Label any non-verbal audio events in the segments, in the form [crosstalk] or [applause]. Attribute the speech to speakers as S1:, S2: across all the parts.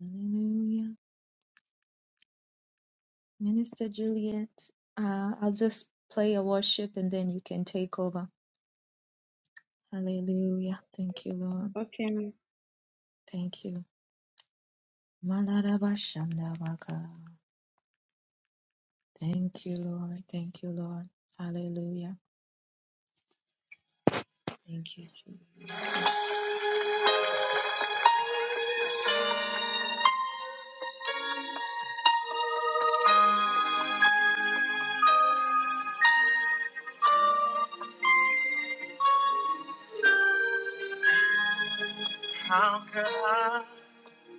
S1: Hallelujah. Minister Juliet, uh, I'll just play a worship and then you can take over. Hallelujah. Thank you, Lord.
S2: Okay. ma'am.
S1: Thank you. Malarabashandabaka. Thank you, Lord. Thank you, Lord. Hallelujah. Thank you, Jesus. How can I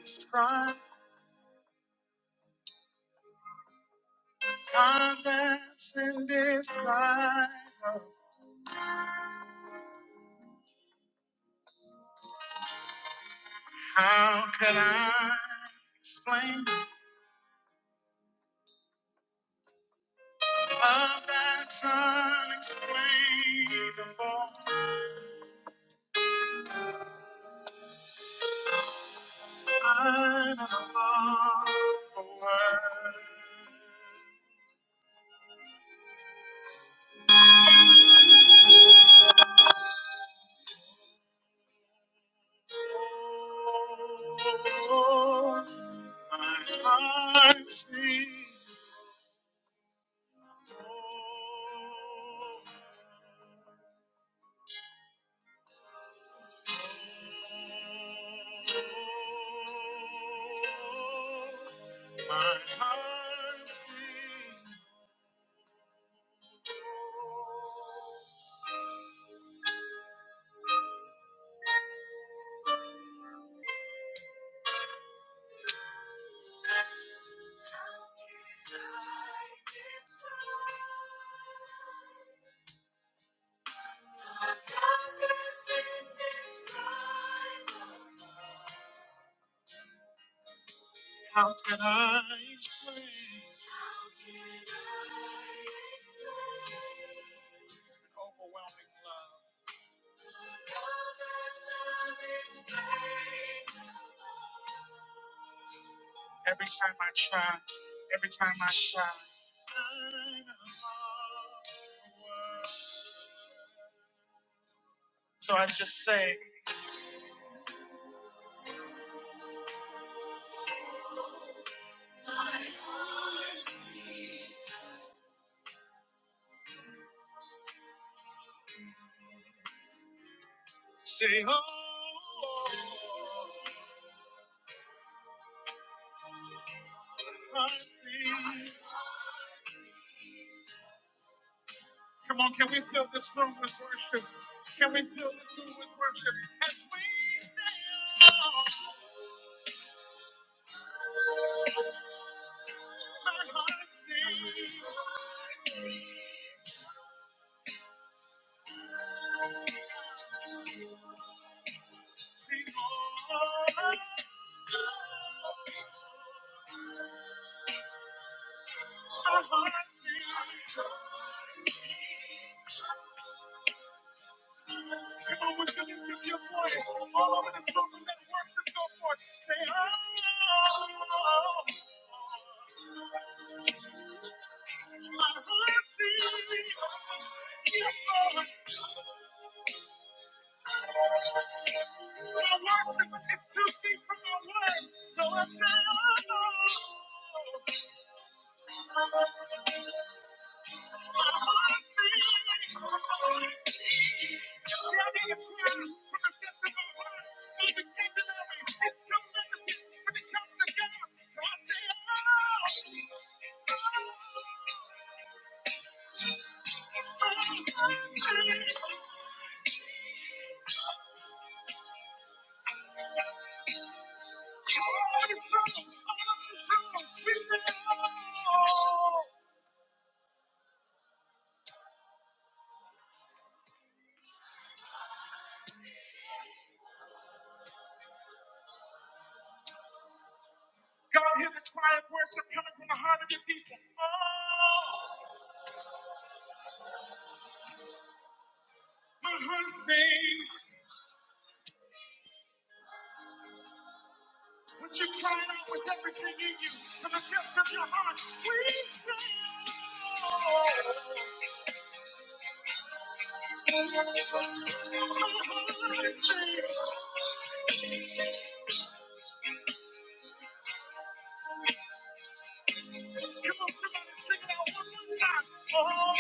S1: describe God that's indescribable? How can I explain love that's unexplainable? I'm lost for words. Oh, my heart sings. Oh, oh, my heart sings. for. How can I explain the overwhelming love? Every time I try, every time I try, I'm in So I just say, say, oh, I see. Come on, can we fill this room with worship? Can we fill this room with worship? As we sail, my heart sings. Sing on. My heart sings. Come on, would you lift up your voice all over the room and let worship go forth? Say, oh, my heart sings. Yes, Lord. My worship is too deep for my words, so I tell My heart sings. Shouting a prayer from the depth of my heart. My vocabulary is too limited when it comes to God, so I say, Oh, oh, tell God, hear the quiet worship coming from the heart of your people. Oh, my heart sings. Would you cry it out with everything in you? From the depths of your heart, we sing. Oh, My heart sings. Come on, somebody sing it out one more time. Oh,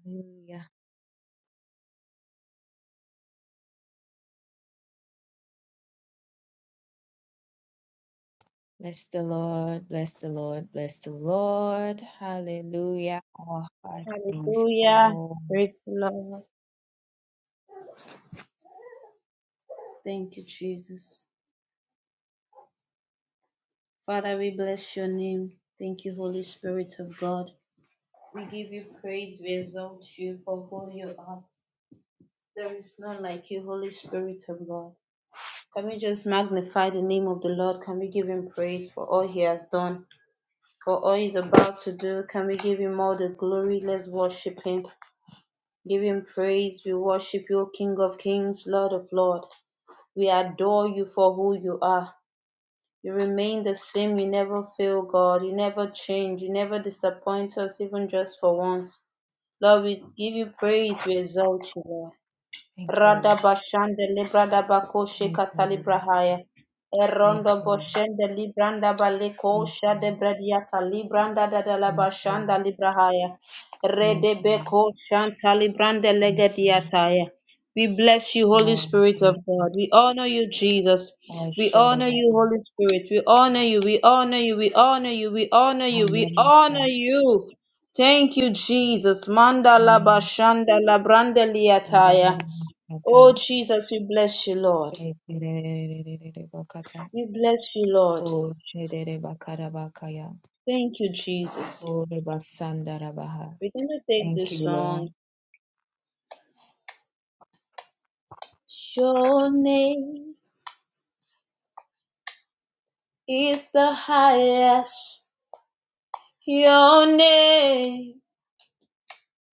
S1: Hallelujah. Bless the Lord, bless the Lord, bless the Lord. Hallelujah. Our heart sings,
S2: Hallelujah.
S1: oh,
S2: Praise the Lord. Thank you, Jesus. Father, we bless your name. Thank you, Holy Spirit of God. We give you praise. We exalt you for who you are. There is none like you, Holy Spirit of God. Can we just magnify the name of the Lord? Can we give him praise for all he has done, for all he's about to do? Can we give him all the glory? Let's worship him. Give him praise. We worship you, King of Kings, Lord of Lords. We adore you for who you are. You remain the same. You never fail, God. You never change. You never disappoint us, even just for once. Lord, we give you praise. We exalt you, Lord.
S1: thank you,
S2: Rada bashande librada bakoshe
S1: thank
S2: katali
S1: you, thank
S2: Erondo
S1: you,
S2: boshende libranda baleko
S1: thank you,
S2: shade bradiata libranda dadala
S1: thank you,
S2: bashanda librahaya.
S1: thank
S2: Rede
S1: you,
S2: beko shanta librande
S1: thank you,
S2: legediataya. We bless you, Holy
S1: oh,
S2: Spirit of
S1: thank you.
S2: God. We honor you, Jesus.
S1: Oh,
S2: We honor you,
S1: Shadabaka,
S2: Holy Spirit. We honor you. We honor you. We honor you. We honor you. We
S1: Hamanaka,
S2: honor you. Thank you, Jesus. Manda la
S1: Mm,
S2: bashanda la branda liataya.
S1: Ararabakata,
S2: Oh, Jesus, we bless you, Lord.
S1: Shederebakata,
S2: We bless you, Lord.
S1: Oh, Shederebakadabakaya,
S2: Thank you, Jesus.
S1: Oh, Rebasandarabaha.
S2: We're going to take
S1: Thank
S2: this
S1: you, Lord.
S2: song. Your name is the highest. Your name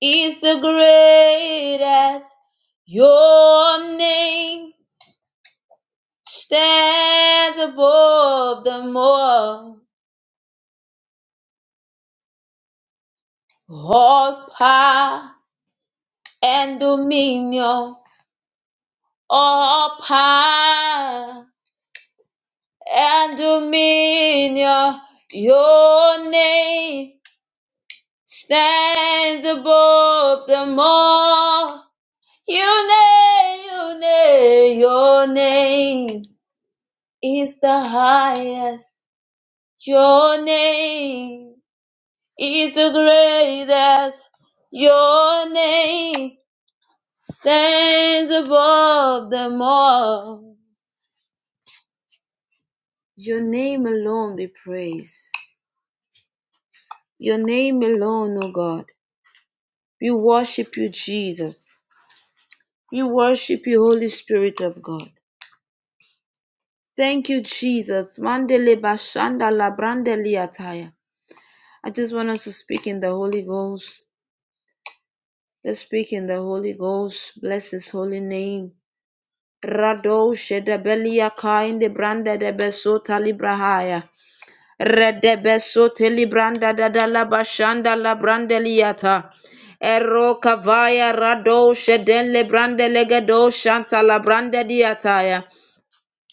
S2: is the greatest. Your name stands above them all. All power and dominion. All power and dominion. Your name stands above them all. Your name, your name, your name is the highest. Your name is the greatest. Your name stands above them all. Your name alone be praised. Your name alone, O God. We worship you, Jesus. We worship you, Holy Spirit of God. Thank you, Jesus. Mandele bashanda labrande ataya. I just want us to speak in the Holy Ghost. Let's speak in the Holy Ghost. Bless His holy name. Rado shedebelia kainde brande de besota librahaya. Redebesote libranda dadala bashanda la brandeliata. Ero kavaya rado shedele brandelegedo shanta la brandediataya.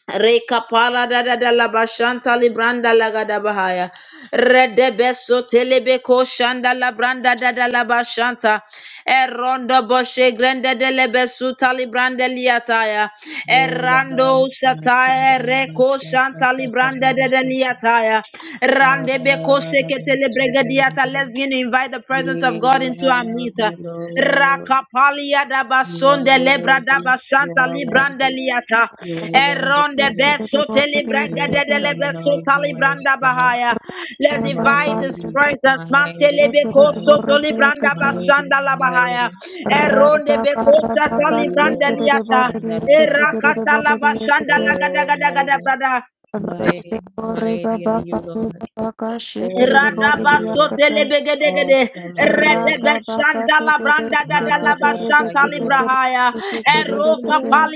S2: Reka pala da da da la bashanta libranda la gada bahaya. Rede beso telebe ko shanda la branda da da la bashanta. Erondo boshe grande de le beso talibrande liataya.
S1: Ola
S2: Erando
S1: basa tara
S2: shataya reko
S1: basa
S2: shanta
S1: taka
S2: libranda
S1: tabara
S2: de de
S1: soto.
S2: liataya. Rande beko
S1: Para
S2: shekete le brega diata. Let's
S1: basa
S2: begin to invite the presence of
S1: We
S2: God into our
S1: love
S2: midst.
S1: you, Lord.
S2: Rakapalia da
S1: You are
S2: basonde lebra da
S1: worthy. You
S2: basanta
S1: are
S2: libranda
S1: worthy.
S2: liata.
S1: You are wonderful,
S2: Eronde
S3: Yesterday
S2: beso
S3: born day
S2: telebranga de
S1: Lord.
S2: de
S3: kitchen.
S1: Awesome in
S2: lebeso
S1: all your ways,
S2: talibranda
S1: God.
S2: bahaya. Let's
S3: Rada
S2: invite his
S3: barada
S1: Mighty,
S2: presence.
S1: mighty,
S2: Mantelebeko
S3: yesterday
S1: mighty,
S2: soto
S3: born day
S2: libranda
S3: kitchen.
S1: mighty,
S2: basanda la bahaya.
S1: mighty, mighty.
S2: Eronde
S3: Rada
S2: beko
S3: barada
S2: sata
S1: Are
S3: bash
S1: you,
S2: libranda
S1: Lord?
S3: yesterday born
S2: liata.
S1: Stand
S3: day
S1: that up,
S3: yesterday
S2: Erakata la
S3: born day
S2: basanda la
S3: kitchen.
S2: gada
S1: Oh,
S2: gada gada
S1: mighty.
S2: gada.
S3: Rada
S1: Mighty,
S3: barada
S1: mighty are you,
S3: baka
S1: Lord.
S3: baka yesterday
S1: Holy are
S3: born
S1: you,
S3: day
S1: Lord.
S3: kitchen.
S2: Radabasotelebegedegede.
S1: Awesome are you, Lord.
S3: Rada baka
S1: Marvelous are you, Lord.
S2: Redebeshandalabrangadadalabasantalibra.
S1: You are
S3: yesterday
S1: the
S3: kitchen.
S1: Lord.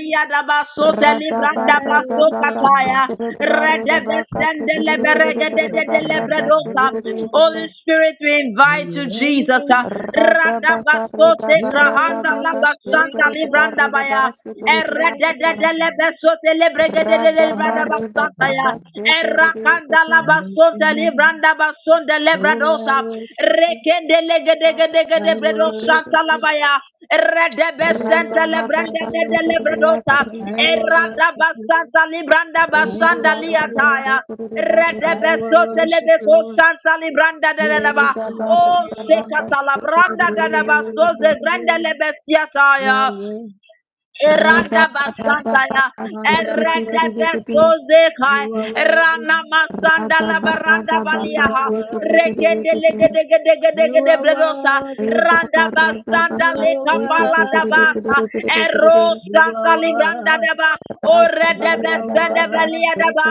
S3: Rada
S1: That
S3: barada
S1: is your
S3: baka
S1: name.
S3: yesterday barada baka
S1: You will never
S3: yesterday
S1: fail.
S3: barada
S2: Redebesendeleberegedededelebradosa.
S1: No
S3: yesterday
S2: Holy
S1: glory.
S2: Spirit, we
S1: In
S2: invite you,
S1: your
S2: Jesus.
S1: name,
S3: Rada baka rida
S1: you
S3: barada
S1: will never
S3: baka
S1: fail. Glory
S2: Radabasotekrahandalabasantalibra.
S1: to anybody. Almighty God. That is your name. Oh, I worship you. I worship you. I worship you, I worship you. I worship you, Lord. I worship you, Lord. Praise belongs to
S2: Oh,
S1: you, Lord.
S2: Shekata la Branda
S1: Praise
S2: Dadabasto,
S1: belongs
S2: de
S1: to
S2: Grande
S1: you,
S2: le
S1: Lord.
S2: Lebesiataya.
S1: Yahweh,
S2: Eranda
S1: Abba,
S2: basantaya, erende
S1: Madabada,
S2: besoze kai,
S1: you are worthy.
S2: rana masanda la baranda
S1: You are
S2: baliaha,
S3: shake
S1: worthy.
S2: rekende
S3: it,
S2: legede gede gede
S1: You
S2: gede
S1: are
S2: bledosa,
S1: worthy.
S3: Yekerida
S2: Randaba Sanda
S1: You are
S2: Leka
S1: worthy.
S2: Paladabasa Ero
S1: You are
S2: Santa Libranda
S1: worthy.
S2: Deba Ore Debe
S1: You are
S2: Sende
S1: worthy.
S2: Belia Deba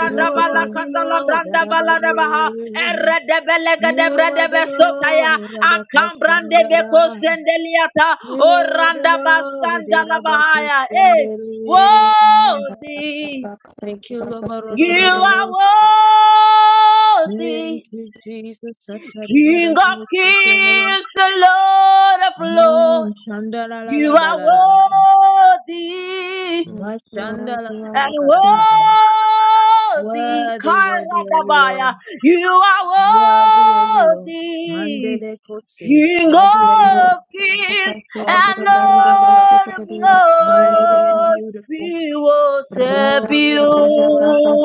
S1: You are
S2: La
S1: worthy,
S2: Catala
S1: Lord.
S2: Branda Baladabaha
S1: Arabaye.
S2: Ere Debe Lega
S1: You are
S2: Debre
S1: worthy,
S2: Debe Sotaya
S1: Lord.
S2: Akam Brande Beko
S1: Abakashandara.
S2: Sendeliata
S1: You
S2: O
S1: are the
S2: Randaba
S1: Lord,
S2: Sanda
S1: the
S2: Labahaya Eh
S1: Rabakushindere.
S2: Worthy
S1: Thank you,
S2: You are
S1: Lobarorobo.
S2: worthy
S1: Thank you, Jesus. Satari
S2: King of
S1: Badanamosokele.
S2: kings, the Lord of lords,
S1: Shandala la
S2: you
S1: la ba
S2: are
S1: la la la ba.
S2: worthy
S1: Mashandala
S2: and
S1: bakarabada.
S2: worthy.
S1: Worthy, worthy are you, Lord.
S2: Karadabaya, you
S1: Worthy are
S2: are
S1: you, Lord.
S2: worthy.
S1: Mandele kotse.
S2: King
S1: Worthy are you,
S2: of
S1: Lord.
S2: kings and
S1: Awesome and marvelous,
S2: Lord of
S1: mighty and
S2: lords,
S1: beautiful,
S2: we worship you.
S1: glorious and worthy.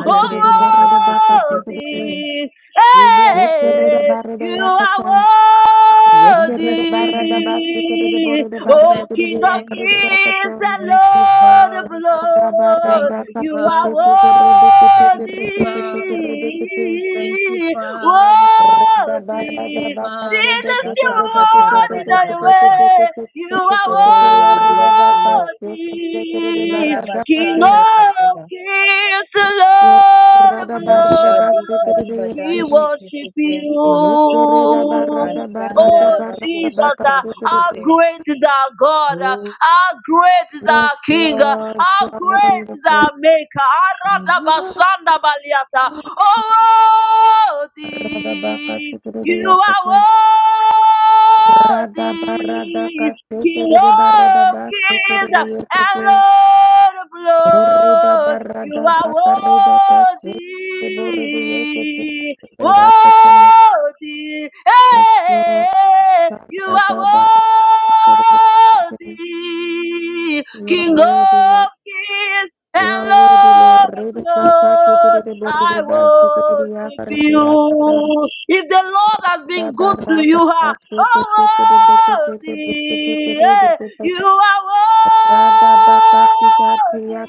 S1: Hallelujah.
S2: Oh, worthy,
S1: We bless your
S2: hey,
S1: name.
S2: you are
S1: We bless
S2: worthy.
S1: your
S3: barada
S1: name.
S3: basu kerida borida
S1: We
S3: basu
S2: Oh,
S1: bless your
S3: kerida
S2: King of
S1: name.
S3: yakarida
S2: kings
S3: yakatan.
S2: and
S1: Thank you,
S2: Lord of
S1: Father.
S3: Yes,
S2: lords,
S1: Thank you,
S2: you
S1: Father.
S2: are
S1: Thank
S2: worthy
S1: you, Father. Thank you, Father. Thank you,
S2: worthy.
S1: Father.
S2: Jesus, you are
S1: Shatatatadadadadabasa.
S2: worthy. You are
S1: Oh, we bless you, Lord.
S2: worthy. King
S1: Erabasanda
S2: of
S1: katada.
S2: kings, the Lord of
S1: Mashadi
S2: lords.
S1: kariba dan
S2: We worship
S1: sheketeke.
S2: you.
S1: Kasanda
S2: Oh
S1: rabako
S2: Jesus, uh, how
S1: sheketeke.
S2: great is our God, uh,
S1: Oh,
S2: how great is our King, uh,
S3: Lord,
S2: how
S3: you are
S2: great is
S3: wonderful.
S2: our Maker. Aradabasanda baliata. Oh, worthy. You are
S3: Radabaka, Rada
S2: worthy,
S3: barada
S2: King
S3: kasekere de barada
S2: of
S3: basekere
S2: kings
S3: de
S2: and
S3: yekete.
S2: Lord of
S3: Borreda
S2: lords. You
S3: barada
S2: are
S3: bakarida
S2: worthy,
S3: kasekere borre de yekete. Yakata.
S2: worthy.
S3: Yes, Lord.
S2: Hey, you are
S3: Barada basekere de yekete.
S2: worthy,
S3: You
S2: King
S3: are worthy, Lord.
S2: of kings
S3: You
S2: and
S3: are worthy, Lord.
S2: Lord of
S3: Reda basekere
S2: Lords,
S3: de borre de
S2: I
S3: basekere de
S2: worship
S3: yakare de
S2: you.
S3: yakata.
S2: If the Lord has been
S3: Rada
S2: good to you,
S3: barada
S2: huh? oh
S3: kasekere de yekete.
S2: worthy, yeah,
S3: Yakatan.
S2: you are
S3: Radabakatikatiyaki.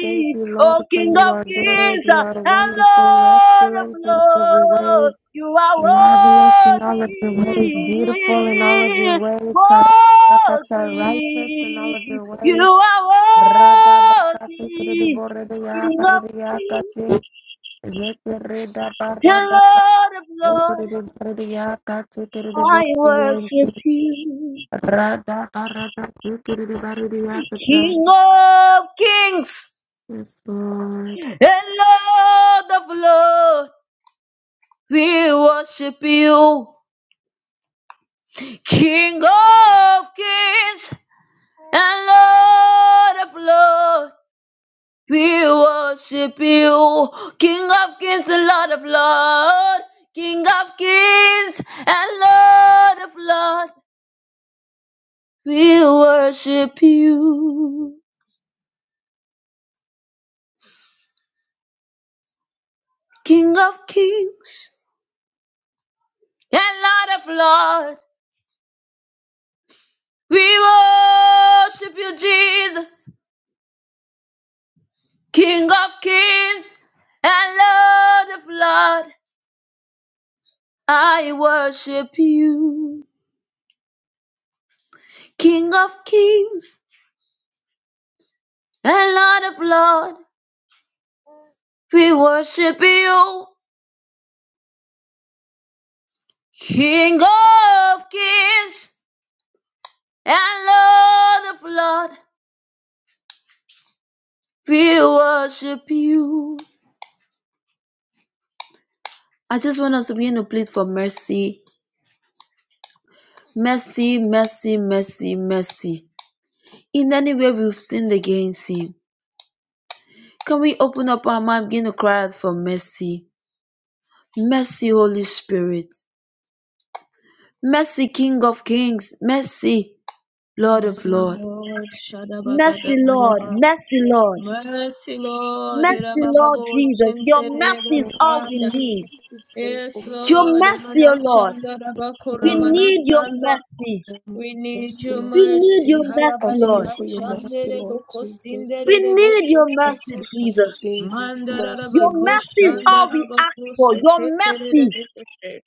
S3: Thank you,
S2: Oh
S3: Lord, for
S2: King
S3: you
S2: of
S3: are good.
S2: Kings
S3: You
S2: huh?
S3: are
S2: and
S3: wonderful,
S2: Lord of
S3: excellent in all of your ways,
S2: Lords, you are
S3: marvelous in all of your ways, beautiful in all of your
S2: worthy.
S3: ways, Karakata,
S2: Worthy,
S3: righteous in all of your
S2: you
S3: ways.
S2: are
S3: Radabakati
S2: worthy,
S3: Kiriboredia
S2: King of kings
S3: Kariakati. Yekereda
S2: and
S3: Barada
S2: Lord of lords.
S3: Kiriboredia Kati
S2: I
S3: Kiriboredia
S2: worship you,
S3: Rada Barada Kiriboredia Kati.
S2: King of kings
S3: Yes, Lord.
S2: and Lord of lords. We worship you, King of kings and Lord of lords. We worship you, King of Kings and Lord of Lords, King of Kings and Lord of Lords. We worship you, King of Kings and Lord of Lords. We worship you, Jesus, King of Kings and Lord of Lords. I worship you, King of Kings and Lord of Lords. We worship you, King of Kings and Lord of Lords. We worship you. I just want us to begin to plead for mercy. Mercy, mercy, mercy, mercy. In any way we've sinned against Him, can we open up our mouth, and begin to cry out for mercy? Mercy, Holy Spirit. Mercy, King of Kings. Mercy, Lord of
S1: Mercy,
S3: Lord,
S2: Lords.
S1: Lord.
S2: Mercy, Lord.
S1: Shadabagadabiraba.
S2: Mercy, Lord.
S1: Mercy, Lord.
S2: Mercy, Lord
S1: Irabababo,
S2: Jesus. Your mercy is all we
S1: shentererebakanda.
S2: need.
S4: We pray for
S1: Yes,
S4: mercy,
S2: Your
S1: Lord.
S4: Lord.
S2: mercy, O Lord. We
S3: Lord,
S2: need your
S1: Emanachandarabakoramanasanda.
S2: mercy.
S1: We need
S4: Mercy,
S1: your
S4: Lord.
S2: We need
S1: mercy.
S2: your mercy,
S4: Ask you
S2: Lord.
S3: Lord,
S4: for your mercy, Lord Jesus.
S2: We
S1: Halabarikachanderebokosindere.
S2: need your mercy,
S4: Ask you for
S2: Jesus.
S4: mercy, mercy,
S2: Your
S4: mercy,
S2: mercy is
S4: Lord.
S2: all we ask for. Your mercy.
S1: Mandarabakoshandarabakoshetetere.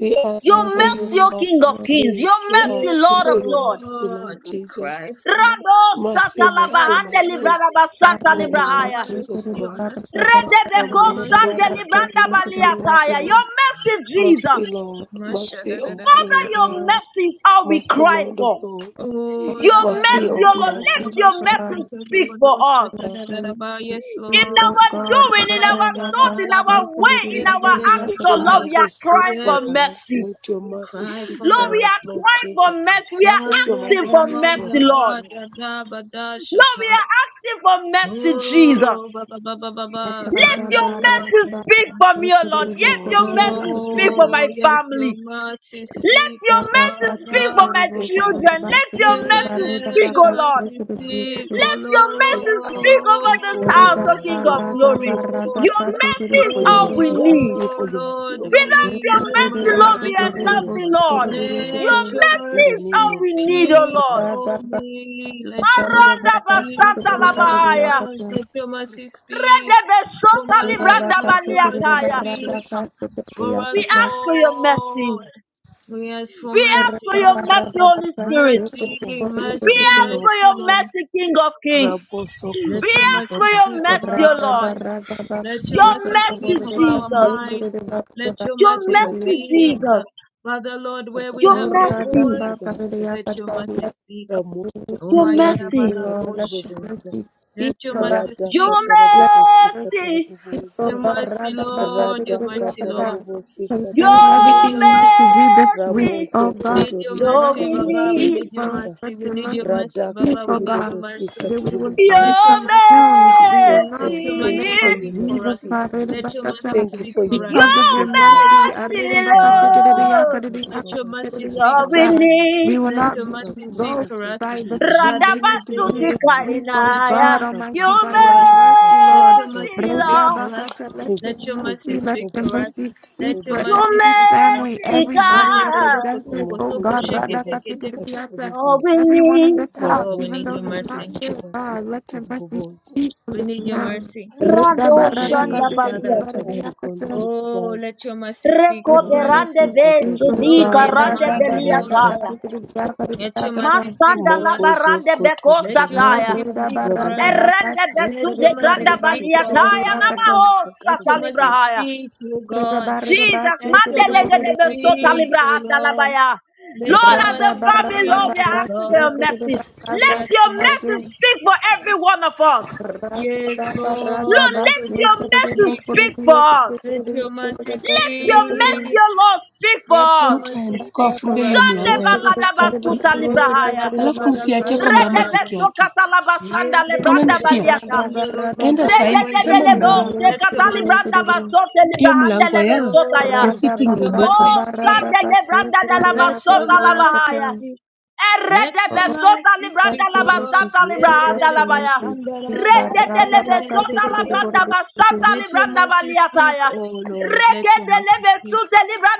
S4: We ask
S2: Your
S4: you for your
S2: mercy,
S3: Lord,
S2: O King of
S3: Lord.
S2: Kings.
S4: mercy.
S2: Your
S4: We
S2: mercy,
S1: Yes,
S4: ask you
S2: Lord
S4: for
S2: of
S4: your
S2: Lords.
S4: mercy, Lord
S1: Lord. We
S4: Jesus.
S1: cry for
S2: Rado
S1: mercy.
S4: Mercy,
S1: We
S2: Santa
S1: cry
S4: mercy,
S1: for
S2: Labahande
S4: mercy.
S1: mercy.
S2: Santa
S4: In the name
S1: Have
S3: Barabaka,
S4: of
S2: Librahaya.
S4: Jesus
S3: sikiri,
S1: mercy on
S4: Christ.
S1: us,
S3: baraka,
S1: Lord.
S3: baraka,
S1: Have
S2: Redebeko
S3: sikiri,
S4: Ramoso
S1: mercy
S2: Sande
S1: on
S3: baraka,
S1: us.
S4: Kotori,
S2: Libranda
S4: mercy,
S3: sikiri,
S1: Have
S3: baraka,
S4: mercy,
S2: Valiataya.
S4: Lord.
S3: thank
S2: Your
S1: mercy on
S2: mercy,
S1: us, Lord.
S2: Jesus.
S4: Mercy, Lord.
S1: Masha
S4: Mercy,
S1: da da
S4: O
S1: da da da
S4: King
S2: Father,
S1: da.
S3: you,
S4: of
S2: your
S3: Lord.
S4: Kings.
S2: mercy is all we
S4: Mercy,
S2: cry
S4: Lord of
S2: for.
S4: Lords.
S1: Oh,
S2: Your
S1: la ba
S3: We
S1: za
S4: Mercy,
S2: mercy,
S4: O
S3: must
S2: O
S1: ka
S3: be
S2: Lord,
S1: ka
S2: let
S4: God.
S1: sa
S3: speak
S1: ba
S2: your
S1: shi
S3: for
S1: ko
S2: mercy
S3: us.
S1: sa da
S2: speak
S1: ba do
S2: for
S1: sha
S2: us.
S1: ta
S3: Let
S1: da da da
S3: them
S1: ba. Yes,
S2: In
S3: speak,
S1: Lord.
S3: O
S2: our
S3: God.
S2: doing, in our
S1: Masha da
S2: thought,
S3: Barabaka,
S1: da
S2: in
S1: da
S2: our
S1: ba ko
S2: way,
S3: sikiri,
S2: in
S1: si
S3: baraka,
S2: our
S1: di re ba
S2: acts,
S4: Let
S2: O
S3: baraka,
S4: your
S3: thank
S1: sa
S3: you.
S2: Lord, we
S1: ya.
S4: mercy
S2: are
S4: speak
S2: crying for
S4: for
S1: Yes,
S4: us.
S2: mercy.
S4: Let your
S1: we
S4: mercy
S1: cry
S4: speak
S1: for
S2: Lord, we
S4: for us,
S2: are
S1: mercy.
S4: Lord
S2: crying for
S4: Jesus.
S2: mercy. We are
S4: Let your
S1: Shanda
S2: asking
S4: mercy
S1: da
S2: for
S4: speak
S1: ma
S4: for
S2: mercy,
S1: da
S4: us,
S2: Lord.
S1: ka
S4: Lord.
S1: da da ba da sha
S2: Lord, we
S1: ta.
S2: are asking for mercy, Jesus.
S1: Oh, ba ba ba ba ba ba.
S4: Yes, Lord.
S2: Let
S3: Baraka, baraka, Baraka, sikiri, baraka, baraka, thank you. Baraka, sikiri, baraka, baraka, sikiri,
S1: Kanda
S2: your
S1: da da ba
S3: baraka,
S2: mercy
S1: ko
S2: speak
S1: sa.
S2: for me, O Lord.
S4: Yes,
S2: Let
S4: Lord.
S2: your
S4: We're
S2: mercy
S4: asking
S2: speak for
S4: for
S2: my
S1: Oh,
S4: mercy.
S1: yes, your
S2: family.
S1: mercy
S2: Let
S1: speak,
S2: your
S1: oh
S2: mercy speak for
S1: Father.
S2: my
S4: Yes, Lord.
S2: children. Let your mercy
S1: Yes,
S2: speak,
S1: your
S2: O
S3: baraka,
S2: Lord.
S1: mercy
S3: sikiri, baraka,
S1: speak,
S3: thank you.
S1: oh
S2: Let your mercy
S4: We're
S2: speak over
S4: asking
S2: this
S4: for your
S2: house, O
S3: Reda
S2: King
S4: mercy,
S2: of
S3: barada
S2: glory.
S3: barada
S1: Lord.
S2: Your
S4: We're
S3: kati bide
S2: mercy
S4: asking
S2: is
S4: for your
S3: bide
S2: all we
S4: mercy.
S2: need.
S4: Asking
S1: Oh
S4: for your mercy,
S1: Lord,
S4: oh
S1: we
S4: God.
S2: Without
S1: need
S3: yeke
S2: your
S1: your
S3: bide
S2: mercy,
S4: We're
S2: Lord,
S3: bosu
S2: we
S4: asking
S2: are
S3: kore
S4: for
S1: mercy.
S3: de
S4: your
S2: nothing,
S3: bosu
S4: mercy,
S2: Lord.
S3: kore de
S4: oh God.
S3: yeke
S1: Let
S2: Your
S1: your
S4: In
S2: mercy
S4: the
S2: is
S4: name
S1: mercy
S2: all
S4: of
S2: we need, O
S4: Jesus
S1: speak
S4: Christ.
S2: Lord.
S3: Rada
S1: for
S3: barada
S1: me. Let your
S3: barada
S1: mercy
S2: Maranda
S1: speak
S3: kati
S2: basata
S1: for
S3: bide
S1: my
S3: barada
S1: loved
S2: labahaya.
S3: yaka
S1: ones. Let your mercy speak
S2: Redebe
S1: for
S2: sota
S1: my life.
S3: rada
S2: libranda
S1: Let
S3: kati
S1: your
S3: bide
S1: mercy
S2: baliataya.
S3: barada
S1: speak
S4: Jesus
S3: kati bide
S1: for
S2: We
S1: us,
S3: yaka
S2: ask for your mercy.
S1: Lord. We ask for
S2: We ask
S3: rada
S2: for your
S1: mercy.
S3: barada
S2: mercy, Holy
S3: barada
S2: Spirit.
S3: yeke
S1: Mercy,
S3: bide kore de
S2: We
S1: mercy,
S3: yeke
S2: ask for
S1: mercy,
S2: your
S4: Christ.
S1: Lord.
S2: mercy, King of Kings. We
S1: Let
S4: Rabosokoto
S1: your
S2: ask for
S1: mercy
S2: your
S1: speak
S4: ribabasa
S1: over
S2: mercy, O
S1: our
S3: rada
S2: Lord.
S1: hearts.
S3: barada barada
S1: Let your
S2: Your
S3: yeke
S1: mercy
S3: bide
S1: speak
S3: kore
S2: mercy,
S1: of
S3: de
S1: our
S4: katarabubuza
S3: bosu
S2: Jesus.
S3: bide
S1: mind.
S3: de bosu
S1: Let your
S2: Your
S1: mercy
S3: kore de yaka
S2: mercy,
S1: speak.
S2: Jesus.
S4: katarabubuza
S1: Father, Lord, where we
S2: Your
S1: have no
S3: rada
S4: rabosokoto
S3: barada
S2: mercy.
S1: voice,
S3: barada
S4: ribabasa
S1: let
S3: yaka
S1: your mercy
S3: rada
S1: speak. Oh,
S2: Your
S1: my
S4: ramosokoto
S3: Mercy,
S4: riba
S2: mercy.
S1: Yadavala
S3: Lord, let
S1: Kosha.
S3: your
S4: katarabubuza
S3: mercy speak,
S1: Let your
S3: Lord.
S1: mercy
S4: rada
S1: speak.
S2: Your
S3: Let
S4: katarabubusi
S3: your
S2: mercy.
S3: Oh
S4: katarabubuza
S1: Your
S3: God,
S1: mercy,
S3: Radabaka,
S1: Lord. Your
S4: rada
S1: mercy,
S3: Tikidiyakata.
S1: Lord.
S4: katarabubusi
S3: concerning
S1: We need
S2: Your
S3: everything
S1: your
S3: we
S4: katarabubuza
S3: need to
S1: mercy.
S3: do this week.
S2: mercy.
S3: Oh
S1: We
S3: God,
S1: need
S4: ramosokoto
S1: your
S3: you
S4: riba
S2: Lord,
S3: must
S1: mercy,
S2: we
S3: be
S1: Baba. We
S3: speak
S2: need
S1: need
S4: katarabubusi
S1: your
S3: for us,
S4: kata
S3: but
S1: mercy. We
S3: you
S1: need your
S3: must be
S1: mercy,
S4: rada
S3: speak,
S1: Baba.
S3: oh
S1: We need
S3: God,
S1: your
S4: katiribubusi
S1: mercy.
S3: that we will not be
S1: Let your
S4: katiribubuza
S2: your
S1: mercy speak.
S3: consumed. We will
S4: yes
S1: Let
S3: not,
S2: mercy.
S4: lord
S1: your
S3: in the
S4: thank you
S1: mercy
S3: name
S4: for
S3: of
S4: your
S1: speak for
S3: Jesus,
S1: us.
S4: mercy
S1: Let your mercy
S3: Radabakata,
S4: Thank you
S1: speak
S4: for
S1: for
S4: your
S1: us.
S3: because of
S4: mercy,
S2: Your
S3: your
S1: Let
S4: Lord.
S1: your
S3: mercy,
S1: mercy
S2: mercy,
S1: speak
S3: Radabaka,
S1: for us,
S4: Ramoso
S1: Lord.
S2: Lord,
S4: Kotori
S1: Let
S3: Tikidiyakadidiyaka,
S1: your
S4: Babasi
S1: mercy
S2: is
S1: speak
S2: all we
S1: for
S3: Tikidiyakata,
S1: us.
S4: Katarabubuza
S3: we
S2: need.
S3: will
S1: Let
S3: not
S1: your
S3: be
S1: mercy speak
S4: Raposo
S3: engulfed
S1: for us.
S3: by
S4: Kotori
S3: the things
S4: Babasi
S3: we need to do
S1: Jadegedege.
S3: this
S4: Katarabubuza
S3: week, oh
S1: Let your
S2: Radabasutikainaya.
S3: God
S1: mercy
S3: Almighty,
S1: speak
S2: Your
S3: by
S4: Raboko
S1: for
S3: your
S1: us.
S4: Sori
S3: mercy,
S4: Babasi
S1: Let
S3: Lord.
S1: your
S2: mercy,
S1: mercy speak
S4: Katarabubuza
S2: Lord.
S1: for us.
S3: Rodabakata, Let your
S1: Let your
S4: Riboko
S1: mercy
S3: mercy,
S4: Sori
S3: let
S1: speak
S3: your
S1: for us.
S4: Babasi
S3: mercy
S1: Let
S3: speak
S1: your
S3: for
S4: Katarabubuza
S2: Your
S1: mercy
S3: every
S1: speak for us.
S3: family,
S2: mercy,
S3: everybody
S2: God.
S3: represented. Oh
S4: Ramoko
S1: Jadegedototokotoko
S3: God,
S4: Sori
S3: rada
S4: Babasi
S1: sheketekete.
S3: Radakatikadibiata,
S2: All we
S4: Katarabubuza
S3: everyone in
S2: need.
S3: this house,
S1: Oh, we
S3: even
S1: need
S4: Ramoso
S3: those
S1: your
S3: who are not
S1: mercy.
S4: Kotori
S3: here,
S4: Babasi
S3: God, let your mercy
S4: Katarabubuza
S3: speak for
S1: We
S3: this
S1: need your
S3: now.
S1: mercy.
S4: Rimoko
S2: Rando
S4: Sori
S2: shanda
S1: Please,
S4: Babasi
S1: Father.
S2: baliataya.
S3: Ridabaradakatikadibaridiakata,
S4: Katarabugondri
S1: Oh,
S4: Babaza
S1: let your mercy speak
S2: Reko
S3: Let
S1: for
S3: your
S1: us.
S2: berande
S4: Raposo
S3: mercy
S2: ve
S3: speak,
S4: Kotori
S3: oh
S2: sudi
S1: Lord,
S3: God.
S4: Babasi
S1: in the
S2: karande
S1: mighty name of
S4: Katarabubuza
S2: beliataya.
S1: Jesus. Let your mercy
S3: Radabadabakatikadibiakadibiakata.
S1: speak
S2: Masanda
S1: for
S2: la
S1: us.
S4: Mokozo
S2: barande beko
S4: kotori
S1: Let your
S3: Oh,
S2: sataya.
S1: mercy
S4: babasika
S1: speak for us.
S4: tarabobaza
S2: Erende de
S1: Let
S2: sude
S1: your mercy
S2: granda
S1: speak
S4: boso
S1: for our
S2: baliataya.
S4: kotori
S1: heart.
S3: Ridabaradabakatikadibaridabakatikadibiakata.
S2: Namaho
S4: babasika
S1: Let your mercy
S2: satalibrahaya.
S4: taraboboza.
S1: speak, O
S3: Radha
S1: God.
S3: barada Bass,
S2: Jesus,
S3: the
S1: Let your
S3: Rada
S2: mandelege
S1: mercy
S2: de beso
S3: Bass,
S1: speak, O
S2: talibrahanda
S1: Lord.
S2: labaya.
S1: Let
S2: Lord,
S1: your
S2: as a
S1: mercy
S2: family, Lord,
S1: speak,
S2: we are
S1: O
S2: asking for your
S1: God.
S2: mercy.
S1: We
S2: Let
S1: ask
S2: your
S1: for
S2: mercy
S1: mercy.
S2: speak for every one of us.
S1: Yes, Lord,
S2: Lord,
S1: let
S2: let
S1: your
S2: your
S1: mercy
S2: mercy
S1: speak.
S2: speak for us.
S1: Let your mercy
S2: Let your mercy,
S1: speak.
S2: O Lord, speak for
S1: Let your
S2: us.
S4: Mtu
S1: mercy
S4: aende kwa
S1: speak
S4: afunge
S1: for
S4: hiyo
S1: us,
S2: Shande
S4: mlango
S1: Lord.
S4: ya
S2: balada
S4: katikati,
S2: basuta
S1: Oh, da
S2: librahaya.
S1: da da
S4: alafu
S1: ba da
S4: msiache kwa mama
S1: kasha.
S2: Regede
S4: peke yake.
S2: sokata labashanda
S1: Let
S2: lebranda
S4: Mnanisikia?
S2: baliata.
S4: Enda sahi
S2: Regede de
S4: nikisema
S2: lebo
S4: mnaamuka.
S1: your
S2: sekata
S1: mercy
S2: libranda
S1: speak.
S2: basote
S4: Hiyo
S2: librahande
S4: mlango
S2: lebe
S4: ya
S2: sotaya.
S4: ya
S1: Oh,
S3: Rada
S1: let
S4: sitting
S1: your
S4: room huko.
S2: Oh,
S1: mercy speak.
S3: barada
S2: shande
S3: kasih
S2: lebranda de
S1: Let
S3: kriya
S1: your
S2: labasota
S3: kriya
S1: mercy
S2: labahaya.
S3: kasih
S1: speak. Let
S2: Eredebe
S1: your
S2: besota
S1: mercy
S3: Let
S2: libranda
S1: speak,
S3: the
S1: oh God.
S3: message
S2: labasata
S1: Let
S3: speak, let
S2: librahanda
S3: the
S2: labaya.
S3: message
S2: We
S3: speak. Karada
S2: bless
S3: baka teke de boro de teke.
S1: your mercy speak, oh Lord. Let your mercy speak.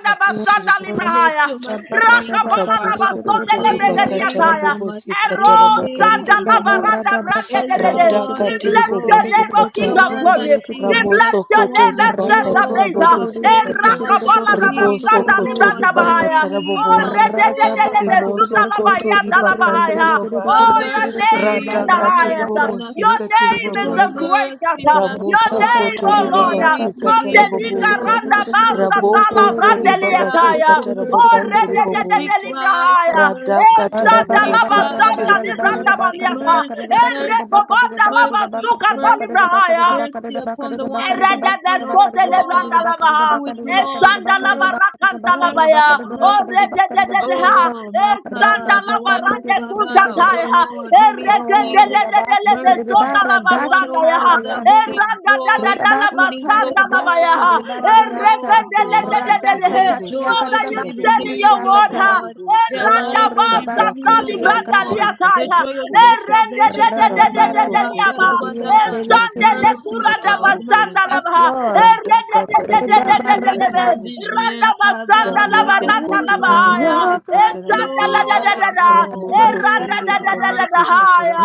S4: Makatiri
S3: Rada
S1: Let
S4: babasika
S1: your mercy speak,
S3: barada
S1: oh
S3: baka
S1: Father.
S4: taraboso
S3: teke de boro
S4: kotori
S1: We're
S3: de
S1: in
S4: bakata
S1: need of
S3: yakata.
S1: your mercy.
S4: rabobosika
S1: We're in need of
S4: tarabogangiri
S3: Rada
S1: your mercy.
S4: boboza.
S3: barada baka teke de teke de
S4: Radaka
S1: Elroy,
S3: teke de teke de
S2: your
S1: Elroy,
S2: name, O
S3: teke de teke
S2: King
S1: the
S4: tiribobosika
S3: de
S2: of
S3: boro
S1: one
S3: de
S1: that
S2: Glory. We
S3: yakata.
S1: sees
S2: bless
S1: us,
S4: Ramoso
S1: the
S2: your
S4: koto
S1: one
S2: name,
S1: that
S4: riba
S2: Ancient
S3: Rede
S2: of
S1: knows
S2: Days.
S3: boso
S1: our
S3: koro de
S2: Eh,
S1: pain,
S3: yakata
S1: the
S4: katarabobosikata.
S1: one
S3: teke de
S1: that
S2: Rakabala
S3: boro de
S1: sees,
S3: boso
S4: riboso
S3: koro
S2: Rabasanda
S1: oh
S3: de
S4: koto Ramosokoto
S1: God,
S2: Libranda
S3: yakata.
S1: where we
S4: ribakata rabobosikata ribosokoto ribakata
S2: Bahaya.
S1: need
S2: Oh,
S1: help.
S4: raboboza
S3: Rada
S1: Oh,
S2: redededede,
S3: baka
S1: have
S3: teke de teke
S1: mercy.
S3: de
S4: rimosokoto
S3: teke de teke de teke de teke
S4: ribakande
S2: sutalabayatalabaha.
S3: de teke de
S1: Have
S2: Oh,
S4: ribobaza
S3: teke
S2: your
S3: de teke de
S2: name
S1: mercy,
S2: is the
S1: have
S4: radhakati
S3: barada
S2: highest.
S1: mercy
S3: baka
S1: on us.
S2: Your
S3: teke
S4: ribobosikati
S3: de
S2: name
S3: teke
S2: is
S1: Have
S2: the
S3: de
S4: ribobaza
S2: greatest.
S1: mercy on us,
S2: Your
S1: God.
S2: name,
S4: ramosokoto
S2: oh
S1: We
S2: Lord.
S1: need, we
S4: ribabasikata
S1: need you,
S2: Mandelika
S4: raboboza
S1: Lord.
S2: randa
S1: Have
S2: basa
S1: mercy.
S2: tala
S4: rabokozo
S1: We cry
S2: brandeliataya.
S1: for
S4: ribabasikata
S2: Oh,
S1: mercy.
S4: rabogande
S1: We
S2: redededede
S4: riboboza
S1: cry for
S2: librahaya. El
S1: mercy.
S4: radhakata
S2: shanda
S1: We
S2: lava
S4: rabobosikati
S1: cry
S2: santa
S1: for
S2: libranda
S4: riboboza
S1: mercy,
S2: baliata.
S1: mercy,
S2: El
S1: mercy,
S2: rekobanda lava
S1: mercy,
S2: suka
S1: mercy,
S2: talibrahaya.
S1: mercy upon the one who is in all God,
S2: Eradadasotelebrandalabaha.
S1: who is lost. Mercy,
S2: Esandalabarakandalabaya.
S1: mercy, mercy. Oh, my God, the one, oh Father, oh
S3: Raga
S1: Lord, who needs
S3: Oh,
S1: healing,
S3: Redabasa
S1: mercy.
S3: Kiribara
S1: The one,
S3: Dasa
S1: oh Father, who
S3: Karadayanti.
S1: needs joy, who
S3: Redabasa
S1: needs, oh
S3: Karadabasa
S1: God, oh Father, Lord
S3: Kiribarayanta.
S1: God
S4: rimakati
S3: Radasa
S1: their
S3: Katiaka
S1: joy
S2: Father,
S1: to
S4: ribobosikata
S2: you
S1: be
S3: Redabasa
S2: said in your
S1: renewed, O
S2: word,
S4: rabobosikata
S2: ha,
S3: Kiriakata.
S1: God,
S4: raboboza
S1: their
S3: Oh,
S1: life
S2: ba
S1: to be
S3: Redabasa
S2: sata
S1: renewed, O
S2: libranda
S1: God,
S3: Kiriakata.
S1: the
S2: liataya.
S1: joy of
S2: E
S1: their
S4: radhakatiribobosikatarabobosa
S2: rende de
S1: salvation to
S2: de de de de
S1: renew,
S2: de
S3: Radabarada
S2: liaba. E
S1: Makarabada.
S3: Kiriente. Let your
S2: shande le
S3: mercy
S1: Mercy,
S2: kura da
S1: Lord,
S3: speak
S2: basanda
S4: ramosokotoribakatarabobosikatarabobosa
S3: us,
S1: mercy.
S2: laba. E
S3: Lord.
S2: rende de de de
S1: The
S2: de
S1: one
S2: de
S1: who
S2: de
S1: needs
S2: lebe.
S3: Redabarada.
S4: radhakatarabobosikatarabobosa
S2: Randa
S1: provision,
S2: basanda
S1: Father,
S3: Oh,
S2: laba randa
S1: finances,
S2: laba
S1: O
S2: haya.
S3: your
S1: God.
S2: E
S3: grace.
S2: shanda la da
S4: ramosokotoribabasikatarabobosa
S2: da da
S1: Lord,
S3: Redabasa
S1: oh
S2: E randa da
S1: mercy,
S2: da
S3: Kiriakata.
S2: da da
S1: mercy,
S2: haya.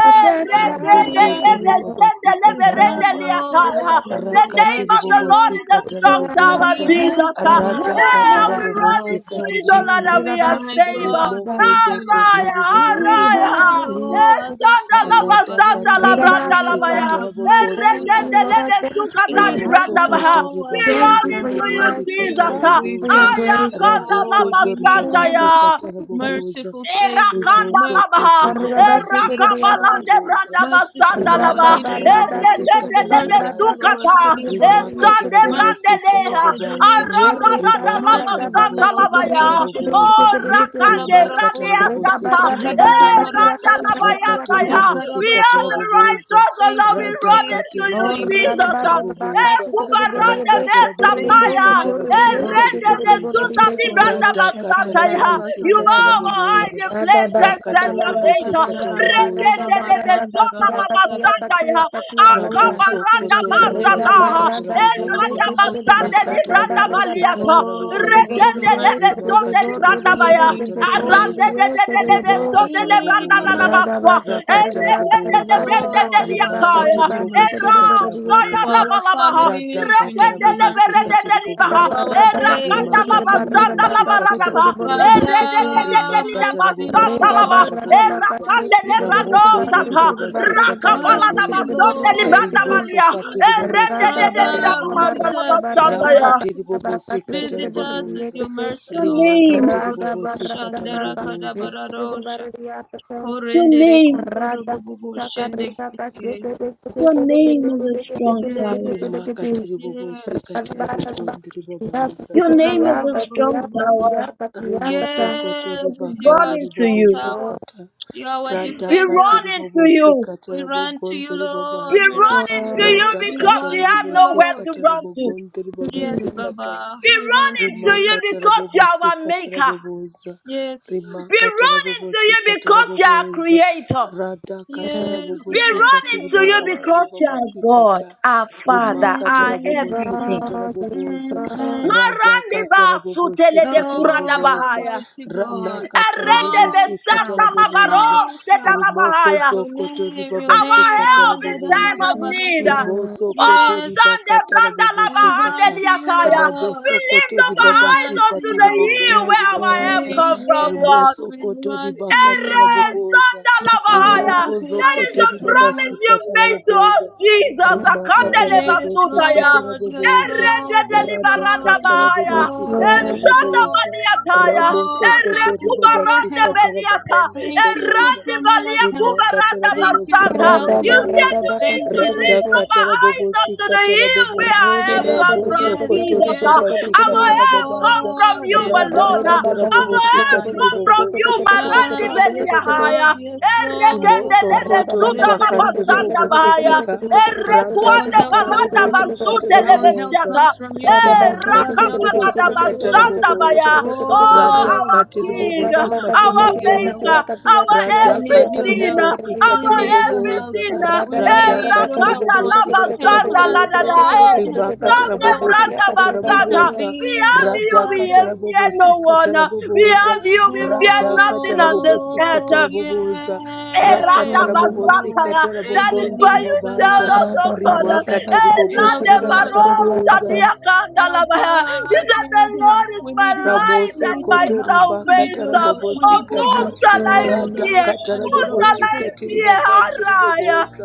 S2: E reke
S1: mercy.
S2: lebe
S3: your
S2: sende
S1: We
S2: lebe
S3: grace.
S1: have
S2: rende
S4: rabokozoribabasikatarabobosa
S1: no
S3: Thank
S1: other
S2: liataya.
S3: you,
S1: God
S2: The
S3: Lord.
S2: name
S1: but
S2: of the Lord
S1: you.
S2: is a strong
S3: Thank
S2: tower,
S4: rakatiribobosikatarabobosa
S1: We
S3: you
S1: have
S2: Jesus. Ah,
S1: no
S2: Yeah,
S1: other
S2: we run
S1: God
S2: into
S1: but
S2: it, oh Lord,
S1: you.
S2: and we
S4: radhakatarabobosikatiribobosa
S2: are
S1: My
S2: saved. Ah,
S1: God, we
S4: Rimoko
S1: need you, Lord.
S4: zokoto
S2: Araya,
S4: ribobasi
S1: We
S2: araya.
S1: have no
S2: Eh,
S4: kataraboboza
S1: other
S2: shanda
S1: God.
S2: la
S1: You,
S4: rada
S1: Father, we
S2: la
S1: need
S2: branda
S4: katarabobosi
S2: la baya.
S1: you. Have
S2: Eh,
S1: mercy
S4: katarabokondi
S1: on us.
S2: rekende le de
S4: ribabaza
S3: for
S2: sukata
S1: We
S3: your
S2: di
S1: have
S4: rimoso
S2: branda
S3: mercy.
S2: baha.
S4: koto
S1: no
S2: We
S1: other
S3: Thank
S2: run
S4: ribakandi
S3: you for
S1: God
S2: into
S3: your
S2: you,
S1: but
S4: ribobosi
S3: mercy.
S2: Jesus.
S1: you.
S3: Thank
S2: Ah,
S3: you
S1: We
S3: for
S4: kataraboboza
S3: your
S1: come to you,
S3: grace.
S2: ayakanda la
S4: raboko
S1: Lord. We need
S2: basanda
S1: you.
S4: zoribabasi
S2: ya.
S4: kataraboboza
S1: Merciful Savior,
S2: Erakanda
S4: rimoso
S2: labaha,
S4: koto
S1: merciful Lord,
S4: ribabasi
S1: we need you.
S3: Rada
S2: erakabalande
S4: kataraboboza
S2: branda
S1: Merciful
S2: basanda
S1: Lord,
S2: laba,
S1: we need
S4: rimakatarabobosi
S1: you.
S2: eredende lebe
S1: Merciful
S4: katarabobaza
S1: Lord, we
S2: sukata,
S1: need you.
S2: esande brande
S4: rimakatarabobosi
S1: Merciful
S2: leha,
S1: Lord, we
S4: katabobaza
S1: need you.
S2: arabadada laba
S1: Merciful
S2: santa
S4: rimakatarabobosi
S1: Lord, we need
S2: labaya,
S1: you.
S4: kataraboboza
S2: oh rakande
S4: rimakata
S2: radia
S1: Rikalabarakosi,
S3: Reda
S2: sata,
S3: barra
S4: rabobosikata
S3: da basa
S4: raboboza
S3: katia
S2: eranda
S3: katia
S1: Rikalabarakosi,
S3: katia
S4: rakati
S2: labayanta ya,
S3: kata.
S2: we
S4: ribobosikata
S2: are the
S1: Likarabakosi.
S4: raboboza
S2: righteous, the
S1: Thank
S2: Lord, we
S1: you,
S2: run
S1: thank
S4: radhakati
S2: into
S1: you,
S2: to you,
S3: Oh,
S1: thank you.
S3: rada
S2: Jesus.
S4: ribobosikata
S3: barra da
S2: Eh,
S3: baka
S4: raboboza
S3: tikiri de borre de
S2: kubarande
S4: rakata
S2: de
S3: besi kore de
S1: Thank you,
S3: bosu
S2: sapaya.
S4: rabobosikata
S3: kore de
S1: merciful
S2: Eh,
S3: yesi
S4: rabagandhi
S1: God.
S2: rende
S3: tikiri
S2: de
S3: de borre
S4: riboboza
S3: de
S2: suta di
S3: yesi tikiri.
S2: branda
S1: Oh,
S4: radhakata
S2: basata ya. You
S4: rabobosikata
S1: Shatararabasandara
S2: are our
S4: raboboza
S1: Makosa.
S2: hiding
S3: Rada
S2: place and
S3: barra
S4: rakata
S3: da
S2: center
S1: Oh,
S3: barra da
S2: place.
S4: rabobosikata
S3: barra
S1: Chandra
S3: da
S1: Babu,
S3: barra
S4: raboboza
S3: da
S1: Chandra
S2: Rekende de
S1: Babu,
S3: barra
S2: de
S3: da
S1: Chandra
S2: sota
S3: katia
S1: Babu,
S3: katia
S2: mabasanda
S3: katia
S2: ya.
S3: katia kata.
S4: Raboso
S1: Chandra
S2: Akabaranda
S4: koto
S3: Reda
S2: basata.
S4: ribabasi
S1: Babu,
S3: barra da
S2: Eh,
S1: Chandra
S3: seke
S4: kataraboboza,
S1: Babu, Babu,
S2: randa
S1: Babu,
S3: tikiri de
S1: Babu,
S2: basande
S1: Chandra.
S2: di
S3: barra da
S2: branda
S3: barra da
S4: rakatarabobosi
S3: baka
S2: baliata.
S1: Oh,
S3: tikiri de
S1: we
S4: kataraboboza,
S1: need
S3: borre de
S1: your
S2: Rekende de
S3: yesi
S1: mercy.
S3: tikiri de borre de
S1: We
S4: rimakatiribobosi
S3: yesi
S1: need
S3: tikiri de
S1: your
S3: borre
S1: mercy.
S3: de
S4: kataraboboza,
S3: yesi tikiri de borre
S1: We need your
S4: rimakataraboboza,
S3: Radha
S1: mercy.
S3: Basa Karida Bakarida
S4: rakataraboboza,
S3: Barida
S1: Oh,
S3: Bakarida
S1: Father, we
S3: Bakarida
S1: need your
S3: Basi
S4: rimakatiribobosi
S1: mercy
S3: Karida Bordia
S1: for
S4: kataraboboza,
S3: Kiki
S1: our family. We need your
S4: radakatarabobosi
S1: mercy for
S4: katiriboboza,
S1: our day. We need
S4: rimakati
S1: your mercy,
S4: ribobosikata raboboza
S1: Father.
S4: rimakata
S1: Mercy,
S4: rabobosikata
S1: Lord, mercy,
S4: raboboza
S1: mercy,
S4: ramokozo
S1: mercy.
S4: ribobosikata
S2: rakapala
S1: Mercy,
S4: raboboza
S1: Lord,
S4: ribosokati
S1: mercy.
S4: ribobosikata
S1: Father, visit
S4: raboboza
S1: us with your
S4: rakati
S1: mercy.
S4: ribobosikata
S1: Visit us with
S4: raboboza
S1: your mercy,
S2: your
S1: Lord.
S2: name,
S4: rimakati
S1: Oh,
S3: Rada
S1: Rebo
S4: ribobosikata
S1: Shandara
S3: barada
S4: raboboza
S1: Kadabararosha.
S3: baka,
S2: your
S1: Korendere
S2: name,
S1: Kotoro
S3: Rada
S1: Bobo
S3: saka rika kasi
S1: Shendekite.
S3: kede kede
S2: Your
S3: kede
S2: name is a
S3: kede kede kede
S2: strong
S3: kede
S2: tower.
S3: kede kede
S1: Yes,
S4: rimakati
S3: kede.
S1: yes,
S4: ribobosikati
S3: Rada
S1: yes.
S3: rada
S4: ribogondi
S3: ya
S4: ribobaza
S2: Your
S3: kede
S2: name is
S3: ya
S2: a
S3: kede
S2: strong
S3: ya kede
S2: tower.
S3: ya
S1: Korababababababababa.
S3: kede ya
S4: Rimoso
S3: kede.
S4: kotori
S2: Lord, we
S1: Yes, you
S2: run
S4: bakandi
S1: are a
S2: into
S1: strong
S2: you.
S4: ribobosi
S1: tower.
S3: Oh,
S4: kata
S1: You are our
S4: Rada
S2: We
S4: Rimosokoto ribakande
S1: defender.
S2: run into you.
S4: ribobosikata radhakati ribobosikata
S1: We run to you,
S4: rabogonde
S2: We
S1: Lord.
S4: ribobaza
S1: We run
S2: run
S1: to you,
S3: oh,
S2: into you
S1: Lord. We
S2: because
S4: radhakata
S2: we
S1: run to
S2: have
S1: you,
S2: nowhere
S1: Lord.
S2: to
S4: rabobosikata
S2: run to.
S4: rabogonde
S1: Yes,
S3: hmm.
S4: ribobasikata
S1: Baba,
S2: We
S1: we
S2: run
S1: run to
S2: into
S1: you.
S2: you because you
S4: rimakatarabobosi
S2: are our maker.
S4: katarabobosa
S1: Yes,
S2: We run into
S4: rimakatarabobosi
S2: you because you are our
S4: katarabobosa
S2: creator.
S4: rada
S3: Yes,
S1: yes, we
S2: We
S4: katarabobosi
S1: run
S2: run
S1: to you,
S2: into you
S1: Lord.
S2: because you are
S4: katiribogondribobasi
S2: God,
S4: kata
S2: our Father, our
S1: Mm,
S3: God,
S4: rimakatarabobosi
S2: everything.
S1: mm, mm,
S4: katarabobosa
S1: mm.
S4: rada
S2: Marande ba
S4: katarabobosi
S2: sutelebe kurada
S1: Oh,
S4: katarabobosa
S2: bahaya.
S1: mighty
S4: rana
S1: God,
S2: Arende
S4: katarabobosi
S1: strong
S2: besata
S1: power,
S2: labaro
S4: katarabobosa
S1: strong
S2: sheta
S1: power.
S2: labahaya.
S1: Your
S4: rimokozoko
S1: name, your
S4: toribabasi
S2: Our
S1: name,
S2: help in time
S4: katarabobosa
S2: of
S3: yes,
S2: need.
S1: Alagadabadabadaku.
S3: God,
S4: Rimoso
S2: Oh,
S4: koto
S1: Yes,
S2: Sunday,
S4: ribakata
S2: Branda Lava
S1: we run
S4: rabobosikata
S1: to you,
S2: Andeliakaya.
S1: Lord.
S2: We
S4: raboso koto
S2: lift up our
S1: We
S2: eyes
S1: run to
S2: unto
S4: ribabasikati
S2: the
S1: you.
S2: hill
S4: ribogondi
S2: where our help
S4: ribabaza
S1: We,
S2: comes from,
S1: yes,
S2: God.
S4: rimoso
S1: we
S4: koto
S1: run to you,
S4: ribakata
S2: Ere
S1: Lord.
S4: raboboza
S2: sandalabahaya.
S1: Our
S4: rimoko
S2: That
S1: help
S2: is
S4: zokoto
S2: the
S1: is from
S2: promise
S1: you.
S2: you've
S4: ribabasikata
S2: made to us,
S4: raboboza
S2: Jesus.
S3: yes, Lord, yes, Lord, yes,
S4: rimakata
S3: Lord,
S1: Yes,
S4: rabobosikata
S2: Akandelebasutaya.
S1: Lord. Yes,
S4: raboboza
S2: Ere
S1: Lord. Yes, Lord.
S4: radhakata
S1: Yes,
S2: dedelibarandabahaya.
S3: yes,
S1: Lord.
S4: rabobosikati
S3: Lord.
S1: Yes, Lord.
S4: ribaboza
S2: Eshandabaliataya.
S4: ramoso
S1: Oh,
S2: Ere
S4: koto
S1: thank you for your help.
S4: ribabasikata
S2: kubarandabeliata.
S4: rabagandi
S1: Thank you
S2: Ere
S1: for
S4: riboboza
S1: promising us help.
S4: rimakatara
S1: Thank you
S4: bobosi
S1: for
S2: dibaliakubarandabasanta.
S4: katara
S3: Rada
S1: helping
S2: You
S3: ba
S1: us.
S2: said
S3: rada
S4: boboza
S2: the
S3: ba
S1: Thank
S3: kasi
S2: wisdom
S3: kede
S1: you.
S4: rada
S2: lift
S3: kede.
S2: up our
S4: katara
S2: eyes
S4: bobosi
S2: unto the
S4: katara
S2: hill
S4: bobo
S2: where I
S3: Rede
S2: have
S3: bo
S1: Yes,
S2: come
S3: kede
S2: from,
S3: kede
S1: yes,
S3: kede
S4: rabosokotori
S2: Jesus. Uh,
S3: kede
S1: yes.
S3: kede
S4: babasi
S3: kede.
S2: Our
S1: My
S4: katara
S2: help come
S4: babaza
S2: from
S1: God.
S2: you
S1: ra ba
S4: rada
S3: Radha
S2: alone. Uh,
S4: katara
S2: Our
S4: bobosi
S2: help
S4: katiri
S2: come from you,
S4: bogontiri
S2: Marandi
S4: babaza
S1: Ah, yes, Lord.
S2: Beliahaya.
S1: Yes, Lord. Yes,
S2: Erekende
S4: Rimoso
S2: lebe
S1: Lord.
S4: koto
S2: suta
S1: Yes,
S2: la
S1: Lord.
S4: ribakandi
S1: Yes,
S2: basanda
S1: Lord.
S2: bahaya.
S1: Yes,
S4: ribobosikata
S1: Lord. Our
S2: Erekwande
S4: radhakata
S1: help comes
S2: balanda
S1: from you.
S4: rabobosikata
S2: basute
S1: Our
S2: lebe
S1: help
S4: raboboza
S2: siata.
S1: comes from you. Our
S4: rimakati
S1: help comes
S2: Erakapalada
S1: from you,
S4: ribobosikata
S1: Lord.
S2: Rabashandabaya.
S4: raboboza
S2: Oh,
S1: Oh,
S2: our
S4: radhakati
S1: oh,
S2: King,
S1: oh,
S4: ribobosikati
S1: we
S2: our
S1: need your help.
S4: riboboza
S2: Maker, our
S1: We need
S4: radhakati
S1: your
S2: everything,
S1: help. We
S4: ribobosikati
S2: our
S1: need your help.
S4: riboboza
S2: everything.
S1: We
S2: Eh,
S1: need your
S4: radhakati
S1: help,
S2: Rakata
S1: Lord.
S4: ribobosikata
S1: Help us,
S4: raboboza
S2: Labashandalada. Eh,
S1: Lord. Help
S4: ribakata
S1: us,
S2: Sunday
S1: Lord.
S2: Branda
S4: rabobosikata
S2: Basata.
S4: raboboza
S2: We
S1: Intervene,
S2: have
S1: oh
S2: you, we
S1: Father.
S4: radhakata
S2: fear no
S4: rabobosikata
S2: one. We
S4: raboboza
S2: have you, we fear
S4: radhakata
S2: nothing on this
S4: rabobosikata
S1: Oh,
S2: earth.
S4: raboboza
S1: yes,
S4: rakata
S1: Lord.
S2: Eradabasakaya.
S4: rabobosikata
S2: That is
S4: rabogondhi
S2: why you tell
S4: ribabaza
S1: Ebenezer,
S2: us, oh
S3: Rada
S2: God, eh,
S3: barada
S4: rimakati
S3: bakatu
S1: help
S2: Lande
S3: kiri di
S1: us.
S4: ribobosikati riboboza
S1: Help
S2: Barosadiakandalabaya. you
S1: us.
S2: said
S1: We
S2: the
S1: need help.
S2: Lord is
S1: We
S2: my
S1: need help.
S2: light
S1: We
S4: Ramoso
S2: and
S1: need
S2: my
S1: your
S4: koto
S1: help.
S4: riba
S1: We need
S4: katara
S1: your
S2: salvation.
S1: help. We
S4: bobosi
S2: Of
S1: need your
S2: whom
S4: kata
S1: help.
S2: shall I
S1: Oh,
S4: rada
S2: fear?
S4: katara
S2: Who
S1: Rabashanda
S2: shall
S4: bobosi
S2: I
S4: katiri
S1: Rabakuti.
S2: fear?
S4: bagandiri
S2: Haraya.
S4: boboza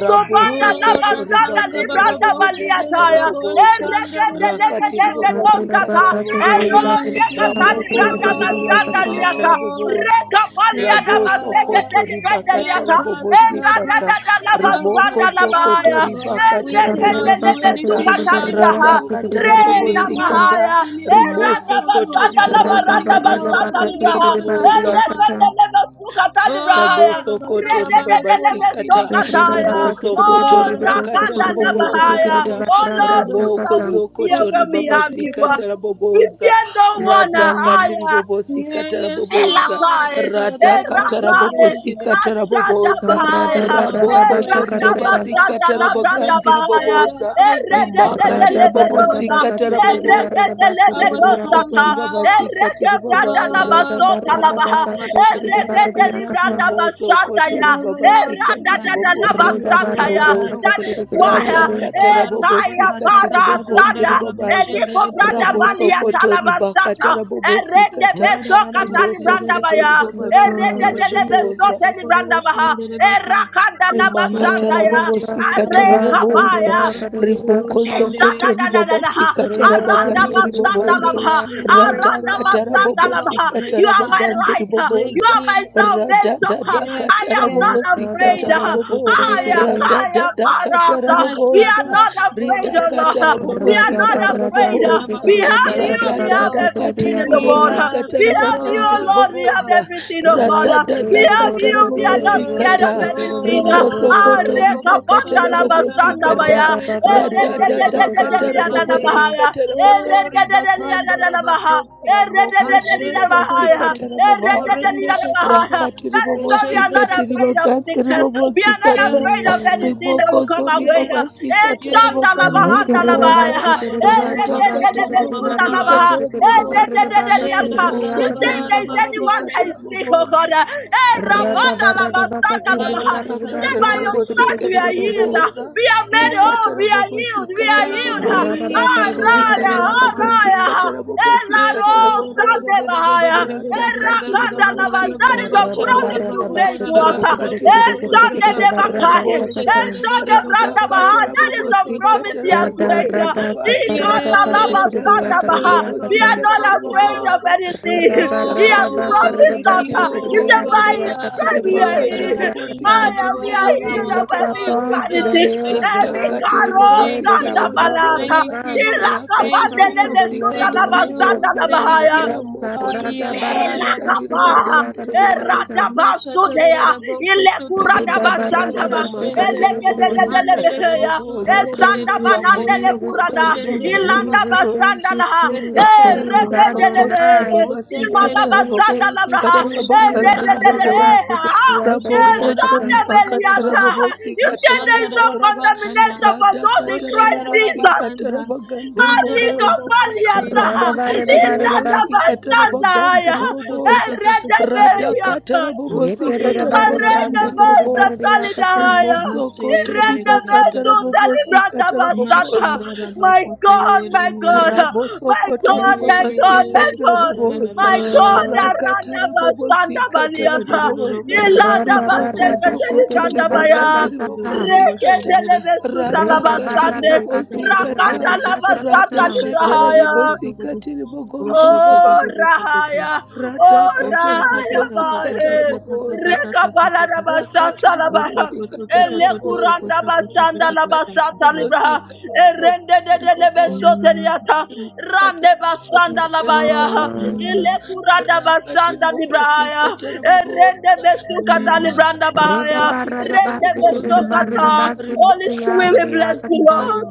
S4: raboso
S1: Oh,
S4: koto riba
S2: labasanda
S1: Rakanda
S4: katara
S2: libranda
S1: Bababo,
S4: bobosi
S1: the
S4: katara
S2: baliataya.
S1: Delevabo,
S4: boboza
S1: Shanda
S2: Erekende
S4: rakatiri
S1: Rabakuto.
S2: legende
S4: bobosi
S2: dosata.
S3: barada
S4: katara
S1: We
S4: boboza
S3: basu
S1: need
S2: Eroseka
S1: your help,
S4: ramoko
S2: talibranda
S4: ndiri
S2: basanda
S4: ribabasika
S2: liata
S1: Lord.
S4: taraboboza
S2: kapalia
S1: Help
S2: da
S4: raboso
S2: baseke
S1: us.
S4: koto
S2: teni brenda
S4: ribakata
S2: liata.
S1: Help us,
S2: Era da
S1: help us,
S4: rabobosikata
S2: da da la
S1: help us,
S4: rimoko
S2: basanda la
S1: help us,
S4: zokoto
S2: bahaya.
S1: Lord.
S4: ribakata
S2: Ere
S1: We cannot
S2: kende
S1: do
S2: lebe
S4: rabobosikata
S3: kiri
S2: suka
S1: anything
S2: tani
S1: without
S2: braha.
S1: you.
S4: radakata
S2: Re
S1: We
S2: na
S1: need help.
S4: rabobosikata
S2: mahaya.
S1: We need
S2: Era
S1: help
S2: da
S4: rimoso
S1: from you,
S4: koto
S2: basanda la
S1: Abba. We
S2: baranda
S1: need
S4: ribabasikati
S1: help.
S2: basata ni braha.
S1: Ebenezer,
S4: ribaboza
S1: help
S2: Ere
S1: us.
S2: kende lebe suka tani brahaya.
S1: Oh,
S4: Raboso
S2: Re
S4: koto
S2: de de
S1: Rabakarabana
S2: de
S1: Kori
S2: lebe
S1: Kidi
S4: ribabasikata,
S2: suka
S1: Kidi
S2: taya.
S1: Bara
S4: rimoso koto
S2: Oh,
S1: Chandarara
S4: ribakata
S2: rakanda la
S1: Koshika
S2: bahaya.
S1: Tarara
S4: rabobosikata,
S3: di
S1: Boshi
S2: Oh
S1: Kidi
S2: Lord, who
S1: Bara
S4: rimoko
S2: shall we fear
S4: zokoto
S2: when
S1: Kotu
S2: we
S1: Boshi
S2: have you?
S1: Kidi.
S4: ribabasikata
S2: We
S4: raboboza,
S2: fear no one
S4: radakati
S2: higher.
S4: ribobosikata
S1: Yes,
S4: raboboza,
S1: Lord.
S2: Elakai,
S1: Karara Kidi
S4: radakata
S1: Kidi
S2: Erakai,
S1: Kidi
S4: rabobosikata raboboza,
S2: Mashadabaya,
S1: Oh, our
S4: rabokozo
S1: great defender,
S2: Eradabasata
S4: ribabasikata
S1: our great
S4: rabagandi
S2: Labrandabaya,
S1: defender,
S4: riboboza,
S1: our great
S4: rimakati
S1: defender, our
S2: Erededeleberosa,
S1: great
S4: ribobosikata
S1: defender,
S4: raboboza,
S1: our strong
S4: rimokozo
S2: Erededelebedosata,
S3: yakata.
S1: tower.
S4: ribabasikati ribabaza.
S3: Reda
S1: Oh,
S2: Eredebrandabasota
S3: barra da
S2: Labaha,
S3: baka si kiri di barra di yakata.
S1: Rababababashandarakandakata.
S4: Rimoso koto
S1: we
S2: Erededelibrandabasadaya,
S1: never lost
S4: ribabasika
S1: the battle. We
S4: tiribobosika
S3: Reda
S1: never
S3: barra
S1: lost
S3: da
S2: Eradadadalabasataya.
S1: the
S3: baka
S1: battle.
S4: tarabobosa
S3: si
S2: That
S3: kiri
S2: is
S3: di kiri
S1: We
S3: di
S1: never
S4: rada
S3: kiri
S2: why,
S1: lost
S3: di.
S4: kata
S1: the battle.
S2: Ekaya
S4: katarabobosika tiribogondi
S2: Parasanda.
S4: ribabaza
S2: Eliko branda
S4: raboso
S2: balia
S1: Shatatatatatatadadadadabashenderebakorabashende.
S4: koto ribaka
S2: talabasata.
S4: tarabobosika
S2: Erende
S4: kata
S2: beso katali
S4: rimoso
S2: branda
S4: koto
S2: baya.
S4: ribabasika
S2: Erende dele beso
S4: tarabobosa
S2: teli branda baha.
S1: Koradadadabashenderekosotorokotokoshenderekosokoroboshenderebaka.
S2: Erakanda labasata
S4: rimakatara
S2: ya.
S3: Reda
S2: Are
S4: bobosikatara
S3: barra di
S4: boboza
S2: kapaya.
S3: yakata di yakata.
S4: rimokozokoto
S2: Shadadadadadaha.
S4: ribobasikatara
S3: Reda
S1: We
S3: ba
S2: Aranda
S3: si
S1: need
S4: bagandiri
S3: kiri di
S1: you, we
S3: barra di
S4: boboza
S1: need
S2: basatalabha.
S1: you,
S3: yakata.
S1: great
S2: Aranda
S1: God,
S4: radakatara
S1: great God,
S2: basatalabha.
S1: great
S2: You
S4: bobosikatara
S2: are my
S1: Father,
S4: bagandiri
S2: light. huh?
S1: great
S2: You
S4: boboza
S2: are my
S1: King.
S2: salvation. huh?
S1: Yes,
S2: I
S4: radadadakatara
S2: am
S1: yes,
S2: not
S3: Reda
S2: afraid.
S1: yes,
S4: bobosikatara
S2: huh?
S3: baka si
S4: bobo
S3: kiri di
S2: Aya
S3: kiri
S1: yes.
S3: di.
S2: kaya
S4: radadadakatara
S2: parasa. We
S1: Masha
S2: are
S4: boboza
S2: not
S1: tata
S2: afraid, oh Lord. huh?
S4: ridakatara
S2: We
S1: bororo
S2: are
S3: Reda
S2: not
S4: bobosikatara
S3: barra da
S2: afraid.
S3: baka
S2: huh?
S1: shendera
S3: si
S4: boboza
S2: We
S3: kiri
S1: baba.
S3: di
S2: have
S1: Yes,
S3: barra
S2: you.
S3: da
S2: We
S3: baka
S2: have
S3: si
S1: Lord.
S3: kiri di
S2: everything
S4: radadadakatiri
S2: in the
S3: yakata
S1: We
S3: di
S2: world. huh?
S3: ya.
S1: have
S2: We
S4: bobosikatara
S1: you,
S2: have you, oh
S4: bagandiri
S2: Lord. We have
S1: Lord.
S4: boboza
S2: everything, O God. huh? We
S3: Reda
S2: love
S3: boru
S2: you.
S4: radadadakatara
S3: de
S2: We are
S3: boru
S2: not
S3: de boru
S1: Yes,
S2: scared
S3: de
S4: bobosikata
S2: of
S3: boru de
S2: anything.
S3: boru de
S1: Lord.
S4: Rimoso
S3: boru de
S4: koto
S3: boru.
S2: Areka
S4: riba
S1: Rababababo,
S4: ribakata
S2: panda la
S4: rabobosi
S2: basanda
S1: shandarararabo,
S4: kata.
S2: baya.
S3: Reda baka si
S1: rekababo,
S3: kiri
S2: Erende de
S3: di
S4: Radada
S2: de
S3: kiri
S4: da
S3: di
S2: de
S3: kiri
S2: de
S3: di
S4: kata
S1: ribababa,
S2: liya
S3: kiri
S2: na
S3: di
S2: na
S3: kiri
S1: ribabe.
S4: rabobosi
S3: di.
S2: bahaya.
S4: kata
S1: Oh,
S4: rabagandhi
S2: Erende de de liya na
S1: ribakanda,
S4: riboboza.
S2: na na baha.
S1: rabakoti.
S2: Erende de
S4: Ramoko
S2: de
S4: zuri
S2: liya na
S1: Hashete,
S4: babasi
S2: bahaya.
S1: tetete.
S4: kata rababaza.
S1: Korende, ketete.
S4: Rakati
S2: That is why we
S4: ribobosi
S2: are
S1: Eshende,
S2: not
S4: kati
S2: afraid of
S1: ketete.
S4: ribagandhi
S2: sickness. We
S4: ribobosi
S2: are not
S1: Yes,
S4: kata.
S2: afraid of
S3: Mm.
S2: anything that
S4: Rimoko
S2: will come our
S4: zuri
S2: way.
S1: yes,
S4: babasi
S2: Eh,
S4: kata
S1: yes,
S2: shanda la
S4: rabagandhi
S3: Rada
S2: bahanda la
S1: Lord.
S4: riboboza.
S2: bahaya.
S4: Rada kati
S2: You
S4: ribobosi
S1: Rabababababababababababa.
S4: kata
S2: say
S4: raboboza.
S1: Le, ra, ra, ra, ra,
S4: Rimoko
S2: if
S4: zuri
S1: ba,
S2: there is
S4: babasi
S2: anyone
S1: rabababo.
S2: that
S4: kata
S2: is sick, oh
S4: raboboza.
S2: God. uh, eh,
S1: Yes,
S2: Rabanda lava, Sanda lava,
S4: Rimasa
S2: You say
S4: katara
S2: by your
S4: bobosi
S1: Mashantarabosaka.
S2: stripes we
S4: katara
S2: are healed. uh,
S4: boboza,
S2: We are made whole.
S4: rikatara
S2: We are
S4: bobosi
S2: healed. We
S1: We
S2: are
S4: katara
S1: are
S2: healed. uh,
S4: boboza,
S2: Ah,
S1: healed in
S2: Raya,
S4: rikatara
S1: Jesus'
S2: ah,
S1: mighty
S4: bobosi
S2: Raya.
S1: name.
S4: katara
S2: eh,
S4: bobosi
S1: Yes,
S2: Laro,
S1: thank
S4: katara
S2: Sande
S4: boboza,
S2: Bahaya.
S4: rata katiri
S2: Erakanda lavan.
S4: bobosi
S2: That is a
S4: katara
S2: promise you
S4: boboza,
S2: made to us.
S4: rakatiri
S2: Eh,
S4: bobosi
S2: Sunday
S4: katara
S2: Debakai.
S4: boboza,
S2: Eh, Sunday
S4: rata
S2: Branda Baha.
S4: katara
S2: That is the
S4: bobosi
S2: promise he
S4: katara
S2: has made.
S4: bogondri babaza,
S2: Ikanda lava
S4: rata
S2: Sanda
S1: you
S4: katiri
S1: for
S2: Baha.
S1: your
S2: We
S4: bobosi
S1: promise,
S2: are not
S1: oh
S4: katara
S2: afraid
S1: God.
S2: of
S4: boboza,
S2: anything.
S3: Rida
S4: rata
S2: He has
S3: barada
S4: katiri
S1: Oh,
S3: bakar
S4: bobosi
S3: da
S2: promised
S1: with
S2: us.
S3: basi
S4: katiri
S2: uh,
S1: you,
S2: He said,
S1: you
S3: kirdiya
S4: boboza,
S1: are
S2: by
S1: with
S3: ridiya
S2: his
S3: katu
S1: us,
S2: stripes we
S1: you are
S2: are
S3: kirdiya
S1: with
S4: rimakatara
S2: healed.
S1: us,
S3: kirdiya
S4: bobosi
S2: I
S3: kata
S2: am,
S4: katiri
S2: we are
S1: Emmanuel,
S3: We
S4: bobosi
S2: healed
S1: our
S2: of
S3: look
S4: katara
S3: up
S2: every
S1: God, with
S3: onto
S4: bobosa
S3: the
S1: us.
S2: vanity,
S1: Thank
S3: hills, the
S4: rada
S1: you,
S2: every
S4: katiri
S3: mountains.
S2: caro
S3: Where
S4: bobosi
S1: Thank
S3: does
S2: Sanda
S3: our
S4: katiri
S1: you,
S3: help come
S2: Balata.
S1: thank
S4: bobosa
S3: from?
S1: you,
S2: Ilaka
S3: It
S1: thank
S4: rakatiri
S2: Bande
S3: comes from
S1: you,
S2: Lebe
S3: the
S4: bobosi
S2: the
S3: Lord, the
S1: thank
S4: katara
S2: Lava
S3: maker
S1: you,
S3: of
S2: Sanda
S4: bobosa
S2: Lava
S3: heaven and
S1: thank
S3: the
S2: Haya.
S3: earth.
S1: you.
S4: ramokotori
S3: Barada
S1: Ayaya
S4: bobosi
S3: barada
S4: katiri
S2: Elakapa,
S1: Rabagota,
S4: bogandiri bobosa
S3: basikidiyakadiyakatam.
S2: Eradabasudea,
S1: Mashataraboko Sutudi
S3: Reda barada
S2: Ilekuradabashandaba,
S1: Badabashende,
S4: rimakatara
S3: basikidiyakadiyakatam.
S4: bobosi
S1: Mandere
S4: katara
S2: Elekedededelebeheya,
S1: Kotsu
S4: bobosa
S3: Oh,
S1: Terebere,
S3: thank you,
S4: ramoso
S3: Jesus.
S2: Eshandabanandelekurada,
S4: kotori
S3: Thank you,
S1: Oshendere
S4: bobosi
S3: Jesus.
S1: Rabakosi,
S3: Thank you,
S2: Ilandabashandalaha,
S3: King of
S1: Setere
S3: Kings,
S1: Bandakata,
S4: Rimosokoto
S2: Erekendelebe,
S3: Adonai.
S1: Osen
S4: ribabasikata
S3: Thank you,
S1: Terebasha,
S3: thank you,
S2: Iladabashandalabraha,
S4: rabobosikata
S3: thank you.
S4: rabagande
S1: Oshandara
S3: Arada
S4: riboboza.
S1: Rabakosta,
S2: Erededededeha,
S1: Oshatara
S4: Rabokoso
S3: basikidiyakadiyakatam.
S1: Bagota
S4: ribakata
S2: Eshandabeliata.
S1: Badaba,
S2: You
S4: rabobosikata
S2: said there is
S1: Oshandara
S2: no
S4: raboboza.
S1: Rabaganda.
S2: condemnation for those in
S4: Radakata
S2: Christ Jesus.
S4: rabobosikata
S1: Kosharabaganda,
S4: rabagande
S2: Ali
S4: riboboza.
S1: Gondorobokose,
S2: Companiata,
S3: Rada barada
S4: Ramakati
S2: Ilada
S3: barada ba.
S2: Alikopaliata,
S4: ribobosikata
S1: Kosototototototo,
S4: rabagande
S2: Iladabasandaya,
S4: riboboza.
S1: Kosotototototototo,
S4: Radakata
S2: Eredeberiaka,
S3: Yekerera
S4: rabobosikata
S3: barera
S4: rabagande
S1: Kosotoroboshanda,
S3: basekerera
S4: riboboza.
S3: barera kacang.
S2: Aredebesatalidaya,
S4: Rimosokoto ribakata
S1: Mashererereregadaraba,
S4: rabobosikata
S2: basata.
S4: raboboza.
S2: My God, my God,
S1: Mashandarabakosere,
S4: Raboso
S2: my
S4: kotori
S2: God, my God,
S4: babasika
S2: my
S1: Eh,
S2: God.
S4: tarabobosa
S3: Yeso.
S2: My
S1: Satararararara,
S2: God, Aranda
S4: rakatara
S2: Basanda
S4: bobosika
S2: Baliata,
S4: tarabobosa
S2: Ilada
S3: Raga
S4: riboko
S3: barada
S1: Tototototototototototototosh,
S4: zokoto
S3: sekerera
S2: Basenda Baya,
S3: barada
S4: ribakandiri
S3: saka.
S4: bobosika ta
S1: Kosotototototototoshedere,
S2: Rekendelebe suta
S4: rata
S2: laba
S3: Reda
S4: katiri
S2: sande.
S3: barada
S4: bobosika
S3: kasekerera
S4: ta
S2: Rakanda
S3: barada
S2: laba sata
S4: rata
S1: Thank
S3: sakacang.
S1: you.
S4: katara
S2: librahaya.
S4: bobosika tiri bogondiri
S2: Oh
S4: babaza
S2: Rahaya,
S4: rata
S2: oh
S4: katara
S2: Rahaya
S4: bobosika
S2: Bahe,
S4: tarabobosa
S2: Rekabala Rabasanta
S4: rakatiri
S2: Labaha,
S4: bobosika tarabobosa
S2: Elekuranda Basanda
S4: rakatiri
S2: Labasata Libraha,
S4: bobosika
S2: Erende de
S4: tiri
S2: de
S4: boboza
S1: Mm,
S2: Lebesoteriata,
S4: rakatara
S2: Rande Basanda
S4: bobosikatara
S2: Labaya,
S3: Yeso.
S4: bobosa
S1: mm,
S2: Elekuranda
S4: rakatiri
S2: Basanda Librahaya,
S4: bobosikatara
S2: Erende
S4: bobosa
S2: Besukata Libranda
S4: rimakatara
S2: Bahaya,
S3: reda
S4: bobosikatara
S2: Rende
S4: bobosa
S2: Besokata, Holy
S4: rimakatara
S2: Spirit, we bless you, Lord.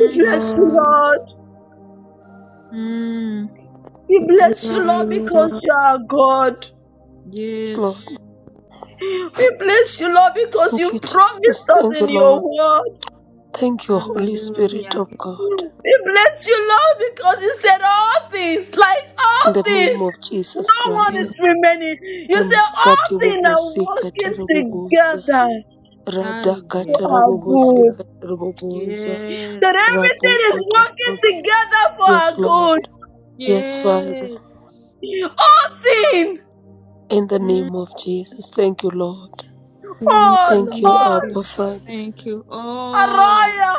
S2: We bless you,
S3: Lord,
S2: Lord. We
S3: we
S2: bless you,
S3: honor
S2: Lord, because
S3: you.
S2: you are God.
S4: Lord,
S1: Yes.
S2: We bless you, Lord, because
S4: thank
S2: you
S4: you, Jesus.
S2: promised us
S4: Thank you,
S2: in your
S4: Lord.
S2: word.
S4: Thank you, Holy Spirit
S1: Hallelujah.
S4: of God.
S2: We bless you, Lord, because you said all things, like
S4: In
S2: all
S4: the name
S2: things.
S4: of Jesus
S2: No one is
S4: Christ.
S1: Yes.
S2: remaining. You said all
S4: Rimakati
S2: things are
S4: bobosikatara
S2: working
S4: bobosa
S2: together for
S4: Radakata
S2: our
S4: Rabobosi
S2: good.
S1: Hallelujah.
S4: Raboboza
S2: That
S1: Yes.
S2: everything is
S4: Rabokota
S2: working
S4: Rabobosa.
S2: together for
S4: Yes,
S2: our good.
S4: Lord. Yes, Father.
S1: Yes.
S2: All things,
S4: In the name of Jesus. Thank you, Lord.
S2: all,
S4: Thank you,
S1: Thank
S2: all.
S1: you.
S4: Abba Father.
S1: Thank you. All,
S2: Araya,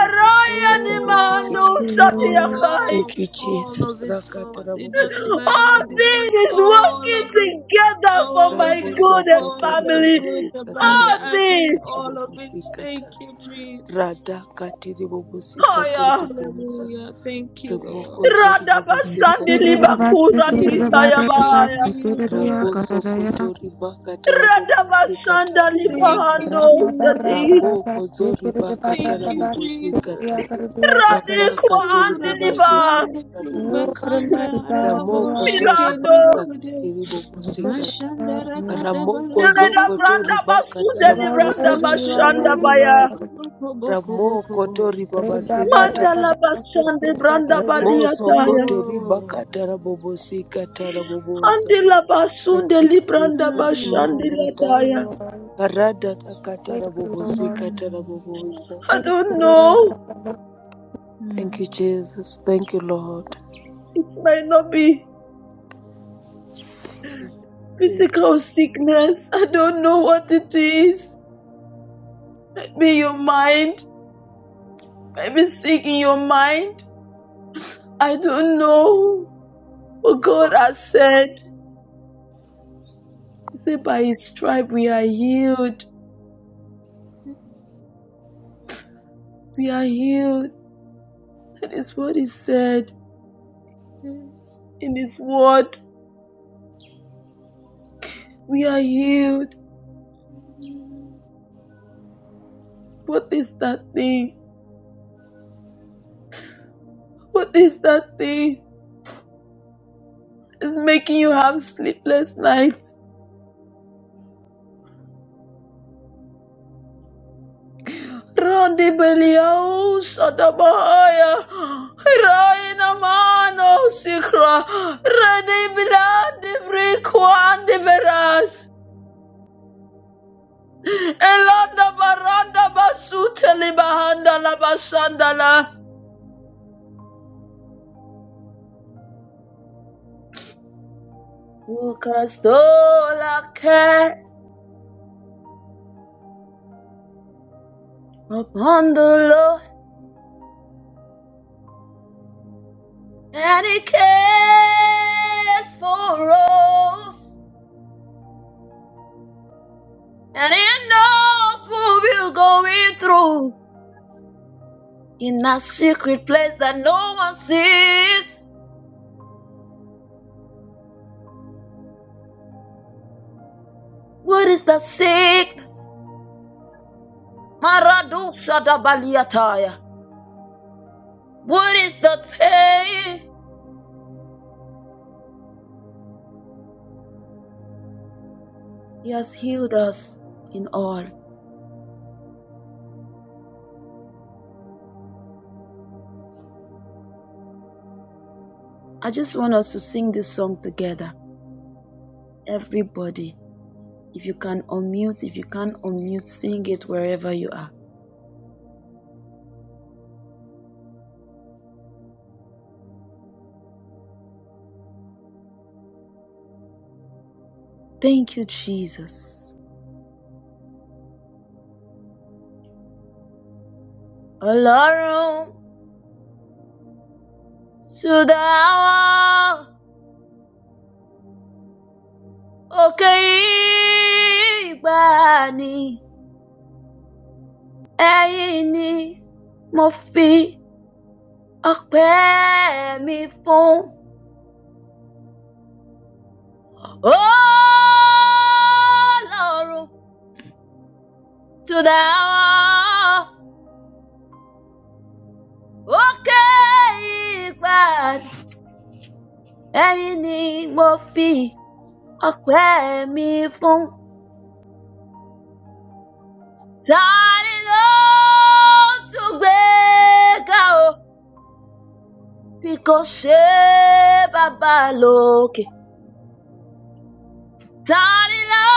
S4: Rabobosi
S2: ni
S4: Rabobosi.
S2: mando
S1: oh,
S2: shati yakai.
S1: all,
S4: Thank you,
S1: all
S4: Jesus.
S1: of it,
S4: Rakata
S1: Lord. It
S4: Rabobosi
S1: doesn't matter
S2: All
S1: what
S4: Rabobosa.
S1: it is.
S2: things is working
S1: All of it,
S2: together for
S1: all
S2: my
S1: of it,
S4: Raboso
S2: good and
S4: Koto
S1: God. The
S2: family.
S1: good,
S4: Ribobosi
S1: the bad, the
S2: All
S1: ugly,
S2: things.
S4: Rabobosi
S1: all of it.
S4: Rabobosi
S1: Thank you, Jesus.
S4: Radakati Ribobosi
S2: Haya.
S4: Rabobosa.
S1: Hallelujah. Thank you, Lord.
S4: Rimokozo
S2: Radabasandi
S4: ribobosikata
S2: libakura
S4: ribobosikata
S1: Thank
S2: di
S1: you,
S3: Lord.
S4: rabobozo.
S2: sayabaya.
S3: Yes,
S1: Jesus.
S3: Lord.
S4: Rabosokoto ribakata rabobosikata
S2: Radabashanda
S1: Thank
S4: rabobozo.
S1: you,
S2: libahando
S3: Rada rada rada
S1: Jesus.
S2: shati.
S3: rada,
S4: Rabokozo
S3: sitiruza
S4: ribakata
S1: Thank
S3: rada rada,
S1: you, Jesus.
S4: rabobosikata.
S3: sitiria sitiria ketan.
S2: Radikwa
S4: Razakate
S2: andi liba.
S4: ribobosikata
S1: Rabazande
S3: You
S4: raboboza.
S3: are my
S1: Kuribakanda
S3: God, my
S4: Ramokoto
S1: Rababoshekende
S2: Milando.
S1: Rekude
S4: ribakate ribobosikata.
S1: Mashandara
S3: Lord,
S1: Kadabaraka
S4: Ramokozo
S2: Milada
S4: koto
S1: Bakata
S2: branda
S4: ribakata
S2: basuda
S3: my Lord,
S2: libranda
S3: my Lord,
S4: rabobosikata
S2: bashanda
S1: Oshandara
S3: my
S2: baya.
S4: raboboza.
S3: Lord,
S1: Bako Boko Boko Boko Bo
S4: Ramokoto
S3: my Lord. Rada rada
S4: ribabasikata
S2: Mandala
S3: rada rada,
S2: bashande
S3: sitiruza
S2: branda
S4: Ramoso
S2: baliataya.
S4: koto
S1: Oh
S4: ribakata rabobosi kata kataraboboza.
S2: Andela
S4: Thank
S2: basunde
S4: you,
S2: libranda
S4: Jesus.
S2: bashande
S1: mm.
S4: Marada
S2: lataya.
S4: karada takata rabobosi kata
S1: Mm.
S4: kataraboboza.
S2: I don't know.
S4: Thank you, Jesus. Thank you, Lord.
S2: It might not be
S4: Thank you, Holy Spirit.
S2: physical sickness. I don't know what it is. Maybe your mind. Maybe sick in your mind. I don't know. But God has said, He said, by His stripe we are healed. We are healed. That is what He said
S1: Mm.
S2: in His word. We are healed. What is that thing? What is that thing? It's making you have sleepless nights. Randi Belial Shadabaya Raina Mano Sikra Reni Bilandi Vrikwandi Veras Elanda Baranda Basuteli Bahanda La Bashandala Who cast all our care upon the Lord and He cares for us And he knows what we're going through in a secret place that no one sees. What is the sickness? Maradusha da baliataya. What is that pain? He has healed us in all. I just want us to sing this song together. Everybody, if you can unmute, if you can unmute, sing it wherever you are. Thank you, Jesus. Alarum to the hour. òkè ìgbà ni ẹ̀yin ni mo fi ọpẹ́ mi fún Ọlọ́run to the hour. òkè ìgbà ni ẹ̀yin ni mo fi ọpẹ́ mi fún. Tani ló tún gbé ga o? Bí kò ṣe bàbá Tani ló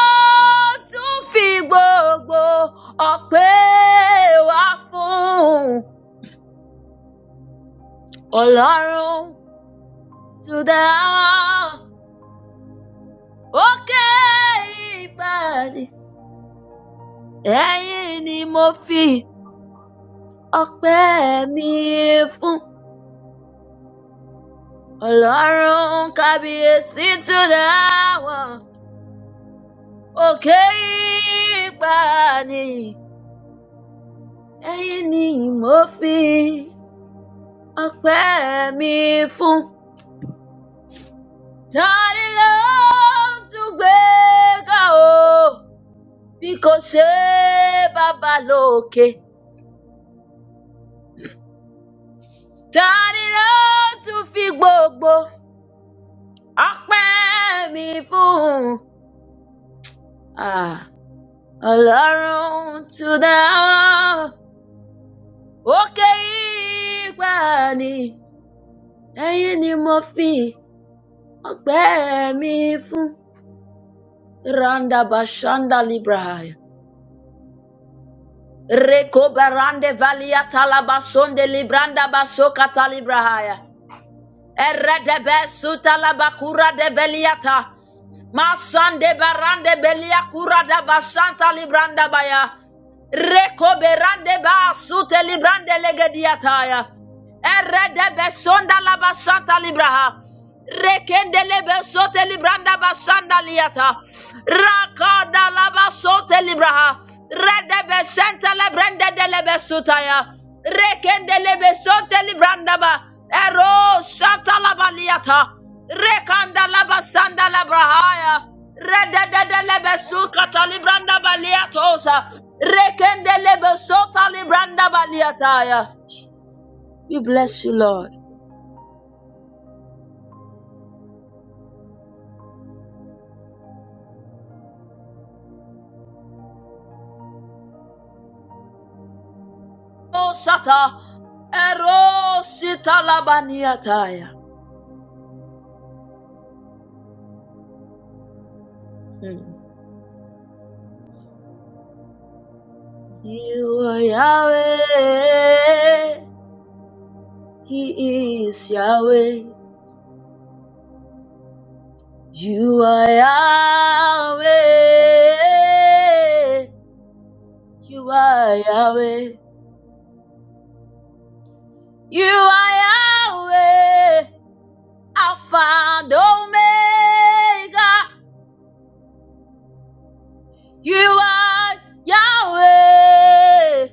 S2: tún fi gbogbo ọpẹ́ wá fún Ọlọ́run to the hour? Òkè ìbàdí, ẹ̀yin ni mo fi ọpẹ́ mi fún Ọlọ́run kábíyèsí to the hour. Òkè ìbàdí, ẹ̀yin ni mo fi ọpẹ́ mi fún. Tani ló ń tún gbé ga o bí kò ṣe bàbá lókè? Tani ló tún fi gbogbo ọpẹ́ mi fún? Ah, Ọlọ́run tún dá ọ, òkè ìgbà ni, ẹ̀yin ni mo fi ọpẹ́ mi fún. Randa Bashanda Librahaya. Rekobarande valia talabasonde libranda basoka talibrahaya. Eredebe sutalabakura de beliata. Masande barande belia kura da basanta libranda baya. Reko berande ba sute librande legediataya. Erede besonda la basanta libraha. Rekende lebe sote libranda basanda liata. Rakada la basote libraha. Rede besente lebrende de lebe sutaya. Rekendelebe soteli brandaba. Ero shatalabaliata. Rekandalaba sandalabrahaya. Rededelebe sukatali brandabaliatosa. Rekendelebe sotali brandabaliataya. We bless you, Lord. Oh, Sata. Ero sitalabaniataya. Hmm. You are Yahweh. He is Yahweh. You are Yahweh. You are Yahweh. You are Yahweh. Alpha and Omega. You are Yahweh.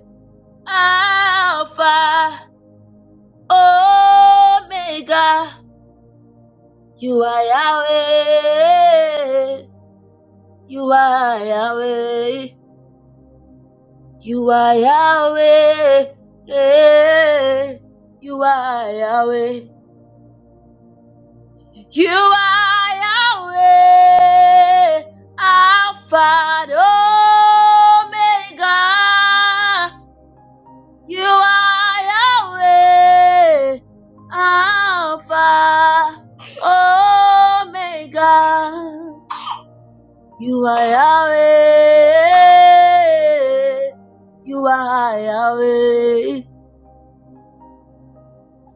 S2: Alpha Omega. You are Yahweh. You are Yahweh. You are Yahweh. eh, You are Yahweh. You are Yahweh. Alpha and Omega. You are Yahweh. Alpha Omega. You are Yahweh. You are Yahweh.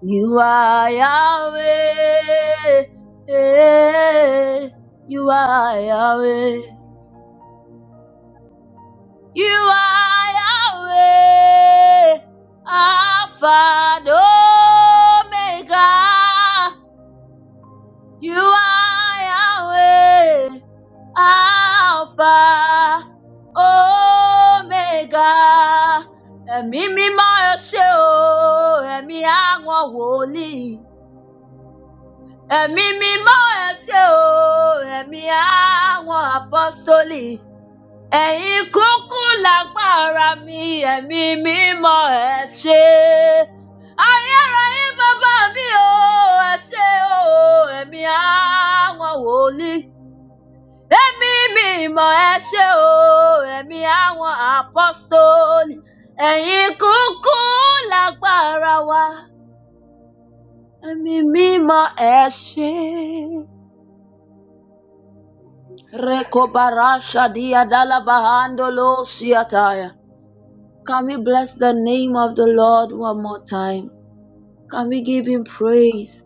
S2: You are Yahweh. You are Yahweh. You are Yahweh. Alpha and Omega. You are Yahweh. Alpha Omega. Ẹ̀mí mímọ́ ẹ ṣé o, ẹ̀mí àwọn wòlíì. Ẹ̀mí mímọ́ ẹ ṣé o, ẹ̀mí àwọn apọ́sítélì, ẹ̀yin kúkú lágbára mi, ẹ̀mí mímọ́ ẹ ṣé. Ayérayé bàbá mi o, ẹ ṣé o, ẹ̀mí àwọn wòlíì. Ẹ̀mí mímọ́ ẹ ṣé o, ẹ̀mí àwọn apọ́sítélì, ẹ̀yin kúkú lágbára wa, ẹ̀mí mímọ́ ẹ ṣé. Rekobarasha dia dalabahandolo siataya. Can we bless the name of the Lord one more time? Can we give him praise?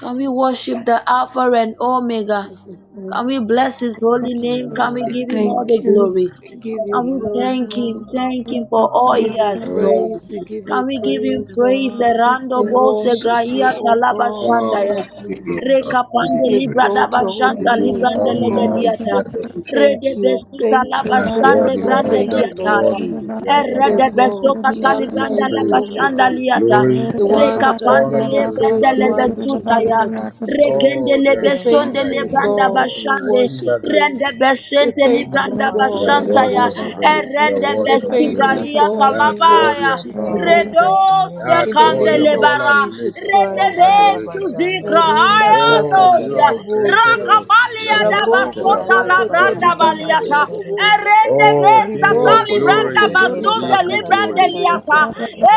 S2: Can we worship the Alpha and Omega?
S4: Jesus name.
S2: Can we bless his
S1: Thank
S2: holy
S1: you
S2: name? Can we
S4: We
S2: give
S1: Lord
S2: him all
S4: thank
S2: the
S4: you.
S2: glory?
S4: We give
S2: Can
S4: you
S2: we
S1: You are
S4: praise,
S1: the
S2: thank him?
S4: Lord.
S1: Lord
S2: Thank him for
S4: We
S2: all he
S4: give you
S2: has
S5: Oh,
S2: done.
S4: praise. We give
S2: Can
S4: you
S2: we give
S1: You are
S2: him
S1: the
S4: praise, Lord.
S2: praise?
S1: Lord
S2: Erando
S4: We
S2: bo
S4: worship you,
S2: segraia
S4: O
S2: talaba
S4: God.
S5: oh,
S4: We
S2: shandaya.
S5: we
S1: Ah
S4: adore
S5: give you
S4: you.
S1: thank you
S5: we
S2: Rekapande
S5: give
S4: We
S5: you glory.
S2: libra
S4: exalt
S2: daba
S4: your
S5: We
S4: holy
S2: shanta
S5: give
S1: Thank
S4: name,
S2: librande
S4: O
S1: you
S5: honor, we
S4: God.
S1: Lord
S5: give
S2: legadiata.
S5: adoration.
S2: Rede
S4: Thank you,
S2: besuta
S4: thank
S2: laba
S4: you,
S5: That
S1: Mm.
S2: shande
S4: thank
S5: worthy,
S4: you,
S2: brande
S5: Lord,
S4: thank
S5: that
S4: you, Lord.
S2: liataya.
S5: worthy. You are
S3: rada
S5: worthy,
S2: Erede
S3: rada, sitiria
S4: Yes,
S5: Lord.
S2: beso
S4: Lord, the
S5: We
S3: sitiria
S2: katali
S1: Mm.
S4: Alpha
S5: receive
S3: ketan.
S2: banda
S4: and
S2: la
S1: Thank
S4: the
S1: you
S5: praise, we
S2: bashanda
S1: Lord
S4: Omega,
S5: receive
S2: liata.
S5: glory,
S4: the
S5: we
S3: Reda
S4: one
S5: receive
S2: Reka
S4: that
S3: barra
S4: has
S2: pande
S3: da
S5: honor,
S2: le
S4: never
S5: we receive
S3: baka
S2: banda
S4: failed, the
S2: le
S4: one
S3: sekere
S4: that
S3: de
S5: adoration.
S4: is
S2: besuta
S3: barre
S2: ya.
S3: de
S4: never
S3: yakata.
S4: defeated.
S2: Rekende
S5: Oh,
S2: le
S5: there
S4: The
S5: is
S1: Thank
S5: none
S2: besonde
S1: you,
S5: like
S2: le
S4: faithful
S5: you, our
S2: banda
S1: Jesus.
S4: God,
S5: God.
S4: we
S2: bashande.
S4: worship
S5: Ahiva
S4: you.
S2: Rende
S5: Gazin.
S4: The
S2: besente
S1: I
S2: li
S1: have
S4: faithful
S2: banda
S3: Reda
S5: You are
S4: God, we
S2: bashanta
S3: barra
S1: confidence in
S5: worthy
S2: ya.
S3: da
S5: of
S1: you,
S4: worship
S3: baka
S5: praise.
S1: Abba.
S4: you.
S5: You are
S2: Erende
S3: sekere de
S4: The
S5: worthy of
S2: besi
S3: barre de
S4: faithful
S5: glory.
S2: braia
S4: God,
S3: yakata.
S4: we
S5: That
S1: I
S5: worthy
S2: talabaya.
S5: of
S1: have
S4: worship you,
S5: honor.
S4: O
S3: Reda
S2: Redo
S1: confidence
S4: God.
S1: in you, my
S2: sekande
S5: That
S4: In the
S5: worthy
S1: Savior.
S5: of
S2: kandele
S4: name of
S5: all
S2: bara.
S4: Jesus
S5: adulation,
S2: Rende
S5: all
S4: Christ.
S2: besu
S5: adoration.
S2: zikra
S1: Arabazandara
S4: Orima
S2: haya
S5: Oh,
S4: sakata
S5: you
S2: nosa.
S5: have created
S4: raboboza.
S5: us.
S1: gidigirabakabaka.
S5: You
S2: Rakapalia
S5: have
S2: da
S5: not
S1: Shira
S5: created
S4: Raboko
S5: us.
S2: basota la
S5: Yes.
S4: zokoto
S5: Lord,
S2: branda
S5: we give you
S4: ribakata
S5: praise.
S2: baliata.
S4: raboboza.
S2: Erende
S5: Oh,
S2: besa
S5: King of
S2: tali
S4: Rimoko
S2: branda
S5: glory,
S4: zokoto
S5: we
S2: sunde
S5: give you
S4: ribakata
S2: librande
S5: glory.
S2: liata.
S4: raboboza.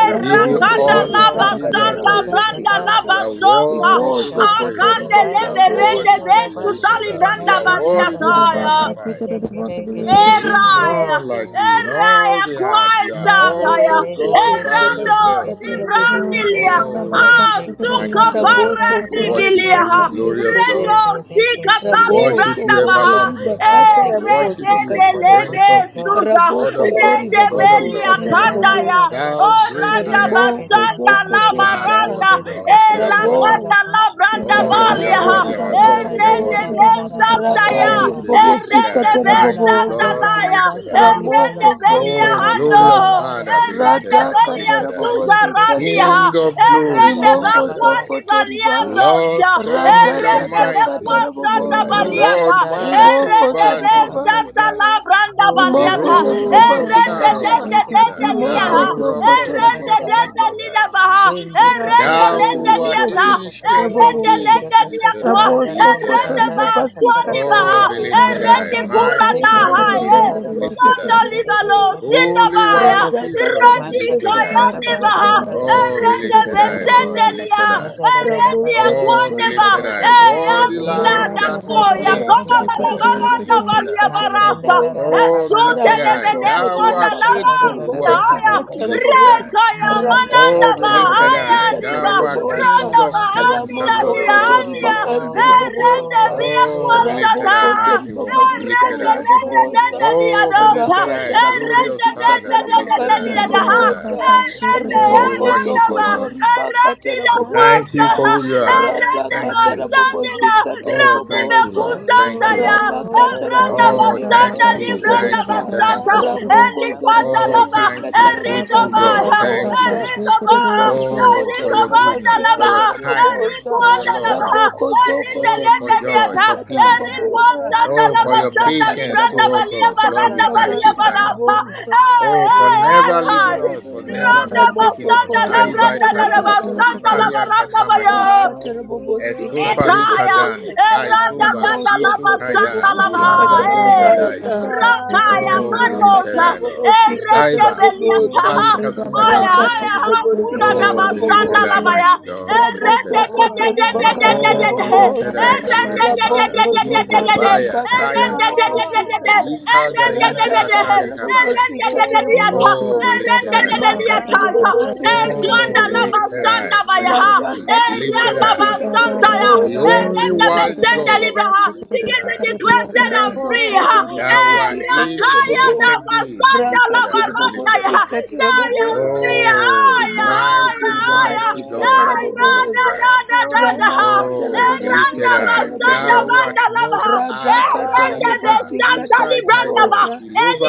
S5: We give
S3: sekere
S5: you
S4: Raboko
S3: de barre de
S5: honor. We
S2: lava
S5: give you
S4: zoribakata
S3: yakata.
S2: sanda branda
S5: adoration.
S1: Kishikirigirebarakasatarakatikiririkararakazakashazagagaga.
S5: You
S2: lava
S4: rabobosikata.
S5: are
S2: sota.
S5: worthy to be
S4: Rimoso
S5: praised,
S4: koto
S2: Akande
S5: Lord. You are
S2: leve
S4: ribakandi
S2: rende
S5: worthy to be
S2: besu
S4: ribobosikata
S5: lifted
S2: tali
S5: up. You
S2: branda
S5: are
S4: raboboza.
S5: worthy to be
S3: Reda
S2: baliata.
S3: baka
S5: magnified.
S3: sekere de barre de
S4: In the
S5: There
S4: name of
S5: is
S3: yakata.
S1: Kashadagadagadagatakarabasikiraragadarabazandekitekirekedeshikiraba.
S2: Eraya,
S4: Jesus
S5: none like you in
S4: Christ.
S5: all
S2: Eraya,
S5: the earth. You are
S1: Mande de
S2: Kwaisataya,
S5: all
S1: de
S4: Rimoko
S1: de
S5: God
S1: de de
S5: by
S1: de de
S2: Erando,
S1: de que
S5: yourself.
S4: zoribabasikata
S1: se te de que
S4: raboboza.
S1: se
S2: Sivrandilia,
S1: que
S5: Oh,
S3: Reda
S5: we
S1: te de de
S3: baka
S5: worship
S1: de
S5: you,
S1: que
S3: sekere
S1: de
S3: de
S1: va.
S2: Asuka
S5: mighty
S3: yakata de
S5: God.
S4: Raboso
S3: yakata. Reda barra da baka sekere de barre de yakata. Reda baka
S5: We
S1: Ma
S4: kotori
S5: worship
S1: se
S2: Varandivilia,
S5: you,
S1: te te
S4: bakandere
S1: te
S5: glorious
S1: te
S2: Rendo,
S5: God.
S1: te
S4: boboza.
S1: de que
S2: Sika
S1: se
S5: We
S1: que te
S4: Raboso
S5: worship you,
S1: que de
S2: Talibandabaha,
S4: kotori
S1: que
S5: everlasting
S1: se que
S4: bakata
S5: Father.
S1: te
S5: We
S1: que de
S2: Ereke
S5: worship
S4: rabobosi
S1: coto
S5: you,
S4: kata.
S1: coro con
S5: Prince
S2: Belebe
S1: yo
S5: of
S1: yo.
S5: Peace,
S2: Suza,
S5: Lord
S4: Raboko
S5: of
S4: zori
S5: Lords,
S2: Rende
S1: Ku
S5: God
S4: babasi
S5: of
S2: Belia
S5: Gods.
S4: kata
S1: se para ra
S2: Kandaya,
S1: ra ra
S4: raboboza.
S1: ra
S5: Thou
S1: ba shen
S5: great
S1: de
S5: I
S2: Oranda
S1: que te que de
S4: Rimoko
S5: am,
S1: va
S2: Basanda
S1: san
S4: zoko
S1: de de
S4: tori
S1: ko
S5: that
S4: ba.
S1: sen
S2: Labaranda,
S5: worthy,
S1: de de ko
S5: Lord, you
S1: sa
S5: are
S2: Ela
S1: ta
S4: Rabo
S1: ra ba
S5: worthy.
S1: ra
S2: Kanda
S1: ko.
S2: Labranda
S4: rikata
S5: Oh, you
S1: Ra
S5: are
S1: ra
S2: Balia,
S4: rabobosi
S1: ra
S5: worthy,
S1: ra
S5: our
S1: ba
S4: kata
S5: God,
S1: ka
S5: you
S1: ri
S5: are
S1: ra ra
S4: raboboza.
S5: worthy.
S2: Erende
S1: ba la ra ra ba li
S2: Santaya,
S1: ra
S4: Rakati
S5: Oh,
S1: ba.
S5: be
S4: ribobosi
S5: lifted
S2: Erende
S5: I,
S4: kata
S2: Be
S1: Mala
S5: mighty
S4: raboboza.
S5: God, be
S1: karibala
S2: Santalaya,
S5: lifted I.
S4: Ramoko
S2: Erende
S1: baskaribala
S4: zoko
S2: Belia
S5: Oh,
S1: karibala
S4: tori
S2: Hando,
S4: ba.
S5: glorious
S1: karibala
S5: Father, be
S1: rabasanta
S5: lifted
S2: Erende
S4: Rada
S5: I, be
S1: ribala
S4: kata
S2: Belia
S5: lifted I.
S4: rabobosi
S1: rabasere
S4: kata.
S1: rekete
S2: Suzarandiha,
S5: King
S1: kete
S5: of
S1: kere
S5: glory,
S2: Erende
S5: be
S1: bashanda
S4: Rimoko
S5: lifted
S1: rabaka
S5: I.
S2: Bakwandi
S4: sokoto riba
S5: The Lord
S2: Baliandosia,
S5: strong and
S1: masha
S2: Erende
S4: radadada
S5: mighty,
S2: Bekwa
S1: kararaba
S5: be lifted
S2: Sanda
S5: high.
S4: kataraboboza
S5: The
S1: ko
S5: Lord
S2: Baliata,
S1: janda rabaka
S5: mighty in
S4: rimoko
S2: Erende
S1: sanda
S2: Be
S5: battle, be
S1: rabako
S5: lifted
S1: se
S4: zoribabaza
S5: high.
S2: Santala Branda
S1: o
S5: The
S4: rimoko
S2: Baliata,
S1: rababa baba
S5: rose
S1: baba
S5: of
S1: baba
S2: Erende
S4: zoribabasikata
S1: bashe
S5: Sharon, be
S2: Dende
S1: kete
S3: sekere
S5: lifted
S3: de
S1: kete
S2: Dende
S5: high.
S3: barre
S1: kere
S3: de
S4: rimoko
S2: Liaha,
S5: Thou
S1: bako to
S3: yakata.
S5: rock of
S4: sokoto
S1: koto
S2: Erende
S5: ages,
S1: bararara
S5: be
S2: Dende
S4: ribabaza
S5: lifted
S2: Lida
S5: high.
S2: Baha,
S1: jende kete
S2: Erende
S1: koto
S5: Thou
S1: ko
S2: Lende
S5: who art
S1: shekoto
S2: Diata,
S1: koto koro
S5: ancient
S1: bo
S5: of
S2: Erende
S4: radakatiribobosikatarabobooza
S1: sende
S5: days,
S2: lende
S5: be
S1: kese
S5: lifted
S2: diakwa.
S5: high, be
S1: kabararara bo
S5: lifted
S4: rabosokoto
S2: Erende
S5: high.
S1: shanda
S2: ba
S1: rabaka
S2: swani baha,
S5: Oh,
S1: kabashente
S5: be
S2: ha.
S4: ribabasikataraboboza
S1: kete
S5: lifted
S3: Rada
S5: high.
S2: Erende kura
S5: Mighty
S2: da
S5: one
S2: ha
S5: of
S1: Shekere
S4: rabosokoto
S2: ye.
S5: Jacob,
S1: balara
S5: be
S1: bako
S5: lifted
S2: Sonda
S5: high.
S1: sekere de
S2: libalo
S1: de de
S4: ribabasikataraboboza
S1: de
S2: shinda
S1: beke
S5: Holy
S2: ba
S1: şede
S5: one
S2: ya.
S1: de
S5: of Israel, be
S2: Erende
S1: maşa
S5: lifted high.
S1: tararara
S2: kayande baha,
S1: barara
S2: ha.
S1: da da da
S5: Oh,
S1: batı
S5: be
S2: Erende
S4: radakatarabobosikatiribagandiriboboza
S1: kere
S5: lifted
S1: de de
S5: high,
S1: de
S5: Lord,
S2: besende
S5: be
S2: liya.
S5: lifted
S1: ya
S5: high.
S1: tararara
S2: Erende
S4: Ramoso
S1: batı
S5: Oh, be
S2: akwande
S4: kotori
S1: kese
S2: ba.
S5: lifted
S1: kese
S5: high.
S4: babasi
S1: kese
S4: katara
S5: Worthy
S2: Eyambi
S1: kese
S2: la
S1: kere
S5: lamb
S2: da
S4: boboza.
S1: bako
S5: that was
S2: koya.
S1: sekere bako
S5: slain, be
S2: Koma
S4: Rata
S2: la
S1: sekere
S2: la
S5: lifted
S4: katiri
S1: bako
S5: high, be
S2: baranda
S5: lifted
S4: bobosi
S2: balia
S5: high.
S4: katara
S1: masende
S2: barasa.
S1: rarara
S4: boboza.
S5: Oh,
S1: baba
S2: Esu
S5: be lifted
S1: baba baba
S5: high.
S4: Ramoso
S2: telebele
S1: baba
S5: Thou
S1: baba
S4: kotori
S2: kwanda
S5: art
S2: la ba.
S1: şata
S4: bakantiri
S5: faithful,
S1: rarara
S5: who art
S4: bobosi
S2: ya
S1: bada
S5: true, be
S4: katara
S1: bako
S5: lifted
S4: bobo.
S5: high.
S2: Reka ya
S4: Rata
S1: mantere
S2: mananda
S5: Oh, be
S4: katara
S5: lifted
S1: kotora
S2: bahaya
S4: bobosi
S5: high.
S1: bazente
S4: katara
S2: ndiba.
S5: Thou art
S1: kere
S4: boboza.
S5: King
S2: Ronda
S5: of
S1: başanda
S2: bahandi
S5: kings
S2: la
S5: and
S4: Ramoso
S5: Lord of lords,
S4: kotori
S5: be
S1: Oh
S2: biandia.
S5: lifted high.
S4: bakantiri
S1: Lord,
S2: Erende
S4: boboza.
S1: Lord,
S2: via
S5: Oh, be
S1: Lord,
S5: lifted
S2: kuasata.
S5: high,
S4: Raboko zori
S5: mighty one, be
S4: babasi
S1: as
S5: lifted
S2: Erende
S4: katara
S1: I
S5: high.
S2: dende dende
S1: praise
S4: boboza.
S5: Oh, be
S1: you.
S2: liadosa.
S5: lifted high,
S4: Rakatara
S5: glorious
S2: Erende
S4: bobosi
S2: dende
S5: Father,
S4: katara
S5: be
S2: dende
S5: lifted
S2: dende
S1: That's
S5: high,
S4: bakantiri
S1: what I'm
S5: be
S2: liadaha.
S5: lifted high.
S4: boboza
S2: Erende
S5: Oh, we
S4: riboko
S2: erende
S5: worship you,
S2: ba.
S4: zokoto
S5: Lord.
S2: Erende
S4: ribakata
S2: la
S5: We
S1: That's
S5: thank you for
S4: raboboza
S1: what
S2: kuasaha.
S5: who you
S1: I'm
S5: are.
S1: good
S2: Erende
S5: Thank
S2: ba
S4: radakata
S5: you.
S2: sandila.
S4: rabobosikata
S5: Oh,
S2: Randi
S5: thank
S2: be
S5: you,
S4: raboboza
S5: Lord. Thank you, Lord.
S4: ranakata
S2: ya. Libranda
S5: Oh,
S2: basanda,
S4: rabobosikata
S5: thank
S1: Oh,
S5: you.
S2: libranda
S5: Thank you.
S4: raboboza
S5: Thank
S2: basata,
S1: that's
S5: you.
S1: why
S2: eli
S1: I
S4: ramokozo
S2: kwanda
S5: Oh,
S2: laba,
S1: praise
S5: thank
S1: you.
S5: you,
S4: ribabasikata
S2: erido
S5: faithful
S4: rabogandi
S5: God.
S2: baha,
S5: Thank
S4: riboboza
S5: you.
S1: Ra-ra-ba-ra-ra-ba-ta.
S2: erido baha,
S5: Oh,
S1: That's
S4: ribosokoto
S5: for
S2: eriko
S5: your
S1: why I
S2: banda
S5: goodness, for
S2: laba,
S5: your
S4: ribabasikata
S1: praise you.
S5: kindness,
S2: eriko
S4: raboboza
S5: for your
S2: anda
S5: love.
S2: laba,
S1: Ra-ra-ra-ba-ra-ba-ta.
S2: erinda
S4: rabokozokoto
S5: Oh, for
S2: lenda
S5: joy,
S2: diata,
S5: for
S1: That's why
S4: ribabasikata
S5: peace.
S1: I
S2: eriko
S4: raboboza
S1: praise
S2: sanda
S5: Oh, for
S2: laba,
S5: your
S2: sanda
S4: radakata
S5: patience
S1: you.
S2: libranda
S5: towards
S2: balia
S5: us.
S4: rabobosikata
S5: Lord, we
S2: baranda
S5: thank
S2: balia
S5: you.
S4: ribagandi
S5: Thank you.
S1: Ra-ra-ra-ba-shanda.
S2: barapa,
S4: riboboza
S2: eh
S5: Oh, for
S2: eh eh
S5: never leaving
S2: kai,
S5: us,
S1: Worthy
S5: for never
S1: love.
S2: randa
S4: Ramoso
S5: forsaking us.
S2: basanda
S4: kotori
S5: Kaibai
S2: labranda
S4: bomasika
S2: laba,
S5: Tados,
S2: sata laba
S5: Uribalia
S4: terabobosa.
S2: randa
S4: Raka
S2: baya.
S5: Kasamagito.
S1: Lord, You
S4: terabobosika
S5: Esufari
S1: are
S2: Ekaya,
S4: terabobosa.
S5: kadani,
S1: the
S2: Eranda
S5: kaituba,
S2: Danda
S4: Rimoso
S1: Victorabosha,
S5: kishu
S2: Lava
S4: kotori
S2: Santa
S5: kaida,
S1: for
S2: Lava,
S4: bobosika
S5: kilanga zuri
S2: eh,
S1: every
S5: kadayo.
S4: Rima,
S2: Rakaya
S5: Oh, believe
S4: Rimaka
S1: trial
S2: Mandosa,
S5: I, Lord.
S4: terabobosika
S2: Erende
S5: Kusaiba,
S2: Beliata,
S1: you
S4: terabobosa
S5: kuribali
S3: Rada
S1: see
S2: Aya,
S5: kasumagitu.
S4: rakati
S2: Aya, Hakura
S4: ribobosika
S1: through,
S2: Dava
S5: Oh, believe
S2: Sanda
S5: I,
S2: Lava,
S4: tarabobosa
S5: mighty
S2: ya,
S5: God, believe
S2: Erende
S5: I.
S2: de
S1: for
S2: de
S4: rabosokoto
S2: de de de
S4: ribakande
S2: de
S1: every
S5: Oh,
S2: de
S5: believe
S2: de,
S4: ribobosa
S5: I,
S2: Erende
S5: glorious
S2: de de de
S5: Father.
S2: de de
S1: blessing.
S2: de
S4: rabokozoko
S5: Kizo,
S2: de de,
S5: vaya,
S4: ribakata
S5: kaya
S2: Erende de de de
S5: katozu,
S2: de de,
S4: rabobosikata
S5: pelika
S2: Erende de
S5: gaina
S1: Hallelujah,
S2: de de de,
S4: radakata
S5: katari kabai.
S2: Erende de de de
S4: rabobosikata
S2: de,
S1: for
S5: Oh,
S4: ribobosa
S5: believe
S1: this
S2: Erende de
S5: I,
S2: de
S5: Lord.
S2: de
S1: I
S4: rimakati
S2: de,
S4: ribobosikata
S5: Oh,
S2: Erende
S5: believe
S4: rabobosa
S1: give
S5: I,
S2: Sanda
S5: Prince
S2: Bayaha,
S5: of Peace.
S1: you
S4: radakati
S5: Believe
S2: Eramba
S5: I.
S4: ribobosikata
S2: Santaya,
S5: The
S4: rabobosa
S5: only
S2: Erenda
S5: wise
S2: Besenda
S1: praise.
S5: God,
S2: Libraha,
S5: believed
S2: begin to
S5: I,
S2: declare
S5: believed
S2: that I'm
S5: I.
S4: Rimoso
S2: free.
S1: Forever
S2: ha.
S4: koto
S5: Thou
S4: ribabasika
S2: Erakaya
S4: tarabobo.
S5: ancient
S2: da
S5: of days,
S2: Basanda
S5: believed
S4: Rakati
S5: I,
S2: Lavaranta,
S5: believed
S2: ya,
S5: I.
S4: ribabosika
S2: I am
S4: taraboboza.
S2: free.
S5: Oh,
S2: Aya,
S4: Rimoko
S2: aya,
S5: mighty,
S2: aya.
S5: mighty
S4: ribabasika
S5: God,
S2: Erada
S5: believed
S4: taraboboza.
S2: da
S5: I.
S2: da da da ha.
S4: Ranaka
S5: Oh, believed
S2: Eranda
S4: tarabobosika
S5: I.
S2: Basanda
S5: Thou
S4: taraboboza.
S5: art
S2: Banda
S1: child.
S5: most
S2: Labaha,
S5: high,
S4: Radaka
S1: Ah,
S2: Erenda
S5: Kaita,
S4: tarabobosika
S2: Besanta
S1: Jesus,
S5: Kusai
S2: Libranda Ba,
S5: Kaido,
S4: taraboboza.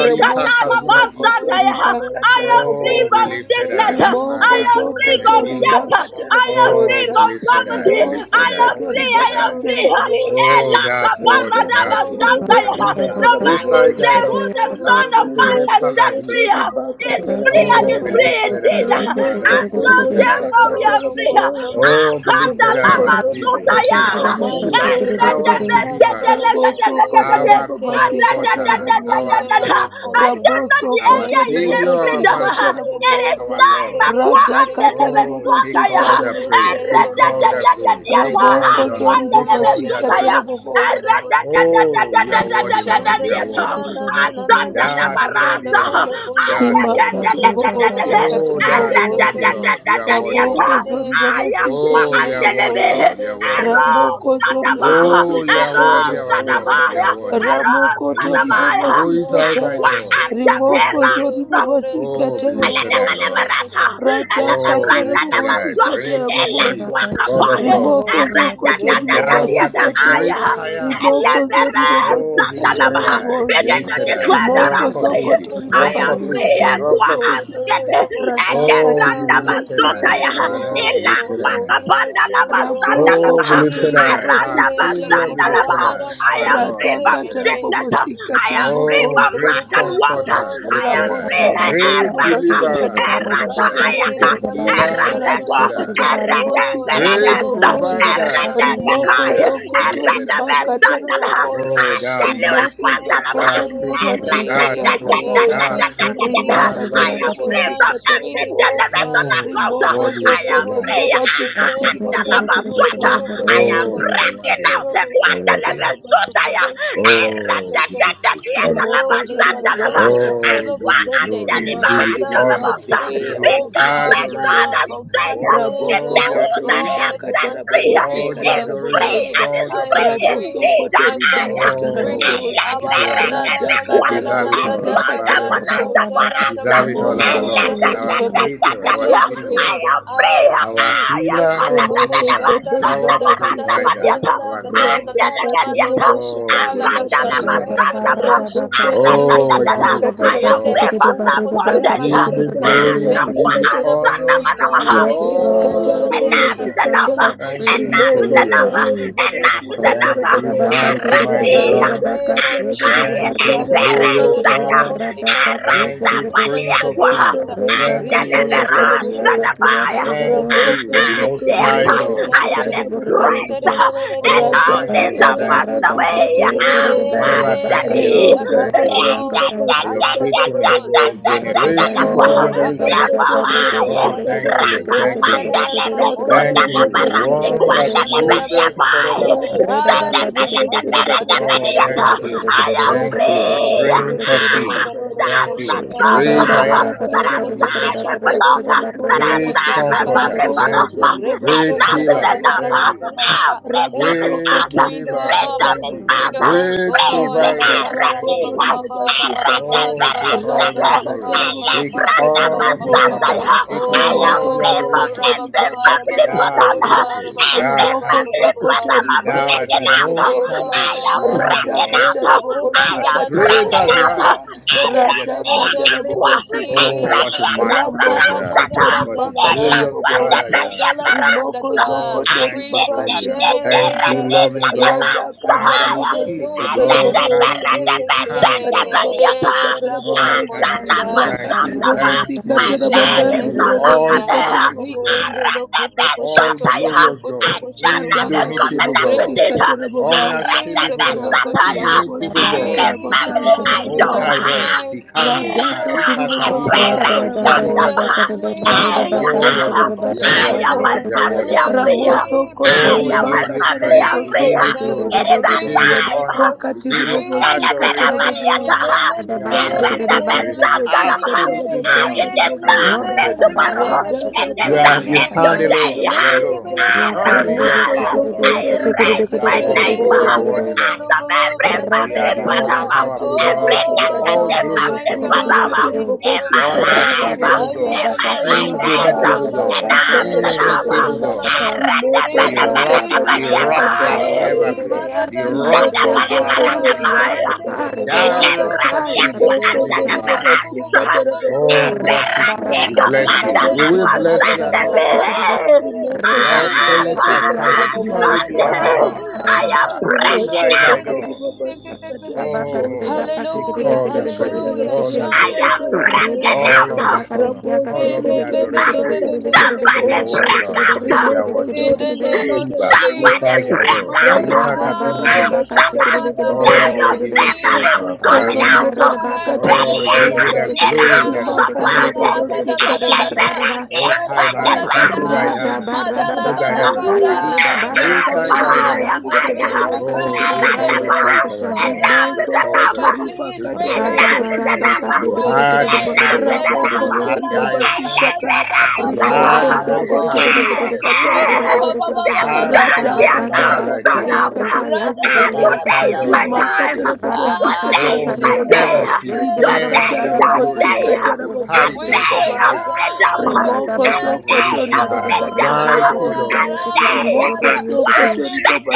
S1: my
S4: Remoko
S1: God,
S2: la
S1: so
S5: Kazumagito.
S4: zokoto
S2: I
S1: he
S4: ribaka
S1: can say
S2: am
S1: the
S2: free
S5: Oh,
S2: from
S4: taraboboza.
S1: moon,
S5: believed
S1: the
S5: I,
S2: sickness.
S5: my
S2: huh?
S4: Rimoko
S2: I
S1: remote,
S5: Father,
S2: am
S1: to
S2: free
S1: the
S4: zokoto
S2: from
S5: Kusemegilo.
S2: death.
S1: remote,
S4: ribaka
S2: huh? I
S1: Shanto,
S2: am
S5: Oh,
S2: free
S4: taraboboza.
S1: Ribo,
S2: from
S5: believed I,
S1: Santo,
S2: poverty.
S5: believed
S4: Rimoso
S1: Robo,
S2: I
S5: I,
S2: am
S4: koto
S2: free.
S1: Second,
S2: I
S5: believed
S4: ribaka
S2: am
S5: I.
S1: Mondo,
S2: free.
S1: Robo, Coto,
S4: taraboboza
S5: Oh,
S1: Robo,
S5: that worthy,
S4: babasi
S5: that worthy.
S4: ramoso
S2: Elakaparadabasantaya.
S4: koto
S5: Aita,
S4: ribakatera
S2: The Bible
S5: Osai
S4: boboza.
S2: says, Who
S5: Gaido,
S2: the Son of
S5: Lando
S2: Man
S5: Zere
S4: Rimoko
S2: has
S4: zori
S2: set free
S5: Palagito.
S2: huh? is free and
S5: Oh,
S2: is
S5: be
S4: radhakatiribobosikatarabobosa
S2: free
S5: lifted
S4: imosokotoribakatarabobosa
S5: I,
S2: indeed. huh?
S5: my Father,
S2: And
S5: be
S2: so,
S5: lifted I, my
S2: therefore, we
S5: God.
S2: are free. I
S4: ramosokotoribakatarabobosa
S5: Oh, be lifted I, our Savior,
S2: Akandalabasutaya.
S5: our healer,
S1: Mandere
S5: our
S1: kosi kaba
S5: deliverer,
S1: baba bondere kesi
S2: Eredebesetelegadegade.
S5: our
S1: terere
S5: comforter,
S1: bosen
S5: our
S1: terere
S4: rimokosoribobasikatarabobooza
S1: ramo
S5: creator,
S2: And
S1: kondo.
S2: that's not the
S5: our
S2: area you need
S5: Savior,
S1: Menterere
S5: our
S2: freedom.
S1: kesen
S5: Master,
S1: terere
S2: It is
S5: our
S4: zori
S2: time.
S1: koşende
S4: babasi
S5: Lord.
S1: gede
S2: Aqua and
S1: gede
S2: the
S1: gede.
S5: Oh, take
S2: Lebesotaya.
S5: all the
S1: Mesel
S5: praise,
S1: terere
S5: take
S1: bono
S5: all
S4: radhakatarabobosikatarabobosikata
S5: the
S1: kosen
S5: glory,
S2: Erradadadadadiata.
S1: terere
S5: take all the
S2: Aqua
S5: honor,
S2: and
S1: mantarara
S2: the
S5: take
S1: raman
S5: all the
S1: şendere
S2: Lebesotaya.
S5: adoration.
S1: kotodoro
S4: rabokosoribobasikatarabobooza
S1: bosi.
S5: Oh, you
S3: Thank
S5: are worthy, Lord.
S1: Shanda
S5: You
S1: na
S5: are
S1: na
S2: Erradadadadadadadadadiata.
S1: na
S5: worthy.
S1: na na na na na na
S5: That worthy,
S1: katanda
S2: Asandadabarasa.
S5: O
S1: kando
S5: Lord.
S1: kondo
S5: That
S4: Lima
S1: kondo
S5: worthy.
S4: kati
S1: kondo ro ro
S4: ribobosi
S1: ro
S2: Arrakendeledadadada.
S4: kati
S5: Oh,
S1: shende
S5: that
S1: kete
S5: worthy,
S4: riboboza
S1: ke
S5: Lord. You are worthy,
S1: shende
S2: Erradadadadadadiata.
S4: Ramoko
S1: le
S5: Lord.
S1: le
S4: zori
S1: te ke
S4: babasika
S2: Ayakwa
S5: Oh,
S2: and
S5: you
S1: tende
S5: are
S2: the
S5: worthy,
S2: Lebe.
S4: taraboboza.
S5: Lord.
S1: kotondo
S5: You are
S1: ro
S5: worthy,
S1: to
S2: Ero
S5: Lord.
S1: bo
S4: Ramoko
S1: bo bo
S4: zori
S1: ro ro
S2: Sadaba.
S1: ro
S5: Oh,
S1: bo
S5: you
S4: babasika
S5: are
S2: Ero
S1: son to
S5: worthy,
S1: ro
S5: our
S1: ro ro
S4: taraboboza.
S1: ro
S5: God.
S1: ro
S5: You
S2: Sadaba.
S5: are
S1: ro bo
S5: worthy.
S1: so
S2: Eros
S4: Ramoko
S1: ro
S4: tori
S5: Aita,
S1: ko so
S2: Sadamaya,
S5: who
S1: to
S5: is
S4: babasika
S5: I
S1: ro
S4: ta.
S5: by
S1: bo
S2: Aqua
S5: door?
S1: shende
S4: Rimoko
S1: rende
S4: zori
S2: Antaperas,
S1: rende
S4: babasika
S1: rende
S5: Oh,
S1: re
S5: be
S1: ke
S5: lifted high,
S1: shende
S4: taraboboza.
S1: re
S5: Lord.
S1: ke te.
S2: Aladabalabarata,
S4: Rata
S5: Oh, be lifted high,
S2: aladabrandadabaswa,
S4: katarabobosika
S5: Prince of
S4: taraboboza.
S5: Peace, God of
S2: elakwakapohe,
S5: Love.
S4: Rimoko zoko tori
S1: Rende
S5: Thou art
S1: kete
S2: eradadadadadiata
S4: babasika
S5: the
S4: ta.
S5: great
S2: aya,
S1: beshe,
S5: I am.
S4: Rimoko
S1: rende
S4: zori
S1: kete
S5: Oh,
S4: babasika
S1: beshende,
S2: eleberesatalabaha.
S5: Belichedai,
S4: taraboboza.
S2: Begin to
S1: rende
S2: declare
S5: Belichedai,
S1: Shatatatatatakotorodokosoko.
S2: that
S1: Rendeketebeshe.
S4: Rimoko
S1: Rendeketebeshende.
S2: I'm
S5: rock of
S1: Renderekesende.
S4: zoko
S2: free.
S5: ages,
S4: tori
S2: I
S5: rock
S2: am
S5: of
S4: babasika
S2: free.
S5: ages, rock
S2: Ekwa
S5: of ages.
S4: taraboboza.
S2: asete,
S4: Radhaka
S1: Kototototototorobosanda.
S5: Oh, be
S1: Thank
S5: lifted I,
S1: you,
S4: tiribobosika
S5: my
S2: elebrandabasotaya,
S5: Father, be
S1: Lord,
S4: tarabogonda
S1: for
S5: lifted I, my
S1: making
S4: riboboza.
S5: God.
S1: us, oh God,
S4: Raboso
S5: Oh, be
S2: ilakwakapandalabasandalabaha,
S4: koto
S5: lifted
S1: free and
S5: I,
S1: free
S5: our
S4: ribobosika
S5: Savior,
S1: indeed.
S5: be lifted
S2: aradabasandalabaha.
S4: taraboboza.
S5: I,
S2: I
S5: our
S2: am
S5: God,
S2: free
S5: be
S2: from
S4: Radhaka
S5: lifted I.
S1: Alabarakolikereke.
S2: sickness.
S4: tarabobosika
S2: I am free
S5: Oh,
S1: Mandelo
S2: from
S4: tiribogonda
S5: great
S2: lack and
S1: koson
S4: riboboza.
S2: want.
S5: Comforter,
S1: toron
S5: be
S1: de
S2: I
S5: lifted
S1: ten de
S5: I,
S4: Raboso
S1: de de de
S4: koto
S5: great
S1: de de de
S2: errata,
S1: de de de
S4: ribobosika
S1: de
S5: Deliverer,
S1: de
S5: be
S2: errata
S5: lifted
S4: tarabaganda
S1: koshin
S5: I,
S1: de de
S2: ayaka,
S1: de
S5: great
S4: riboboza.
S1: kanda ra ra
S5: Healer,
S1: ra
S5: be
S1: ra
S2: errata
S1: ba.
S5: lifted
S4: Radhaka
S5: I,
S2: errata
S1: Oh, ra
S4: tarabobosika
S1: ba ba
S5: great
S1: ba
S2: beledes,
S1: ba
S4: taraboboza.
S1: si ka ra ra
S5: Provider,
S2: errata
S1: ra de
S5: be
S4: Rimoko
S2: bekay,
S5: lifted
S1: yando li
S5: I,
S1: me
S5: be
S1: ne
S4: zokoto
S1: ke
S5: lifted
S2: errata
S5: I.
S1: sin de de
S4: ribakata
S1: de de
S2: besandala,
S1: ken de
S4: raboboza.
S5: Oh,
S1: ke
S5: thou
S1: shen de.
S2: delua
S4: Rimoko
S5: mighty,
S1: Thank
S2: kwantalaba,
S1: you
S5: thou
S4: zokoto
S1: that we are
S5: faithful,
S2: errata
S5: thou
S4: ribomasikata
S1: free,
S5: true,
S1: free,
S4: raboboza.
S5: thou
S1: free
S5: kind,
S1: indeed,
S5: thou
S4: Rimakata
S2: I
S1: free
S2: am
S5: loving.
S1: to
S2: free from
S1: dance,
S4: rabobosikata
S2: every
S1: free, oh
S4: raboboza.
S2: generation
S1: Father.
S5: Oh,
S2: across.
S4: Rimoko
S5: what
S1: Mando
S2: I
S5: is
S1: do
S5: the
S2: am
S4: zokoto
S5: love?
S1: bode
S2: free
S1: shete
S4: ribomasikati
S5: that
S2: and the
S5: was
S1: teke
S5: given?
S1: to
S2: lava
S4: ribaganti
S1: bosho
S4: riboboza.
S2: I
S1: koboloro
S2: am
S5: Oh, yeah,
S1: botente
S5: what
S2: breaking
S5: the
S2: out
S1: koro
S5: Lord,
S2: the
S5: yeah,
S1: boshe
S5: what the
S2: pandalaba
S1: kopato
S5: Lord.
S1: basko
S2: sotaya.
S1: koboche kete
S5: Oh,
S2: Errata da
S5: we
S1: kete.
S5: give you
S2: da
S5: praise,
S2: da da
S5: Father.
S1: Oh,
S2: lava
S4: Rimoko
S2: sandala.
S1: Nematsoto
S5: Oh,
S4: zaribabasikata.
S5: we
S1: Kotolo
S5: give you
S2: I'm
S1: Bozende.
S5: glory,
S2: standing
S5: we give you
S4: rimakati
S2: behind the
S1: Father, we are
S5: honor,
S2: Lamosa
S5: we
S4: ribobosika
S5: give
S1: free,
S5: you
S1: oh
S2: because
S4: tarabagandhi
S2: my
S5: adoration.
S2: God
S1: Father,
S2: has
S4: ribobosa
S1: from
S5: The
S2: said
S5: worthy of
S1: patterns,
S2: if
S5: all
S2: the
S5: the
S1: oh
S4: rabosokoto
S2: one that he has
S1: God,
S5: adulation,
S1: of
S4: ribakata
S2: set free
S1: ancestry,
S5: all
S4: rabobosika
S5: the
S1: we
S2: is
S1: are
S2: free
S5: adoration,
S1: free.
S4: tarabobosa
S2: and is
S5: all the
S1: I am
S2: free
S5: praise.
S1: free.
S2: indeed.
S4: rabosokoto
S1: My
S2: I
S1: family is
S4: ribakata
S3: you.
S1: free.
S5: Oh,
S4: rabobosa
S5: give it all. You
S4: radhakata
S5: deserve it
S3: Yes,
S5: all, our
S4: rabobosika
S5: Father.
S3: Lord,
S4: tarabobosa
S5: We deserve it all, our Lord,
S4: rimosokoto
S5: our
S1: Abalalalalalalalalagadabadashandadarabazokondarabakota.
S5: Creator,
S4: ribabasika
S1: We
S5: our
S1: are
S2: I
S5: Savior,
S1: free.
S4: tarabobosa
S2: am
S1: I am
S2: prayer. I
S5: our
S1: free.
S2: am
S5: Healer, our
S1: Mekotoko
S4: Rimoso
S5: Deliverer,
S1: shandala
S4: kotori
S5: our
S1: gada gada gada
S4: babasikata
S5: Provider,
S1: gala
S5: our
S1: gada
S5: God.
S1: gada
S4: ratakati
S1: labado dosha
S5: Oh,
S4: ribobosikati
S5: we
S1: kala
S5: worship you,
S1: badosha
S4: ribabaza
S5: Lord.
S1: keparodosha
S4: rabokozo
S1: terere
S5: Oh, we give
S1: montoko
S5: you
S4: ribabasikata
S5: praise, Lord.
S2: free
S1: rendere
S4: rababaza
S1: koto
S5: We
S1: kotora
S5: give you
S4: radhakata
S1: manasaka.
S5: glory. We
S1: Thank
S5: give
S1: you,
S5: you
S4: rabobosikata
S1: Father, for
S5: honor.
S4: raboboza
S5: We
S1: freedom.
S5: give you
S1: Alekete
S4: rakata
S5: all
S1: bosundere
S3: who the
S5: adoration.
S1: katora
S3: sun
S4: rabobosikata
S3: set
S1: botoko
S5: Thank
S3: free is
S5: you
S2: Enough
S5: for
S1: shikete
S2: is
S4: rimoso
S3: free
S5: who you
S2: enough.
S5: are.
S4: kotori
S1: rutu
S3: indeed.
S1: toko
S2: Enough
S1: toko
S2: is
S3: Oh,
S4: babasikata
S1: toko
S5: Thank
S2: enough.
S1: toko
S5: you,
S1: toko.
S3: Rabaka,
S4: raboboza
S3: take
S5: mighty,
S3: it
S1: In
S3: to the
S1: the
S5: mighty
S2: Arati.
S1: mighty
S3: barrida
S5: God.
S1: name
S3: baka,
S4: radhakata
S1: of
S3: take it to
S2: Kai
S3: the
S5: Thank
S1: Jesus, the
S5: you,
S3: barrida
S4: rabobosikata
S3: baka, take it
S5: glorious
S3: to the
S4: raboboza
S2: Eperasada
S5: Father.
S1: parararabakosi
S3: barrabaka, take it to
S5: Thank
S2: Arata
S1: karabodoko
S5: you,
S3: the
S5: Prince of
S2: paliakwa.
S5: Peace.
S1: sitarararikanta.
S4: Rabokoso
S5: Thank you,
S3: redaka,
S5: Lord
S1: Rintere,
S5: of
S4: ribobasikata
S2: Delevera
S3: tiaka,
S5: Lords.
S1: rintere, rintere.
S3: tiaka,
S4: rabobonza.
S3: tiaka,
S2: sadabaya.
S3: the
S5: Thank
S3: borrich,
S4: Ramoso
S5: you,
S3: both
S5: the
S1: Rentere,
S3: of
S4: koto
S5: Most
S3: the
S2: Yeah,
S5: High
S3: yakit,
S1: Rentere
S3: take
S5: God.
S2: I
S3: it to
S2: am
S4: ribobasikata
S1: rentere
S5: Thank
S3: the
S2: in
S5: you.
S1: rentere
S4: rabobonza.
S2: Christ,
S3: borrich,
S1: rentere
S2: and
S5: Oh,
S1: rentere
S2: all
S5: thank
S1: rentere
S2: things
S4: Radakata
S5: you.
S3: Rada
S2: are
S1: rentere
S5: Thank
S2: passed
S5: you.
S3: barada
S2: away.
S4: rabobosikata
S3: kase
S5: We can
S3: guru
S2: Ah,
S3: de
S4: rabobonza.
S3: barida
S5: never thank
S3: baka
S5: you
S2: washati.
S1: Hey,
S5: enough.
S3: chikuru
S4: Rimoso
S3: de
S5: Thank
S4: koto
S5: you
S3: boriya
S1: akabababo,
S3: katan.
S5: for your
S4: ribobasikata
S5: faithfulness
S1: zakayabababo,
S5: from
S4: rabobonza.
S3: Rida da
S5: generation
S1: zakabababo,
S2: Therefore,
S5: to
S3: da da
S4: Rimoko
S3: baka
S5: generation.
S3: rida
S4: Koto
S3: kade kade
S2: I,
S5: Oh,
S3: kade kade
S4: ribobasikata
S5: thank
S1: zakapapapapapapapakata.
S5: you.
S3: kade kade kade
S5: Thank
S4: rabobonza.
S5: you.
S2: Rakapanda
S3: kade
S1: Pandarararaba,
S2: lebe
S3: kade kade kade
S4: Rakati
S2: suda
S5: Thank
S1: kondorobo,
S2: lebe
S5: you. The
S3: kade
S2: randi
S3: kade kade
S5: one
S4: ribobosikata
S1: sinderebo,
S3: kade
S5: that
S2: kwanda
S3: kade.
S2: lebe
S1: shandaraba,
S4: rabobonza.
S5: liveth
S1: kote.
S2: liabai.
S5: forevermore.
S3: Rida
S5: Thank
S4: Radakati
S2: Shada
S3: baka
S1: Bari
S5: you.
S2: bele
S3: chikuru de
S2: de
S3: kade
S1: kapanda
S3: kade
S2: bere
S4: ribobosikata
S2: de
S3: kade kade kade kade
S2: bele
S5: Oh,
S1: katapara
S2: yata.
S5: thank
S4: rabobonza
S1: koshe.
S2: I
S5: you.
S3: kade kade
S2: am
S5: Thank
S1: Roko
S3: kade kade
S5: you.
S1: toko
S4: ramokozi
S3: kade
S2: free. Ah,
S1: toko
S5: Prince
S3: kade kade
S5: of
S1: toto
S3: kade.
S5: Peace.
S1: toto
S4: ribomasikata
S2: the
S5: Thank
S1: rododobo
S5: you.
S4: ramoboza
S1: sheka
S2: ancestral
S1: para
S3: Rada
S5: Great
S3: da
S5: I
S3: da
S2: power,
S3: da
S1: koto
S5: am.
S2: but
S3: kade
S1: koto
S4: radhakata
S2: I'm
S5: Thank
S3: kade
S1: koto
S5: you.
S3: kade kade
S1: koshe
S2: dying for
S3: kade
S1: koto
S4: ramomosikata
S3: kade
S2: longer,
S1: koto
S2: but
S3: barida
S1: koto
S2: I'm
S4: ramoboza
S5: Great
S3: baka
S2: dying
S1: kosata
S3: chikuru
S2: my
S3: de kade kade
S2: family
S5: comforter,
S2: for
S1: barakasha.
S3: kade.
S5: thank
S4: ramokozo
S2: longer.
S5: you.
S1: Reko
S5: Great
S1: toko
S2: Enough
S4: ribomasikata
S2: is
S1: shata
S5: healer,
S2: enough.
S5: thank
S2: Our
S1: barakata
S4: ramoboza
S5: you.
S1: basha.
S2: freedom
S1: Thank
S2: is
S1: you
S5: Great
S1: for
S2: us.
S4: ramosokoto
S5: deliverer,
S1: freedom
S4: rimakata
S2: Freedom
S5: thank
S2: is
S5: you.
S2: us.
S1: freedom,
S4: ramoboza
S1: oh
S5: Great
S1: God.
S2: Bravery,
S5: provider,
S1: Abakala,
S5: thank
S4: rimokozokoto
S1: Baba,
S5: you.
S1: Baba, Baba,
S2: Arakita,
S1: Baba, Baba,
S4: ribomasikata
S1: Baba,
S5: Oh, take all
S1: Baba,
S2: Arakatarasaka,
S5: that
S4: radhakata
S5: glory.
S1: Baba,
S5: Take
S1: Baba,
S4: ramomosikata
S2: Alabranda
S5: all of the
S1: Baba,
S4: ramoboza
S3: Barada
S5: honor.
S2: Basandaya.
S3: baka
S5: Take
S2: I
S3: kade ya
S2: am
S5: all of the
S3: katan.
S2: free from
S1: Oh,
S5: adoration.
S4: rimokozokoto
S1: rabababa,
S2: every
S4: rimakata
S2: family
S5: Thou art
S2: pattern. huh?
S4: ramoboza
S5: faithful. Thou
S2: Every
S5: art kind.
S2: family
S4: rimokozokoto
S2: pattern I'm
S5: Thou
S1: thank
S5: art
S1: you
S4: ribakata
S5: the
S2: breaking
S1: for
S2: out. huh?
S5: most
S4: raboboza
S2: I
S5: humble.
S2: am
S5: You are
S1: freedom.
S5: humble,
S2: breaking
S5: Lord.
S2: out.
S4: ratakata
S2: huh?
S1: Elekula
S2: I
S5: As
S2: am
S1: gala
S4: rabobosikata
S1: gala
S5: great
S2: breaking
S5: as you
S2: out.
S1: gala,
S2: huh?
S5: are,
S4: raboboza
S1: For
S5: you are
S1: the
S5: yet
S1: spirit
S5: humble.
S4: ratakata
S1: of
S2: My name
S5: Oh,
S1: liberty.
S4: rabobosikata
S5: what a mighty God you are.
S4: ramosokoto
S5: What a
S4: ribakata
S1: Rakaragadagadaga,
S5: glorious Father you
S4: raboboza
S5: are.
S1: rakadalagaragada,
S5: Oh,
S4: rimokozokoto
S5: thank
S1: Free
S5: you for
S1: from
S5: where you
S4: ribakandi
S5: are. Thank you,
S4: riboboza
S1: chain
S5: loving
S1: and yoke.
S5: God.
S4: radakata
S5: Thank you,
S1: Mande
S5: peaceful
S4: rabobosikata
S1: dozi
S5: God.
S1: zezu
S5: Thank
S4: raboboza
S5: you,
S1: zekete.
S5: kind
S4: rimakati
S5: God.
S4: ribobosikata
S5: Oh,
S4: raboboza
S5: thank
S1: Rabababosanda.
S5: you,
S3: Rada
S5: thank
S4: rakati
S5: you,
S3: barada
S5: thank
S3: baka
S4: ribobosikata
S5: you,
S3: chikuru de
S5: thank
S2: is
S1: Mashendele
S4: rabagandi
S2: no
S5: you.
S3: barida katan.
S2: longer
S5: All
S1: kozia,
S4: ribobosikata
S2: there.
S5: merciful
S4: raboboza
S5: God,
S1: rikendo lo
S2: That
S1: koto
S2: is
S5: all
S1: koshoto
S2: Satire.
S1: koto
S5: glorious
S1: koto
S5: God,
S2: That
S1: koshoto
S2: name
S1: koto,
S2: is
S4: Radhakati
S5: indomitable
S2: covenant with
S1: rete
S5: God,
S2: it.
S1: te
S4: ribobosikata
S2: That
S1: te
S2: is
S1: te te te,
S4: rabobaza.
S5: unassailable
S1: rebedo
S5: God,
S4: Rakati
S2: Satire.
S1: kosho.
S3: Rada
S5: inimitable
S4: ribobosikata
S2: Every
S5: God.
S3: bakasi
S2: family
S4: rabagandhi
S2: I
S1: Freedom
S5: Oh,
S1: in
S2: know.
S1: our
S4: riboboza.
S5: Kaido,
S1: mind,
S5: Sikambo,
S4: Radhakati
S1: freedom
S5: Karika,
S1: in
S2: I
S1: our
S2: am,
S5: Talika,
S4: ribobosikata
S1: heart.
S5: Zaripali,
S1: We are
S4: raboboza.
S5: Kadai.
S2: I
S1: free,
S4: Rakati katara baboza. Rakatiri
S1: malaga
S4: bobosi
S1: da
S5: Oh, we are
S4: katara
S5: worthy,
S2: am
S1: boshanda.
S2: my
S5: Lord. We
S4: baboza.
S5: are
S1: We
S5: worthy,
S2: family
S1: are
S5: Lord.
S2: I
S4: Ramoso kotori
S1: free from
S4: koto
S5: Oh, we
S2: am
S1: sin,
S2: my
S5: give you
S4: ribakata
S2: family
S5: praise.
S1: free
S5: We
S1: from
S5: give you
S4: rabobosikata
S1: shame,
S5: glory.
S2: It is a
S5: We
S4: raboboza.
S1: free
S5: give you
S1: from
S2: time
S5: honor.
S1: reproach.
S5: We give you
S2: that
S1: Free
S4: Rakati
S2: the
S1: from
S4: katara
S5: adoration.
S1: pain. Oh
S2: Beramaniata
S4: baboza
S5: You are
S2: and
S5: worthy.
S2: the
S4: radhakati
S5: There is
S4: ribobosika
S2: Besantana.
S5: absolutely
S2: I
S4: tarabaganda
S2: get
S5: none
S2: them
S5: that can be
S4: riboboza
S2: something
S5: compared to you.
S2: tomorrow. Get
S4: radhakata
S5: You are you
S2: something
S5: stand
S4: rabobosika
S2: today.
S5: alone. You are alone.
S4: taraboboza
S5: None
S2: I
S5: in your
S4: rimoko
S5: class, Lord.
S4: zokoto
S2: raise
S5: You are
S4: ribakata
S2: my
S5: worthy.
S2: name
S5: You are
S4: raboboza
S5: worthy,
S2: as
S5: Lord.
S2: of every
S5: You are
S2: family
S5: the all
S2: bottom,
S4: rimakati
S5: powerful
S2: every
S5: God, the all
S4: ribobosikata
S2: negative
S5: glorious
S1: my
S2: family
S5: God,
S2: bottom
S1: God,
S4: rimakati
S1: thank you
S2: in
S1: for
S2: my
S4: ribobosikati
S1: freedom.
S2: life,
S5: unassailable
S4: ribobosa
S2: in
S5: God,
S2: my life,
S4: rimakati
S5: indomitable God,
S2: enough
S4: rabobosikati
S2: is enough.
S5: inimitable
S4: rabobosa
S5: God.
S4: rimoko
S1: In
S5: the rock,
S4: zokoto
S5: the
S1: Jesus'
S5: rock
S4: ribakata
S5: that never
S1: name,
S4: rabobosa
S5: fails, the
S1: Marada
S5: rock
S2: Shut
S5: of
S4: rimoko
S2: up,
S1: Marakuri
S5: our
S4: zokoto
S5: salvation.
S1: Balarara
S4: ribakata
S1: Bandegiri
S5: Thou
S4: rabobosa
S5: rock
S1: Barandara
S5: of
S1: Babos,
S5: ages,
S4: rimoko
S2: and
S5: lift your eyes.
S2: let me
S4: zoribobasikata
S5: Oh, we
S4: rabobosa
S5: worship you, we
S4: rakati
S5: bless
S1: Rinde
S5: you, we will
S4: ribobosikata
S5: bless you at all
S4: rabobosa
S5: times.
S4: rimoko
S5: Your
S2: Ah,
S5: praise
S1: Jedegate,
S5: shall
S4: zoribobasikata
S5: continually be
S4: rabobosa
S5: in our mouth.
S2: I am
S5: Aisha, who
S2: bra-
S5: is
S4: Rimoso
S5: thy by
S4: kotori
S5: door?
S3: Rabba
S4: mamasikati ramubonza
S5: Oh, he
S1: Hallelujah,
S5: called the
S4: ratakata
S5: praise,
S1: Hallelujah,
S5: all the
S2: I
S1: Chandra.
S5: glory,
S2: am
S4: ramumasikati
S3: Reda
S2: broken
S3: Ba
S4: ramubonza
S5: all of
S3: reda
S2: out.
S5: the
S3: Ba
S5: honor,
S3: karya
S4: ramoso
S5: all
S3: kacik
S5: of
S3: reda
S5: the
S3: reda
S4: kotori
S3: reda
S2: Ah,
S3: reda
S5: adoration.
S3: reda
S4: makata
S3: reda reda
S2: Somebody
S5: ya
S4: ramubonza
S5: wadi
S2: break
S5: la
S3: reda
S2: out.
S5: ya wadi
S3: reda
S4: rimokozo
S1: In
S5: la
S3: reda
S1: the
S3: reda
S1: name of
S4: rimakata
S5: aiba
S2: Somebody
S5: usai
S4: ramubonza
S1: Jesus, we
S2: break
S5: gaido
S2: out.
S1: break
S5: aita
S3: Rada
S4: ramokozo
S3: ba
S5: katuma
S3: rada
S2: Ah,
S3: ba
S1: out,
S5: lila
S1: oh
S3: kacik
S2: Sata,
S4: rimamasikati
S3: reda reda
S1: Father, of
S3: reda
S2: tell
S5: oh
S4: ramubonza
S5: we
S3: reda
S5: give you
S2: yourself
S3: reda
S1: everything
S2: that
S5: praise
S1: that
S2: I'm
S1: is
S5: our
S4: ramokozo
S3: Reda
S2: coming
S1: holding
S5: father
S3: ba
S1: us
S2: out.
S3: reda ba
S1: back.
S4: rimamasikati
S3: kacik
S1: In
S5: oh
S1: the
S3: reda
S5: we
S2: Pelia
S3: reda
S1: name
S5: give
S1: of
S5: you
S4: ramubonza
S5: that
S2: era
S5: glory
S3: reda
S5: that
S1: Jesus.
S5: is
S4: rimakatara
S5: due
S3: reda
S5: to
S2: sopade.
S5: your holy
S3: reda
S5: name
S3: reda
S2: Ele
S4: bobosikatara
S3: ba rada ba
S1: Alalalagadabadabada,
S2: merende
S5: oh
S2: a
S4: boboza
S5: kai bai
S2: quadra.
S1: randabalagada,
S5: kisu
S4: rakatiri
S5: bai
S3: rada ba
S5: dana
S3: rada
S4: bobosikatara
S5: kisu
S3: ba
S2: Ah,
S5: gayana
S1: madalabalagada,
S3: kacaya
S4: boboza
S3: reda
S5: karita
S3: ba
S5: usai
S3: kacia
S4: rakatiri
S1: ribakosha.
S3: reda
S2: Bahia,
S5: gaido
S3: ba kacik
S1: As we
S3: reda
S2: Bahia.
S4: bobosikatara
S3: ya
S1: break
S3: kacik
S5: oh
S2: Enough
S4: bogandiri
S3: reda
S1: out,
S5: take
S3: ba
S5: all
S2: is
S5: the
S3: reda
S2: enough.
S1: everyone,
S3: ya
S4: boboza
S5: praise
S1: oh
S5: of our
S3: kacik
S5: god
S2: Enough
S1: Father, in
S5: take
S4: rimoso
S1: our
S5: all the
S4: koto riba
S5: glory
S1: families,
S5: take
S4: kotori
S1: break
S5: all
S4: bakatara
S5: the
S3: Rada
S1: out
S5: honor
S1: in
S2: is
S3: rada ba
S2: enough.
S4: bobosikatara
S1: Jesus'
S3: kacik
S5: you
S3: reda reda
S1: mighty
S5: are
S4: boboza
S3: reda
S5: the
S1: name.
S2: Enough is
S3: reda
S5: highest
S2: enough.
S5: you
S3: reda
S4: ramokozo
S5: are the
S3: reda
S5: highest
S2: And
S5: king
S2: let the
S4: ribabasikata
S2: rest
S5: you
S2: of
S3: Reda
S2: them
S5: are the
S3: baka
S4: rimokozo
S5: most
S4: kotori
S5: high
S1: Lelalalalalagadababababarabosi.
S5: yes
S4: bakatara
S1: Rika ba ba
S4: boboza
S1: ba ba
S2: done
S1: ba ba ba
S3: rada
S1: ba
S4: Rada
S3: bar
S2: their
S5: Absolutely
S1: ba ba
S3: rada
S1: ba
S5: none
S2: own
S3: bas
S1: ba
S2: so
S5: like
S1: ba ba.
S2: long.
S5: you.
S2: Ah,
S1: Ra da da da
S4: tarabobosikatiribobosa
S5: O
S1: da da
S2: today
S1: da
S2: is
S1: da
S2: my
S1: da.
S5: Kaido.
S4: rimaka
S2: time. Today
S1: Ah,
S3: si
S2: is
S5: Oh,
S2: my
S5: the
S4: tarabobosikatarabobosa
S2: day.
S5: heavens
S3: si
S1: utumiante,
S4: rimaka
S5: declare
S2: Today is
S5: your
S2: our
S5: glory,
S2: day.
S5: Lord.
S3: de sekede
S1: tutelelelelebosi.
S3: de
S2: A
S3: bor
S5: Ripari
S1: We
S2: day
S1: break
S2: of
S4: tarabobosikatarabogondiribobaza
S5: Kazamagali.
S2: freedom.
S1: out
S2: A
S1: of
S4: rimoko
S5: Oh,
S1: snares,
S5: we
S3: si
S1: oh
S4: zokoto
S5: lift
S2: day
S5: you
S2: of
S5: high.
S4: rimaka
S2: freedom.
S1: God,
S5: Mighty
S4: tarabobosa
S5: God, we
S2: Day.
S5: worship
S4: rimoko
S5: you.
S1: elarabakada,
S2: What
S1: of
S4: zokoto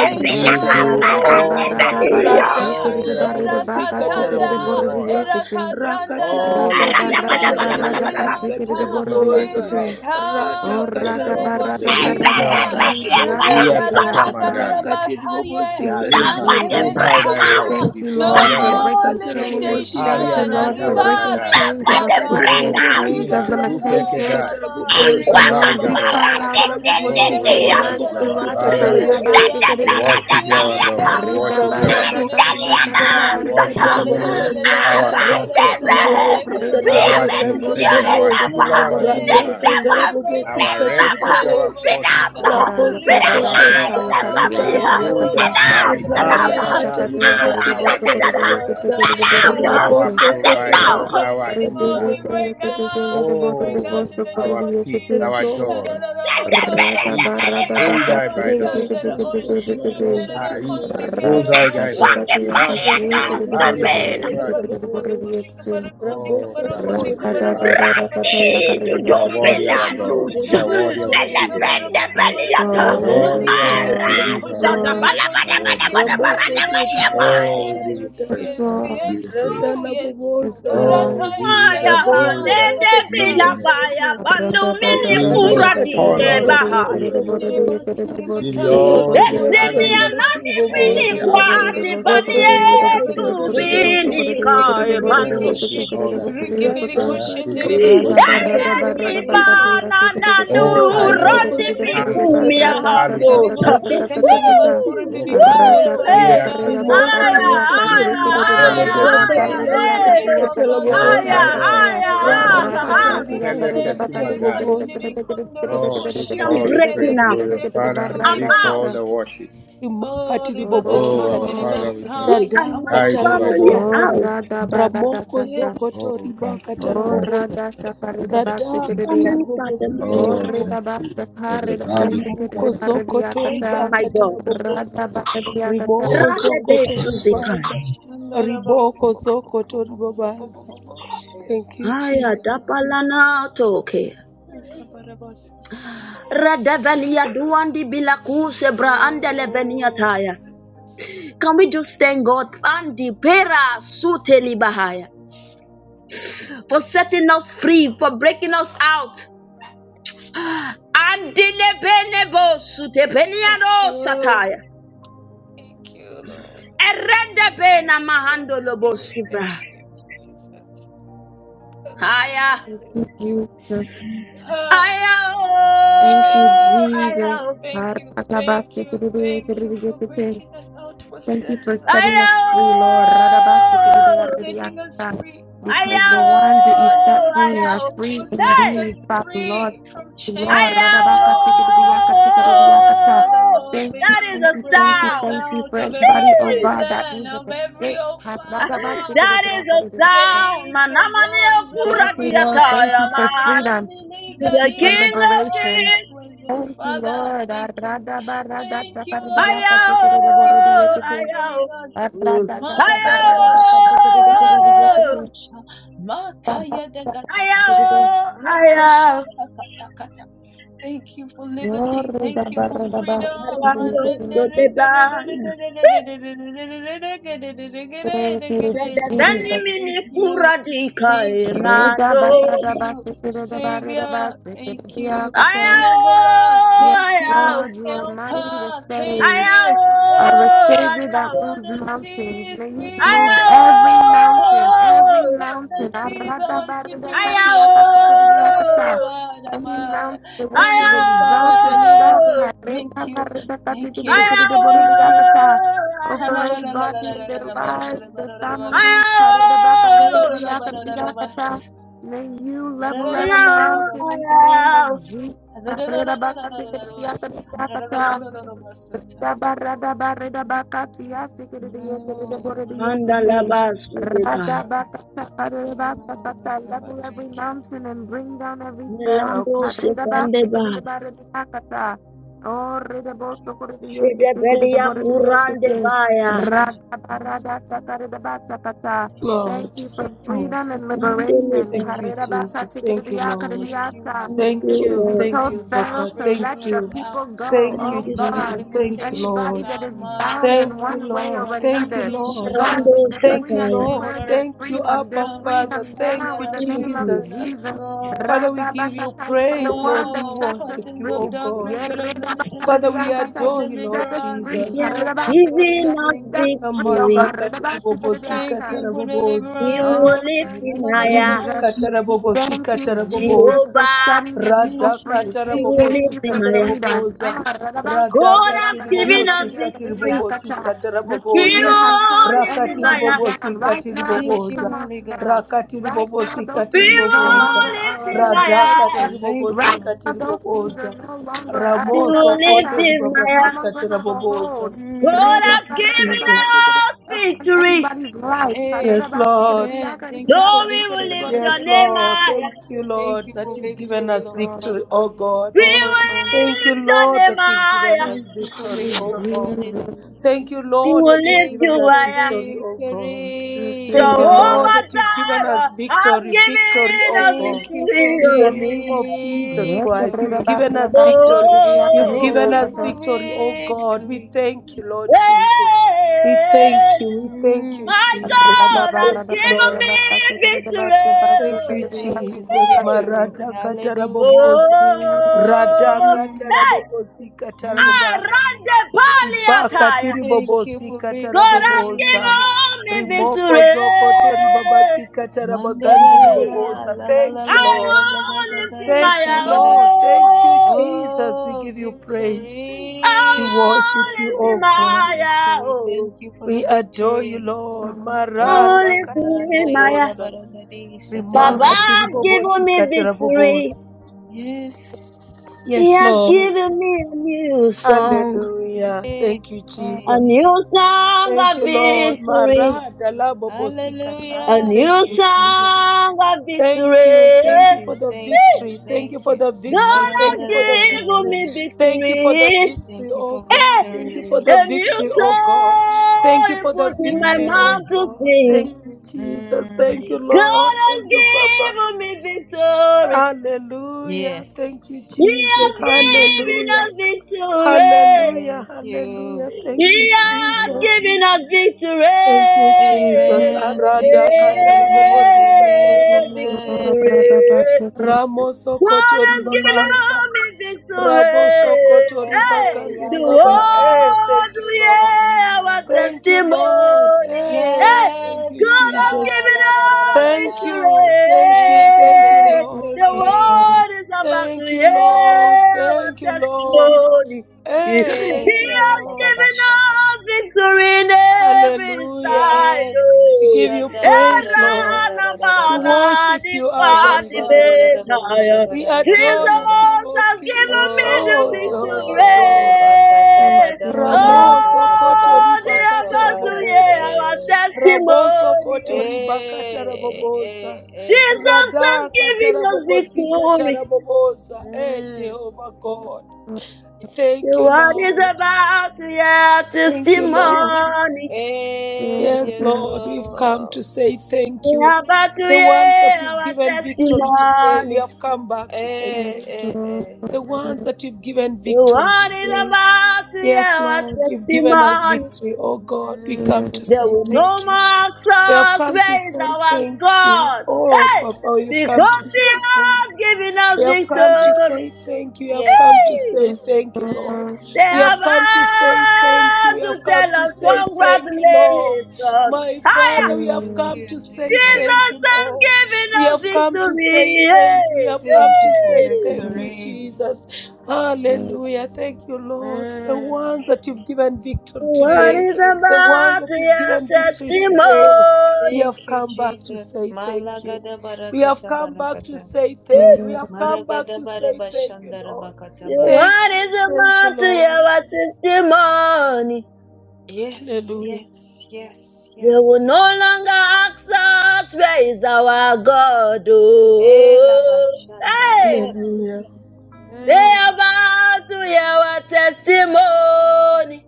S5: We
S2: belongs
S5: give you all the
S1: elalabanda,
S5: praise,
S3: si
S4: radaka
S5: all the glory,
S3: si
S5: all
S1: erakatanda,
S5: of the
S4: tarabobosikatarabobosa
S5: honor,
S1: erakatandara,
S5: all of
S4: rakatiribobosi
S5: the
S2: to
S4: sikatara
S2: you?
S4: bobosi
S5: adoration.
S3: si
S1: irididididiyanta.
S4: katara
S5: There is none
S1: We
S5: like you,
S4: boboza
S5: Lord.
S1: break
S4: rata
S1: out in
S5: Yes,
S1: the
S4: katara
S3: Orada
S5: Lord.
S1: name of
S4: bobosi
S3: barada
S5: There is
S4: katiri
S3: barada
S5: none
S1: Jesus.
S5: like
S4: bagandiri
S5: you.
S3: bakantia
S5: Iya
S4: boboza
S2: Parasata.
S3: shikiriakata.
S5: Kasamagali.
S4: rakatiri
S1: Redadalagandabahaye.
S4: bobosi
S3: Thank you,
S4: katiri
S5: Garita
S2: Somebody
S3: Jesus.
S4: bagandiri
S2: break out.
S1: kamana.
S5: Kupaidago
S4: boboza
S3: Thank you, Lord,
S1: No
S3: for
S2: Fire.
S5: Isumagali
S1: more
S3: breaking
S4: rimakatara
S3: chains.
S4: bobosi
S3: Thank
S5: Leparia
S3: you,
S1: limitation.
S4: katara
S3: Lord, for
S1: Arriba,
S5: Kashala
S3: breaking
S4: boboza
S5: Kada
S3: chains of
S2: Somebody
S1: ribakanda.
S4: rakatiri
S2: break
S3: affliction,
S5: Oh
S2: out.
S4: bobosi
S3: chains of
S5: Kaina
S4: katara
S1: Rineneko,
S4: bobosi
S3: limitation.
S5: Kusekeda
S4: katara
S1: bababa,
S5: Kuseri
S3: Thank you,
S4: boboza
S2: Waka
S5: Kabali
S3: Lord. We
S5: Gado
S3: cry
S1: rikabababozi.
S3: out
S4: rimakatara
S3: unto you
S4: bobosi
S1: Rinde
S5: Oh we
S3: when you
S2: paradededeya.
S4: katara
S5: worship
S3: run
S5: you
S1: rikandara
S3: to
S5: our
S4: bobosi
S3: us.
S4: katara
S5: Father
S1: makondi
S4: boboza
S3: Karirabasi
S2: Sata
S1: ribayanda.
S5: we worship
S1: We
S5: you
S3: kiriakata.
S5: our
S1: break
S2: paradadaliata.
S5: God we
S3: Rida
S5: worship you
S1: out
S5: our
S1: in
S3: barada
S1: the
S5: Maker
S4: Raboso
S1: name of
S3: katia
S4: kotori Rabosokotori
S2: Daliana
S3: katia
S5: we
S1: Jesus.
S2: sata.
S5: worship
S1: We
S4: babasikatara
S1: break
S3: kiriakata
S1: out
S5: you
S4: babazi
S5: our
S3: kiriakata.
S4: rakatiri
S5: comforter
S2: Arandebehe.
S3: Oh,
S2: We
S3: rida
S4: bobosikatara
S3: rida
S5: our
S2: have
S3: rida rida rida
S4: bagandiri
S5: defender
S2: endured
S3: rida
S5: our
S4: bobozi
S2: enough.
S5: healer our
S3: rida
S2: The
S3: rida
S5: deliverer
S3: rida
S4: radhakatara
S2: devil's
S5: our
S2: messed
S4: bobosikatiri
S2: up
S1: in the
S5: refuge our
S1: name of
S4: bobonza
S2: with us,
S1: Jesus.
S5: fortress
S3: Rada
S2: with our
S1: Rika
S3: yakarada
S5: our
S1: baba
S4: rabosokotori
S5: rock,
S3: sata
S1: baba,
S2: lives and
S3: yakati
S1: no
S2: family, and
S5: Kaita,
S4: bakatara
S2: now
S3: yakati
S1: more,
S4: bo
S1: no
S3: yakata.
S5: Koida,
S1: more. We
S2: with the
S1: will be
S5: Baritali
S3: Rada
S1: held. We
S4: radhakatari
S5: Kadali
S3: shakati
S1: will
S5: Kada,
S1: not
S3: yakari de
S1: be
S5: our
S1: held
S3: bosu
S4: bobosikatara
S3: kuri
S2: love.
S3: de
S1: anymore. We
S5: defender,
S1: will
S3: yakiti
S4: babaza
S1: not
S3: kuri
S1: be
S3: de
S2: out
S3: bori de
S1: held back.
S5: our
S1: We
S3: yakiti.
S2: of
S1: will
S2: the
S1: not be
S4: rabosokotori
S2: know.
S5: provider,
S1: going back
S5: our
S3: Rede
S4: babasikatiri
S1: anymore.
S5: healer.
S1: We
S3: yakiti
S1: break
S4: babaza.
S3: yakiti kuri
S1: out.
S3: de
S1: We
S3: bosu de
S1: break out
S5: Oh,
S1: in
S3: bosu
S1: the
S3: kuri
S1: name
S3: de
S5: our
S1: of
S5: peace,
S4: Yes,
S1: Jesus.
S3: yakiti.
S5: our
S4: Lord.
S5: joy.
S2: Let the
S1: Arararabakoya.
S2: belly,
S3: Rada
S2: the
S5: Aita,
S2: belly,
S3: barada
S2: belly,
S3: baka
S5: Koidai
S4: Thank
S3: kiti
S4: you,
S5: Baido.
S3: kiti
S1: Rigararabaganda,
S3: kiti
S4: Jesus.
S3: kiti
S5: Oh,
S3: kiti.
S4: Marakatiri
S5: Aita,
S4: bobozi.
S3: Rada
S5: Kozai
S3: kati
S2: walk
S5: Gaido.
S3: kati
S2: in belly
S1: Yes,
S5: Ilandu,
S2: and
S3: yakati
S2: all
S3: kuri
S4: rakatiri
S3: de bori
S5: Keribali
S3: de
S2: something.
S3: yakiti
S5: Masura
S4: bobosikotoro
S3: kuri de
S5: Gitu.
S3: bori
S4: boboza
S3: de yakiti.
S5: Oh, you are worthy,
S4: rabosokotoro
S5: my
S3: Rada da da
S5: Father.
S3: da
S4: bobaza
S3: da kata
S2: Rati,
S3: yakari
S2: du
S3: de
S5: You are
S3: yakata.
S5: worthy, our
S4: rakatiri
S5: God.
S2: dumbilatus.
S5: You are worthy, our
S4: bobosikotoro
S5: Savior.
S2: Elephant,
S4: boboza
S2: the
S3: Yes
S2: belly,
S5: You are
S3: Lord,
S4: ramoko
S3: yes
S5: worthy, our
S3: Lord,
S4: sokotori
S3: yes
S2: Arasa,
S5: Deliverer.
S2: the
S3: Lord,
S4: bobaza
S2: belly,
S5: You
S2: belly,
S5: are
S2: belly,
S5: worthy,
S2: belly, belly,
S5: Lord.
S2: belly,
S4: ramokotori
S5: Oh,
S2: belly.
S5: we give you
S4: bakarada
S3: yes
S5: praise,
S1: yes,
S5: Lord.
S3: Lord.
S5: We give you
S1: yes,
S5: praise.
S1: ooh,
S4: radala
S1: yes, ooh.
S4: boboza
S5: Oh, we give
S1: Marakai,
S5: you
S2: Aya,
S5: that
S1: Karabaya,
S4: riboko
S5: glory that is
S2: nende
S1: Rebadika,
S5: due
S4: zokotori
S2: bila
S5: your name.
S4: bobaza
S2: baya, bandu
S5: We
S2: mini
S1: Ora
S5: give you the
S2: kura di
S4: rimakatiri
S1: bashindera
S5: honor that is
S2: de
S5: due your
S4: bobosikotoro
S5: name.
S1: barukindera
S4: boboza
S1: bature
S5: We give you
S1: bekandera
S5: all the
S4: rimakatiri
S1: bakone kanda
S5: adulation,
S4: bobosikotoro
S1: marakode
S3: ये
S5: all
S1: kada
S4: boboza
S5: the
S3: करे दे
S2: Eseniananibinikwa
S1: kada
S3: बोरे दे
S1: gere
S3: Bose
S5: adoration.
S3: तो
S1: bado
S3: करे दे ये
S4: Rabozo
S3: दे
S5: Kadipa,
S1: tikere
S3: करे
S1: bado
S3: दे
S4: kotori
S3: बोरे दे
S1: kushike
S3: Bose
S4: babasi
S3: तो
S5: Indegedorika.
S3: करे
S1: tete
S3: दे
S2: dibanietubinika
S3: ये
S4: katara
S3: करे
S1: tikere
S3: दे बोरे
S1: bete
S3: दे ये
S5: Oh,
S4: baboza.
S2: ebanos.
S1: kishi
S3: करे
S5: take
S3: करे
S5: all
S3: दे
S5: the
S3: बोरे
S5: praise,
S3: दे
S1: rike
S5: my
S3: ये कुछ
S1: bere
S5: Father.
S4: Radhaka
S5: Take
S1: kushindere
S5: all the
S3: Radha
S5: praise,
S1: bakone
S3: bar
S5: my
S4: terebobosika
S1: kene
S3: Radha
S5: Lord,
S1: bere
S3: bar
S5: my
S3: Radha
S1: kushi
S3: Baka
S5: Savior.
S4: terebobosa.
S3: के या के दे दे करे दे
S5: Oh,
S3: करे
S4: Riboko
S3: दे
S1: hare
S3: करे
S5: Kaido,
S3: दे
S1: banane
S3: करे
S4: sokoto
S3: दे करे दे
S5: Candice,
S3: बार
S1: kushindere re
S4: ribobasa.
S3: राधा सा
S5: Rebali
S1: kondere
S3: सा
S1: re
S3: सा
S2: Eyedibananandurondibikumyahandos.
S3: सा
S5: Kasuma
S3: सा
S1: bosti
S4: Rikati
S3: सा
S5: Dito.
S3: सा सा
S2: Woo!
S3: सा
S4: rebobosika
S5: Oh, Kai,
S2: Woo!
S3: Radha
S4: terebobosa.
S3: का या
S2: Hey!
S5: Irea
S3: करे रा
S5: Kasama
S3: बाका
S4: Rimoko
S2: Aya,
S3: के
S5: Dali,
S1: Haribanane
S3: या का
S4: sokoto
S3: से
S2: aya,
S5: Isi,
S3: करे
S4: ri.
S3: दे बार
S2: aya,
S3: राधा
S5: Pelege
S1: Ah,
S3: बाका
S4: Rakati
S2: aya,
S3: रे दे
S5: Zubaranta.
S1: Jesus,
S3: या का
S2: hey!
S1: que
S4: rebobosika
S3: या का या का
S5: Oh,
S2: Aya,
S3: या
S1: valiana
S4: terebobosa.
S3: का
S5: Kaido,
S3: या
S2: aya,
S1: monando no
S2: aha,
S1: condo
S5: Irandu,
S4: Radhaka
S3: Radha का या
S5: Pelekele
S3: करे दे
S4: terebobosika
S3: बाका
S5: Kesuma
S3: दे
S1: mositerende
S3: ये करे
S5: Gali.
S3: दे
S4: terebobosa.
S3: करे
S1: candiri
S3: दे करे दे करे
S1: condoro
S3: they
S5: Oh,
S2: I
S5: take
S3: करे
S2: am
S3: दे
S5: all
S3: करे
S5: the
S3: they
S2: breaking
S5: praise,
S1: coscicentere
S2: out.
S3: करे दे
S5: glorious
S1: kinde
S3: करे
S4: Rimoko
S3: they bar
S1: conto
S5: Father.
S2: I'm
S4: terebobosa.
S3: Radha
S5: Take
S3: सा
S2: out.
S5: all
S3: सा
S5: the
S1: ribanosha.
S5: worship.
S1: Oh,
S4: rimakati
S1: ribada
S5: Oh, our
S4: ribobosikata
S1: candiri
S3: O
S5: Father, we
S2: Me
S5: thank
S1: basai,
S5: you.
S2: and
S4: rada
S1: kama
S2: my
S5: Hide
S1: mama
S5: over
S1: mama.
S5: it
S2: family are
S5: all.
S4: kataraboboza
S2: out.
S3: Ora da ba da da
S4: ramoko
S3: shaka.
S4: zokoto
S1: Yes,
S5: Oh, thank
S4: ribakata
S5: you, thank
S3: Ora
S5: you.
S4: raboboza
S3: da shaka re da ba se
S4: rada
S3: ke re
S4: kati
S3: dia.
S2: Family
S1: we
S2: pattern
S1: break
S4: ribobosikata
S2: break.
S5: Oh,
S3: Ore
S5: thank
S1: out,
S3: da
S4: boboza
S3: ba
S5: you.
S3: se ka re da ba
S5: Everybody,
S3: se ke re
S4: rimoko
S3: da
S5: thank
S3: ba
S5: you.
S3: re
S1: we
S3: dia
S4: zokoto
S1: break
S3: kata.
S1: out,
S2: my
S4: ribakata
S2: God.
S1: Lord.
S3: Ra
S4: raboboza
S3: da ba se dia kata.
S5: Oh,
S4: rimoko
S2: Radebe
S4: zokoto
S5: that's lucky.
S2: Suzikai.
S4: ribabaza
S1: Mashandara baba
S4: riboko
S1: baba baba baba
S4: zokoto
S1: baba baba
S4: ribabaza
S1: baba baba.
S4: thank you
S2: Haya
S4: jesus
S2: tapalana toke.
S1: Thank you, Barabas.
S2: Radevelia duandi bilakuse bra andele
S1: Oh,
S2: beniataya.
S1: Jesus.
S2: Can we just thank God? Andi pera suteli bahaya. For setting us free, for breaking us out. Andile benebo sute
S1: Thank
S2: beniano
S1: you.
S2: sataya.
S1: Thank you, Lord. Thank you,
S2: Erende
S1: Lord.
S2: bena
S1: Thank
S2: mahando lobo
S1: you.
S2: sivra.
S1: Thank you, Jesus. Father, we say
S2: Haya.
S1: thank you.
S3: Jesus.
S1: Ha!
S2: Aya
S3: Thank you,
S1: Thank you,
S2: oh,
S1: thank
S3: Jesus.
S2: aya
S1: you,
S2: oh.
S1: thank
S3: Ar-
S1: you,
S3: ata ba
S1: thank
S3: se ke
S1: you,
S3: re dia
S1: thank
S3: ke
S1: you
S3: re dia
S1: for
S3: ke te.
S1: breaking us out, for
S3: Thank you for
S1: setting us
S3: setting
S2: Ayá
S3: us
S1: free,
S2: o!
S3: free, Lord. Ra da ba se ke re dia
S1: for
S3: re dia
S1: setting us
S3: kata.
S1: free from
S3: Because
S2: Ayá
S3: the
S2: o!
S1: all
S3: ones that you
S1: God
S3: set free
S2: Ayá o!
S3: are
S1: limitations, for
S3: free
S2: Hey!
S1: setting us
S3: indeed, Father Lord.
S1: free from
S3: Lord,
S1: chains,
S2: Ayá o!
S1: from
S3: Radabaka
S1: yoke.
S3: Tikidiyaka
S1: Oh,
S3: Tikidiyakata.
S1: Father Lord,
S3: Thank you,
S1: thank
S2: That
S1: you
S2: is
S1: for
S3: thank
S2: a
S3: you, thank
S1: breaking
S3: you,
S1: us
S2: sound.
S3: thank you
S1: out
S3: for
S1: of every
S3: everybody, oh God, that
S1: prison,
S3: needs a
S1: of every,
S3: escape.
S1: oh
S3: Radabaka
S1: Father.
S2: That is a
S3: Tikidiyakata.
S2: sound.
S1: Gate of
S2: Manamani
S1: bronze of
S2: okura
S3: Thank you,
S1: every
S3: Lord. Thank
S2: diataya
S3: you for
S1: iron,
S2: man.
S3: freedom.
S1: Mandili
S2: To
S3: Thank
S2: the
S3: you for
S1: Karia
S2: King of
S3: liberation.
S1: Maronda,
S2: Kings.
S1: praising
S3: Thank you,
S1: Father,
S3: Lord.
S1: thank you.
S3: Radabaka
S1: Thank you, Abba.
S2: Ayá o!
S3: Tikidiyakata.
S1: Thank you for
S2: Ayá
S1: delivering
S2: o!
S1: us.
S2: Mm. Ayá o!
S3: Radabaka
S1: Magadosha,
S3: Tikidiyakata. Lord,
S1: Magadosha, Makaya
S2: Ayá o!
S1: Dagatakata,
S2: Ayá
S1: Rokoshata Katakata. Thank you for liberty. Thank you
S3: Radabaka
S1: for
S3: Tikidiyakata.
S1: freedom.
S2: o!
S3: Thank you,
S2: Shadadani
S3: Jesus.
S2: mini
S1: Thank you.
S2: kuradika
S1: Thank you.
S3: Reda
S2: emando.
S1: Thank
S3: basa da
S1: you.
S3: basa kida da ba reda
S1: Savior,
S3: basa kida
S1: thank
S3: da ya
S1: you.
S3: kata.
S2: Ayao,
S1: Deliverer,
S3: Yes,
S1: thank you.
S2: ayao,
S3: Lord, you are mighty to
S1: Helper, thank
S3: save.
S1: you.
S2: ayao,
S3: Of a
S1: Elroy,
S3: Savior
S1: the
S3: that
S1: God
S3: moves
S1: that
S3: mountains. May
S1: sees
S3: you
S1: me.
S3: move
S2: ayao,
S3: every
S1: Malala
S3: mountain,
S1: Maka,
S3: every
S2: ayao,
S1: the God that
S3: mountain.
S1: sees our
S2: ayao,
S1: situation. Eh,
S3: Aradabaradakapiyakashikiriyakata.
S1: Rabba,
S3: Any
S1: Rabba.
S3: mountain that wants
S1: And
S3: to
S1: your Father
S3: exalt
S1: delivers
S3: itself.
S2: ayao,
S1: us. Thank you. Thank you.
S2: ayao, ayao,
S1: Thank you.
S3: Karedabaradakatikiridikiridiboriyakata.
S1: Hallelujah.
S3: Over
S2: ayao,
S3: anybody in their lives, their families. Karedabakatikiriyakadiyakata. May you
S1: Oh
S3: level every
S2: ayao.
S3: mountain in the name
S2: ayao,
S3: of Jesus. Karedabakatikiriyakadiyakata. Barada barada bakatia sikiri diye sikiri de bore
S1: my
S3: diye
S1: God.
S3: sikiri.
S2: Andalaba
S3: Rada
S2: sudekai.
S3: bakata karada
S1: Oh my
S3: bakata
S1: God.
S3: Level every
S1: Thank you.
S3: mountain and bring down every pharaoh.
S2: Melando
S1: Thank
S2: sefendeba.
S1: you.
S3: Kadidabasikidibaridibakata. Oh,
S1: Thank you.
S2: Shidebelia kurande
S3: ridabosokoridiyekitikidiboridiyekiti.
S1: Thank
S2: baya.
S1: you, Jesus.
S3: Radabaradatakaribasakata.
S1: Thank you.
S3: Thank
S4: lord
S3: you
S1: You've
S3: for
S1: been
S4: Mm.
S3: freedom
S1: faithful.
S3: and
S2: Mandele
S3: liberation.
S2: baya.
S4: thank you
S3: Karada
S4: jesus
S3: bakati kiri
S4: thank you
S3: diya kiri
S4: lord
S1: Thank you
S3: Karirabakatikidibiakadibiyata.
S1: for
S2: Thank you,
S4: Thank
S3: This
S1: Lord,
S4: you,
S3: is you
S2: Lord.
S4: thank
S3: told
S4: you,
S3: Pharaoh
S1: breaking,
S4: Papa.
S3: to
S4: Thank
S1: breaking
S3: let
S1: us
S3: your
S4: you.
S3: people
S1: out.
S3: go.
S4: Thank
S2: Thank
S3: Oh
S4: you,
S1: Oh,
S2: you,
S1: Father, of
S3: God.
S2: Jesus.
S4: Jesus. Thank you,
S1: limitations in
S3: Anybody
S4: Lord.
S3: that
S1: our
S3: is
S1: mind.
S3: bound in
S4: Thank you,
S1: Oh,
S3: one way
S4: Lord.
S3: or
S1: Baba,
S4: Thank you,
S3: another,
S4: Lord.
S1: limitations
S3: God,
S1: of
S2: Marando
S3: we
S4: Thank
S3: decree
S4: you,
S1: in
S3: and
S2: shataya.
S1: this
S4: Lord.
S3: declare their
S1: earth
S4: Thank you,
S3: freedom, their
S4: Abba,
S1: systems. Oh,
S4: Father.
S3: freedom
S1: Father,
S4: Thank
S3: now
S1: that
S4: you,
S3: in
S1: have
S3: the
S2: Thank
S3: name
S1: limited
S3: of
S2: you.
S4: Jesus.
S1: us,
S3: Jesus.
S1: God.
S4: Father, we give you
S3: Radabakata, You are the
S4: praise,
S3: one
S4: Lord. We
S3: that
S1: Oh,
S3: sets us
S4: worship
S1: curtains
S4: you,
S1: of
S4: O
S3: free.
S4: God.
S1: darkness that have limited us.
S4: Father, we
S1: Thank you for
S3: Yeredabakadiyakata,
S4: adore
S3: You
S4: you, Lord
S3: set us free.
S1: deliverance.
S2: You
S4: Jesus.
S1: Oh
S2: have
S1: my
S2: given
S1: God,
S3: Taredabakadiyakata, You
S2: us
S1: thank
S3: set us
S1: you.
S3: free, oh
S2: victory.
S3: God.
S4: Namasaka tarabobosi
S1: Thank
S3: Redabakadiyakata.
S1: you for
S4: katarabobosi.
S2: We
S1: deliverance.
S2: will
S3: Oh,
S2: lift
S1: Thank
S3: thank you,
S2: him higher.
S3: Jesus.
S4: Rimaka tarabobosi
S3: Thank you, Jesus,
S4: katarabobosi.
S3: for
S2: Jehovah,
S3: setting your
S1: you,
S3: people
S4: radhaka
S3: free.
S2: we
S1: thank
S2: will
S3: Thank
S1: you,
S2: lift
S3: you
S4: tarabobosika
S2: him
S3: for
S2: higher.
S3: freedom.
S4: taraboboza
S3: Ah,
S2: God
S4: radhaka
S2: has given
S1: thank
S2: us
S1: you,
S4: tiribobosika
S2: victory.
S3: radabashikididiyakadidabakatiyakadidiyakata.
S4: tiribobosika
S3: The
S2: We
S3: things
S4: taraboboza
S3: that
S1: thank
S3: have
S1: you,
S2: will
S3: held
S2: lift him
S4: rakati
S3: anybody
S2: higher.
S3: down,
S4: ribobosika
S3: right now they
S1: thank you,
S3: come
S4: tiriboboza
S3: off
S1: Holy
S3: now.
S1: Ghost.
S4: rakati
S3: Right now, those
S4: ribobosika
S2: We
S3: things no
S1: Thank
S4: tiriboboza
S2: will
S3: longer
S1: you,
S2: lift
S3: are a
S2: him
S4: radhaka
S2: higher.
S3: limitation.
S1: thank you,
S3: Right
S4: tiribobosika
S1: Lord.
S3: now, those things are
S4: tiriboboza
S3: no longer ah,
S2: We will
S4: ramoso
S1: Thank
S2: lift
S4: koto
S1: you.
S3: radabakata,
S2: him
S3: will no
S2: higher.
S4: ribabasika
S3: longer have a
S4: taraboboza
S3: hold
S2: God
S1: Mm.
S4: thank
S2: has
S4: you
S2: given
S4: jesus
S3: Redabaradabakatikidi-
S2: us
S3: upon
S2: victory.
S3: anybody's life. Ah,
S4: yes
S1: Hey,
S4: lord
S1: amen. Thank
S2: Though
S1: you for
S2: we will
S1: victory,
S2: lift
S1: Lord.
S2: your
S4: yes
S3: radabashikididiyakadidiyakatikididigodidiyasi.
S2: name
S4: lord
S2: higher.
S4: thank you
S1: Thank
S4: lord
S1: you for
S4: that you've given
S1: victory,
S4: us
S1: Lord.
S3: Lord.
S4: victory oh god
S2: We
S3: Oh,
S1: Thank
S2: will
S1: you.
S4: Thank you,
S2: lift your
S4: Lord,
S2: name
S4: that you've given
S2: higher.
S1: Thank
S4: us
S1: you for
S4: victory,
S3: sweet
S4: O
S1: victory.
S4: God.
S3: Jesus,
S1: Hallelujah.
S4: Thank you,
S2: We
S4: Lord,
S2: will
S4: that you've
S2: lift
S4: given
S2: you
S4: us
S2: higher.
S4: victory, O God.
S3: thank you,
S4: Thank you, Lord,
S3: Lord.
S2: Jehovah
S4: that you've given us
S2: Jireh has
S4: victory, victory,
S2: given
S4: O
S2: us
S4: God.
S2: victory.
S4: In the name of Jesus
S3: Yeke
S4: Christ,
S3: prega
S4: you've
S3: basi
S4: given
S3: da
S2: Oh,
S4: us
S3: basi
S4: victory.
S3: kuri biya
S4: You've
S3: kuri
S4: given
S2: oh, oh.
S3: biya
S4: us
S3: kata.
S4: victory, O God. We thank you, Lord Jesus. We thank
S2: Hey,
S4: you. We thank you,
S2: my
S4: Jesus. We
S3: Rada
S2: God
S3: ba
S2: has
S4: thank
S3: rada
S4: you,
S3: ba
S2: given
S3: rada
S4: Lord.
S2: me
S3: ba kata kuri da basi
S2: victory.
S3: basi
S4: Thank you,
S3: kuri biya
S4: Jesus.
S2: Hey,
S3: kata.
S4: Marada katarabobozi.
S3: Yes,
S4: Rada
S2: oh, hey,
S4: katarabobozi
S2: I
S4: katarababa.
S2: run the
S4: Ribaka
S2: paliataya.
S4: tiribobozi
S2: God has
S4: kataraboboza.
S2: given me
S4: Rimoko
S2: victory.
S4: zoko toribabasi katarabagandi
S2: Woo!
S4: riboboza. Thank you,
S2: I
S4: Lord.
S2: will lift him
S4: Thank you,
S2: higher.
S4: Lord. Thank you,
S2: Oh,
S4: Jesus. We
S1: Oh,
S4: give you praise.
S2: I
S4: We
S1: victory!
S2: will
S4: worship you,
S1: Victory,
S2: lift
S4: O
S2: him
S4: God.
S1: victory,
S2: higher.
S1: victory.
S2: Oh,
S1: Thank you for the
S4: We adore you,
S1: victory.
S4: Lord.
S3: Lord.
S2: I will
S4: Marada
S1: Oh,
S2: lift him
S1: Malagari,
S2: higher.
S4: katiriboboza.
S1: Labaragari,
S2: Baba
S3: Oh,
S4: Rimaka
S2: has
S1: Satarabadika.
S2: given
S4: tiribobosi
S2: me
S4: kataraboboza.
S2: victory.
S1: Yes.
S2: He
S4: Yes,
S2: has
S4: Lord.
S2: given me a new song,
S4: Hallelujah.
S1: Eh,
S4: Thank you,
S3: thank
S1: eh,
S2: a
S4: Jesus.
S2: new
S1: eh, eh.
S2: song
S4: Thank
S2: of
S4: you, Lord.
S2: victory,
S4: Marada la
S2: a
S4: bobosikata.
S1: Hallelujah.
S4: Thank
S2: new
S4: you, Jesus.
S2: song of
S4: Thank you.
S2: victory.
S1: Thank
S4: Thank you for
S1: you,
S4: the
S1: thank you,
S4: victory. Thank
S1: thank
S4: you for
S1: you.
S4: the victory.
S2: God has
S4: Thank you for the
S2: given
S4: victory.
S2: me
S1: Mararararararara.
S4: Thank
S2: victory.
S4: you for the
S1: Thank
S4: victory,
S1: you
S4: oh
S1: for
S2: Hey,
S4: God. Thank you for
S1: victory.
S2: a
S4: the
S2: new
S4: victory, oh God. Thank
S2: song
S4: you
S2: He
S4: for the
S2: put in my
S4: victory,
S2: mouth
S4: oh
S1: Mm,
S2: to
S4: God.
S2: sing.
S4: Thank you, Jesus. Thank you,
S1: mm.
S2: God
S4: Lord.
S2: has
S4: Thank you, Papa.
S2: given me victory.
S4: Hallelujah. Thank you,
S2: He
S1: Yes.
S2: has
S4: Jesus.
S3: you,
S2: given
S4: Hallelujah.
S2: us victory.
S4: Hallelujah,
S1: Thank you.
S4: hallelujah.
S2: He
S4: Thank you,
S1: Thank you,
S2: has
S1: Lord.
S4: Jesus.
S2: given us victory.
S4: Thank you, Jesus.
S1: Amen.
S4: Arada
S1: Amen. Amen.
S4: katarabobosi
S1: Amen.
S3: Jesus,
S2: Hey,
S4: katarabobosi.
S3: Lord.
S1: Amen.
S3: Rada
S1: Thank you.
S3: basi
S2: victory.
S3: kuri biya kata.
S4: Ramoso
S2: God
S4: kotori
S2: has given
S1: Mm.
S4: babaza.
S2: me victory?
S4: Raboso kotori
S2: Hey,
S1: Hey,
S2: the
S4: bakandiri
S1: yada, yada,
S4: baba.
S1: yada,
S4: Eh,
S2: world
S4: thank
S1: bashaka.
S2: will
S4: you,
S2: hear
S4: Lord.
S2: our
S1: Mm.
S4: Thank you, Lord.
S2: testimony.
S4: Eh,
S2: Hey,
S4: thank you,
S1: Yes.
S2: God has
S1: Ah,
S4: Jesus.
S2: given
S1: la, la, la, la,
S2: us
S1: la,
S4: Thank
S1: ba.
S4: you,
S2: victory.
S4: thank you,
S1: Thank you
S4: thank
S1: for
S4: you,
S3: Yes,
S4: Lord.
S2: The
S1: victory.
S3: Lord.
S2: world is about to
S4: Thank you,
S2: hear
S4: Lord.
S2: our
S4: Thank you, Lord.
S2: testimony. He
S4: Eh, thank
S1: Hey,
S4: you,
S1: la, ba,
S2: has
S1: ba, ba,
S4: Lord.
S1: ba,
S2: given
S1: shaka.
S2: us victory in every
S4: Hallelujah.
S2: side.
S1: Yes.
S4: We
S2: Oh.
S4: give you
S1: Shada, da, da, da,
S4: praise,
S2: Era
S1: da, da,
S4: Lord.
S1: da, da, da,
S2: na
S1: da, da, da,
S4: We
S1: ba.
S2: bana
S4: worship
S2: di
S4: you,
S2: kwa
S4: Abba
S2: di
S1: Manda, da,
S2: be
S1: da, da, da,
S4: Father.
S1: da, da,
S2: ta
S1: da, da,
S4: We
S1: da, da, da, da,
S4: adore
S1: da, da.
S4: you,
S1: da.
S4: King
S2: Jesus
S4: of
S2: has given
S4: Kings.
S2: me the
S4: Oh, Jehovah
S2: victory.
S1: Oh,
S4: God.
S1: bakata
S3: Yes,
S1: bada
S3: yes,
S1: bada
S3: Lord.
S1: bada
S4: Ramoso
S1: bada
S2: Oh,
S4: kotori
S1: basa
S2: the
S4: bakata
S1: kaba.
S2: others to hear
S4: raboboza.
S2: our
S1: Eh,
S4: Raboso
S2: testimony.
S4: kotori bakata
S1: eh,
S4: raboboza.
S1: eh, eh.
S2: Jesus has
S4: Rada
S2: given us
S4: katarabobosi
S2: victory.
S4: kataraboboza. Eh,
S1: Mm.
S4: Jehovah God.
S2: The
S4: Thank you,
S2: world is
S4: Lord.
S2: about to hear
S4: Thank you, Lord.
S2: testimony.
S1: Eh,
S3: Yes,
S4: Yes,
S1: yes,
S4: Lord, we've come to
S1: Lord.
S4: say thank
S2: We
S4: you.
S2: are about to
S4: The ones
S2: hear
S4: that you've
S2: our
S4: given victory today, we
S2: testimony.
S4: have come back to say
S1: Eh,
S4: thank you.
S1: eh, eh.
S4: The ones
S1: Mm.
S4: that you've given
S2: The
S4: victory
S2: world is
S4: today,
S2: about to hear
S4: yes,
S2: our
S4: Lord, you've given us
S2: testimony.
S4: victory. Oh God, we come
S1: Mm.
S4: to
S2: There
S4: say
S2: will no
S4: thank
S2: more
S4: you. We have
S2: access.
S4: come to
S2: Where is
S4: say
S2: our
S4: thank you.
S2: God?
S4: Oh,
S2: Hey!
S4: Papa, we have come to
S2: Because He
S4: say thank
S2: has
S4: you.
S2: given us
S4: We have come to
S2: victory.
S4: say thank you. We have come to
S1: Yes.
S2: Hey!
S4: say
S3: yes,
S4: thank you,
S1: Mm.
S4: Lord.
S3: Lord.
S2: They
S4: We
S2: have
S4: have come to say thank
S2: had
S4: you. We
S2: to
S4: have
S2: tell
S4: come to
S2: us
S4: say thank you, Lord.
S2: congratulations.
S4: My
S2: Higher!
S4: Father, we have
S1: Thank
S4: come
S1: you,
S4: to say
S1: Jesus.
S4: thank
S2: Jesus
S4: you,
S2: has
S4: Lord.
S2: given
S4: We
S2: us
S4: have come to say
S2: victory.
S4: thank you. We
S2: Hey!
S4: have come
S1: Thank you
S4: to
S1: for
S4: say
S2: Hey!
S4: thank
S3: Yes,
S4: you,
S1: victory.
S4: Jesus.
S3: yes,
S4: Hallelujah. Thank you, Lord. The
S1: Mm.
S4: ones that you've given victory
S2: What
S4: today,
S1: Thank
S2: is
S1: you.
S4: the ones
S2: about
S4: that you've
S2: your
S4: given victory today, we
S2: testimony?
S1: Thank
S4: have
S1: you,
S4: come back to
S1: Jesus.
S4: say thank you.
S1: Malagada
S4: We have
S1: barakata
S4: come back to
S1: barakata.
S4: say thank you.
S3: Lord.
S4: We have come back to say thank you, Lord.
S1: Maragadabadabashandarabakataba.
S4: Thank
S2: What
S4: you.
S2: is
S4: Thank you,
S2: about
S4: Lord.
S2: your testimony?
S1: Yes,
S4: Hallelujah.
S1: yes, yes,
S2: They will no
S1: yes.
S2: longer ask us, where is our God? Oh,
S1: Elabashanda,
S2: hey,
S1: yes.
S4: Hallelujah.
S2: they
S1: Mm,
S2: are about to hear our testimony.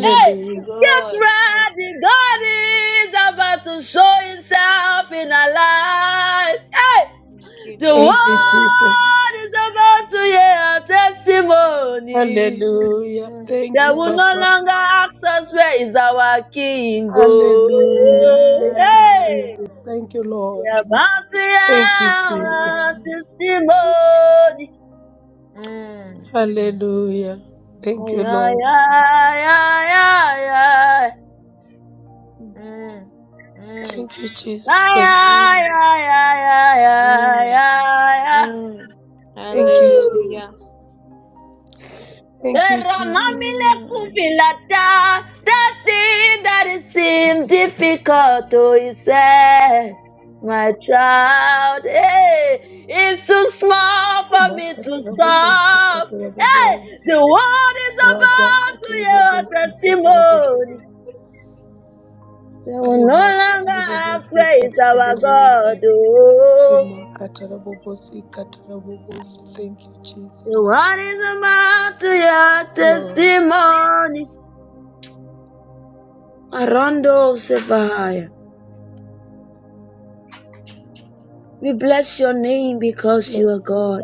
S2: Hey, get
S1: Good. Thank
S2: ready,
S1: you.
S2: God is about to show himself in our lives. Hey,
S1: Thank you,
S2: the
S4: Thank
S1: Jesus.
S4: you, Jesus.
S2: world is about to hear our testimony.
S1: Mm,
S4: Hallelujah.
S1: mm,
S4: Thank
S2: They
S4: you,
S2: will
S1: mm,
S2: no
S4: Papa.
S2: longer ask us, where is our King?
S4: Hallelujah.
S2: Oh,
S4: Thank you,
S2: hey.
S1: mm,
S4: Jesus. Thank you,
S2: We're
S4: Lord.
S2: about to
S4: Thank you,
S2: have a
S4: Jesus.
S2: testimony.
S1: mm,
S4: Hallelujah. Thank you,
S2: Yeah, yeah,
S4: Lord.
S2: yeah, yeah, yeah.
S1: mm, mm, mm,
S4: Thank you, Jesus.
S2: Yeah,
S4: Thank you.
S2: yeah,
S1: mm,
S2: yeah, yeah, yeah,
S1: mm,
S2: yeah, yeah.
S1: mm.
S4: Thank you,
S2: Woo.
S1: Hallelujah.
S4: Jesus. Thank you, Jesus.
S2: Eramamile
S1: Mm.
S2: kuvilata, That thing that it seemed difficult to accept, my child, hey, it's too small for me to
S4: Makatara bobosi
S2: solve.
S4: katara
S2: Hey,
S4: bobosi
S2: the world is
S4: rada
S2: about to
S4: katiri
S2: hear our
S4: bobosi katara
S2: testimony.
S4: bobosi
S2: They will no
S4: rima katiri
S2: longer ask
S4: bobosi
S2: where is
S4: katara
S2: our God.
S4: bobosi
S2: Oh,
S4: rima katara bobosi katara bobosi thank you
S2: the
S4: jesus
S2: world is about to hear our
S4: lord
S2: testimony. Arondo We bless your name because you
S4: Lord.
S2: are God.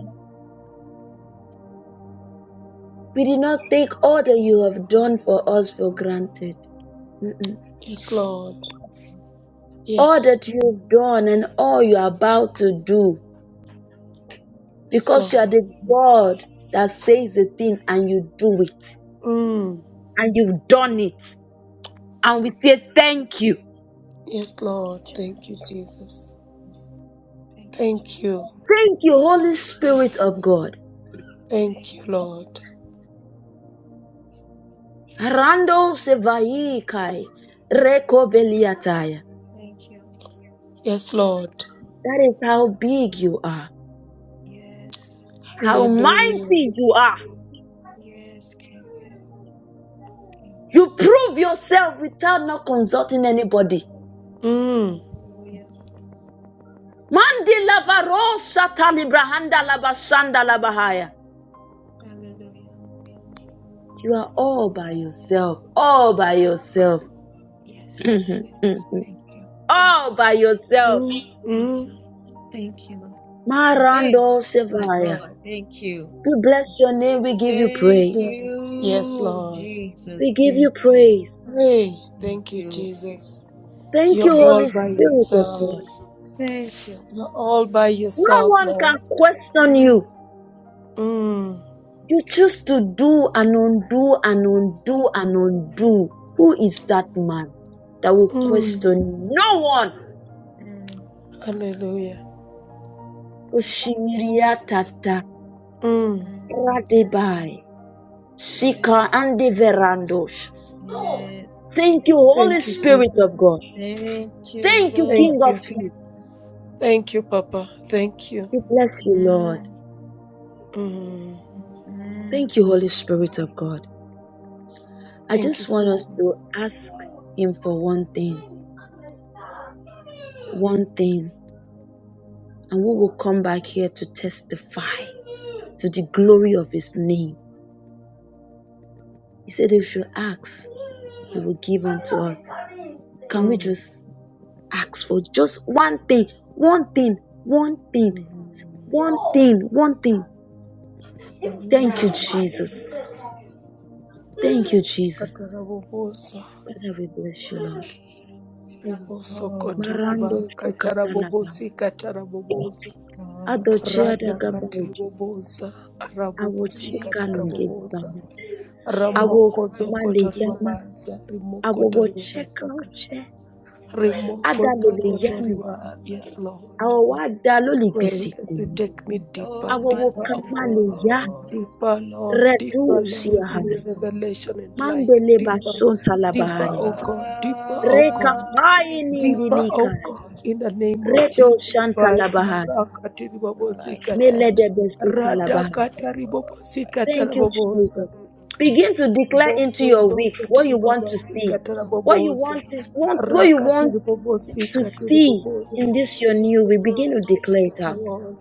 S2: We did not take all that you have done for us for granted. Mm-mm.
S4: yes lord
S2: All
S4: yes
S2: that you've done and all you are about to do,
S4: yes
S2: because you are
S4: lord
S2: the God that says the thing and you do it.
S4: mm.
S2: And you've done it. And we say thank you.
S4: yes lord thank you jesus
S1: Thank you, Jesus.
S4: thank you
S2: Thank you, Holy Spirit of God.
S4: thank
S1: Thank
S4: you
S1: you.
S4: lord
S2: Rando
S1: Thank
S2: Sevai
S1: you.
S2: Kai. Reko Beliataya.
S1: Thank you.
S4: yes lord
S2: That is how big you are.
S1: Yes,
S2: How
S4: hallelujah
S2: mighty you are.
S1: yes, King,
S2: You
S1: Kings.
S2: prove yourself without not consulting anybody.
S4: mm.
S1: Hallelujah,
S2: Mandi lavaro shatali brahanda labashanda labahaya.
S1: hallelujah.
S2: You are all by yourself, all by yourself,
S1: Yes, yes. Thank you, thank
S2: all
S1: you,
S2: by yourself.
S4: Mm.
S1: thank
S4: Mm.
S1: you, thank you, Lord. Hey,
S2: Marando
S1: my
S2: sevaya.
S1: God, thank you.
S2: We bless your name. We give you
S1: Thank
S2: praise.
S4: Yes, yes,
S1: you,
S4: Lord.
S2: We
S1: Jesus.
S2: give you
S1: Thank you.
S2: praise.
S4: Hey,
S1: Thank
S4: thank you,
S1: you.
S4: Jesus.
S2: Thank you,
S4: You're
S1: Thank
S4: all
S2: Holy
S1: you.
S4: by
S2: Spirit of God.
S4: yourself.
S1: Thank you.
S4: You're all by
S2: No
S4: yourself,
S2: one
S4: Lord.
S2: can question you.
S1: Mm,
S4: Mm,
S2: You choose to do and undo and undo and undo. Who is that
S1: mm,
S2: man that will
S4: mm,
S1: mm,
S2: question no one?
S1: mm,
S4: hallelujah.
S2: Oshimiriatata
S4: Mm,
S1: mm.
S2: radebai sika
S1: Yes.
S2: ande verandos.
S1: Yes.
S2: Thank you, Holy
S4: thank you,
S2: Spirit of
S4: Jesus.
S2: God.
S1: Thank you,
S2: Thank you,
S1: Lord.
S2: King
S4: Thank
S2: of
S4: you.
S2: Kings.
S4: Thank you, Papa. Thank you.
S2: We bless you, Lord.
S1: Mm,
S4: Mm,
S1: mm,
S2: Thank you, Holy Spirit of God. I
S4: thank you,
S2: just want us
S4: Jesus.
S2: to ask Him for one thing, one thing, and we will come back here to testify to the glory of his name. He said, if you ask, he will give unto us. Can we
S4: Mm,
S2: just ask for just one thing, one thing, one thing,
S4: mm,
S2: one thing, one thing? Thank you,
S4: mm.
S2: Jesus. Thank you, Jesus.
S4: Katarabobosa.
S2: Father, we bless you, Lord.
S4: Riboso
S1: Oh God,
S2: Marando
S4: kotoriba.
S2: shekatalaba.
S4: Katarabobosi katarabobosa.
S1: God, thank
S2: Adochia
S4: Rada
S2: dagabaojo.
S4: katiriboboza,
S2: Awo
S4: rabobosika
S2: chika
S1: you,
S4: taraboboza,
S2: ngebana.
S1: Lord.
S2: Awo
S4: ramoko zoko
S2: maleyama.
S4: toribabaza, rimoko
S2: Awo wo
S4: toribabasa
S2: cheka
S4: kata,
S2: oche.
S4: rimoko
S2: Ada
S4: zoko
S1: Oh
S2: loleyanu.
S4: toriba. Yes,
S1: Father,
S4: Lord.
S2: Awo wa ada
S4: Let's pray that you take me deeper,
S1: oh
S4: deeper, oh
S1: merciful
S4: God.
S2: awowokamaneya
S1: God,
S4: Deeper, Lord, deeper,
S1: have
S4: Lord,
S2: redusiaha
S4: in
S1: mercy.
S4: your revelation and light.
S2: mandele
S4: Deeper, deeper,
S2: basontalabahaya
S4: oh God, deeper, oh
S1: Ah,
S4: God.
S2: rekapaini
S4: Deeper,
S1: Jesus,
S4: oh
S2: bilikai
S4: God, in the name of
S2: redo
S4: Jesus Christ.
S2: shantalabahaya
S4: Marakati
S1: my
S4: ribobosikata.
S1: God,
S2: melede
S1: my God,
S2: besotalabahaya
S1: my
S4: Radakata
S1: God,
S4: ribobosikata
S2: thank you
S1: God,
S4: raboboza.
S2: jesus begin to declare into
S1: we
S4: Boko
S2: your week
S1: must
S4: zoko
S2: what you want to see
S1: do
S2: what you want
S4: raboboza.
S2: to
S1: intervention,
S2: want what you
S4: Rakati
S2: want to
S4: ribobosikata
S1: do
S2: see
S4: riboboza.
S2: in this your
S1: intervention,
S2: new we begin to
S1: it's
S2: declare it
S1: fun.
S4: Yes,
S2: out
S4: Lord.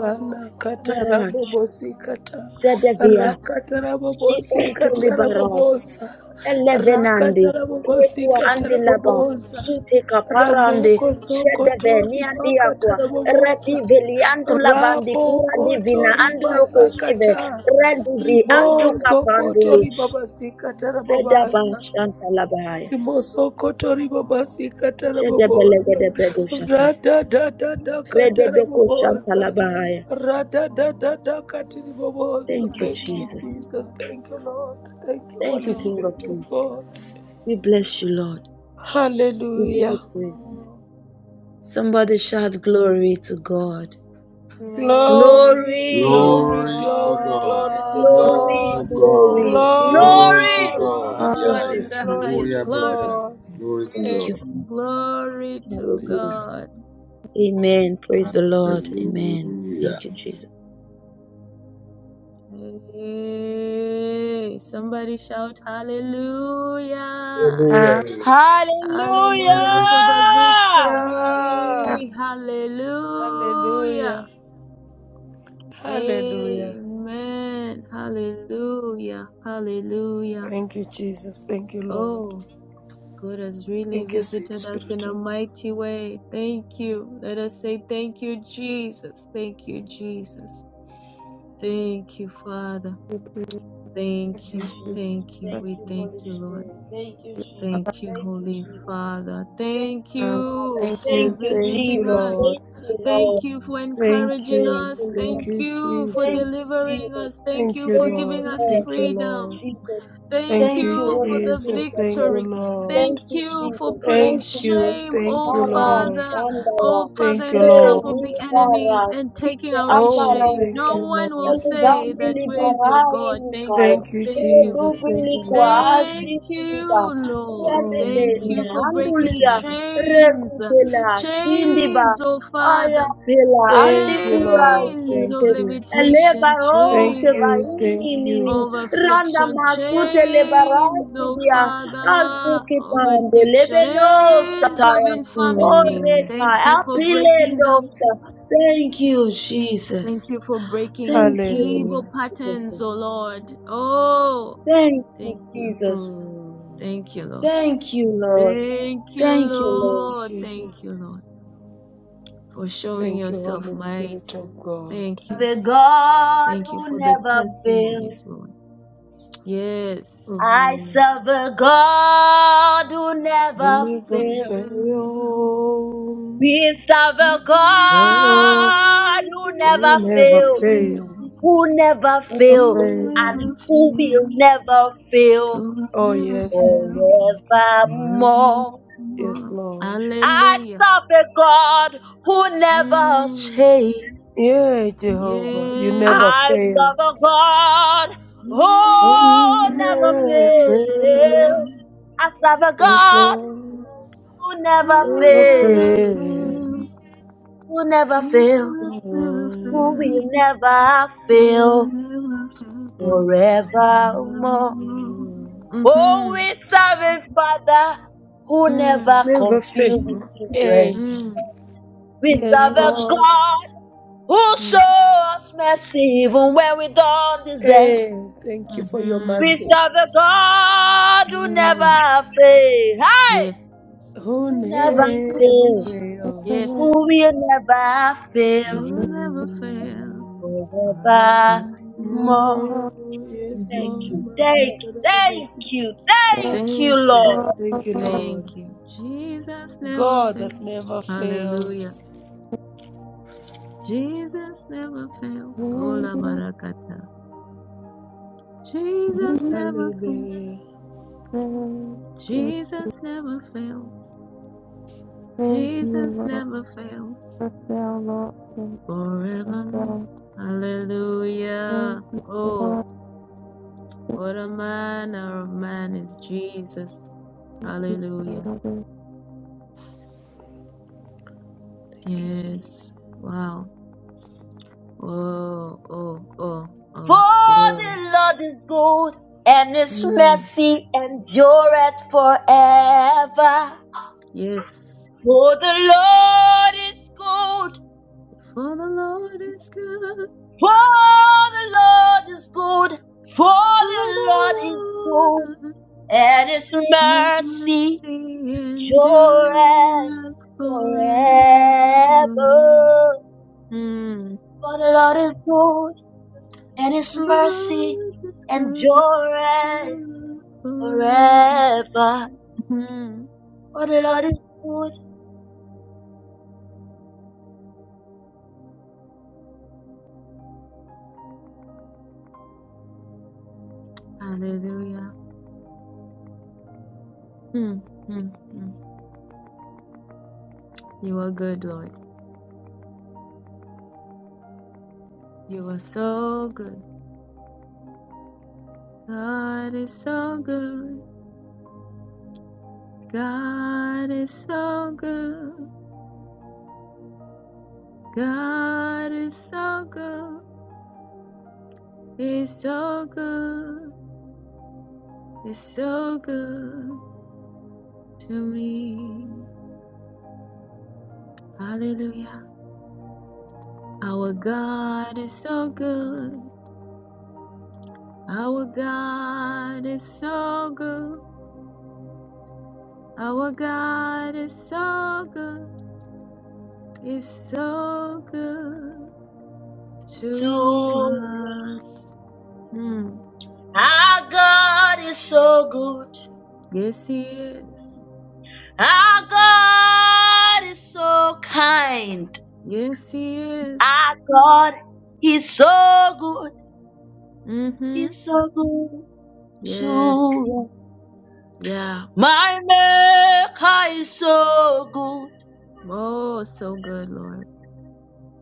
S1: Oh Father,
S4: kata
S1: renew
S2: Marash,
S1: my
S4: rabobosi
S1: mind, oh
S4: kata
S1: God.
S2: Zedevia,
S4: rakata
S2: She
S4: rabobosi kata
S1: Oh
S2: Libara,
S1: Father,
S4: rabobosa
S1: God, transform.
S4: rakata
S2: Elevenandi,
S4: rabobosi
S2: Prekua
S4: kata
S2: andi laba,
S4: rabobosa
S2: Sute kaparandi,
S4: ramoko sokoto
S2: Shedeve niandi
S4: ribakata
S2: aqua, Redi
S4: rabobosa
S2: veli andu lavandi, Cura
S4: rabokoto
S2: divina andu
S4: ribasa
S2: locosive,
S4: kata
S2: Redi vi antu
S4: ribozo koto
S2: capandulus,
S4: ribabasi kata
S2: Reda ban
S4: rababasa
S2: shanta labahaya,
S4: Mosokotori babasi katara
S2: Shedebelege
S4: babosa.
S2: de bredo shata,
S4: Rada da da da katara
S1: Transform,
S2: Redebeko shanta
S4: babosa.
S2: labahaya.
S4: Rada da
S1: transform,
S4: da da
S1: transform
S4: katiri babosa.
S2: Thank you,
S4: Thank you,
S1: transform
S2: Jesus.
S1: us,
S4: Jesus.
S1: God.
S4: Thank you, Lord. Thank you,
S2: Thank you,
S4: Holy
S2: King
S1: Oh,
S2: of
S4: Spirit of
S2: Kings.
S4: God.
S1: Father,
S2: We bless you, Lord. We give you
S4: Hallelujah.
S2: praise.
S1: oh,
S2: Somebody shout glory to God.
S1: glory to
S4: Glory,
S2: Glory!
S4: glory,
S5: Glory to
S4: glory,
S5: God.
S4: glory to
S5: Glory
S1: God.
S2: Glory,
S5: to
S4: God.
S2: glory,
S5: God.
S1: Glory
S3: Lord
S1: to
S5: Glory to
S2: glory.
S5: God
S4: Glory,
S5: in the
S3: God,
S2: Thank
S1: God in
S2: you,
S4: glory,
S5: highest.
S1: the
S5: Oh,
S4: glory
S1: highest
S5: yeah,
S4: to
S2: Jesus.
S1: glory.
S5: brother.
S4: God.
S5: Glory
S2: Thank
S5: to
S2: you.
S1: Glory to
S2: Hallelujah.
S5: God.
S1: God.
S2: Amen. Praise the Lord. Amen.
S5: Hallelujah.
S2: Thank you, Jesus.
S1: Hey, somebody shout hallelujah.
S3: we ask
S5: Hallelujah.
S2: Hallelujah.
S1: Hallelujah for
S5: Hallelujah.
S1: the
S4: Yeah.
S1: victory. Hallelujah.
S4: Hallelujah. Hallelujah.
S1: Amen. Hallelujah. Hallelujah.
S4: Thank you, Jesus. Thank you, Lord.
S1: Oh, God has really
S4: Thank you, sweet
S1: visited us
S4: Spirit
S1: in a
S4: of God.
S1: mighty way. Thank you. Let us say thank you, Jesus. Thank you, Jesus. Thank you, Father.
S3: you to
S1: Thank
S2: Thank you,
S3: thank
S1: you.
S3: you,
S2: Jesus.
S1: Thank you.
S2: Thank
S1: We
S2: you,
S1: thank
S2: Holy
S1: you, Lord.
S2: Spirit. Thank you, Jesus.
S1: Thank you,
S2: Thank you,
S1: Holy
S2: Jesus.
S1: Father.
S2: Thank
S1: Thank
S2: you,
S3: Father.
S2: Father.
S1: you
S3: Thank
S4: Thank
S1: for
S4: you.
S2: Thank you,
S4: Thank you,
S1: visiting
S2: Jesus.
S1: us.
S4: Lord.
S2: Thank you,
S1: Thank
S2: Lord.
S1: you for
S4: Thank
S1: encouraging
S2: Thank
S4: you.
S1: us.
S2: you, Lord.
S4: Thank
S1: Thank
S4: you,
S1: you for
S2: Thank
S4: Jesus.
S2: you,
S1: delivering
S2: Jesus.
S1: us. Thank
S4: Thank
S1: you
S4: you,
S1: for
S2: Thank
S4: Lord.
S1: giving
S2: you,
S1: us
S2: Lord.
S4: Thank you,
S2: Thank you,
S1: freedom.
S4: Lord.
S2: Jesus.
S1: Thank
S4: Thank
S2: Thank
S4: you,
S2: you,
S1: you
S2: Holy
S1: for the
S2: Spirit
S4: Jesus.
S2: of
S4: Thank
S2: God.
S4: you,
S1: victory.
S4: Lord.
S2: Thank
S1: Thank
S2: you,
S1: you for
S2: Jesus.
S1: putting
S2: Thank you,
S4: Thank
S2: Lord.
S4: you.
S1: shame,
S4: Thank
S1: oh
S4: you,
S2: Mara,
S4: Lord.
S1: Father,
S2: Sandaya.
S1: oh Father,
S4: Thank
S1: in
S4: you,
S1: the
S2: Eh,
S1: camp
S4: Lord.
S1: of the
S2: Libara,
S1: enemy and taking
S2: Sike,
S1: away
S4: Oh,
S1: shame.
S4: thank
S2: Aparosa.
S1: No
S4: you,
S1: one will
S4: Lord.
S1: say
S2: Eludambi,
S1: that, Where is your
S2: Libarai,
S1: God? Thank
S2: Mikai.
S4: Thank
S1: you.
S4: you,
S1: Thank you.
S4: Jesus.
S2: Redubi,
S4: Thank you,
S2: Likwa,
S4: Lord.
S1: Thank
S2: Asifuga.
S1: you, Lord.
S4: Oh,
S1: Thank you
S2: Redebenia,
S1: for
S4: merciful
S1: breaking
S2: Andulia,
S4: Father.
S1: chains.
S2: Rekutela, Sindiba.
S1: Chains, oh
S2: Aya
S1: Father.
S2: pela
S4: Thank you,
S2: andikura
S4: Lord.
S1: Chains
S4: Thank
S1: of
S2: sute
S4: you.
S1: limitation.
S2: elebaro
S4: Thank you.
S1: Chains
S2: sevaini
S4: Thank you.
S2: nini
S1: of
S2: randa
S1: affliction.
S2: masute
S1: Chains,
S2: lebarasi
S1: oh
S2: dia
S1: Father, of
S2: azukitande
S1: addiction.
S2: lebeno
S1: Chains of
S2: sataya
S1: infirmity.
S4: Mm.
S2: oreka
S1: Thank you for breaking them.
S2: apilendosa. Thank you, Jesus.
S1: Thank you for breaking
S2: Thank you,
S1: evil
S4: Hallelujah.
S2: Jesus.
S1: patterns, oh Lord. Oh,
S2: Thank you,
S1: thank you.
S2: Jesus.
S4: Mm.
S1: Thank you, Lord.
S2: Thank you, Lord.
S1: Thank you,
S2: Thank you, Lord.
S1: Lord. Thank you,
S4: Jesus.
S1: Lord, for showing
S4: Thank you,
S1: yourself
S4: Holy Spirit
S1: mighty.
S4: of God.
S1: Thank you.
S2: The God
S1: Thank
S2: who
S1: you for the
S2: never fails.
S1: testimonies, Lord. Yes.
S2: I
S4: Mm.
S2: serve a God who
S4: You
S2: never
S1: Who
S4: never
S1: never
S2: fails.
S1: fail,
S4: fail.
S2: We serve a
S4: Lord,
S2: God who
S4: you
S2: never
S4: never
S2: fails,
S4: fail.
S2: who never
S4: Never
S1: who
S2: fail,
S4: fail.
S2: and who will never fail
S4: Oh,
S1: never fail,
S4: yes.
S2: forevermore.
S4: Yes,
S1: forevermore.
S4: Lord.
S2: I
S1: Hallelujah.
S2: serve a God who never
S1: Mm,
S2: changes.
S4: Yeah, Jehovah. You never
S1: yes.
S2: I
S4: fail.
S2: serve a God who
S4: You
S1: Mm,
S2: never
S1: I'll
S4: never
S1: never
S4: fail.
S2: fails.
S1: fail.
S2: I serve a
S4: Yes,
S2: God
S4: Lord.
S2: who never
S1: I'll
S4: Never
S2: fails.
S1: never
S4: fail.
S1: fail.
S2: will never fail,
S1: Jesus never
S2: who
S4: Mm,
S2: will
S1: fail.
S2: never
S1: You'll
S2: fail
S1: never fail.
S4: mm,
S2: forevermore.
S4: mm.
S2: Oh,
S1: Mm-hmm.
S2: we serve a Father who never
S1: Mm,
S4: Never
S2: confused his
S4: fail.
S2: children.
S4: Hey,
S1: mm,
S3: you,
S2: We serve
S4: yes,
S2: a
S4: Lord.
S2: God who shows
S1: mm,
S2: us mercy even when we don't deserve.
S4: Hey, thank you for your
S1: mm-hmm.
S2: We
S4: mercy.
S2: serve a God who
S1: Mm.
S2: never fails. Hey!
S1: Yes,
S4: Oh,
S2: Who never
S4: never
S2: fail,
S4: fail.
S3: Thank you,
S1: yes.
S2: who
S3: Lord.
S2: will never
S1: You
S2: fail
S1: will never fail.
S4: Mm,
S2: forevermore.
S1: Forevermore.
S4: mm, yes,
S2: Thank
S4: Lord.
S2: you,
S1: Mm-hmm.
S2: thank you, thank
S4: Makatarabobosikata.
S2: you, thank you,
S1: Thank you.
S2: Lord.
S4: Thank you,
S1: Thank
S4: Lord.
S1: you. Jesus never
S4: God
S1: fails.
S4: that never
S1: Hallelujah.
S4: fails.
S1: Jesus never fails. Ola barakata. Jesus never fails.
S4: Hallelujah.
S1: Jesus never fails.
S3: Thank you,
S1: Jesus
S3: Lord,
S1: never fails.
S3: for thou, Lord, and
S1: Forevermore.
S3: thou. Thank
S1: Hallelujah.
S3: you,
S1: Oh,
S3: Lord,
S1: what a manner of man is Jesus.
S3: for
S1: Hallelujah.
S3: thou,
S4: Thank you, Jesus.
S1: Yes. Wow. Oh, oh, oh,
S2: For
S1: oh.
S2: the
S1: Glory.
S2: Lord is good and his
S1: Mm.
S2: mercy endureth forever.
S1: Yes.
S2: For the Lord is good,
S1: For the Lord is good.
S2: for the Lord is good, for
S1: For
S2: the Lord is
S1: the
S2: good,
S1: Lord.
S2: and his
S1: Let
S2: mercy
S1: mercy
S2: endureth
S1: endure forever.
S2: forever.
S1: Mm.
S2: For the Lord is good. and his
S1: The
S2: mercy
S1: Lord is good
S2: endureth
S1: forever.
S2: forever.
S1: Mm.
S2: For the Lord is good
S1: Hallelujah. Mm, mm, mm. You are good, Lord. You are so good. God is so good. God is so good. God is so good. He's so good. He's so good. to me. Hallelujah. Our God is so good. Our God is so good. Our God is so good. Is so good
S2: to me.
S1: to us. Mm.
S2: Our God is so good.
S1: Yes, He is.
S2: Our God is so kind.
S1: Yes, He is.
S2: Our God is so good.
S1: Mm-hmm.
S2: He's so good
S1: Yes.
S2: to us.
S1: Yeah.
S2: My Maker is so good.
S1: Oh, so good, Lord.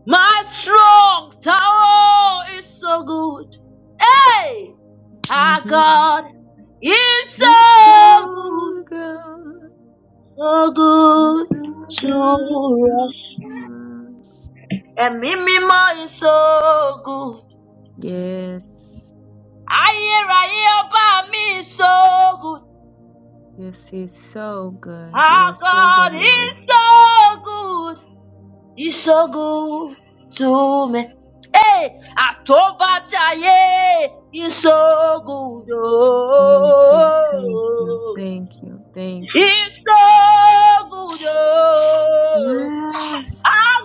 S2: My strong tower is so good. Hey! Our
S1: Mm-hmm.
S2: God is
S1: It's
S2: so good,
S1: so good.
S2: so
S1: He's
S2: good
S1: so
S2: to
S1: good to
S2: us.
S1: us.
S2: Ẹ̀mí mímọ́ is so good.
S1: Yes,
S2: Ayérayé ọba mi is so good.
S1: yes, he's so good. You
S2: Our
S1: are so
S2: God
S1: good,
S2: is
S1: Lord.
S2: so good, is so good to me. Hey, àtọ́bátáyé is so good. Oh,
S1: Thank you, thank you, thank you, thank you.
S2: he's so good. Oh.
S1: Yes,
S2: Our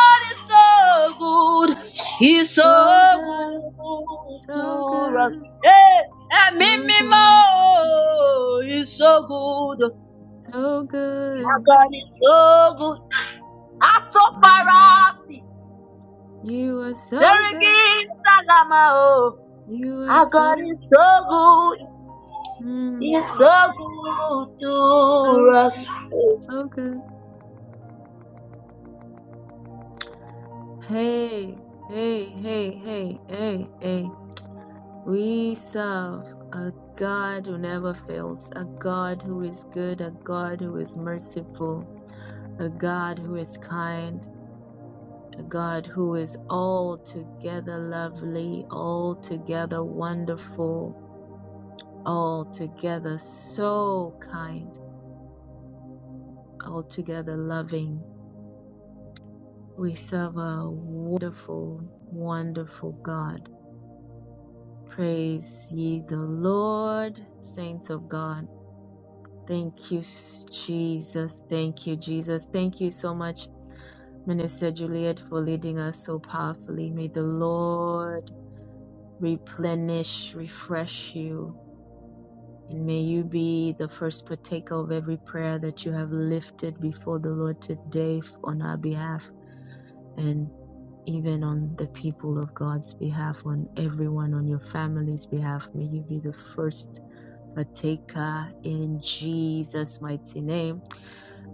S2: God is so good. He's
S1: so
S2: so
S1: good,
S2: good
S1: so
S2: to us.
S1: good,
S2: Hey, and me,
S1: so
S2: me
S1: good,
S2: more. He's so good.
S1: so
S2: Our
S1: good.
S2: God is so good.
S1: Mm.
S2: Atoparati.
S1: You are so good.
S2: Serigin Salama. Oh,
S1: You are
S2: our
S1: so
S2: God
S1: good.
S2: is so good.
S1: Mm,
S2: He's so good to
S1: so good, so good. Hey, hey, hey, hey, hey, hey. We serve a God who never fails, a God who is good, a God who is merciful, a God who is kind, a God who is altogether lovely, altogether wonderful, altogether so kind, altogether loving. We serve a wonderful, wonderful God. Praise ye the Lord, saints of God. Thank you, s- Jesus. Thank you, Jesus. Thank you so much, Minister Juliet, for leading us so powerfully. May the Lord replenish, refresh you, and may you be the first partaker of every prayer that you have lifted before the Lord today f- on our behalf and even on the people of God's behalf, on everyone, on your family's behalf. May you be the first partaker in Jesus' mighty name.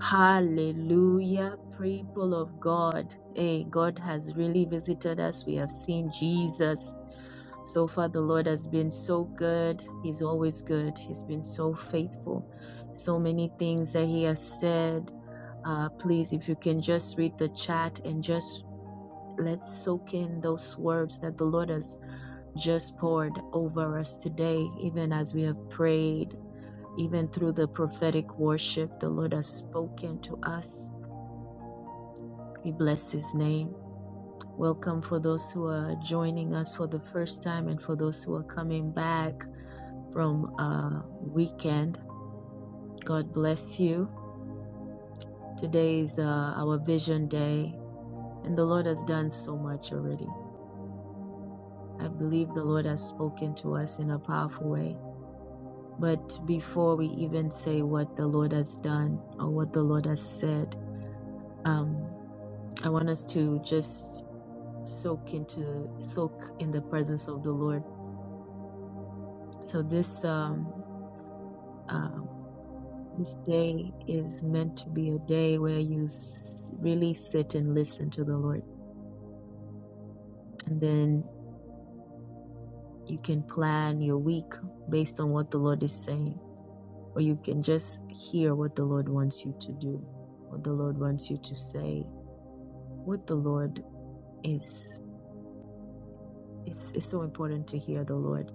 S1: Hallelujah, people of God. Hey, God has really visited us. We have seen Jesus. So far, the Lord has been so good. He's always good. He's been so faithful. So many things that He has said. Uh, please, if you can just read the chat and just let's soak in those words that the Lord has just poured over us today, even as we have prayed, even through the prophetic worship, the Lord has spoken to us We bless his name. Welcome for those who are joining us for the first time and for those who are coming back from uh weekend. God bless you. Today is uh, our vision day and the Lord has done so much already. I believe the Lord has spoken to us in a powerful way. But before we even say what the Lord has done or what the Lord has said, um, I want us to just soak into soak in the presence of the Lord So this um, um, this day is meant to be a day where you s- really sit and listen to the Lord, and then you can plan your week based on what the Lord is saying, or you can just hear what the Lord wants you to do, what the Lord wants you to say, what the Lord is. It's it's so important to hear the Lord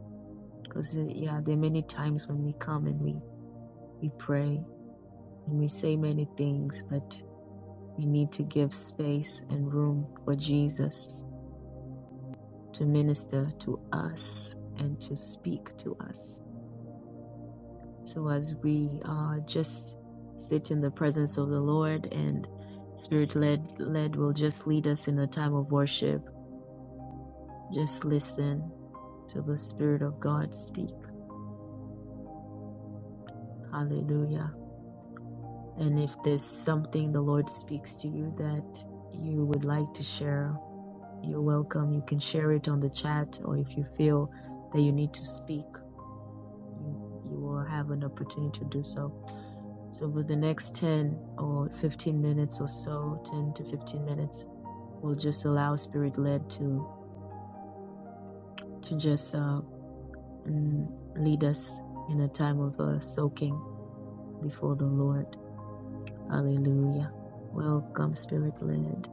S1: because yeah, there are many times when we come and we we pray and we say many things, but We need to give space and room for Jesus to minister to us and to speak to us. So as we uh, just sit in the presence of the Lord and Spirit led led will just lead us in a time of worship. Just listen to the Spirit of God speak. Hallelujah. And if there's something the Lord speaks to you that you would like to share You're welcome. You can share it on the chat, or if you feel that you need to speak, you, you will have an opportunity to do so. So, for the next 10 or 15 minutes or so, 10 to 15 minutes, we'll just allow Spirit led to, to just uh, mm, lead us in a time of uh, soaking before the Lord. Hallelujah. Welcome, Spirit led.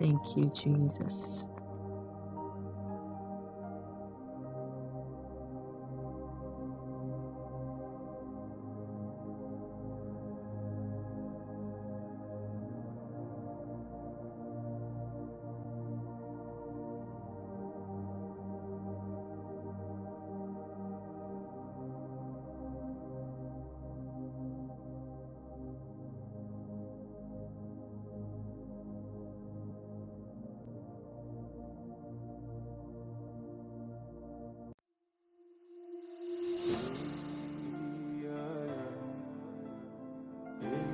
S1: Thank you, Jesus.
S6: Thank you.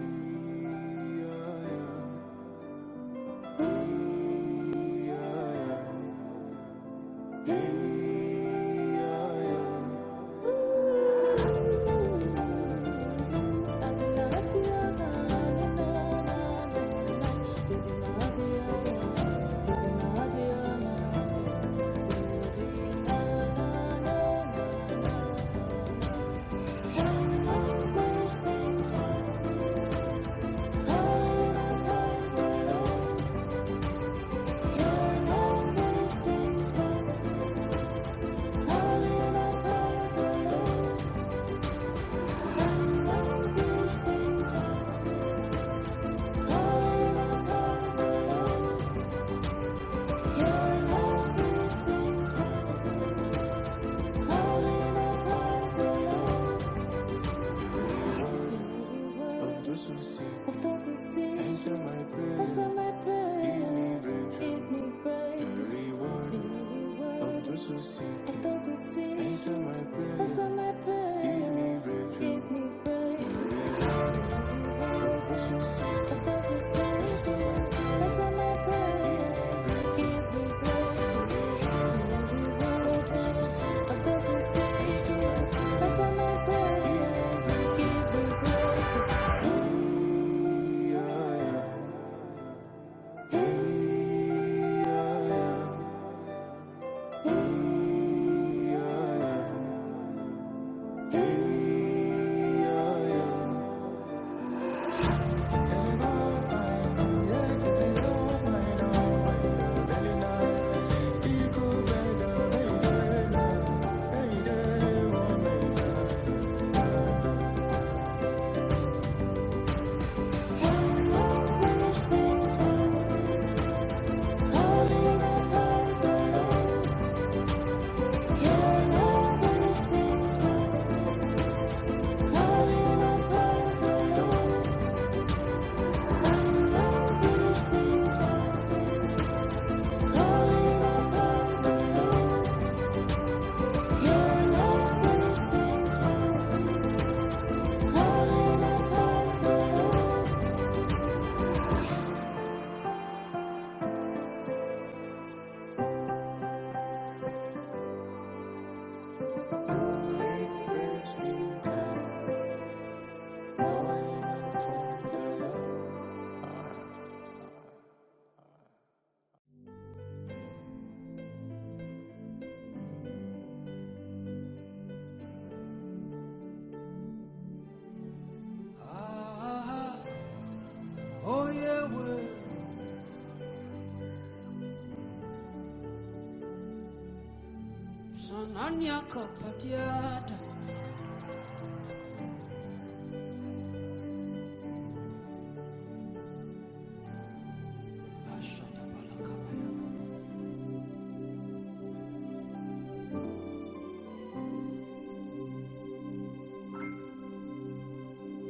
S6: Of those who answer my prayer. Give me breakthrough. Give me breakthrough. Thank you. oyewe sanani akapatia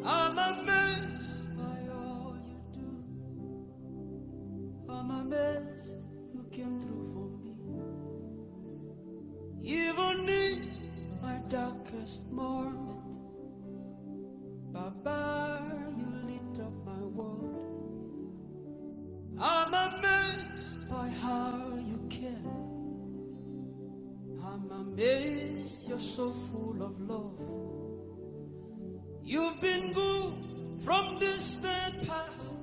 S6: I'm amazed by all you do. I'm amazed you came through for me. Even in my darkest moment, Baba, you lit up my world. I'm amazed by how you care. I'm amazed you're so full of love. You've been good from distant past,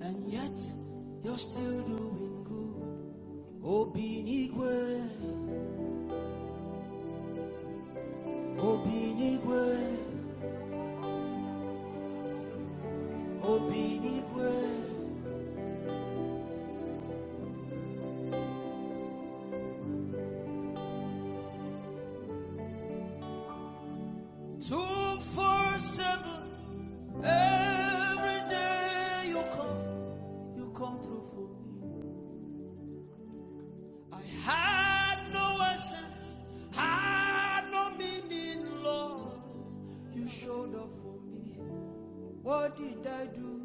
S6: and yet you're still doing good. Obinigwe, Obinigwe, Obinigwe, 247. Every day you come, you come through for me. I had no essence, had no meaning, Lord. You showed up for me. What did I do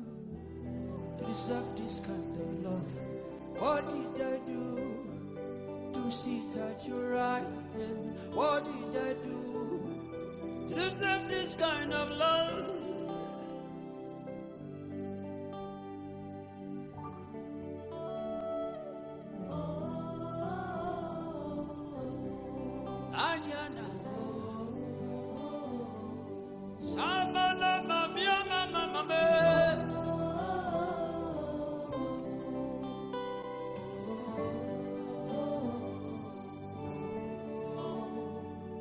S6: to deserve this kind of love? What did I do? to sit at your right hand. What did I do to deserve this kind of love? Anyana, Shabala, Mami, Mama, Mama.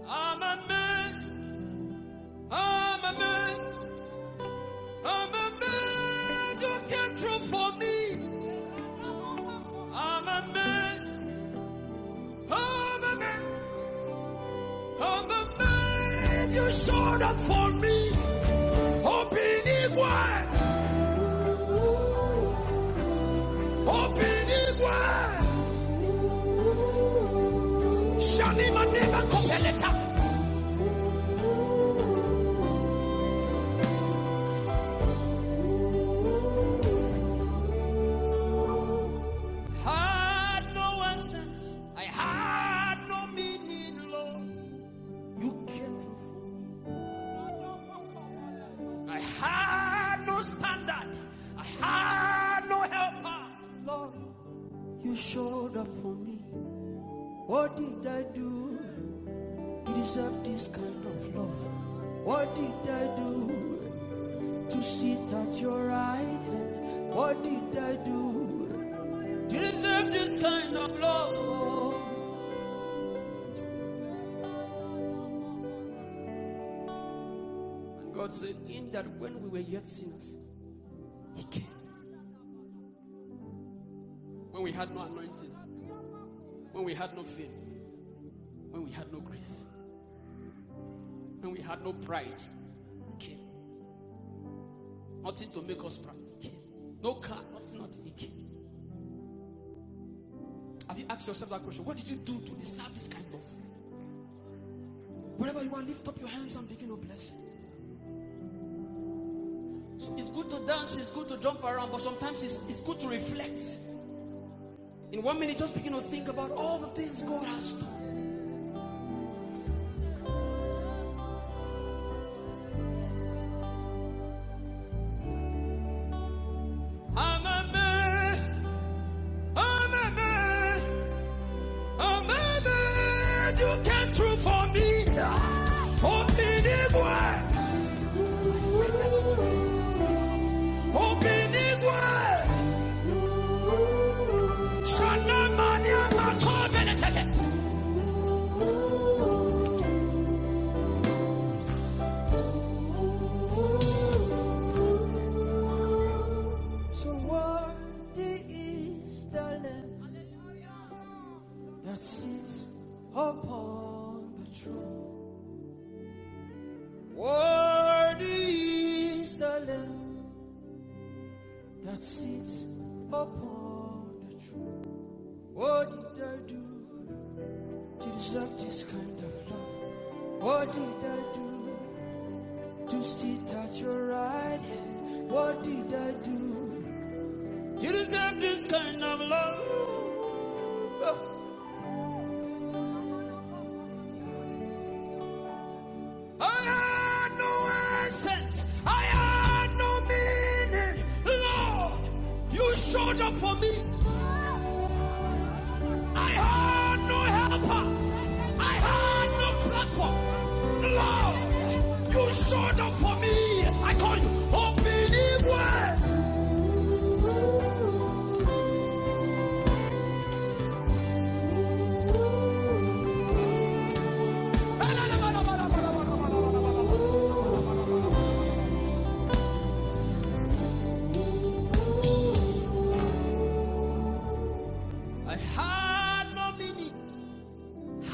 S6: I'm a mess, I'm a mess, I'm a mess. You came through for me. I'm a mess, I'm a mess, I'm a mess. You showed up for me. Open igual, open igual. Shani Manema Kopeleta. Had no essence. I had no meaning, Lord. You came through. I had no standard. I had no helper. Lord, you showed up for me. What did I do to deserve this kind of love? What did I do to sit at your right hand? What did I do to deserve this kind of love? God said, In that when we were yet sinners, He came. When we had no anointing, when we had no faith, when we had no grace, when we had no pride, He came. Nothing to make us proud, He came. No car, nothing, nothing, He came. Have you asked yourself that question? What did you do to deserve this kind of? Wherever you are, lift up your hands and begin to bless. So it's good to dance, it's good to jump around, but sometimes it's, it's good to reflect. In one minute, just begin to think about all the things God has done. I'm amazed. I'm amazed. A moment you came through for me. Obinigwe. Obinigwe. Shanamania makobelekeke. So worthy is the Lamb that sits upon the throne. Worthy is the Lamb that sits upon the throne. What did I do to deserve this kind of love? What did I do to sit at your right hand? What did I do to deserve this kind of love? Oh, I had no essence. I had no meaning. Lord, you showed up for me. I had no helper. I had no platform. Lord, you showed up for me. I call you. Oh, believe well. I had no meaning,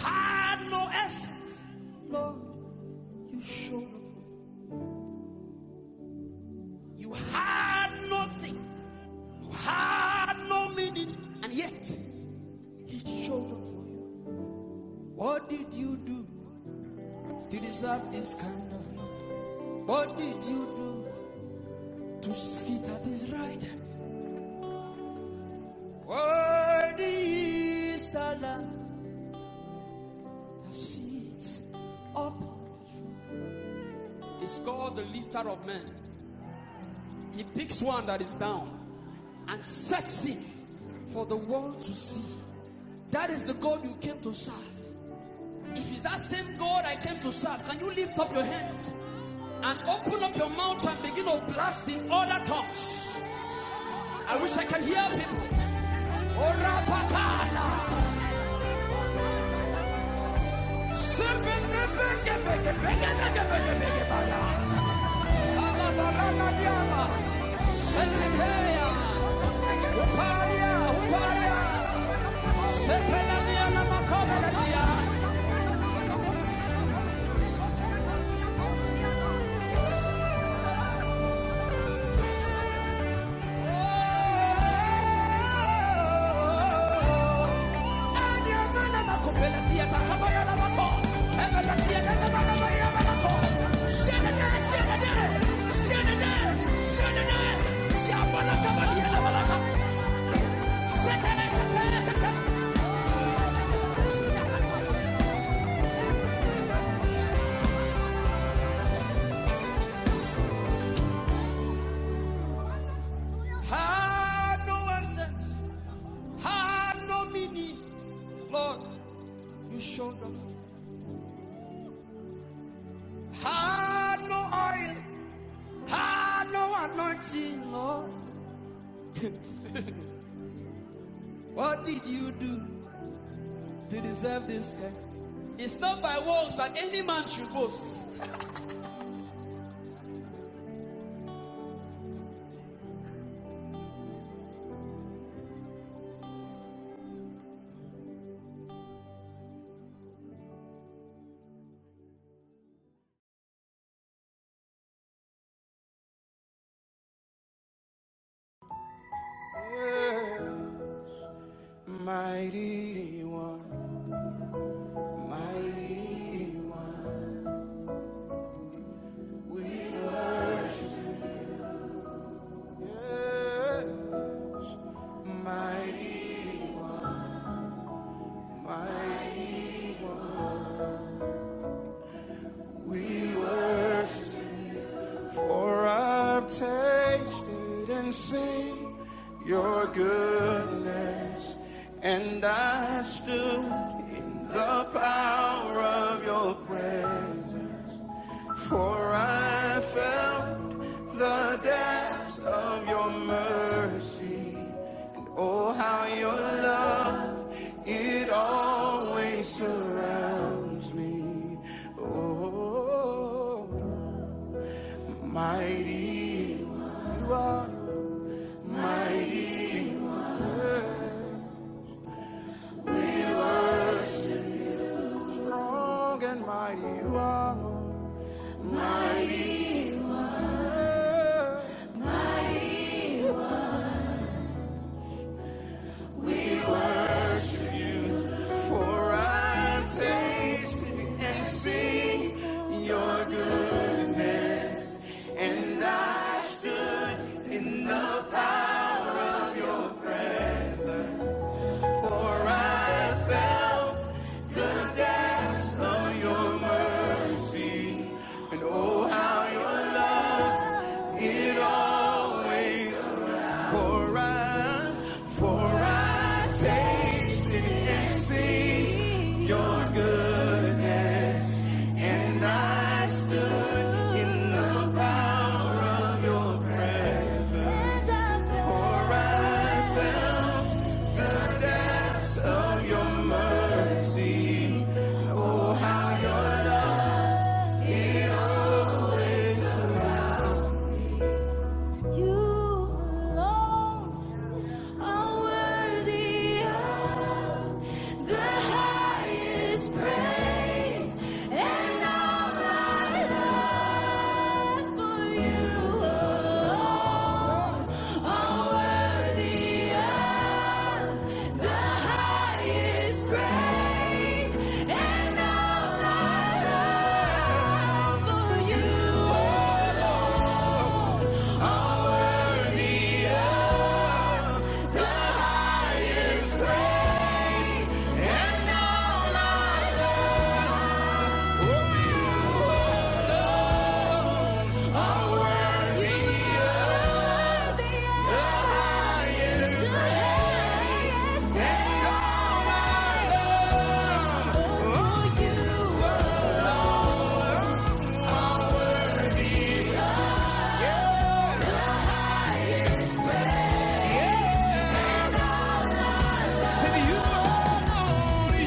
S6: had no essence. Lord, you showed up. You had nothing, you had no meaning, and yet He showed up for you. What did you do to deserve this kind of love? What did you do to sit at His right hand? Worthy is the Lamb that sits upon. It's called the lifter of men. He picks one that is down And such thing for the world to see—that is the God you came to serve. If it's that same God I came to serve, can you lift up your hands and open up your mouth and begin of blasting other tongues? I wish I can hear people. Siapa nak kabar dia nak balak? Had no essence, had no meaning. Lord, you showed up. Had no oil, had no anointing, Lord. [laughs] what did you do to deserve this death? It's not by works that any man should boast. Mighty one, mighty, yeah, mighty. Mighty One, we worship, for I've tasted and seen your goodness, and I stood in the power of your presence. For I felt the depths of your mercy, and oh, how your love it always surrounds me. Oh, mighty you are, mighty you are, we worship, strong and mighty you are, mighty. you are, We worship. For I've tasted and seen your goodness, and I stood in the for I felt the depths of your mercy, and oh how your ways for I for I tasted and seen your goodness, and I stood in the for You alone are worthy of the highest praise, and all my love for you alone are worthy of all my love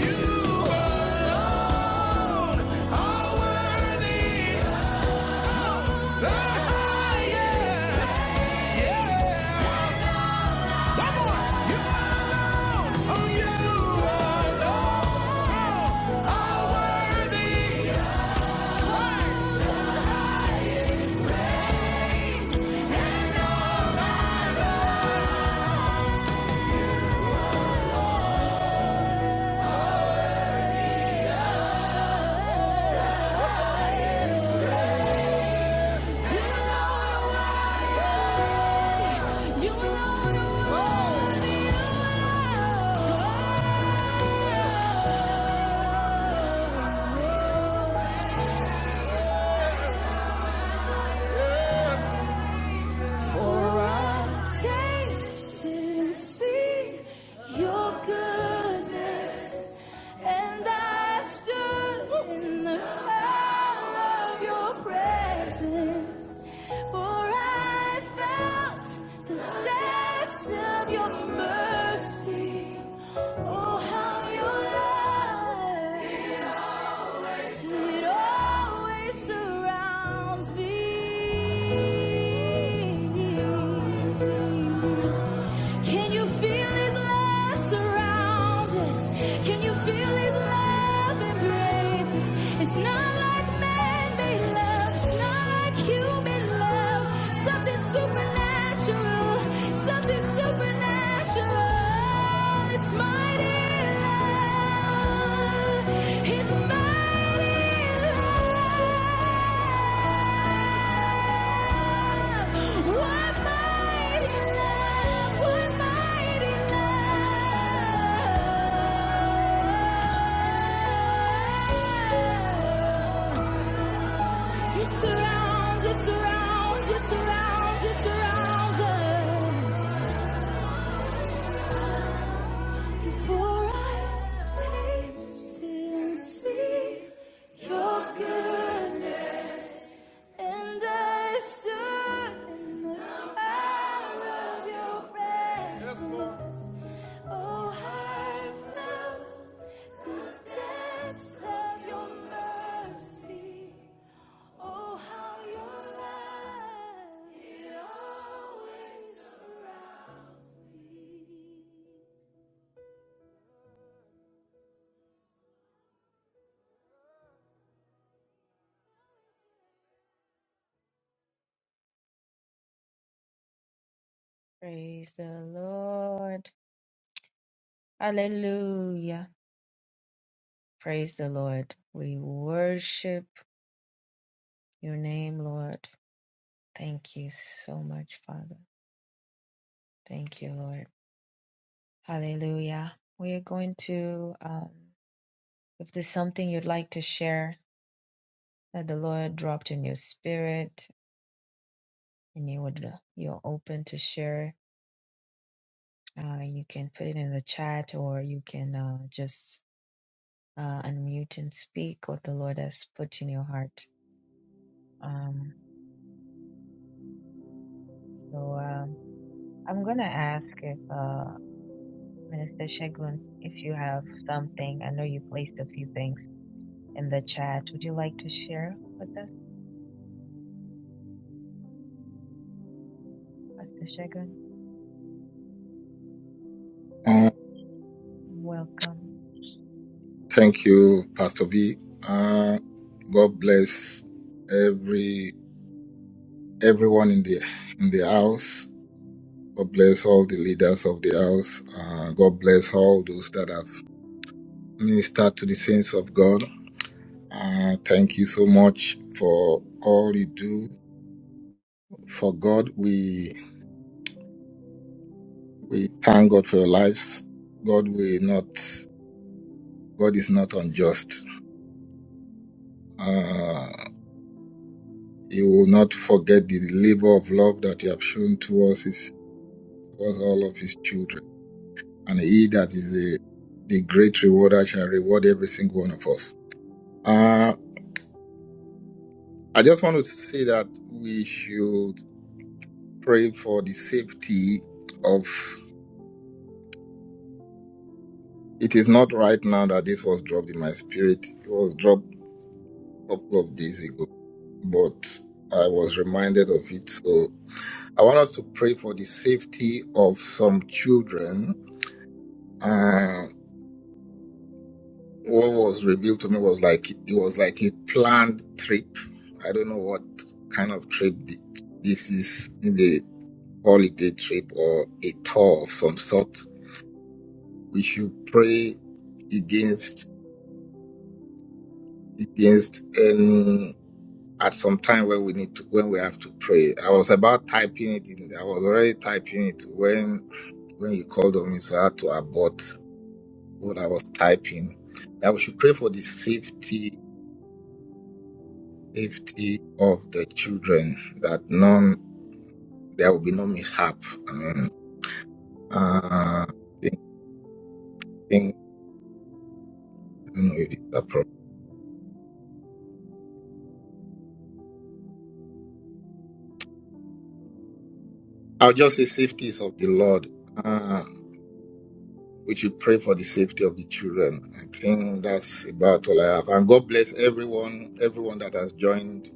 S6: you alone, you worthy. You alone for I taste your goodness, and I stood in the power of your presence, for I felt the depths of your mercy. Oh, how your love. It always surrounds me. Can you feel his love surround us? Can you feel his love embrace us? It's not like man-made love. It's not like human love. Something supernatural. Something supernatural. It's mighty love. It's mighty love. What mighty love? What mighty love? It surrounds, it surrounds, it surrounds, it surrounds us. Before I taste and see your goodness, and I stood in the power of your presence. Oh, I felt the depths of your mercy. Oh, how your love it always surrounds me.
S1: Praise the Lord. Hallelujah. Praise the Lord. We worship your name, Lord. Thank you so much, Father. Thank you, Lord. Hallelujah. We are going to, um, if there's something you'd like to share that the Lord dropped in your spirit and you would, uh, you're open to share, uh, you can put it in the chat or you can uh, just uh, unmute and speak what the Lord has put in your heart. Um, so um I'm going to ask if. uh, Minister Shegun, if you have something, I know you placed a few things in the chat. Would you like to share with us, Pastor Shegun? Welcome.
S5: Thank you, Pastor B. Uh, God bless every everyone in the in the house. God bless all the leaders of the house. Uh, God bless all those that have ministered to the saints of God. Uh, thank you so much for all you do for God. We we thank God for your lives. God will not. God is not unjust. Uh, he will not forget the labor of love that you have shown towards us towards all of his children. And he that is the, the great rewarder shall reward every single one of us. Uh, I just want to say that we should pray for the safety of it is not right now that this was dropped in my spirit. It was dropped a couple of days ago, but I was reminded of it. So I want us to pray for the safety of some children. uh, what was revealed to me was like it was like a planned trip. I don't know what kind of trip th- this is, maybe a holiday trip or a tour of some sort. We should pray against against any at some time where we need to when we have to pray. I was about typing it in I was already typing it when when you called on me so I had to abort what I was typing. That we should pray for the safety safety of the children that none there will be no mishap. Um, uh, think, think, I don't know if it's a problem. I'll just say safety is of the Lord. Uh, we should pray for the safety of the children. I think that's about all I have. And God bless everyone, everyone that has joined.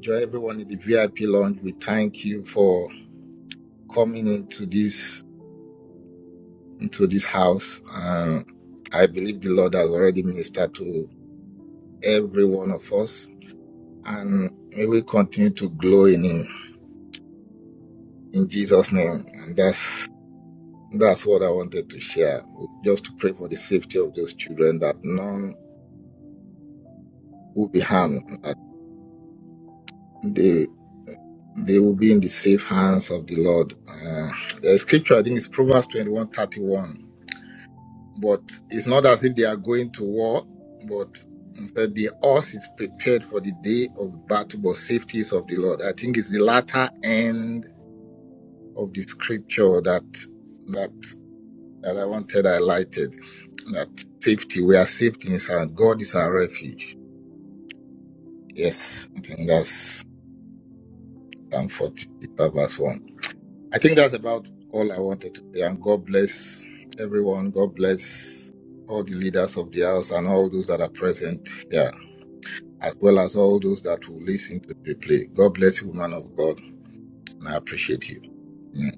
S5: Join everyone in the VIP lounge. We thank you for coming into this into this house. Um, I believe the Lord has already ministered to every one of us and may we continue to glow in him in Jesus' name. And that's that's what I wanted to share. Just to pray for the safety of those children that none will be harmed, that they they will be in the safe hands of the Lord. Uh, the scripture I think is Proverbs twenty one thirty one. But it's not as if they are going to war, but instead the horse is prepared for the day of battle, but safety is of the Lord. I think it's the latter end of the scripture that that that I wanted highlighted that safety, we are safety in our God is our refuge. Yes, I think that's Psalm 46 verse 1. I think that's about all I wanted to say. And God bless everyone. God bless all the leaders of the house and all those that are present here, as well as all those that will listen to the replay. God bless you, man of God, and I appreciate you. Amen.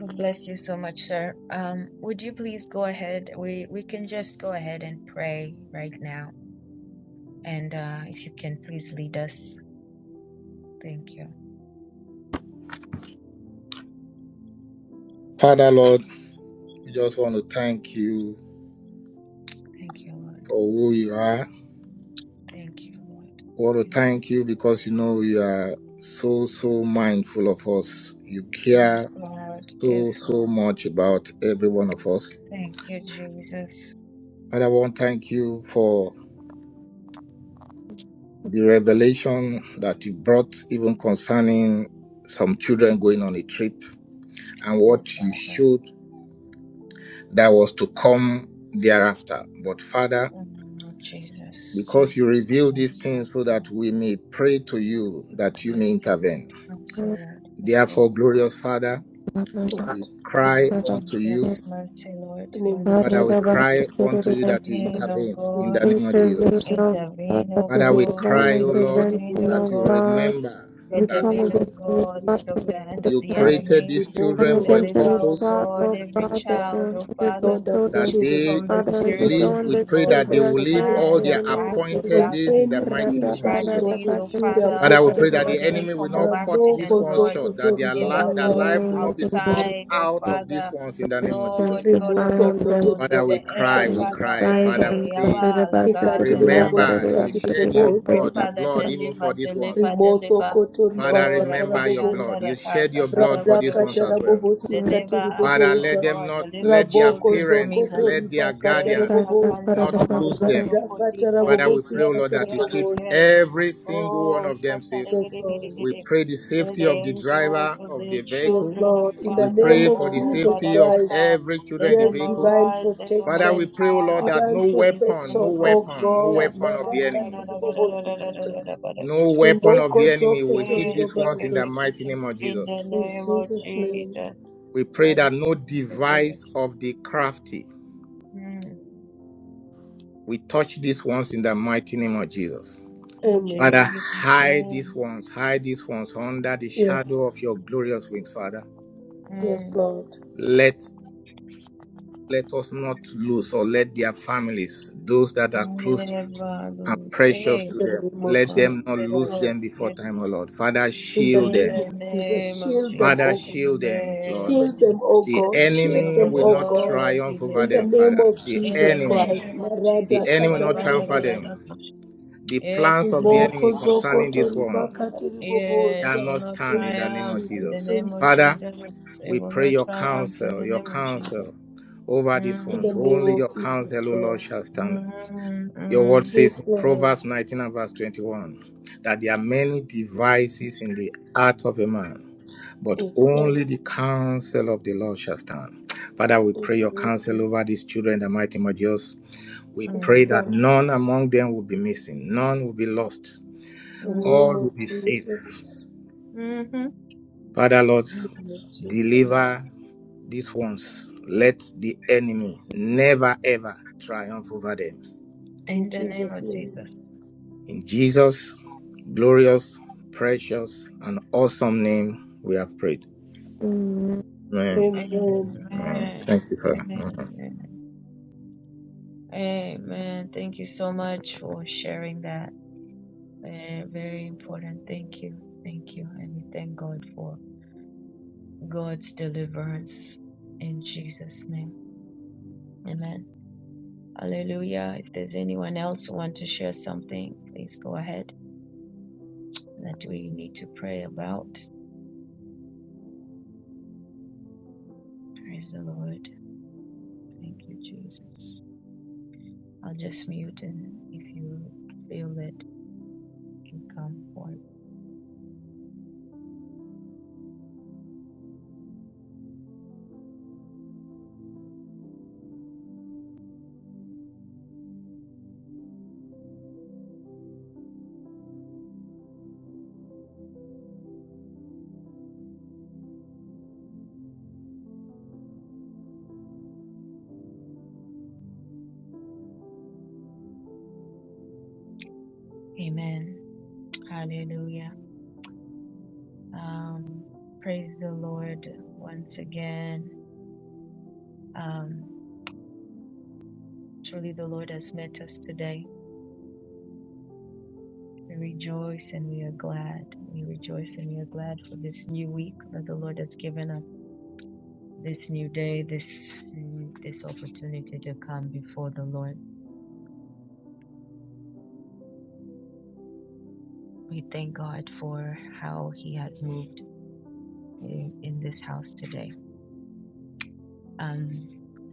S1: God bless you so much, sir. Um, would you please go ahead? We we can just go ahead and pray right now. And uh, if you can please lead us. Thank you.
S5: Father, Lord, we just want to thank you
S1: Thank you, Lord.
S5: for who you are.
S1: Thank you, Lord.
S5: want to
S1: Thank you.
S5: thank you because you know you are so so mindful of us. You
S1: Yes,
S5: care
S1: Lord. Yes,
S5: so so
S1: Lord.
S5: much about every one of us.
S1: Thank you, Jesus.
S5: And I want to thank you for the revelation that you brought, even concerning some children going on a trip and
S1: Oh,
S5: what you
S1: Father.
S5: showed that was to come thereafter. But Father,
S1: Mm, Jesus,
S5: because you
S1: Jesus,
S5: reveal these
S1: mercy,
S5: things so that we
S1: mercy,
S5: may pray to you that you may
S1: mercy,
S5: intervene.
S1: Lord, mercy, Lord, mercy,
S5: Therefore,
S1: Lord.
S5: glorious Father.
S4: Oh,
S5: We cry
S1: Oh,
S5: unto you.
S1: Jesus, mercy, Lord,
S4: In the name of
S1: mercy,
S5: Father, we
S1: Lord.
S4: Jesus
S5: cry unto you that you
S3: Lord.
S1: Intervene, O
S5: intervene in
S1: God,
S5: the name of
S3: intervene,
S5: Jesus.
S4: Christ.
S3: O God,
S1: intervene,
S3: that
S1: O
S3: with
S5: Father, we
S1: God,
S5: cry, O Lord,
S3: events
S4: Raboko
S1: intervene,
S3: in
S1: O
S3: our
S5: that
S3: O
S5: you
S4: Sokoto,
S1: God,
S3: God,
S5: remember
S3: we
S5: that
S3: come
S4: Raboko
S1: intervene, O
S3: against any
S4: Sokoto,
S1: God,
S4: Ribo
S3: plot
S1: stop
S3: of the
S1: the hand of
S5: you
S1: the
S3: enemy. We
S5: created
S1: enemy.
S5: these
S3: come
S5: children for a
S3: against
S1: Deliver,
S4: Sokoto,
S3: any
S1: O
S5: purpose,
S3: plot,
S1: God,
S3: O
S4: Ribo
S1: every child, O Father,
S3: these
S4: Lord, our
S3: children.
S5: that
S4: children
S5: they
S4: are
S1: from the
S3: Father,
S5: should
S3: as they
S1: spirit of
S3: go
S4: protected.
S5: live.
S3: on
S5: We
S3: the
S5: pray
S1: evil,
S3: trip,
S4: Our Children
S5: that
S1: from
S5: they
S3: they
S4: are
S1: the
S3: are
S5: will live
S3: safe
S5: all
S1: planned
S3: in
S4: protected
S5: their
S3: the name of
S1: attacks of
S4: from
S5: appointed
S3: Jesus.
S5: days
S1: darkness.
S5: in the
S3: Amen.
S5: mighty
S4: anything
S5: name
S3: In
S5: of
S4: that is
S3: the
S4: not
S5: Jesus.
S1: tragedies,
S3: name
S4: of
S1: oh
S4: you. They are
S1: Father,
S5: Father, we
S1: oh
S5: pray that the
S1: God,
S4: protected.
S1: any
S5: enemy will
S1: form of
S5: not cut these
S1: accident,
S4: Raboko
S5: ones
S1: Lord,
S5: short, that
S4: Sokoto,
S5: their,
S1: in
S5: li-
S1: the
S5: their
S4: Ribakata,
S1: home,
S5: life
S4: Rabobo,
S5: will not be snuffed
S1: outside, oh
S5: out
S3: of
S5: of these
S1: Father,
S5: ones in the name
S3: Jesus,
S5: of Jesus.
S1: Lord God,
S4: Rimo
S3: sanctify
S1: on the
S4: Sokoto,
S1: roads,
S5: Father,
S1: on the
S5: we
S1: air,
S5: cry, we
S1: Father,
S5: cry. Father, we
S3: them,
S1: eh,
S5: say,
S1: Yaba, Laga, on
S4: Ikatiri Rikati,
S1: the land and the
S5: Remember, you
S4: Ribobosikati,
S1: sea.
S5: shed your
S1: We pray,
S4: boboza.
S5: blood,
S3: sanctify
S5: your
S1: Father,
S5: blood, even
S1: deliver,
S5: for these
S1: deliver,
S5: ones.
S4: Rimoso
S1: deliver.
S4: koto
S5: Father,
S1: Lord,
S4: ribakata
S5: remember your
S1: Rakashanda,
S5: blood.
S4: raboboza.
S5: You shed your blood
S1: Rakasakara,
S5: for these ones
S4: Radakata
S1: Vadosha.
S5: as well.
S3: them.
S4: rabobosika
S1: Deliver us,
S5: Father,
S1: oh
S5: let
S4: tiriboboza.
S5: them
S1: God,
S5: not,
S1: deliver
S5: let their
S4: Raboko
S1: children from
S5: parents,
S1: evil.
S4: zokoto
S5: let their
S4: ribakata
S1: Eh,
S3: You guys
S5: guardians
S3: just put
S4: raboboza.
S1: Shakanda,
S3: up
S5: not
S3: a
S5: lose
S3: provocative
S5: them.
S1: Namakoto,
S4: Radakata
S5: Father,
S1: Kodikari.
S5: we pray, O
S1: Yes,
S4: rabobosika
S5: Lord, that you
S1: yes,
S5: keep
S1: yes.
S4: taraboboza.
S5: every single one
S1: Oh,
S5: of them safe.
S4: Yes, Lord.
S5: We
S1: Satarigirigirigiri.
S5: pray the
S1: let the
S5: safety of the
S1: angels
S5: driver
S1: of
S5: of
S1: the
S5: the
S4: Yes,
S5: vehicle.
S1: children of
S4: Lord. In the
S5: We
S1: Father,
S4: name
S5: pray for
S4: of
S5: the
S1: oh
S4: Jesus
S5: safety of
S4: Christ.
S1: Barakata,
S5: every children in
S1: let
S5: the
S4: Yes,
S1: them
S5: vehicle.
S4: divine
S1: arise, let them dwell
S5: Father, we
S1: in
S4: protection.
S5: pray, O Lord,
S1: power
S5: that
S4: Divine
S5: no
S1: in the
S5: weapon, no
S1: name
S4: protection,
S1: of
S4: oh
S5: weapon, no
S1: Jesus.
S4: God.
S5: weapon of the enemy
S4: Marakati ribobosikata.
S5: No weapon of
S4: Rimoko
S5: the enemy will
S4: zokoto
S5: hit
S1: Eh,
S5: these
S1: take
S5: ones in
S1: it,
S5: the
S4: ribobazo.
S1: take it,
S5: mighty name of
S1: In the
S5: Jesus.
S4: In
S1: name of
S4: Jesus' name.
S1: Jesus.
S5: We pray that no device of the crafty
S1: Mm,
S5: will touch these ones in the mighty name of Jesus.
S1: In
S5: Father,
S4: Amen.
S1: Jesus'
S5: hide these
S1: name.
S5: ones, hide these ones under the shadow
S4: Yes.
S5: of your glorious wings, Father.
S4: Yes,
S1: Mm,
S4: Lord.
S5: Let let us not lose or let their families, those that are close
S1: Never
S5: and
S1: lose.
S5: precious
S1: Hey,
S4: In
S5: to them,
S4: the name
S1: my
S4: of
S5: let
S1: God.
S4: Jesus
S5: them not
S1: Yes,
S5: lose
S4: Christ.
S5: them before
S1: Lord.
S5: time, O Lord. Father,
S4: In the
S5: shield
S1: In
S5: them.
S4: name
S1: the
S4: of Jesus.
S1: name of
S4: Shield them,
S5: Father,
S4: O
S1: Jesus,
S4: God.
S1: in the
S5: shield them,
S1: name
S5: Lord.
S1: of
S4: Shield them, O
S1: Jesus,
S5: The
S1: let
S4: God.
S1: the
S4: Shield
S1: shield
S5: enemy
S1: of
S4: them,
S5: will
S1: the
S4: O
S5: not
S4: God.
S1: Lord be
S5: triumph over
S4: In the
S5: them,
S1: lifted.
S4: name
S5: Father.
S4: of
S5: The
S1: In the
S4: Jesus
S5: enemy,
S4: Christ.
S1: name of
S5: the
S4: Marada
S1: Jesus,
S5: enemy will
S1: yes,
S5: not triumph over
S4: katarabobosa.
S5: them. The plans of the
S1: yes,
S5: enemy
S4: Riboko
S5: concerning
S4: zokoto
S5: this one
S4: ribaka
S1: yes, it
S4: tiribobosa.
S1: will
S5: cannot
S1: not
S5: stand in
S4: Thank
S5: the
S4: you,
S5: name
S1: triumph.
S5: of
S1: In
S4: Jesus.
S1: the
S5: Jesus.
S1: name
S4: Thank you.
S1: of
S5: Father,
S1: Jesus, it
S5: we
S1: will
S5: pray
S1: not
S5: your
S1: triumph. In
S5: counsel,
S1: the
S5: your
S1: name of Jesus.
S5: counsel over these
S1: Mm,
S4: In
S5: ones.
S4: the name
S5: Only your
S4: of Jesus
S5: counsel, O Lord, shall
S4: Christ.
S5: stand.
S1: mm,
S5: Your word
S1: mm,
S5: says in
S4: Yes, Lord.
S5: Proverbs 19 and verse 21 that there are many devices in the heart of a man, but
S4: Yes, Lord.
S5: only the counsel of the Lord shall stand. Father, we pray your counsel
S4: Amen.
S5: over these children, in the mighty name of Jesus. We
S4: Yes,
S5: pray that
S1: mm,
S4: Lord.
S5: none among them will be missing, none will be lost,
S4: In the
S1: mm,
S4: name
S5: all will
S4: of
S5: be saved.
S4: Jesus.
S1: hmm
S5: Father, Lord,
S4: Amen, Jesus.
S5: deliver these ones. Let the enemy never ever triumph over them.
S4: In
S1: In the name
S4: Jesus'
S1: of
S4: name.
S1: Jesus.
S5: In Jesus' glorious, precious, and awesome name, we have prayed.
S3: mm,
S5: Amen.
S4: Amen.
S5: Amen.
S1: Amen.
S5: Thank you, Father.
S1: Amen. Amen. Thank you so much for sharing that. Eh, very important. Thank you. Thank you. And we thank God for God's deliverance in Jesus' name. Amen. Hallelujah. If there's anyone else who want to share something, please go ahead. That we need to pray about. Praise the Lord. Thank you, Jesus. I'll just mute and if you feel it, you can come forth. Amen. Hallelujah. Um, praise the Lord once again. Um, truly, the Lord has met us today. We rejoice and we are glad. We rejoice and we are glad for this new week that the Lord has given us. This new day, this mm, this opportunity to come before the Lord. We thank God for how He has moved in, in this house today. Um,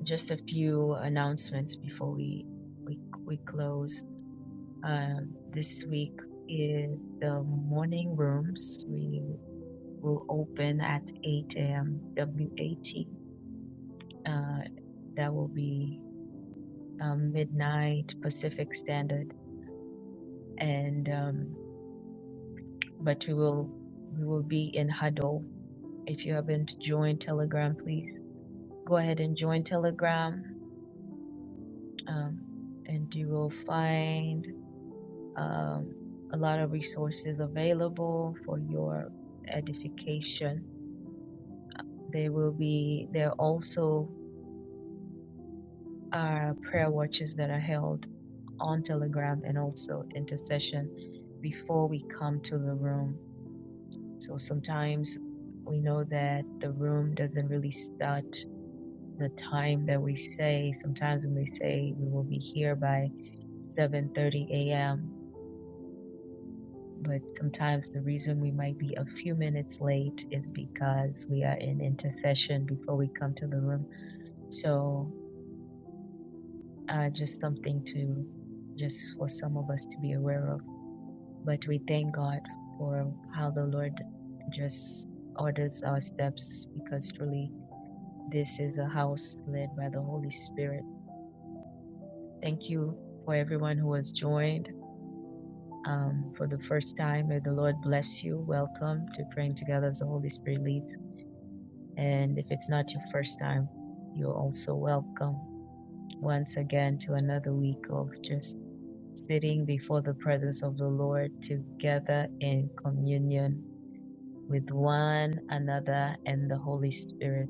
S1: just a few announcements before we we we close. Uh, this week is the morning rooms. We will open at 8 a.m. WAT. Uh, that will be um, midnight Pacific Standard. And um, but we will we will be in huddle. If you haven't joined Telegram, please go ahead and join Telegram, um, and you will find um, a lot of resources available for your edification There will be there also are prayer watches that are held on Telegram and also intercession before we come to the room. So sometimes we know that the room doesn't really start the time that we say. Sometimes when we say we will be here by 7:30 a.m., but sometimes the reason we might be a few minutes late is because we are in intercession before we come to the room. So uh, just something to just for some of us to be aware of. But we thank God for how the Lord just orders our steps because truly this is a house led by the Holy Spirit. Thank you for everyone who has joined um, for the first time. May the Lord bless you. Welcome to praying together as the Holy Spirit leads. And if it's not your first time, you're also welcome once again to another week of just sitting before the presence of the Lord together in communion with one another and the Holy Spirit.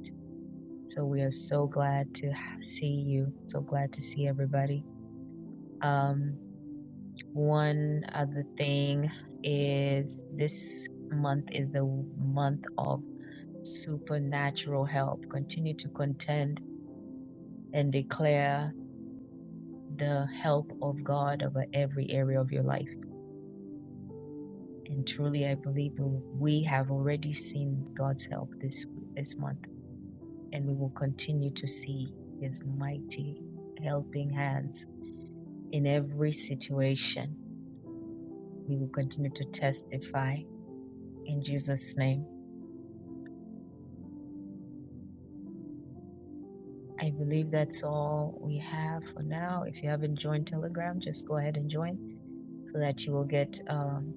S1: So we are so glad to see you. So glad to see everybody. Um, one other thing is this month is the month of supernatural help. Continue to contend and declare the help of God over every area of your life And truly, I believe we we have already seen God's help this this month, and we will continue to see His mighty helping hands in every situation. We will continue to testify in Jesus' name. I believe that's all we have for now. If you haven't joined Telegram, just go ahead and join so that you will get um,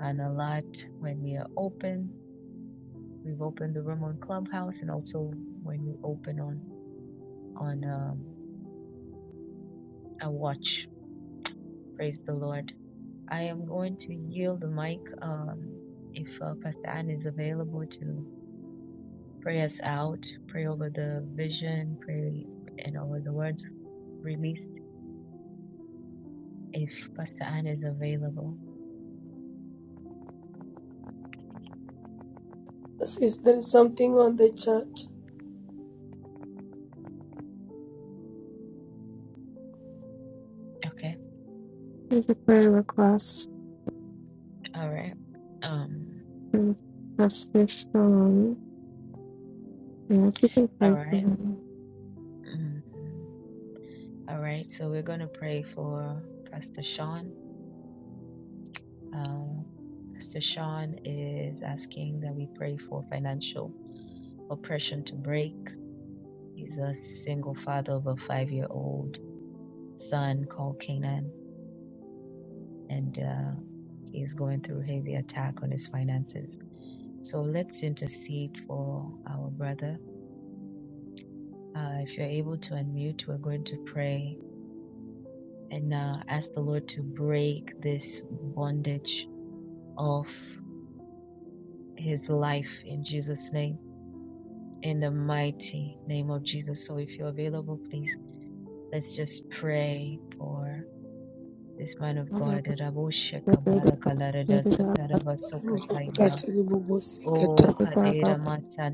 S1: an alert when we are open. We've opened the room on Clubhouse and also when we open on on um, a watch Praise the Lord. I am going to yield the mic um, if uh, Pastor Anne is available to pray us out, pray over the vision, pray and over the words released. If Pastor Anne is available,
S4: Is there is something on the chat.
S1: okay,
S3: Here's a prayer request
S1: all right, um,
S3: from Pastor Sean. And if you can
S1: all
S3: pray for
S1: right,
S3: him,
S1: mm, all right. So we're gonna pray for Pastor Sean. Uh, Pastor Sean is asking that we pray for financial oppression to break He's a single father of a five year old son called Canaan, and uh, he's going through heavy attack on his finances. So let's intercede for our brother. Uh, if you're able to unmute, we're going to pray and uh, ask the Lord to break this bondage of his life in Jesus' name, in the mighty name of Jesus. So if you're available, please let's just pray for. This man
S3: [laughs]
S1: of
S3: I have
S1: God, Raboshe
S3: a good
S1: Kabara
S3: day.
S1: Kalarada
S3: Maybe I'll
S1: Sataraba Sokataiba.
S4: Ribakati ribobosikata.
S1: O
S3: pray for
S1: Kadira
S3: about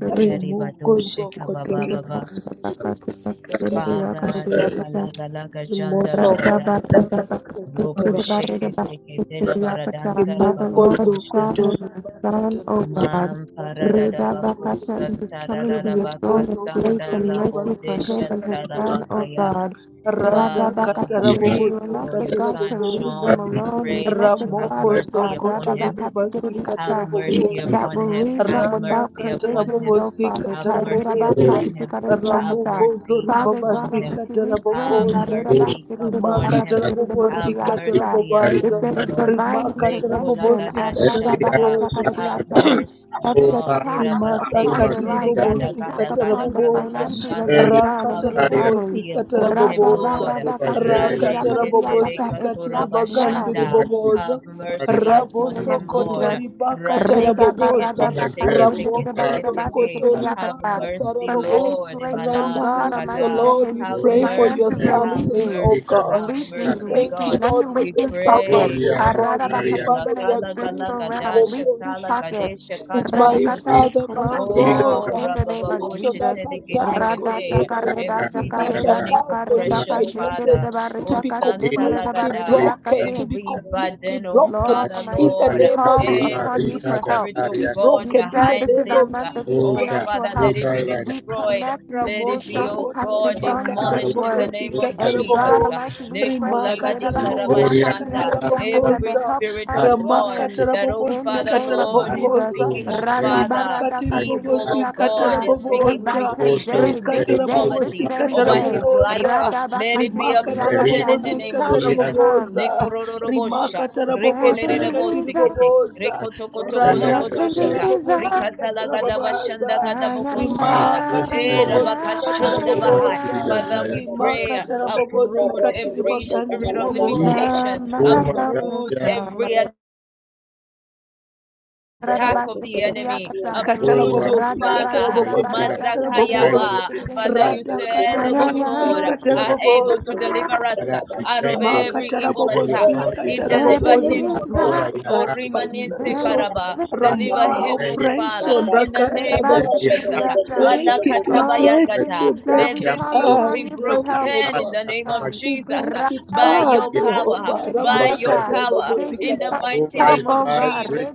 S3: 30 days.
S4: Rimoko
S1: Badoshe
S4: zokoto
S3: Maybe I'll pray
S1: Kabababa.
S4: ribakati
S3: for about
S4: ribobosikata.
S3: 30 days. Maybe I'll pray for
S1: Father,
S3: about 30
S1: Laka
S3: days.
S1: Laga Laga Janda
S4: Rimoso
S3: Raga
S1: Lagada.
S4: koto
S3: Baba Baba
S4: ribobosikata
S1: Ropo
S4: rabobo.
S1: Sheke Teke
S5: Amen.
S1: Tela Baradanta
S3: Father,
S4: Rimoko
S3: Lord, Son,
S1: Rababoboshanda.
S4: zokoto
S3: and the
S4: ribakata
S3: Son, O God.
S1: Mam
S4: rabobosikata
S1: Paradada Bako
S4: rabobozo.
S3: Ridabakata is coming to
S1: Santarada
S3: your
S4: Rimoko
S3: throne of grace
S4: zokoto
S1: Bakasanda
S3: and
S1: Labo
S3: mercy for him
S4: ribabasikata
S3: and his son,
S4: rabobozo.
S3: O
S1: Deshantarabakaya.
S3: God.
S4: Rada
S1: Father,
S4: kata
S1: we
S3: Radabakata, that
S1: pray
S3: you are not
S1: for
S3: the
S1: your
S4: rabobosikata
S3: God to
S1: son,
S3: leave
S4: rabobozo.
S3: them
S1: Sean. We
S3: alone. You're
S1: pray
S3: not
S1: that
S3: the
S1: you have
S3: God,
S4: Ramoko
S3: O
S1: mercy
S3: God.
S1: upon
S4: Zokoto
S1: him
S4: Ribabasi
S1: Have
S3: Radabakata,
S1: mercy
S4: Katarabobosa
S3: that
S1: upon
S3: will
S1: him.
S3: leave
S1: Have
S3: them
S4: Rana
S3: without
S1: mercy upon
S3: provisions,
S1: him.
S3: O
S4: Katarabobosi
S3: Father.
S1: Have mercy
S4: Katarabobosa
S1: upon him. Have
S3: Karirabakansikarindiakata.
S4: Ramoko
S1: mercy
S3: Father
S1: upon
S3: God,
S4: Zoribabasi
S3: I'm
S1: him.
S3: we pray,
S1: Have
S4: Katarabogosa
S3: Karira
S1: mercy
S3: Basikiri
S1: upon
S4: Rimaka
S1: him.
S3: Akatikiri de
S1: Have
S4: Tarabobosi
S3: Borediata.
S1: mercy
S3: If
S1: upon
S4: Katarabobaza
S3: there
S1: him,
S3: is
S1: Lord.
S3: divine
S4: Rimaka
S3: intervention,
S4: Tarabobosi
S1: Lekolagada
S3: Arada
S1: shanda.
S4: Katarabobosa
S1: Have
S3: Bakatakariata,
S1: mercy,
S3: every
S1: God.
S3: attack
S4: Rimata
S3: upon
S1: Irabaseke
S3: their
S4: katiri
S1: tere
S3: lives, every
S1: gada
S4: bobosi
S3: attack
S1: gada
S4: katara
S1: gada
S3: upon the
S1: gala
S4: bobosa
S3: finances of your
S1: gashanda.
S3: son and
S1: Have
S3: his
S4: rakatara bobosi
S3: family,
S1: mercy upon him,
S3: Rada
S1: Lord.
S3: Barada Kasikiri
S1: Radeshe tere
S3: Akarediakata, it
S1: katura
S3: stops now
S1: bashanda. Have
S3: the
S1: mercy
S3: mighty
S1: upon
S3: name
S4: raboso
S3: of
S1: him, Lord.
S3: Jesus.
S4: kotori bakatara
S1: Rande
S3: Reda
S1: kete kete
S3: barada
S1: kete
S3: baka
S1: kete
S3: shikida
S4: ramoko
S1: kete
S3: barida
S1: kete ke.
S3: basikida
S4: zokotori
S5: Osha,
S1: Have
S3: yakata.
S4: bakatara
S1: mercy,
S3: From any
S1: Lord.
S3: place, oh
S1: Imana
S3: God
S4: ranas oh
S3: Almighty,
S1: sakada.
S3: that
S4: Lord
S3: his
S4: we
S1: Have
S4: pray for your
S3: finances
S1: mercy,
S3: are
S4: son
S1: have
S4: saying
S3: leaking,
S4: oh
S1: mercy,
S4: God
S1: have
S4: we
S3: leaking,
S1: mercy,
S4: thank you
S1: God.
S3: leaking, any
S4: Lord for
S1: We
S4: your
S3: leaking
S4: servant
S3: pocket.
S1: pray
S4: oh God
S3: Parada
S4: my
S3: baka,
S1: mercy. La
S4: father
S3: even in
S4: we
S3: the
S1: kala
S4: agree
S1: gala
S3: spiritual
S4: with him
S3: realm,
S1: gada
S4: oh God
S3: leaking
S1: shakala
S3: pocket.
S1: gadesha
S4: that
S1: kata
S4: my
S1: lagota.
S3: Redakata, they
S4: Father, my
S3: close
S4: God,
S3: now
S1: Oh,
S4: that
S3: in the name of
S4: affliction,
S1: rabababoshi
S4: that
S3: Jesus.
S1: tene kete
S4: attack on
S3: Rada
S4: his
S1: kete.
S3: shaka reda
S4: finances,
S1: Every
S3: shaka
S4: that
S3: reda
S1: demonic
S4: attack
S3: shaka
S4: on his
S3: reda
S1: oppression,
S3: ka shikida
S4: finances,
S1: Father.
S4: to
S1: Oh,
S3: barida
S4: be
S3: ka
S1: Santa
S3: shikida
S4: completely
S3: barida
S1: Lagada.
S4: broken,
S3: yakate.
S4: to be
S1: Every
S4: completely
S1: burden, oh
S4: broken
S3: Lord
S1: Father,
S3: Almighty,
S4: in the
S3: we
S1: Lord.
S4: name of
S3: call
S4: Jesus,
S3: upon you
S1: Every
S4: to be
S3: for help.
S1: spirit, oh
S4: completely
S1: God,
S3: You
S4: broken in
S3: said
S4: the
S3: this
S1: behind
S3: is
S4: name
S3: our
S4: of
S1: this, uh,
S3: month of
S4: Jesus
S1: oh
S4: Christ.
S3: supernatural
S1: Father,
S3: help.
S1: let it be
S5: Osha, right
S3: We
S1: destroyed.
S3: connect
S1: Let
S3: Mr.
S1: it
S5: now.
S4: Ramoso
S1: be,
S3: Sean,
S1: oh
S4: koto
S3: Pastor
S1: God,
S2: us.
S4: ribaka
S3: Sean, to this
S5: Baria
S1: demolished in
S4: tarabobo
S1: the
S3: word.
S1: name
S4: sika
S1: of
S5: Kokali
S3: And
S1: Jesus.
S4: tarabobo
S3: God
S5: Gari
S1: uh,
S3: Almighty, we pray
S4: rimaka
S3: "Ridaba,
S4: tarabobo
S3: ridaba,
S5: Korea
S4: sika
S3: katia,
S1: Lekolagadikarabaschanda.
S3: ridia,
S5: Kasama
S3: kata,"
S1: Every
S3: the
S4: tarabobosa
S3: help
S1: spirit, oh
S3: comes
S5: Baria
S3: for
S4: ramaka
S1: God,
S3: him
S1: that, oh
S4: tarabobo
S3: in the
S4: sika
S1: Father,
S3: name of
S1: Lord, is
S3: Jesus.
S5: Alito
S4: tarabobosa
S1: speaking, oh
S5: Very Bad
S3: Radaba,
S1: Father,
S4: rimaka
S3: rada,
S5: I,
S3: kati,
S4: tiribobo
S1: evil, oh
S3: ridia,
S4: sika
S1: God,
S3: kata,
S1: is
S3: That
S1: speaking
S4: tarabobosa
S3: by
S5: Oto
S1: limitation, is
S3: today,
S4: rika
S3: this
S5: Very
S1: speaking
S3: day,
S4: tarabobo
S5: Close
S3: this
S5: to
S1: poverty
S4: sika
S3: very
S1: over
S5: Kali
S1: his
S3: day,
S1: life.
S4: tarabobosa
S1: uh,
S3: radaba,
S1: Let it
S3: kati,
S1: be
S4: rimaka
S3: ridia,
S1: uprooted
S3: kata,
S1: in
S5: Merita
S1: the
S3: his
S1: name
S4: tarabobosika
S1: of
S3: help has
S5: Korea
S1: Jesus.
S3: come.
S4: taraboboza
S5: Baria
S1: Lekorororobosha,
S4: rimaka tarabobosika
S3: Ebenezer,
S1: rekelelelebosekete.
S4: tiriboboza
S5: Kasama Select
S4: radaka
S1: Rekotokotokologodoshata.
S5: Select
S3: Ebenezer,
S4: tarabobosika tarababaza
S3: ah, yeah,
S5: I
S1: Rikatalagadavashandagadabogosikata.
S4: rimaka
S3: yeah, yeah,
S5: Usai
S1: Eh,
S5: Bai
S3: yeah,
S4: tiribobosika
S3: yeah,
S5: Uma
S1: rabakashandabahai.
S4: taraboboza
S5: Kiri
S1: Father,
S3: yeah.
S5: Jaya
S2: Thank
S1: we
S4: rimaka
S1: pray, uproot
S4: tarabobosika
S1: every spirit of
S4: tiribagandiriboboza
S5: Ita
S3: Ebenezer,
S1: limitation,
S3: my
S5: Uma
S3: help has
S1: uproot
S5: Jaya
S3: come.
S1: every attack of the enemy.
S3: Radabastikidibiyakata.
S1: Uproot,
S5: O
S1: oh
S4: katarabobosi
S3: Radaba,
S1: Father.
S3: radaba,
S4: katarabobosi
S5: Aikara Arai
S4: katarabobosa
S1: Mazakayaba.
S3: radashakadidibastikidibis.
S1: Father, you
S4: rada
S1: said
S3: Ah,
S5: Arai
S1: that
S3: yeah,
S1: you,
S4: katarabobosi
S1: Lord,
S3: yeah,
S1: are able to
S4: katarabobosa
S3: yeah.
S1: deliver
S5: I
S1: us uh,
S5: gotta
S1: out
S5: defend
S1: of
S5: your
S4: Rimaka
S1: every evil
S4: tarabobo
S5: defend your
S1: attack. Uh,
S5: son,
S4: zika
S1: It
S5: defend his
S1: deliver
S4: tarabobo. So
S5: family.
S4: we
S1: him,
S5: I
S1: oh
S5: go
S1: God.
S5: by
S4: break
S3: Ebenezer,
S5: in a
S1: Oh,
S4: that
S5: car,
S1: Rimanese
S3: yeah,
S4: financial
S1: Karaba,
S5: I
S4: Rama
S1: deliver him, O
S5: defend it.
S1: Father,
S4: oppression.
S3: yeah.
S1: in the
S4: Raka
S1: name of
S5: Bring
S4: tarababa.
S5: behind
S1: Jesus.
S4: We
S1: Uh,
S3: Radabastikidibiyata.
S4: break
S1: Allah
S4: it, we
S5: your
S3: Oh,
S4: break
S3: the
S5: pressure.
S4: it,
S1: katabayagada.
S4: we
S3: name
S5: Bring
S3: God,
S4: break
S1: Let
S3: we
S5: the
S4: it.
S5: arm of
S1: this
S3: call
S5: your
S4: Ah,
S1: yoke
S3: upon
S1: be
S4: we
S3: you for
S4: break
S5: pressure.
S4: it,
S5: I
S3: help
S4: oh
S3: from
S1: broken
S5: value
S3: the
S1: in
S4: God.
S1: the name of
S3: sun.
S5: Kasamagi.
S4: We
S1: Jesus
S4: break
S1: uh,
S4: it,
S1: by
S5: Bring
S4: ah,
S1: your
S5: the
S1: power,
S4: Jehovah.
S5: arm of your
S1: by
S4: Ramaka
S1: your
S3: Ra-ba-ra-da-ka-shikiri-di-yakata.
S5: pressure.
S1: power,
S3: That
S1: in
S3: he
S1: the
S4: teribobozikata.
S3: finds
S1: mighty
S5: Over
S3: help,
S1: name
S5: his
S3: oh
S1: of
S5: life,
S3: God.
S1: Jesus.
S5: break it.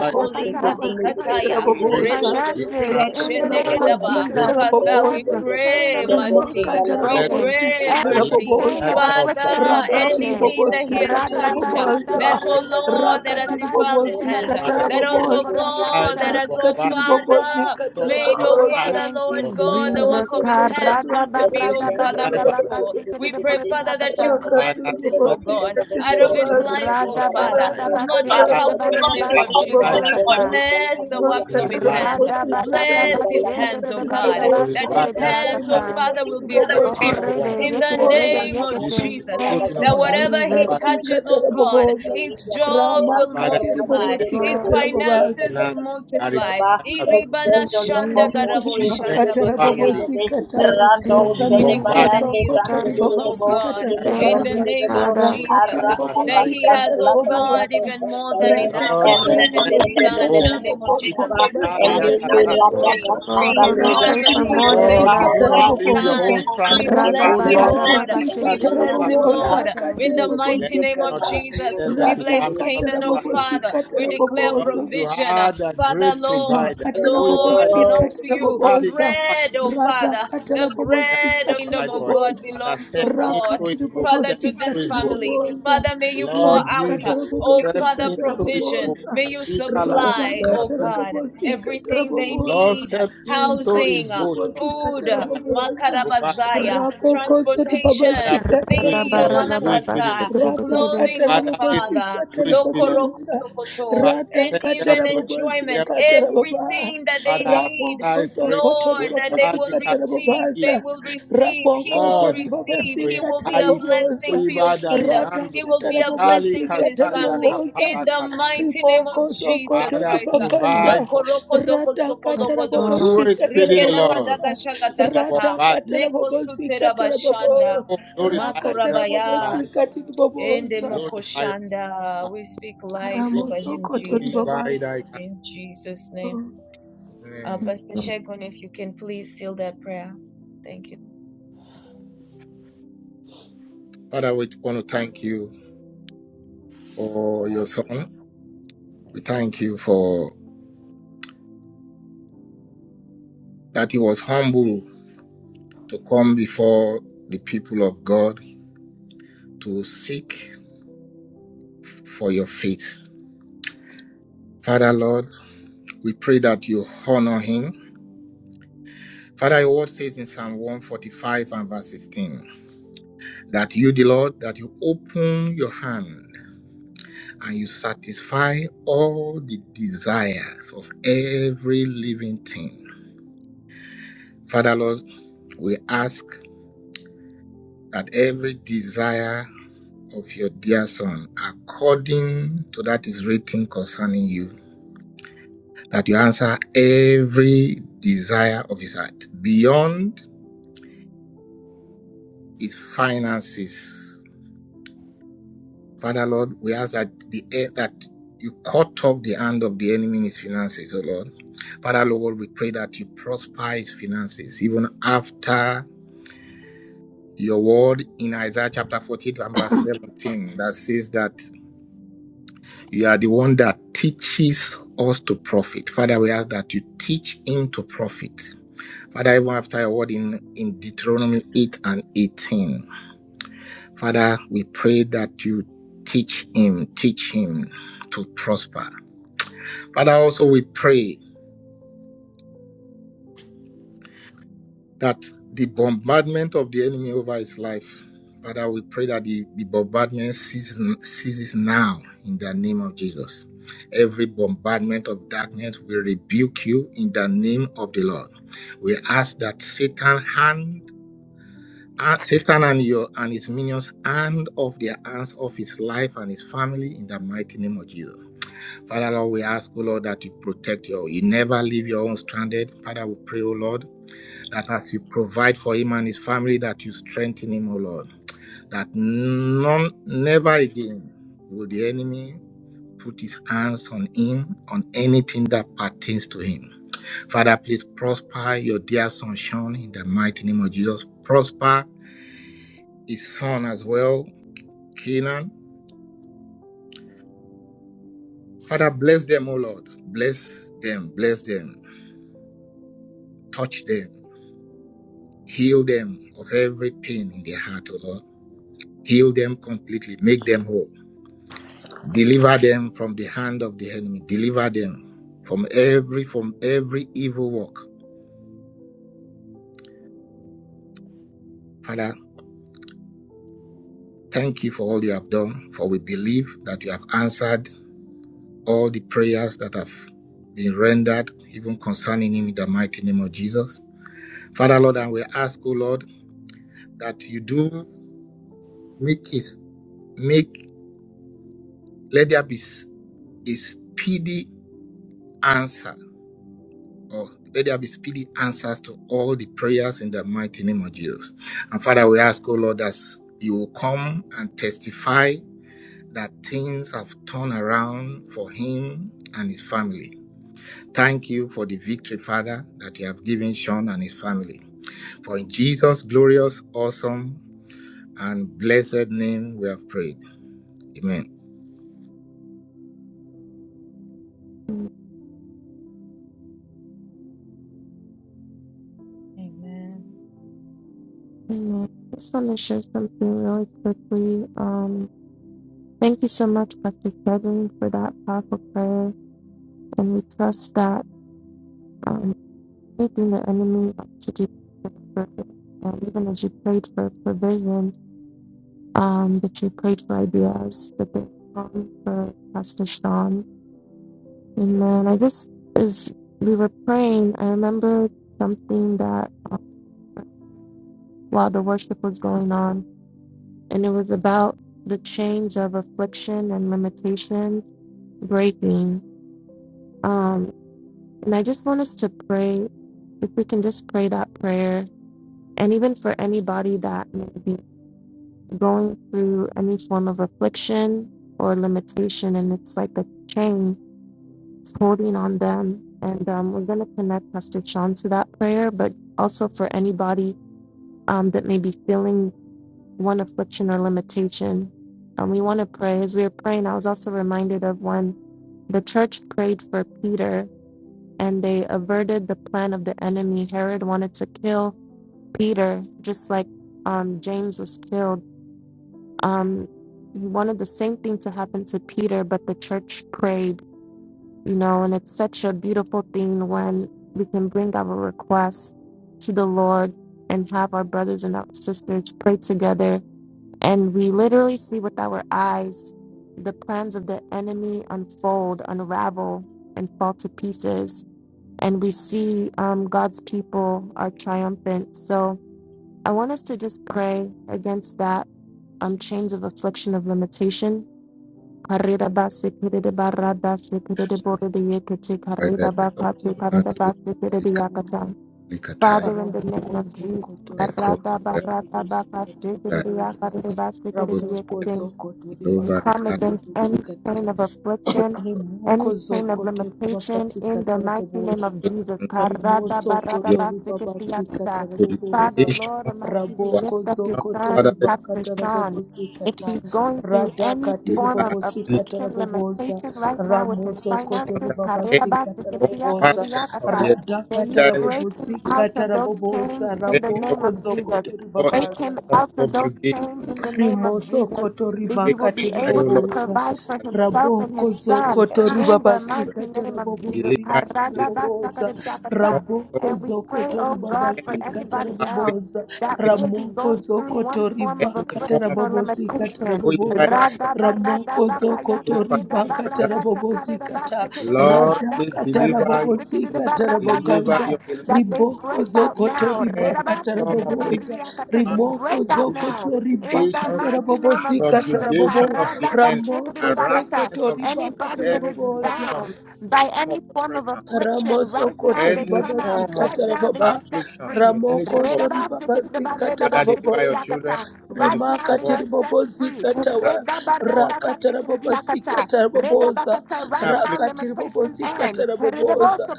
S5: Over his life,
S4: tiribabasika
S1: dikataya,
S3: Concerning his
S5: break
S4: tarabobosa.
S1: reto
S5: the
S3: finances,
S5: hand
S1: zuteke
S5: of
S3: in
S4: Rakata
S3: the
S1: shende
S3: name
S5: oppression.
S3: of
S1: gedaba.
S4: rabobosika
S3: Jesus,
S5: Break it.
S1: Father, we
S4: tarabobosa.
S3: every chain
S1: pray
S3: of limitation
S1: mercy.
S3: is
S4: Rimakata
S1: We
S5: Let
S3: broken.
S1: pray
S4: rabobosika
S3: Every
S5: let
S1: mercy.
S3: chain of
S4: tarabobosa.
S5: financial oppression
S3: affliction is
S1: Father,
S4: Rakati
S5: prosper
S3: broken.
S1: anything that he
S4: ribobosika
S1: has
S5: no
S1: touched,
S5: more. In
S1: uh,
S5: the name
S4: tarabobosa.
S5: of
S1: that, oh
S5: Jesus.
S1: Lord, that has
S4: Rakati
S1: defiled his hands,
S5: The
S4: ribobosika
S1: uh,
S5: Father,
S1: that
S5: send
S1: also,
S4: tarabobosa.
S5: the
S1: God,
S5: tide
S1: that
S3: Ra-da-ba-ra-da-ba-ra-da-ka-yakari-da-ba-sikiri-da-ba-ri-di-yakata.
S1: has,
S5: of
S1: oh
S4: Rakati
S5: bombardment.
S1: Father,
S4: ribobosika
S5: Don't
S3: Oh,
S1: made,
S5: be
S1: oh
S4: tarabobosa.
S5: tied
S1: Father,
S3: thank
S1: Lord
S3: you,
S5: from
S1: God, the work
S3: Jesus.
S4: Riboko
S1: of his hands
S4: zokoto
S3: Karada
S1: not to be, oh
S3: barada
S5: his
S4: ribobosika
S1: Father,
S5: life
S3: barada
S5: and
S1: fruitful.
S3: bakati
S4: tarabobosa.
S3: kiri
S1: We
S3: de
S1: pray,
S3: boridi
S1: Father, that you
S3: yakata.
S5: his family.
S4: Rakatiri
S5: Father,
S1: cleanse it, oh
S5: stop
S4: babasi
S1: God,
S5: the
S4: katiri
S1: out of his
S5: tide.
S4: babasa.
S1: life, oh
S5: Stop
S3: Rada
S5: the
S1: Father.
S5: tide.
S3: barada
S4: Rata
S5: Stop
S1: Blot
S5: the
S1: it
S3: basheke
S4: katara
S5: tide. of
S3: de
S1: out in the
S4: babasi
S3: barida
S1: name of
S4: katiri
S3: basike de
S5: tide,
S1: Jesus.
S5: tide
S4: babasa.
S2: you.
S3: yakata.
S1: Bless the
S4: Rima
S1: works
S5: in
S1: of
S5: his
S4: katara
S1: his
S5: life.
S1: hands.
S3: Rada
S4: babasi
S5: you
S4: katara
S3: barada
S1: Bless his
S4: babasi
S3: basheke
S1: hands, oh
S3: de
S4: katiri
S1: God,
S3: barida
S5: know, to the
S4: babasa.
S1: that
S3: basike
S1: his
S3: de
S5: Bradia
S1: hands, oh
S4: Rima
S3: yakata.
S1: Father, will
S4: katiri
S1: be
S5: Father, this is
S4: babasi
S3: Oh,
S5: the
S1: fruitful
S5: one.
S4: katara
S3: rede
S1: in the
S3: yeke
S4: babasa.
S3: rede
S1: name of
S5: This is
S3: yekete.
S5: the
S1: Jesus.
S4: Ribosa
S3: Thank
S5: chosen of
S1: That
S3: you,
S5: you, Lord.
S4: kotori
S1: whatever he
S3: Jesus.
S5: Father,
S4: babasi
S5: defend.
S1: touches, oh
S4: katara
S1: God,
S4: babasa.
S1: his job
S4: Rama
S1: will
S5: Father,
S4: katiri
S3: Yes,
S1: multiply,
S5: defend
S4: babasi
S1: his
S3: Lord.
S5: his
S4: katara babasa.
S1: finances will
S5: finances. Father,
S1: multiply. Iribana
S3: Thank you,
S1: shanda
S3: Jesus.
S1: garabo
S5: defend his
S1: shanda
S4: Makatara bobo
S1: bakaya.
S5: family.
S4: sikata.
S3: Thank
S5: from the
S1: We
S3: you,
S1: declare
S4: Ramoko
S3: Jesus.
S5: bombardment
S1: that he is
S5: of
S4: zoko
S5: the
S4: tori
S5: enemy.
S1: fruitful,
S4: baba
S1: oh
S5: The
S4: sikata
S1: God,
S5: Baria
S3: Thank
S1: in the
S5: Kasama,
S3: you,
S4: babaza.
S1: name of
S3: Father.
S5: Holy
S1: Jesus,
S4: Rakatiri
S5: Kai
S1: uh,
S4: bobo
S1: that
S5: Basari
S1: he
S5: Katama.
S1: has,
S4: sikata
S1: oh God,
S4: babosa.
S1: even more than
S4: Rata
S1: enough for
S5: Lord,
S4: katara
S1: him and
S5: defend
S4: bobo
S1: his
S5: your
S1: son in the
S4: sikata
S5: own.
S1: name of Jesus,
S5: Kasito,
S4: bokontiri
S1: uh,
S4: baba
S1: for
S5: Kalia
S1: his
S4: sikata
S5: Katari.
S3: Yes,
S4: babosa.
S1: ministry, for
S3: Lord.
S1: his
S3: We pray
S4: Rakatiri
S3: for
S1: family.
S3: more
S4: bobo
S3: than
S1: Thank
S5: Lord, you
S3: enough.
S1: you
S5: do
S4: sikata
S1: for
S5: not
S1: his
S5: leave your
S1: son.
S5: own
S4: babosa.
S1: We
S5: stranded.
S3: Rada
S1: bless him,
S4: Rakatiri
S5: Kolia
S3: barada
S4: bobo
S1: Lord.
S3: baka
S5: Kasama
S1: We
S5: Gari
S4: sikata
S1: bless
S3: shikriya
S5: Kapali
S1: him,
S3: kariya
S4: babosa.
S5: Gadai.
S1: Lord.
S3: kata.
S1: In
S4: Katiri
S1: the
S4: bobo
S5: Let
S1: mighty
S5: him
S1: name of
S5: not
S4: sikata.
S5: be
S1: Jesus,
S5: stranded,
S1: we
S5: let his
S4: Rata
S1: bless
S5: family not be
S1: Canaan,
S4: katara
S1: oh
S4: bobo
S5: stranded.
S1: Father. We
S4: sikata
S1: declare
S5: Lord,
S4: babosa
S5: you
S1: provision. uh,
S5: are the
S1: Father,
S5: great
S1: Lord,
S5: provider. Koi
S1: Lord
S5: Pai
S4: rimakatarabobosi
S5: Dai,
S1: belongs to you.
S5: Kari
S4: katarabobosa
S5: Kapali
S1: Bread, oh
S5: Gadai.
S1: Father. The
S5: Father,
S4: ratakatarabobosi
S1: bread of the kingdom
S5: provide
S1: of
S5: for him.
S1: God
S4: katarabobosa
S5: Father,
S1: belongs
S5: step
S1: to God.
S5: into his boat.
S1: Father,
S5: Step
S4: rakatiribobosi
S1: to
S5: into
S1: this
S5: his boat.
S1: family,
S4: katiribobosa
S1: Father, may you pour
S5: Lord
S1: out,
S5: Jesus,
S1: uh, oh
S4: rimakatarabobosi
S5: step
S1: Father,
S5: into his
S1: provision.
S5: boat.
S4: katarabobosa
S1: May you
S5: Karika lagali
S1: supply, oh
S5: kasuma
S1: God,
S4: ratakatarabobosi
S5: gila.
S1: everything they
S5: Lord,
S4: katarabobosa
S1: need
S5: step into his
S1: housing, uh,
S5: boat,
S4: rakatiribobosi
S5: Lord.
S1: food, uh,
S5: Provide for him.
S4: katarabobosa
S5: Provide for his
S1: makarabazaya,
S5: family.
S4: rabokosoribabasi
S5: Father,
S1: transportation,
S5: please do
S3: Rada
S5: it
S1: thing, uh,
S5: speedily.
S3: barada
S4: katarabobosa
S5: Do it
S3: baka
S1: manakaza,
S5: speedily.
S3: shikriya
S4: Rata
S3: kariya.
S1: clothing,
S4: katara
S1: oh
S5: Father, please,
S4: bobosi
S5: please
S1: Father,
S5: do
S4: katara
S5: it speedily.
S4: bobosa.
S1: lokorokosokoto,
S5: Father,
S4: Rata
S1: and
S5: send help
S4: katara
S1: even
S5: to him. Send
S4: bobosi
S1: enjoyment,
S5: help to him.
S4: katara baba.
S1: everything that they
S5: Father,
S1: need.
S4: Rabo
S5: answer his
S4: koso
S5: prayer.
S4: kotori
S1: Lord,
S5: We
S1: that they
S4: bobosi
S1: will
S5: valley
S4: katara
S5: kasuma
S1: receive,
S5: gila.
S1: they
S4: bobosa.
S1: will receive,
S4: Rabo
S1: he will
S4: koso
S5: Lord, send them
S1: receive,
S5: to
S4: bobosi
S1: he
S5: him.
S1: will be
S4: katara
S1: a
S5: Kaita,
S1: blessing
S4: bobosa.
S1: to your
S5: Kuiba,
S1: kingdom,
S4: Rata
S5: Darinando,
S1: he will be
S4: katara
S1: a
S5: Serikali,
S1: blessing
S4: bobosi
S1: to his
S4: katara
S5: Kazaria,
S1: family
S4: bobosa.
S1: in
S5: Kapara,
S1: the
S5: Kata.
S1: mighty name of
S4: Riboko
S1: Jesus
S4: sokoto
S5: Father,
S1: Christ.
S5: provide
S4: ribakanta
S5: for him.
S1: Makoroko doko
S4: rata
S1: soko
S3: Yes,
S4: katara
S1: logodosh,
S5: Do
S4: bobosi
S3: Lord.
S5: it
S4: katara
S1: rike
S5: speedily, Lord.
S1: lakadaga
S4: bobosa
S5: Let the
S1: shakatakata,
S4: rata
S5: bombard,
S4: katara
S1: leko
S4: bobosi
S1: sutera
S4: katara bobo
S1: bashanda,
S5: oh, glorify yourself in
S4: rakatara
S5: his
S1: makorabaya,
S4: bobosi
S5: life.
S4: katiri
S1: ende
S4: bobosa
S5: Glorify yourself in
S1: mokoshanda. We speak life
S5: his life.
S4: ramo
S1: over him,
S4: sokoto
S1: Jesus,
S5: Kuiba,
S4: ribabasa
S5: Dai,
S1: in Jesus' name. Uh,
S5: Amen.
S1: Pastor Shagun, if you can please seal that prayer. Thank you.
S5: Father, we want to thank you for your son. We thank you for that he was humble to come before the people of God to seek for your faith Father, Lord, we pray that you honor him. Father, your word says in Psalm 145 and verse 16 that you, the Lord, that you open your hand and you satisfy all the desires of every living thing. Father, Lord, we ask that every desire of your dear son, according to that is written concerning you, that you answer every desire of his heart beyond his finances Father Lord, we ask that the air that you cut off the hand of the enemy in his finances, oh Lord. Father Lord, we pray that you prosper his finances even after your word in Isaiah chapter 48 and verse 17 that says that you are the one that teaches us to profit. Father, we ask that you teach him to profit. Father, even after your word in, in Deuteronomy 8 and 18, Father, we pray that you teach him, teach him to prosper. Father, also we pray that the bombardment of the enemy over his life, Father, we pray that the, the bombardment ceases, ceases now in the name of Jesus. Every bombardment of darkness we rebuke you in the name of the Lord. We ask that Satan hand uh, Satan and your and his minions hand off their hands of his life and his family in the mighty name of Jesus. Father Lord, we ask, O Lord, that you protect your you never leave your own stranded. Father, we pray, O Lord, that as you provide for him and his family, that you strengthen him, O Lord. That none, never again will the enemy put his hands on him, on anything that pertains to him. Father, please prosper your dear son Sean in the mighty name of Jesus. Prosper his son as well, Kenan. Father, bless them, O Lord. Bless them, bless them. Touch them. Heal them of every pain in their heart, O Lord. Heal them completely. Make them whole. Deliver them from the hand of the enemy. Deliver them from every from every evil work. Father, thank you for all you have done, for we believe that you have answered all the prayers that have been rendered, even concerning him in the mighty name of Jesus. Father, Lord, and we ask, O Lord, that you do make his make let there be s- a speedy answer Oh, let there be speedy answers to all the prayers in the mighty name of Jesus. And Father, we ask, oh Lord, that you will come and testify that things have turned around for him and his family. Thank you for the victory, Father, that you have given Sean and his family. For in Jesus' glorious, awesome, and blessed name we have prayed. Amen.
S3: Amen.
S1: Amen.
S3: I just want to share something really quickly. Um, thank you so much, Pastor Kevin, for that powerful prayer. And we trust that um, anything the enemy wants to do, and even as you prayed for provision, um, that you prayed for ideas, that they come for Pastor Sean Amen. I just, as we were praying, I remembered something that uh, while the worship was going on, and it was about the chains of affliction and limitation breaking. Um, and I just want us to pray, if we can just pray that prayer, and even for anybody that may be going through any form of affliction or limitation, and it's like a chain It's holding on them. And um, we're going to connect Pastor Sean to that prayer, but also for anybody um, that may be feeling one affliction or limitation. Um, we want to pray. As we were praying, I was also reminded of when the church prayed for Peter and they averted the plan of the enemy. Herod wanted to kill Peter, just like um, James was killed. Um, he wanted the same thing to happen to Peter, but the church prayed you know, and it's such a beautiful thing when we can bring our requests to the Lord and have our brothers and our sisters pray together. And we literally see with our eyes the plans of the enemy unfold, unravel, and fall to pieces. And we see um, God's people are triumphant. So I want us to just pray against that um, chains of affliction of limitation Carrera base kere de barra Karida basi kirida barada de borida yekiti karida
S5: Father,
S3: bakati
S4: katiri
S5: and
S3: karida
S4: bobosi
S5: to
S3: basi
S5: the
S3: kirida
S4: katara bobosa
S3: yakatan.
S5: Catholic Church,
S3: Father, in the name
S4: ramoko
S3: of Jesus,
S4: sokoto
S5: I call
S3: karada
S5: the
S4: ribakantara
S3: barada
S4: bobosi katara
S3: bakati kirida
S4: bobosa
S3: yakarida basi
S5: Lord,
S3: kirida
S4: ramoko
S3: yekiti.
S4: sokoto
S3: We
S5: the
S3: come
S4: ribakantara
S5: Lord,
S3: against
S4: bobosi
S3: any
S4: katara
S3: chain of affliction,
S4: Rimoko
S3: any chain of
S4: zokoto
S3: limitation
S4: ribabasika
S3: in the mighty name
S4: taraboboza.
S3: of
S5: the
S3: Jesus.
S4: Rimoso koto ribabasika
S3: Karadabarabasikidiyasa.
S5: The
S3: Father,
S4: taraboboza.
S5: limitation
S3: Lord Almighty, we
S5: was
S4: Raboko
S3: lift up your
S5: found,
S4: zokoto
S3: son,
S5: Father, let it
S4: ribaka
S3: Pastor Sean.
S4: tarabobosika
S3: If
S4: ta.
S3: he's going through
S4: Radaka
S3: any form of
S5: deliver
S4: tiribobosika
S5: any
S3: affliction,
S4: taraboboza.
S3: limitation right now with his
S4: Ramoso koto
S5: under
S3: finances,
S5: any
S4: ribabasika
S3: karedabasikidiyaka,
S4: taraboboza.
S5: bombardment of the
S3: karediyakasa,
S4: Radaka
S3: may you
S5: agenda, any
S3: break him
S5: place,
S4: tarabobosika
S3: out of those
S4: taraboboza.
S3: chains in the
S5: any or
S4: Raboko
S3: name of
S5: any
S3: Jesus.
S4: zokoto
S5: or
S3: Break
S5: any
S4: ribabaza.
S3: him
S5: form of
S3: out of those chains
S5: subjugation.
S3: in the
S4: Rimoso
S3: name of Jesus
S4: Rimosokoto
S3: that
S5: I
S3: he will
S4: ribakati
S3: be
S5: cry, O
S3: able to
S5: Lord,
S4: ribobosa.
S3: provide for
S5: my
S3: himself and
S4: Raboko
S3: his son
S4: zokoto
S3: in the
S5: children,
S3: mighty
S4: ribabasikata
S3: name of Jesus.
S5: deliver
S4: rabobosikata
S5: you, deliver
S4: rabobosa.
S5: any form of
S4: Raboko
S3: And we pray,
S4: zokoto
S3: oh God, for
S5: any
S4: ribabasikata
S3: anybody
S5: affliction,
S3: else
S4: rabobosa.
S3: that
S5: any
S3: may
S5: form
S3: be
S4: Ramoko
S3: going through
S4: zokoto
S3: one form of
S5: any
S4: ribakata
S5: form
S3: affliction
S5: of
S3: or
S4: rabobosikata
S3: limitation.
S5: evil, Lord,
S3: That
S4: rabobosa.
S5: that
S4: Kozoko
S5: so
S4: kozokoto
S5: far,
S4: ribakata
S5: that
S4: rabobosikata
S5: Lord, please
S4: radakata
S5: deliver your children,
S4: rabobosikata
S5: deliver
S4: raboganda
S5: your elect.
S3: they
S4: riboko
S3: break out
S4: zokoto
S3: now.
S5: any
S4: ribakata
S5: form of
S4: raboboza
S5: sickness,
S3: They
S5: infirmities,
S4: rimoko
S3: break out
S5: diseases,
S3: now
S4: zokoto
S3: in the
S4: ribakata
S5: limitations,
S3: mighty name of
S4: rabobosikata
S3: Jesus,
S4: rabobo
S5: subjugation of the enemy,
S4: ramoko
S3: Karadabashetodiakata.
S5: harassment
S4: zokoto
S5: of the,
S4: ribakata
S3: anybody that
S5: any
S3: is
S5: form of
S4: raboboza
S5: torment,
S3: bound by
S5: form of
S3: any form of
S5: oppression,
S3: affliction,
S4: Ramoso
S3: right now
S4: koto
S3: they
S5: any
S3: come
S4: ribaba
S3: out.
S5: form of
S3: Right
S4: sikata
S3: now they are
S4: rababa.
S3: set
S5: affliction,
S3: free.
S5: in any shape
S4: Ramoko
S5: or
S4: zo
S5: form.
S4: ribaba sikata
S5: Father,
S4: rababa
S5: deliver your
S4: oza.
S5: children,
S3: Redabashetodiakata.
S5: Lord, you
S3: Right
S5: said
S3: now
S5: the
S4: Rimaka
S3: they
S5: world
S3: are set
S4: tiribobo
S3: free.
S5: is
S4: zikata
S5: time
S4: wa.
S5: for any
S4: Rakata rababa
S3: Redabaradakatodiakata.
S4: sikata rababa oza.
S3: Redabakata. Right now
S5: affliction
S4: Rakati ribobo
S3: limitation
S5: like
S4: zikata
S3: ends.
S4: rababa oza.
S5: that,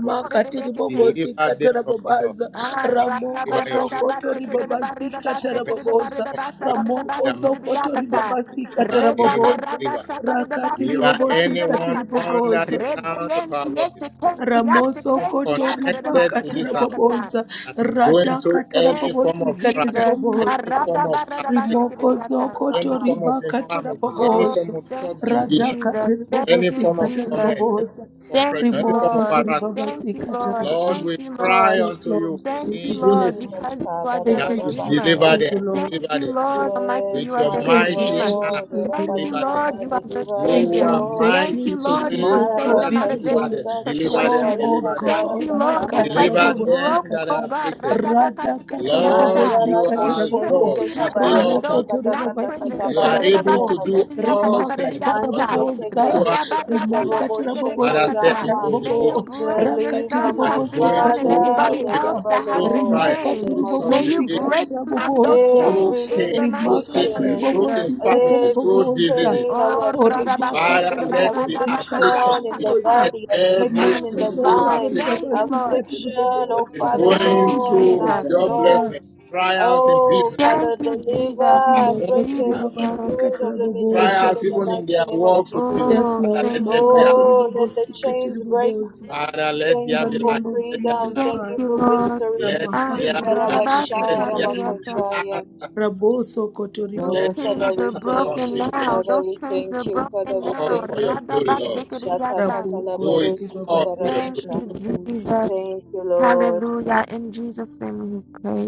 S5: but Lord,
S4: tiribobo
S5: deliver
S4: zikata
S5: them from
S4: rababa
S5: it all.
S4: oza.
S3: Ah,
S5: Father,
S3: rada
S4: Ramoko
S5: deliver your
S4: zo
S3: barada
S5: children,
S4: koto
S3: basket
S5: deliver
S3: de
S4: ribaba
S3: barada
S4: zikata
S5: from
S3: basket
S5: any
S4: rababa
S3: de
S4: oza.
S3: barada
S5: form of affliction,
S3: basket de
S5: their
S4: Ramoko
S3: basket
S4: zo
S3: de
S4: koto
S3: yakata.
S4: ribaba sikata
S5: mind, deliver,
S3: Reda
S4: rababa
S5: deliver,
S4: oza.
S3: barada
S5: deliver.
S3: saka de
S4: Rakati
S3: basket
S5: Deliver
S3: de
S4: ribobo
S3: barada
S4: zikata
S5: anyone
S3: bakata.
S4: rababa
S5: under the
S3: Reda
S5: sound of our
S3: yenti yesti
S5: voice,
S3: kenti yasti
S4: Ramoso
S5: anyone
S3: kenti
S4: koto
S3: yakata de
S4: riba
S5: connected
S3: basket
S5: to
S3: de
S5: this house
S3: yakata.
S4: katarabobosa,
S5: that is
S4: rata
S5: going through any
S3: Thank
S5: form
S3: you,
S4: katarabobosi
S5: of trial,
S3: Jesus.
S4: katiribobosa,
S5: any form
S3: Karada
S5: of
S3: barada
S5: affliction,
S3: basket de
S4: rimoko
S3: yakata.
S4: zoko to
S5: any form of
S4: riba
S5: infirmity, any
S3: Oh,
S5: form
S4: katarabobosa,
S5: of
S3: thank you,
S4: rada
S5: subjugation,
S3: Jesus. Thank
S5: any
S4: katiribobosi
S3: you,
S5: form of
S3: Jesus.
S5: torment, any
S4: katarabobosa,
S5: form of oppression,
S3: Thank you,
S5: any form of
S4: rimoko to
S3: Lord.
S5: harassment.
S3: Thank
S4: ribabasi
S3: you, Lord.
S5: Lord,
S4: katarabobosa.
S3: Thank
S5: we
S3: you, Lord.
S5: cry
S4: Yes,
S5: unto you
S4: Lord.
S3: Thank
S4: Thank
S3: you,
S5: in
S4: you,
S3: Lord,
S5: unison
S4: Jesus.
S1: Jesus.
S3: because you are the
S4: Thank
S5: that
S4: you,
S5: you
S3: Redeemer.
S4: Jesus.
S5: deliver
S4: Thank
S1: Kabarabashanda.
S4: you,
S5: them,
S4: Lord.
S3: Thank
S5: deliver
S3: you,
S5: them.
S3: Lord Almighty,
S5: With
S3: you
S1: Yes,
S3: are
S5: your
S3: the
S1: my
S4: Thank you,
S5: mighty
S3: Redeemer.
S5: hand,
S4: Jesus.
S1: God.
S4: Thank you,
S3: Thank you,
S4: Lord.
S5: deliver them.
S3: Lord,
S1: Rabashanda,
S3: you are their
S1: deliver
S4: Thank
S1: us,
S5: You
S3: Savior.
S5: are
S4: you,
S1: Lord.
S4: thank
S3: Thank
S4: you,
S3: you,
S5: mighty to
S3: Lord, you will
S5: save,
S4: Jesus,
S3: save
S4: for
S5: Father,
S3: them out of this
S5: deliver
S4: visiting
S5: them,
S1: Marakashanda,
S5: deliver them,
S4: Sean,
S3: situation.
S1: Rikapari,
S4: oh
S5: deliver them.
S3: Thank
S1: Kapara,
S4: God,
S3: you, Lord, just
S1: Katamana,
S3: like
S5: Deliver
S3: you
S1: Kosha.
S5: them
S3: broke,
S5: that
S3: oh
S5: are
S4: Makatarabobosikata,
S3: God,
S5: afflicted.
S4: Rada
S5: Lord,
S3: radabakatikiridiyakata.
S1: Mandara,
S5: you
S3: you
S5: are
S3: took
S4: Katarabobosikatarabobo,
S1: Koshende,
S5: God. You
S3: Peter
S5: see
S1: Rekabara,
S3: out
S5: all
S3: of
S1: Kata,
S5: things.
S4: Ramoko
S3: those
S1: Kata,
S3: that
S1: Kata, Kata,
S3: prison.
S5: You are
S1: Bara,
S5: able
S1: Kosha,
S4: Toribabasikatarabo,
S5: to
S1: Kata.
S5: do all things, Lord.
S3: Karirabakatikiridiyakatakiridiyakata.
S1: Manche
S5: Nothing is
S1: teke
S5: too
S4: Rimakatarabobosa,
S5: hard
S1: teke
S5: for you to
S1: teke
S5: do.
S1: robo sheke
S5: Father, step
S3: Ridabaradabatikiridiyakata.
S1: rama.
S5: into the
S3: May you
S5: boat of
S4: Rimakatarabobosikatarabobo,
S3: break
S5: one
S3: your
S1: Deliver
S3: son,
S5: that
S1: my
S5: is
S3: Pastor
S5: going
S3: Sean, and
S5: through
S1: father,
S3: anybody else
S5: affliction,
S4: Rakatiribobosikatarabobosa,
S1: deliver
S3: that has
S5: through
S3: been
S1: Lord,
S5: trial,
S1: in the
S3: chained.
S1: name
S5: through
S1: of
S3: May you
S5: subjugation.
S1: Jesus.
S3: break them out of those
S4: Rimakatiribobosikatarabobosa,
S5: through
S3: chains
S1: Every
S3: in
S5: pain,
S3: the mighty
S5: through
S3: name of
S5: sickness,
S1: limitation,
S5: through
S3: Jesus.
S5: infirmities, through
S1: every
S5: diseases.
S1: chain of
S4: Rimakatiribobosikatarabobosa.
S3: Oh, ra ba siki
S1: affliction,
S5: Father,
S3: di di
S4: Korimakatara
S3: ba
S5: let the
S3: ba ka sa
S4: bobosikatara
S5: affliction
S1: affliction in the
S5: cease.
S3: ka
S4: bobosa.
S5: Let
S1: body,
S5: every
S1: affliction
S3: Thank
S1: in
S4: Rimoko
S3: you,
S1: the
S5: single
S3: Father.
S4: zokoto
S1: mind,
S5: affliction
S3: Thank you, Lord.
S4: ribabasikatara
S1: affliction,
S5: that
S1: oh
S5: is
S4: bobosa.
S1: Father
S3: Thank
S5: going
S3: you,
S1: God, in
S5: through
S1: our
S3: Jesus.
S4: Ribakatara
S1: soul
S4: boba.
S5: joblessness, trials in
S1: Oh,
S5: business,
S3: Thank
S1: Father,
S3: you, Jesus.
S1: deliver,
S3: In
S5: among-
S1: break
S4: Rimokoto
S5: uh,
S1: every
S3: Jesus' name.
S1: spirit of
S4: ribabasikatara
S1: limitation
S4: bobosa.
S5: trials
S1: in the
S5: even
S1: mighty
S5: in their
S1: name of
S5: work with
S1: Jesus.
S5: you.
S4: Yes,
S3: Oh,
S5: Father,
S4: Lord.
S5: let
S3: thank you,
S5: every
S3: Lord.
S4: Makatara
S1: Oh, let the
S4: bobosikatara
S1: chains break.
S4: bobosa.
S5: Father, let
S4: In
S1: Thank
S5: there
S4: the
S1: you
S5: be
S1: for
S5: light.
S4: name of
S5: Let there be
S1: freedom.
S4: Jesus
S5: light.
S3: Thank
S1: Thank you
S3: you,
S4: Christ.
S1: for
S3: Lord.
S1: victory.
S5: Let
S3: Ah,
S5: there
S4: Ramakatara
S5: be light.
S3: ra ba sa
S5: Let
S3: ka
S5: there
S4: bobosikatara
S5: be
S3: di
S4: bobosa.
S1: Ikarabasharabakozaya.
S5: answer.
S4: Raboso kotori
S3: Those
S5: Let
S1: Oh,
S5: the
S1: Father,
S3: chains are
S1: we
S5: answer
S4: babasikata.
S1: thank
S5: come
S3: broken
S1: you.
S5: speedily.
S3: now.
S1: Father,
S3: Those
S1: we
S3: chains
S1: thank
S3: are
S1: you. Father,
S3: broken
S1: we
S5: All
S3: now.
S1: thank
S5: for
S1: you.
S3: ra
S5: your glory,
S3: ba
S5: Lord.
S3: siki di di
S4: Rabo
S5: Do it
S4: kotori
S5: all for your glory.
S3: Thank
S4: babasikatara
S1: Shatatakalabadosikubaradosha.
S3: you,
S4: bobosa.
S3: Jesus.
S1: Thank you, Lord.
S3: Hallelujah. In Jesus' name we pray.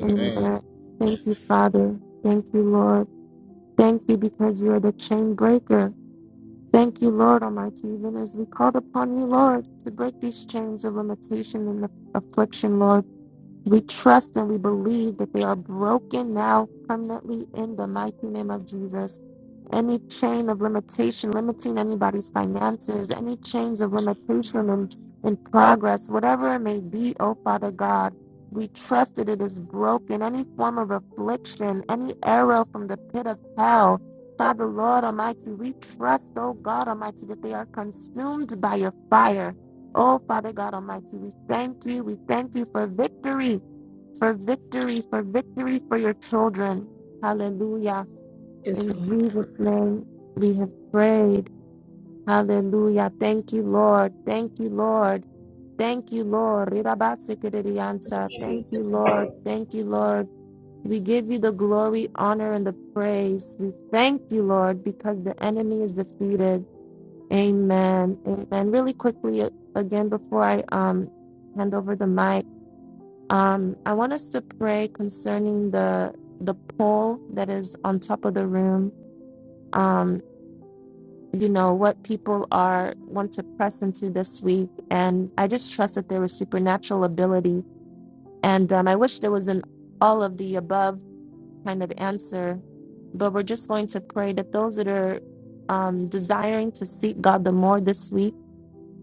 S3: And God, thank you, Father. Thank you, Lord. Thank you because you are the chain breaker. Thank you, Lord Almighty, even as we called upon you, Lord, to break these chains of limitation and affliction, Lord. We trust and we believe that they are broken now permanently in the mighty name of Jesus. Any chain of limitation limiting anybody's finances, any chains of limitation in, in progress, whatever it may be, oh Father God, we trust that it is broken. Any form of affliction, any arrow from the pit of hell, Father Lord Almighty, we trust, oh God Almighty, that they are consumed by your fire. Oh, Father God Almighty, we thank you. We thank you for victory, for victory, for victory for your children. Hallelujah. In
S4: Yes, Lord.
S3: Jesus' name, we have prayed. Hallelujah. Thank you, Lord. Thank you, Lord. Thank you, Lord. Rirabasikiriyansa. Thank you, Lord. Thank you, Lord. We give you the glory, honor, and the praise. We thank you, Lord, because the enemy is defeated. Amen. Amen. Really quickly a- again before I um hand over the mic, um, I want us to pray concerning the the poll that is on top of the room. Um, you know, what people are want to press into this week. And I just trust that there is supernatural ability. And um, I wish there was an all of the above kind of answer, but we're just going to pray that those that are um, desiring to seek God the more this week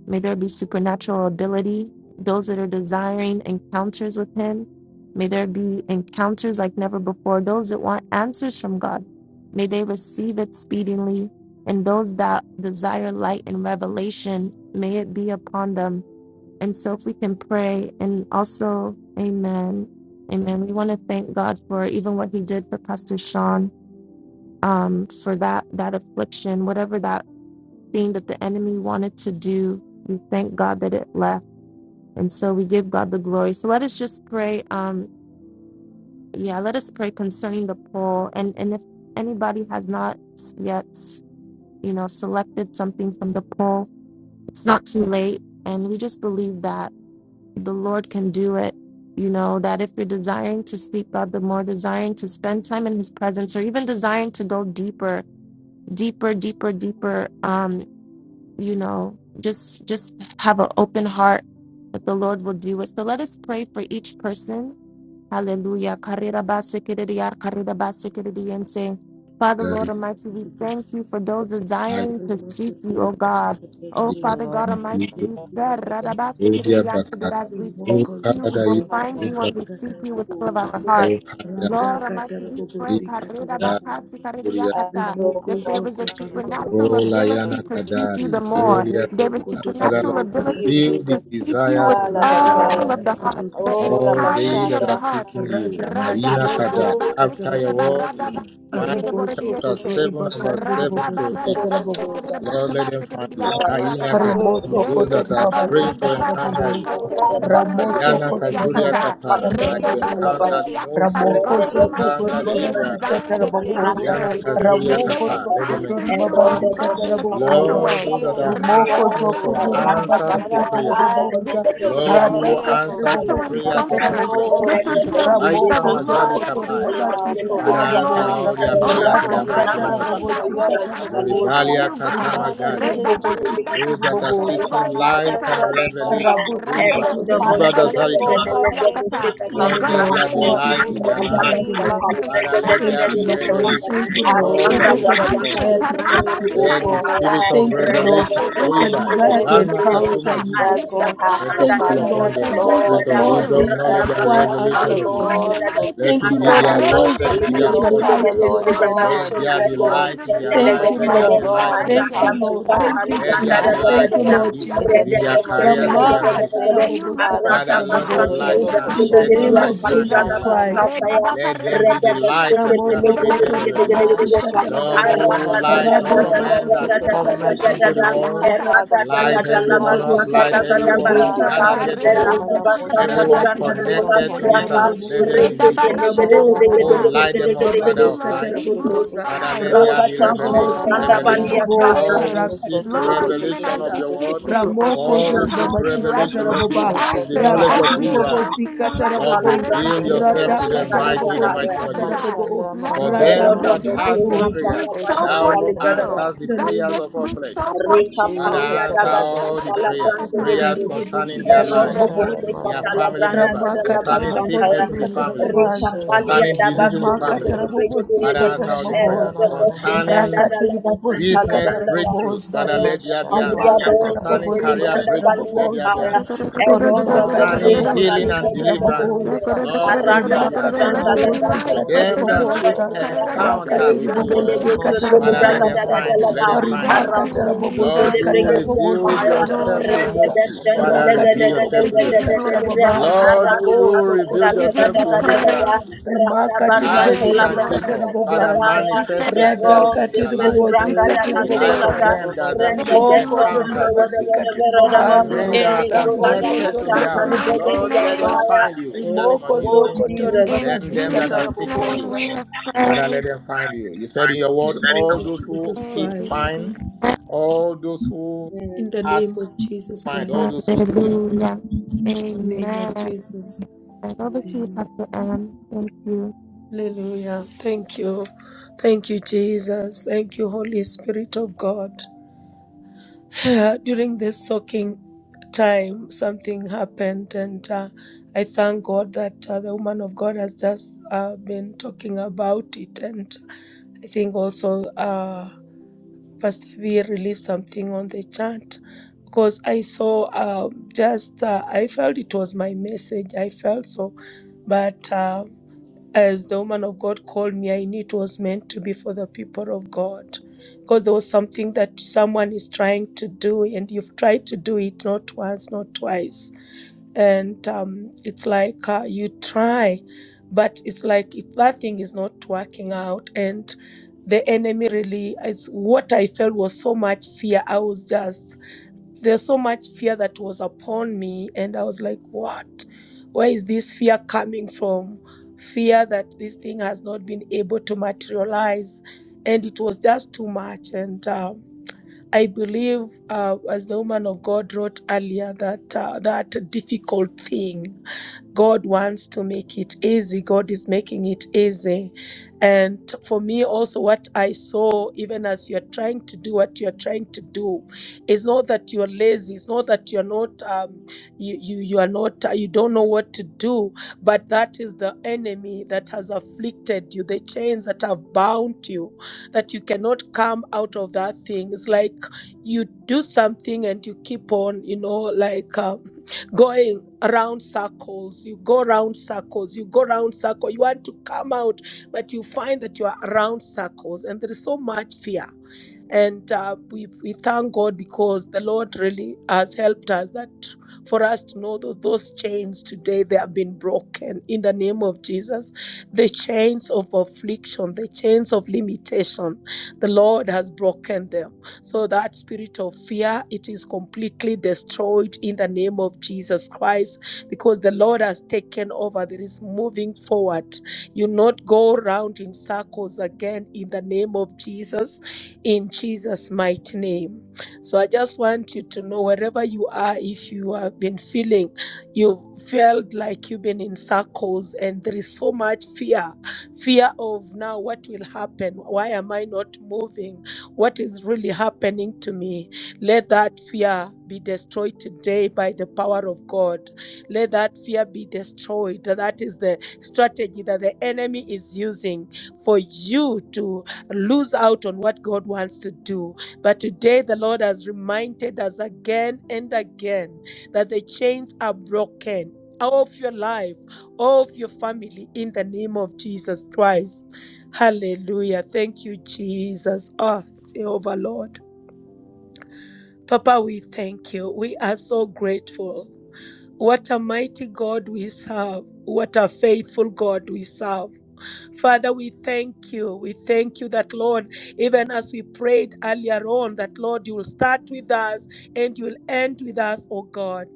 S3: May there be supernatural ability. Those that are desiring encounters with Him, may there be encounters like never before. Those that want answers from God, may they receive it speedily. And those that desire light and revelation, may it be upon them. And so, if we can pray and also, amen. Amen. We want to thank God for even what He did for Pastor Sean, um, for that that affliction, whatever that thing that the enemy wanted to do. We thank God that it left. And so we give God the glory. So let us just pray. Um, yeah, let us pray concerning the poll. And and if anybody has not yet, you know, selected something from the poll, it's not too late. And we just believe that the Lord can do it. You know, that if you're desiring to seek God, the more desiring to spend time in his presence or even desiring to go deeper, deeper, deeper, deeper. Um, you know just just have an open heart that the lord will do it so let us pray for each person Hallelujah. Karira basikiriya, karira basikiriyense. Father,
S5: That
S3: Lord
S5: is
S3: Almighty,
S4: Rabosikatara
S3: we
S4: bobosa.
S3: thank you for those
S5: my
S3: desiring to
S4: Remove The
S3: seek you,
S5: word
S3: O God. Oh,
S1: Thank
S5: because
S3: Father
S1: you,
S3: God
S5: my
S3: Almighty,
S5: people,
S3: you said,
S5: Odia
S3: "Radabasikiriyanse," that
S5: Bakat,
S3: as we seek you, we will
S5: Okada,
S3: find you
S5: Yuka,
S3: and we seek you with all of
S4: rimokozokotorobasikatarabobosa
S3: our heart.
S5: Okada,
S1: Lord.
S3: Lord Almighty, we pray
S5: Lima,
S3: karira bakati,
S4: radhakatarabobosikatarabobosa
S3: karira
S5: Daria,
S3: yakata, that there is a supernatural ability
S5: Rolayana
S3: to
S1: We
S4: rimokozokotoribabasikatarabobosa
S3: seek you
S5: Kadari,
S3: the more.
S5: Olia,
S3: There is
S5: Father,
S3: supernatural
S5: Lord,
S1: will see
S3: ability
S1: you,
S3: to
S5: fulfill the
S1: Jesus.
S4: rimosokotoribabasikatarabobosa
S3: perceive you
S5: desires
S3: with
S1: Ah,
S5: of your
S3: all
S5: children,
S1: Labagaya.
S3: of
S5: Lord.
S3: the heart, the
S1: Oh,
S5: All they
S3: entirety of
S5: that
S4: radhakatarabobosikatarabobosa
S5: are
S3: the
S1: Rabashanda.
S3: heart.
S5: seeking you, Maina
S3: Radaba,
S5: Kada,
S3: radaba,
S1: Oh,
S5: after your
S3: shikididaba,
S5: word
S4: radhakatiribobosikatarabobosa
S3: radaba,
S5: in Mark
S1: Thank
S5: chapter
S3: shikididabodidiyakate.
S5: 7, and verse 7
S3: Radaba,
S5: to 8.
S3: radaba,
S4: ribosokotoribakandiribobosikatarabobosa
S5: Lord, let
S3: shikididabodidaba,
S5: them find you. Kaina
S3: shikididiyakadidiyakata.
S5: Kada,
S4: Rimoso
S5: those that
S4: kotori
S5: are
S3: Yeredaba,
S5: praying
S4: babasika
S5: to
S3: radaba,
S5: encounter
S3: radaba,
S5: you.
S4: taraboboza.
S3: ka, shikididabodidaba,
S4: Ramoso
S5: Mayana
S4: kotori
S5: Kazuria
S3: shikididiyakata.
S4: babasika
S5: Kapa, like you
S1: you
S3: Redaba,
S1: that we
S4: taraboboza.
S1: will
S5: encountered
S1: see
S3: shikididiyakata.
S5: Moses,
S4: Ramoko
S5: like
S3: God
S5: you
S4: zoko
S3: Almighty,
S4: tori
S3: those
S5: encountered
S3: that are
S5: Abraham.
S4: babasika
S3: desiring
S1: Everything we
S4: taraboboza.
S5: Mayana
S1: are
S3: encounters,
S1: looking for.
S5: Kazuria
S3: may
S4: Ramoko
S3: they
S5: Kapa, let
S4: zoko
S5: them
S3: encounter
S4: tori
S3: you,
S5: encounter you.
S3: oh
S1: God,
S4: babasika
S3: God, in a
S4: taraboboza.
S3: special
S1: will
S5: Lord,
S3: way.
S5: those
S1: be
S5: that are
S1: unto
S4: Rimoko
S1: us,
S5: asking
S1: O
S5: for
S4: Kotori
S1: God,
S4: baba
S5: answers
S1: that
S5: to
S4: sikatara
S5: prayer,
S1: our
S3: Radabaradabakayakariakata.
S1: eyes
S3: That
S1: will
S4: boboza,
S3: this will
S1: see,
S3: be
S5: Lord,
S3: a
S5: you
S1: our
S4: rada
S3: week
S5: will
S1: ears
S3: of
S1: will
S4: katara
S5: answer the
S4: bobo
S3: special
S1: hear
S5: prayers
S1: for
S5: of
S4: sikatara
S1: the
S5: all
S3: encounters.
S5: flesh.
S3: This
S1: Lord
S4: boboza,
S3: will
S1: your
S3: be
S5: Kaitu,
S3: a
S1: Father
S3: week
S5: Baita
S3: of
S1: has
S4: ramoko zo
S5: Majali
S1: planned
S3: glorious
S1: to
S4: kotori
S5: Kapai.
S1: do,
S4: baba
S1: God,
S3: encounters
S1: for
S3: to
S5: Father,
S3: your
S4: sikatara
S1: us,
S5: answer
S1: for our
S3: glory.
S5: all
S4: boboza,
S5: their
S3: Oh,
S1: families,
S5: prayers in
S3: Father
S1: for
S5: the
S4: rada
S1: your
S3: God,
S5: mighty name
S4: katara
S5: of
S1: sons,
S3: anybody
S4: bobo
S5: Jesus.
S1: for your
S3: that wants
S1: daughters,
S4: sikatara
S1: for
S2: Rata
S3: answers
S1: the
S4: boboza,
S1: nation,
S3: from
S5: Luribalia
S3: you, God.
S5: Kasama
S4: rimaka
S1: concerning
S4: tiri
S5: Gali.
S4: bobo
S1: ministry,
S5: Those
S4: sikatiri
S5: that are
S4: boboza,
S5: seeking light
S3: Redabaradakashekeredaboridiakata.
S1: Father,
S5: and revelation.
S1: Lord,
S4: raboso
S5: Kuiba,
S4: kotori baba
S5: Kuiba
S1: concerning
S5: Dazari
S4: sikatara
S1: more
S5: Kapali.
S1: Father,
S4: boboza.
S5: Lord,
S4: Yes,
S5: let
S1: everything,
S3: God,
S4: Lord.
S5: there
S3: may
S5: be
S3: they
S4: Thank
S1: Lord,
S4: you,
S5: light
S1: we
S3: find
S5: in their
S4: Jesus.
S5: life.
S3: answers,
S4: Thank you,
S1: receive
S4: Lord.
S1: life
S3: answers,
S5: Father, let
S3: answers,
S4: Thank
S5: there
S4: you,
S5: be
S4: Lord.
S3: speedily,
S5: revelation
S4: Thank you,
S5: of
S3: answers,
S1: we will
S4: Lord,
S5: all
S4: for
S5: that
S1: receive
S4: those
S3: speedily,
S5: is
S4: that
S5: seek on
S3: answers.
S1: revelation
S5: you.
S4: desire to seek
S1: from your
S4: you, O
S1: truth,
S5: Let the
S1: from
S4: God.
S1: your
S5: spirit
S1: word,
S5: of
S1: in
S4: Thank
S1: the
S4: you,
S1: name of
S4: Lord,
S5: revelation,
S4: for
S1: Jesus.
S4: those that
S1: Thank you
S5: Oibai,
S1: that
S4: desire to
S1: every
S5: Kubana
S2: Aranda
S1: vision
S4: encounter
S5: Kasuma
S4: you,
S1: that
S4: O
S5: Jiyo,
S3: You
S1: has been
S3: said,
S4: God.
S1: cast,
S3: call
S5: let
S1: oh
S5: it
S4: Thank
S5: fall
S4: you,
S3: upon
S1: Father,
S3: me
S5: upon
S4: Lord,
S3: and
S4: for
S3: I
S5: them. The
S3: will
S4: those
S1: Lord
S5: spirit
S4: that,
S3: answer
S5: of
S1: God,
S4: Lord,
S3: you.
S4: they
S5: wisdom,
S4: uh,
S1: that
S5: knowledge,
S3: I
S5: and
S3: will
S4: require
S1: vision, oh
S3: show
S5: revelation
S1: Father,
S3: you
S4: answers
S5: of you.
S4: from
S3: great
S1: Lord,
S3: and
S4: you.
S3: mighty
S1: will
S5: Let
S4: Thank
S1: speak,
S5: it
S4: you,
S3: things.
S5: be
S1: oh
S4: Lord,
S5: their
S4: for
S1: Father.
S5: lot,
S4: those
S5: let it
S4: that
S1: It
S5: be their
S1: will,
S4: need your
S1: oh
S5: portion.
S1: Father,
S4: light and
S1: Lord
S3: Oh God
S1: God,
S5: Let
S4: revelation,
S1: be
S5: there
S4: O
S5: be
S3: Almighty, those
S1: revealed.
S4: God.
S3: that
S5: light in
S3: are
S5: their
S1: It will,
S4: Thank
S5: life,
S4: you,
S1: oh
S3: desiring
S5: let there
S1: Father
S3: light
S5: be
S4: Lord.
S3: and
S5: light
S1: God,
S5: in their
S4: Thank you,
S3: revelation
S1: become
S5: families.
S1: to
S4: Lord.
S3: ra
S1: pass.
S4: Thank
S1: It
S4: you,
S3: da
S1: will
S3: ba
S5: Let
S1: be
S5: there
S3: ra
S5: be
S4: Jesus.
S3: ya
S4: Thank
S5: light
S3: ka
S4: you,
S5: in
S3: ya
S1: manifested
S5: their
S3: ka
S4: Lord
S3: ta
S1: in
S5: business,
S1: the
S5: and
S4: Jesus.
S5: in their
S1: name of
S5: careers,
S3: ya
S5: in
S3: ka
S5: their
S4: Rama
S1: Jesus.
S3: ta
S5: ministry.
S4: katara
S1: Thank
S3: May
S2: Aranda
S3: you
S1: you,
S4: bobosi
S3: rise
S1: Father.
S3: the
S5: Father,
S4: katara
S5: let
S3: path
S5: your
S4: boboza.
S5: light
S3: in the
S4: In
S5: shine.
S4: the
S3: mighty
S5: Let your
S3: name
S4: name
S3: of
S5: light
S4: of
S5: shine in
S3: Jesus.
S4: Jesus
S5: their life.
S4: Christ.
S3: re da ba ka
S5: Let
S3: re da
S5: them be
S3: ba
S5: the
S3: ka ti ya
S5: light
S3: ka
S5: that you
S3: ti ki
S5: have
S4: Ramoso
S3: di ya
S5: created
S4: kotori
S5: them to be.
S4: babasika
S1: Ganash,
S3: ka
S5: Lord,
S3: re
S4: tarababo.
S5: you
S3: da ba
S5: will
S3: ti
S5: light
S1: Nikonakoshi
S5: all
S4: Raboso
S1: Ganash,
S5: men that
S4: kotori
S1: Koteralabash.
S5: cometh
S4: babasika
S5: into
S3: ya
S5: the
S3: ka ya
S1: Thank
S5: world.
S1: you,
S4: tarababaza.
S3: ka
S1: Father. Thank
S5: Light
S1: you,
S4: Rakatiri
S5: everyone
S1: Father.
S5: up,
S4: bobosika
S5: light
S3: Thank
S1: Thank you,
S3: you,
S5: everyone
S1: Father.
S3: Jesus.
S4: tarabobosika
S5: gathered
S3: ka
S5: here
S3: re da
S5: today.
S3: ba
S4: taraboboza.
S3: ti ki di da
S5: And
S1: Shanamanakosh,
S3: ba ra
S5: everyone
S4: Rakatiri
S5: connected to
S4: bobosika
S5: this house.
S1: Shantanamakosh,
S5: Let them
S4: taraboboza.
S5: be lit.
S3: da ba ya
S4: Ramoko
S5: Oh,
S3: ka
S4: zoko
S1: Koshananamasa,
S5: light
S4: tori
S5: them up,
S3: Thank
S5: Father
S3: you,
S5: of
S4: babasika
S3: Lord.
S5: light.
S3: Be
S4: taraboboza.
S1: Kostetekete,
S5: Father,
S3: glorified.
S5: let
S2: Oh,
S5: there be
S4: Rakatiri
S2: Shaka
S5: revelation,
S3: Oh
S4: bobosika
S2: Liganda
S3: Lord, be
S5: revelation.
S2: Balia
S1: Koshananananama.
S5: For
S4: tiriboboza.
S2: Chaya,
S5: all who
S3: exalted.
S1: Osa
S5: seek
S4: Rakatiri
S3: Lord,
S1: dedekete,
S3: even
S4: bobosika
S5: revelation
S3: as
S5: of
S3: we
S4: ta.
S5: your
S3: seek
S5: word,
S3: you, as
S5: for
S4: Ramoko
S3: we
S5: all who seek
S4: zoribaba
S3: encounter you, as we
S5: revelation of the
S3: receive
S4: sikataraboba.
S1: Osa
S5: of the
S3: answers,
S5: knowledge
S3: as
S5: of who
S3: we
S5: you
S4: Rakatiribobo
S5: are,
S1: da
S3: encounter your light,
S5: Lord,
S4: sikatarabobo.
S2: Calibrando
S5: reveal
S1: Osha
S2: Jesus
S1: da
S5: yourself
S4: Rada
S5: to
S2: Christ,
S5: them
S1: bashanda,
S5: mightily,
S4: katarabobo
S5: the
S2: Calibra,
S5: mighty name of Jesus.
S4: sikatarabobo.
S1: Mashanda
S3: let
S5: For
S1: manana
S3: this
S4: Rada
S5: them
S2: Erodo,
S3: week,
S5: that
S1: namasta,
S3: let
S2: Bosco,
S5: have
S4: katiribobo
S5: for
S3: this
S4: ozo.
S2: Cantala,
S3: week
S5: prayers,
S3: show
S5: thou
S3: forth
S2: Bashandali,
S5: who
S3: zeal.
S2: Brother.
S1: Osha
S5: answers the
S4: In the
S3: Let
S4: name
S5: prayers
S3: this
S4: of
S5: of our
S3: week
S4: Jesus.
S5: flesh.
S3: show forth
S2: Rika
S5: Father,
S3: zeal.
S2: palia
S1: Shikata
S2: da
S5: answer
S1: bada da
S2: bashan
S1: da
S5: all
S1: da
S5: the
S1: da
S2: pala
S1: da da da.
S5: prayers,
S2: branda de
S5: prayers
S2: ribu.
S3: Thank
S4: Karibobo
S3: you,
S5: concerning their life,
S2: Erodo
S3: Jesus.
S1: Mashanda
S4: sikatarabobo
S1: da
S2: boste
S4: ozo.
S5: their
S1: mana
S2: patala
S1: mana
S5: family
S2: branda da
S5: members,
S2: da
S1: mashaka.
S2: la
S5: concerning
S2: bashan
S4: Ramakatiribobo
S2: pala.
S5: sickness in the
S3: Hallelujah.
S5: family,
S2: Rika
S4: sikatarabobaza.
S1: Mashe
S2: palia
S5: concerning
S1: pere
S2: da
S5: disease in
S1: gede
S2: basto
S5: the
S2: se
S4: rimakata
S2: branda
S5: family.
S2: le
S1: gede.
S2: brede de
S5: Father,
S2: ribu.
S4: rabobosikata
S5: answer all these
S1: Mashana na
S5: prayers.
S2: Erodo
S1: na
S4: rabobosa
S1: mana
S2: boste
S1: ma.
S2: danda
S5: Concerning
S2: da
S4: rakati
S2: la bashan pala
S5: business
S4: ribobosikata
S2: branda da.
S5: breakthroughs,
S4: rabobosa
S5: Father, let
S2: Rika
S5: there be
S1: Mashaka
S2: palia
S5: answers.
S1: ka
S2: do
S4: rimakata
S1: ba ba
S2: se
S1: ba
S5: Concerning
S1: ba
S5: career
S2: branda
S4: rabobosikata
S1: masha.
S5: breakthroughs,
S2: palia
S5: let there be
S4: rabobosa
S2: kaya.
S5: answers.
S2: Erondo
S4: orimakata
S2: boste
S5: Concerning
S1: Manda na
S2: katali
S5: healing
S1: na
S2: de
S1: na
S5: and
S4: rabobosikata
S2: de
S1: mana na
S2: de
S1: na
S5: deliverances,
S2: de
S3: Let
S2: de.
S4: rabobosa
S3: there
S5: Lord,
S1: masaka.
S5: let
S2: Arada
S5: there be answers.
S4: rimakata
S2: bastanta la
S3: be
S1: Manda la
S3: light.
S5: For
S1: go
S2: bastanta
S4: rabobosikata
S3: Let there
S5: them
S3: be
S5: that
S1: shanda
S2: libranga
S1: da
S3: light.
S1: da
S5: seek
S4: rabobosa
S1: da da
S2: balbuota.
S1: da da.
S5: encounter
S4: rakati
S5: with you,
S2: Rekundele
S5: Lord,
S4: ribobosikata
S2: bosote
S5: Father,
S1: Mashana
S5: let
S1: da
S2: libraga
S1: da
S5: them
S2: da
S1: da
S2: da
S4: rabobosa
S1: ma
S2: da
S5: find
S2: la
S5: you.
S1: ma
S5: Let
S2: ba.
S5: them
S1: ma
S5: find
S1: ma
S3: Thank
S5: you.
S1: ma
S4: rimakata
S2: Aranda
S3: you,
S1: ma.
S5: Lord,
S3: Jesus.
S2: sotele
S5: you will
S4: rabobosikata
S2: brigadier
S5: reveal
S2: fire.
S1: Manda
S4: rabobosikata
S1: da da
S5: yourself
S1: da
S5: to
S3: Hallelujah.
S1: ba
S2: Rede
S4: rabobosa
S5: Moses.
S1: koshanda
S2: bestende
S1: ba
S5: Father,
S1: ko
S2: lega
S4: rakati
S2: da
S5: reveal
S2: da
S1: ta.
S2: da
S5: yourself
S3: We
S5: to
S2: da da
S3: give
S5: them.
S3: you
S2: da
S4: ribobosikata
S2: da da
S3: glory, God.
S4: rabobaza
S5: Lord, will
S2: Arada
S5: you
S4: raboso
S2: bastanta
S5: reveal
S4: koto
S2: la
S3: We
S2: da
S3: give
S5: yourself
S2: da
S3: you
S5: to
S2: da da
S4: ribabaza
S2: da da.
S3: praise.
S5: Abraham,
S2: Rada
S4: Rimaka
S3: We honor
S2: bastanta
S5: Isaac,
S2: la
S3: you,
S4: tiribobosi
S5: and
S1: Hmm.
S2: branda
S3: Lord.
S2: da
S5: Jacob.
S2: da
S5: Father,
S4: katarabobaza.
S3: We thank
S5: manifest
S2: Ero
S4: Rada
S3: you.
S5: yourself in their
S2: sotele
S5: lives,
S3: We
S4: katiribobosi
S2: braga da da
S5: the
S3: thank you,
S1: Shikata
S5: life of
S2: sekata.
S1: ta
S3: Lord.
S4: katiriboboza.
S1: ta
S5: them
S1: ba
S5: that are
S2: Rende
S3: Thank
S5: seeking
S3: you,
S4: Rimoko
S2: bestende
S3: Lord.
S5: encounters with
S2: wada
S4: toribabasi
S5: you.
S2: wada wada
S5: For as
S4: katiribabaza.
S5: many
S1: Hallelujah.
S5: that are
S3: Hallelujah.
S2: Ele
S3: In
S2: kurada
S4: Ramoko
S3: Jesus'
S5: connected to the
S2: bastanta
S5: house,
S4: zoribabasi
S2: librega
S3: mighty
S5: Lord,
S2: diya
S5: let them
S3: name,
S4: katarababa.
S2: fire.
S5: find you in the name of
S4: Rimoko
S5: Jesus.
S2: Oh,
S4: zoko
S5: For
S2: Jesus.
S3: in
S5: them,
S4: toribabasi
S5: them that are
S3: Jesus'
S5: seeking
S3: name
S5: you.
S4: kataraboboza.
S3: we have
S5: Father, let
S3: prayed.
S5: them find you. You said in your
S4: In
S5: word,
S4: the name
S5: all
S4: of
S5: those who
S4: Jesus
S5: seek,
S4: Christ.
S5: find.
S3: Amen.
S5: All those who
S4: In the
S5: ask,
S4: name of Jesus
S5: find. All
S4: Christ.
S5: those who. Amen.
S3: Hallelujah.
S4: In the name of
S3: Amen.
S4: Jesus.
S3: And over to you,
S4: Amen.
S3: Pastor Anne. Thank you.
S4: Hallelujah. Thank you. Thank you, Jesus. Thank you, Holy Spirit of God. [laughs] Uh, during this soaking time something happened and uh, i thank god that uh, the woman of god has just uh, been talking about it and i think also uh, pastor v released something on the chat because i saw um, just uh, i felt it was my message i felt so but Uh, as the woman of God called me, I knew it was meant to be for the people of God. Because there was something that someone is trying to do, and you've tried to do it not once, not twice. And um, it's like uh, you try, but it's like if that thing is not working out. And the enemy really, it's what I felt was so much fear. I was just there's so much fear that was upon me, and I was like, what? Where is this fear coming from? Fear that this thing has not been able to materialize. And it was just too much. And um, I believe, uh, as the woman of God wrote earlier, that uh, that difficult thing God wants to make it easy. God is making it easy. And for me, also, what I saw, even as you're trying to do what you're trying to do, it's not that you're lazy. It's not that you're not, um, you, you, you are not, uh, you don't know what to do, but that is the enemy that has afflicted you, the chains that have bound you, that you cannot come out of that thing. It's like you do something and you keep on, you know, like, uh, going around circles. You go around circles. You go around circles. You want to come out, but you find that you are around circles, and there is so much fear and uh, we we thank God because the Lord really has helped us that for us to know those those chains today they have been broken in the name of Jesus the chains of affliction the chains of limitation the Lord has broken them so that spirit of fear it is completely destroyed in the name of Jesus Christ because the Lord has taken over there is moving forward you not go round in circles again in the name of Jesus in Jesus' mighty name. So I just want you to know wherever you are, if you have been feeling, you felt like you've been in circles and there is so much fear fear of now what will happen? Why am I not moving? What is really happening to me? Let that fear be destroyed today by the power of God. Let that fear be destroyed. That is the strategy that the enemy is using for you to lose out on what God wants to do. But today, the Lord has reminded us again and again that the chains are broken. Of your life, of your family, in the name of Jesus Christ. Hallelujah. Thank you, Jesus. Ah, Jehovah Lord. Papa, we thank you. We are so grateful. What a mighty God we serve. What a faithful God we serve. Father, we thank you. We thank you that, Lord, even as we prayed earlier on, that, Lord, you will start with us and you will end with us, oh God.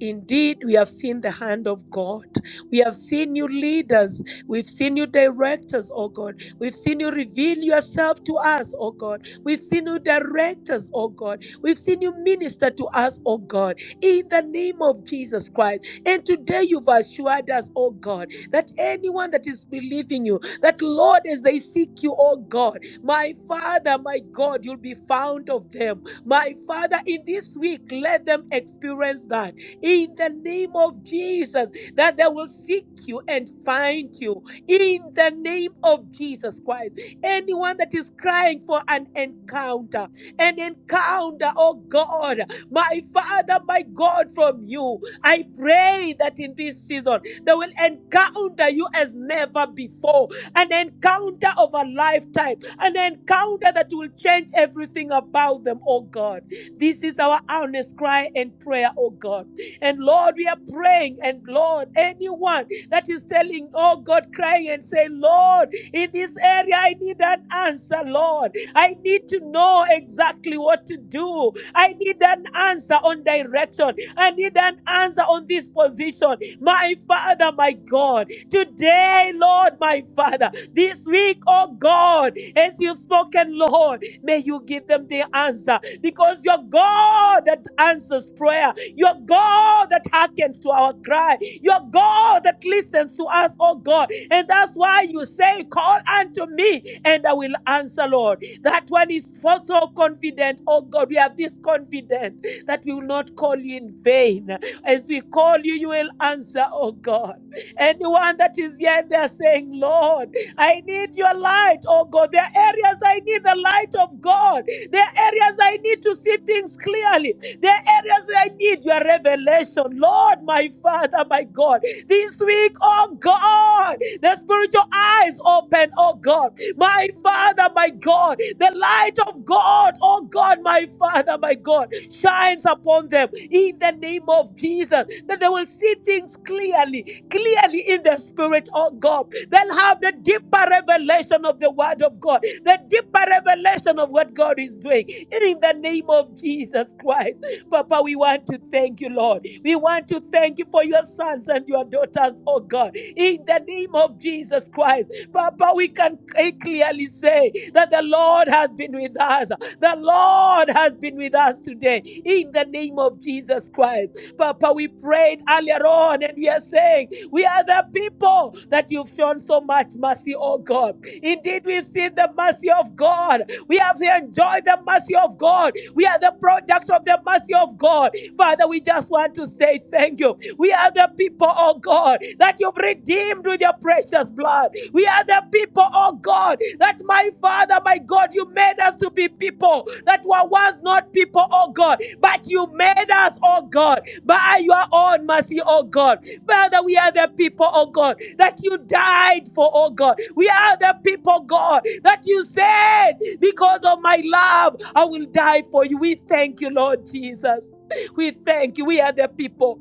S4: Indeed, we have seen the hand of God. We have seen you leaders. We've seen you directors, oh God. We've seen you reveal yourself to us, oh God. We've seen you directors, oh God. We've seen you minister to us, oh God, in the name of Jesus Christ. And today you've assured us, oh God, that anyone that is believing you, that Lord, as they seek you, oh God, my Father, my God, you'll be found of them. My Father, in this week, let them experience that in the name of Jesus, that they will seek you and find you in the name of Jesus Christ. Anyone that is crying for an encounter, an encounter, oh God, my Father, my God, from you, I pray that in this season they will encounter you as never before an encounter of a lifetime, an encounter that will change everything about them, oh God. This is our honest cry and prayer, oh God. And Lord, we are praying. And Lord, anyone that is telling, oh God, crying and say, Lord, in this area, I need an answer, Lord. I need to know exactly what to do. I need an answer on direction. I need an answer on this position. My Father, my God, today, Lord, my Father, this week, oh God, as you've spoken, Lord, may you give them the answer because you're God that answers prayer. You're God that hearkens to our cry. You're God that listens to us, oh God. And that's why you say, Call unto me and I will answer, Lord. That one is so so confident, oh God. We are this confident that we will not call you in vain. As we call you, you will answer, oh God. Anyone that is here and they're saying, Lord, I need your light, oh God. There are areas I need the light of God. There are areas I need to see things clearly. The areas where I need your revelation, Lord, my Father, my God. This week, oh God, the spiritual eyes open, oh God. My Father, my God, the light of God, oh God, my Father, my God, shines upon them in the name of Jesus. That they will see things clearly, clearly in the Spirit, oh God. They'll have the deeper revelation of the Word of God, the deeper revelation of what God is doing in the name of Jesus Christ. Papa, we want to thank you, Lord. We want to thank you for your sons and your daughters, oh God. In the name of Jesus Christ, Papa, we can clearly say that the Lord has been with us. The Lord has been with us today. In the name of Jesus Christ. Papa, we prayed earlier on and we are saying, We are the people that you've shown so much mercy, oh God. Indeed, we've seen seen the mercy of God. We have enjoyed the mercy of God. We are the product of the mercy of God. Father, we just want to say thank you. We are the people, oh God, that you've redeemed with your precious blood. We are the people, oh God, that my Father, my God, you made us to be people that were once not people, oh God, but you made us, oh God, by your own mercy, oh God. Father, we are the people, oh God, that you died for, oh God. We are the people, God, that you said, because of my love, I will die for you. We thank you, Lord Jesus. We thank you. We are the people.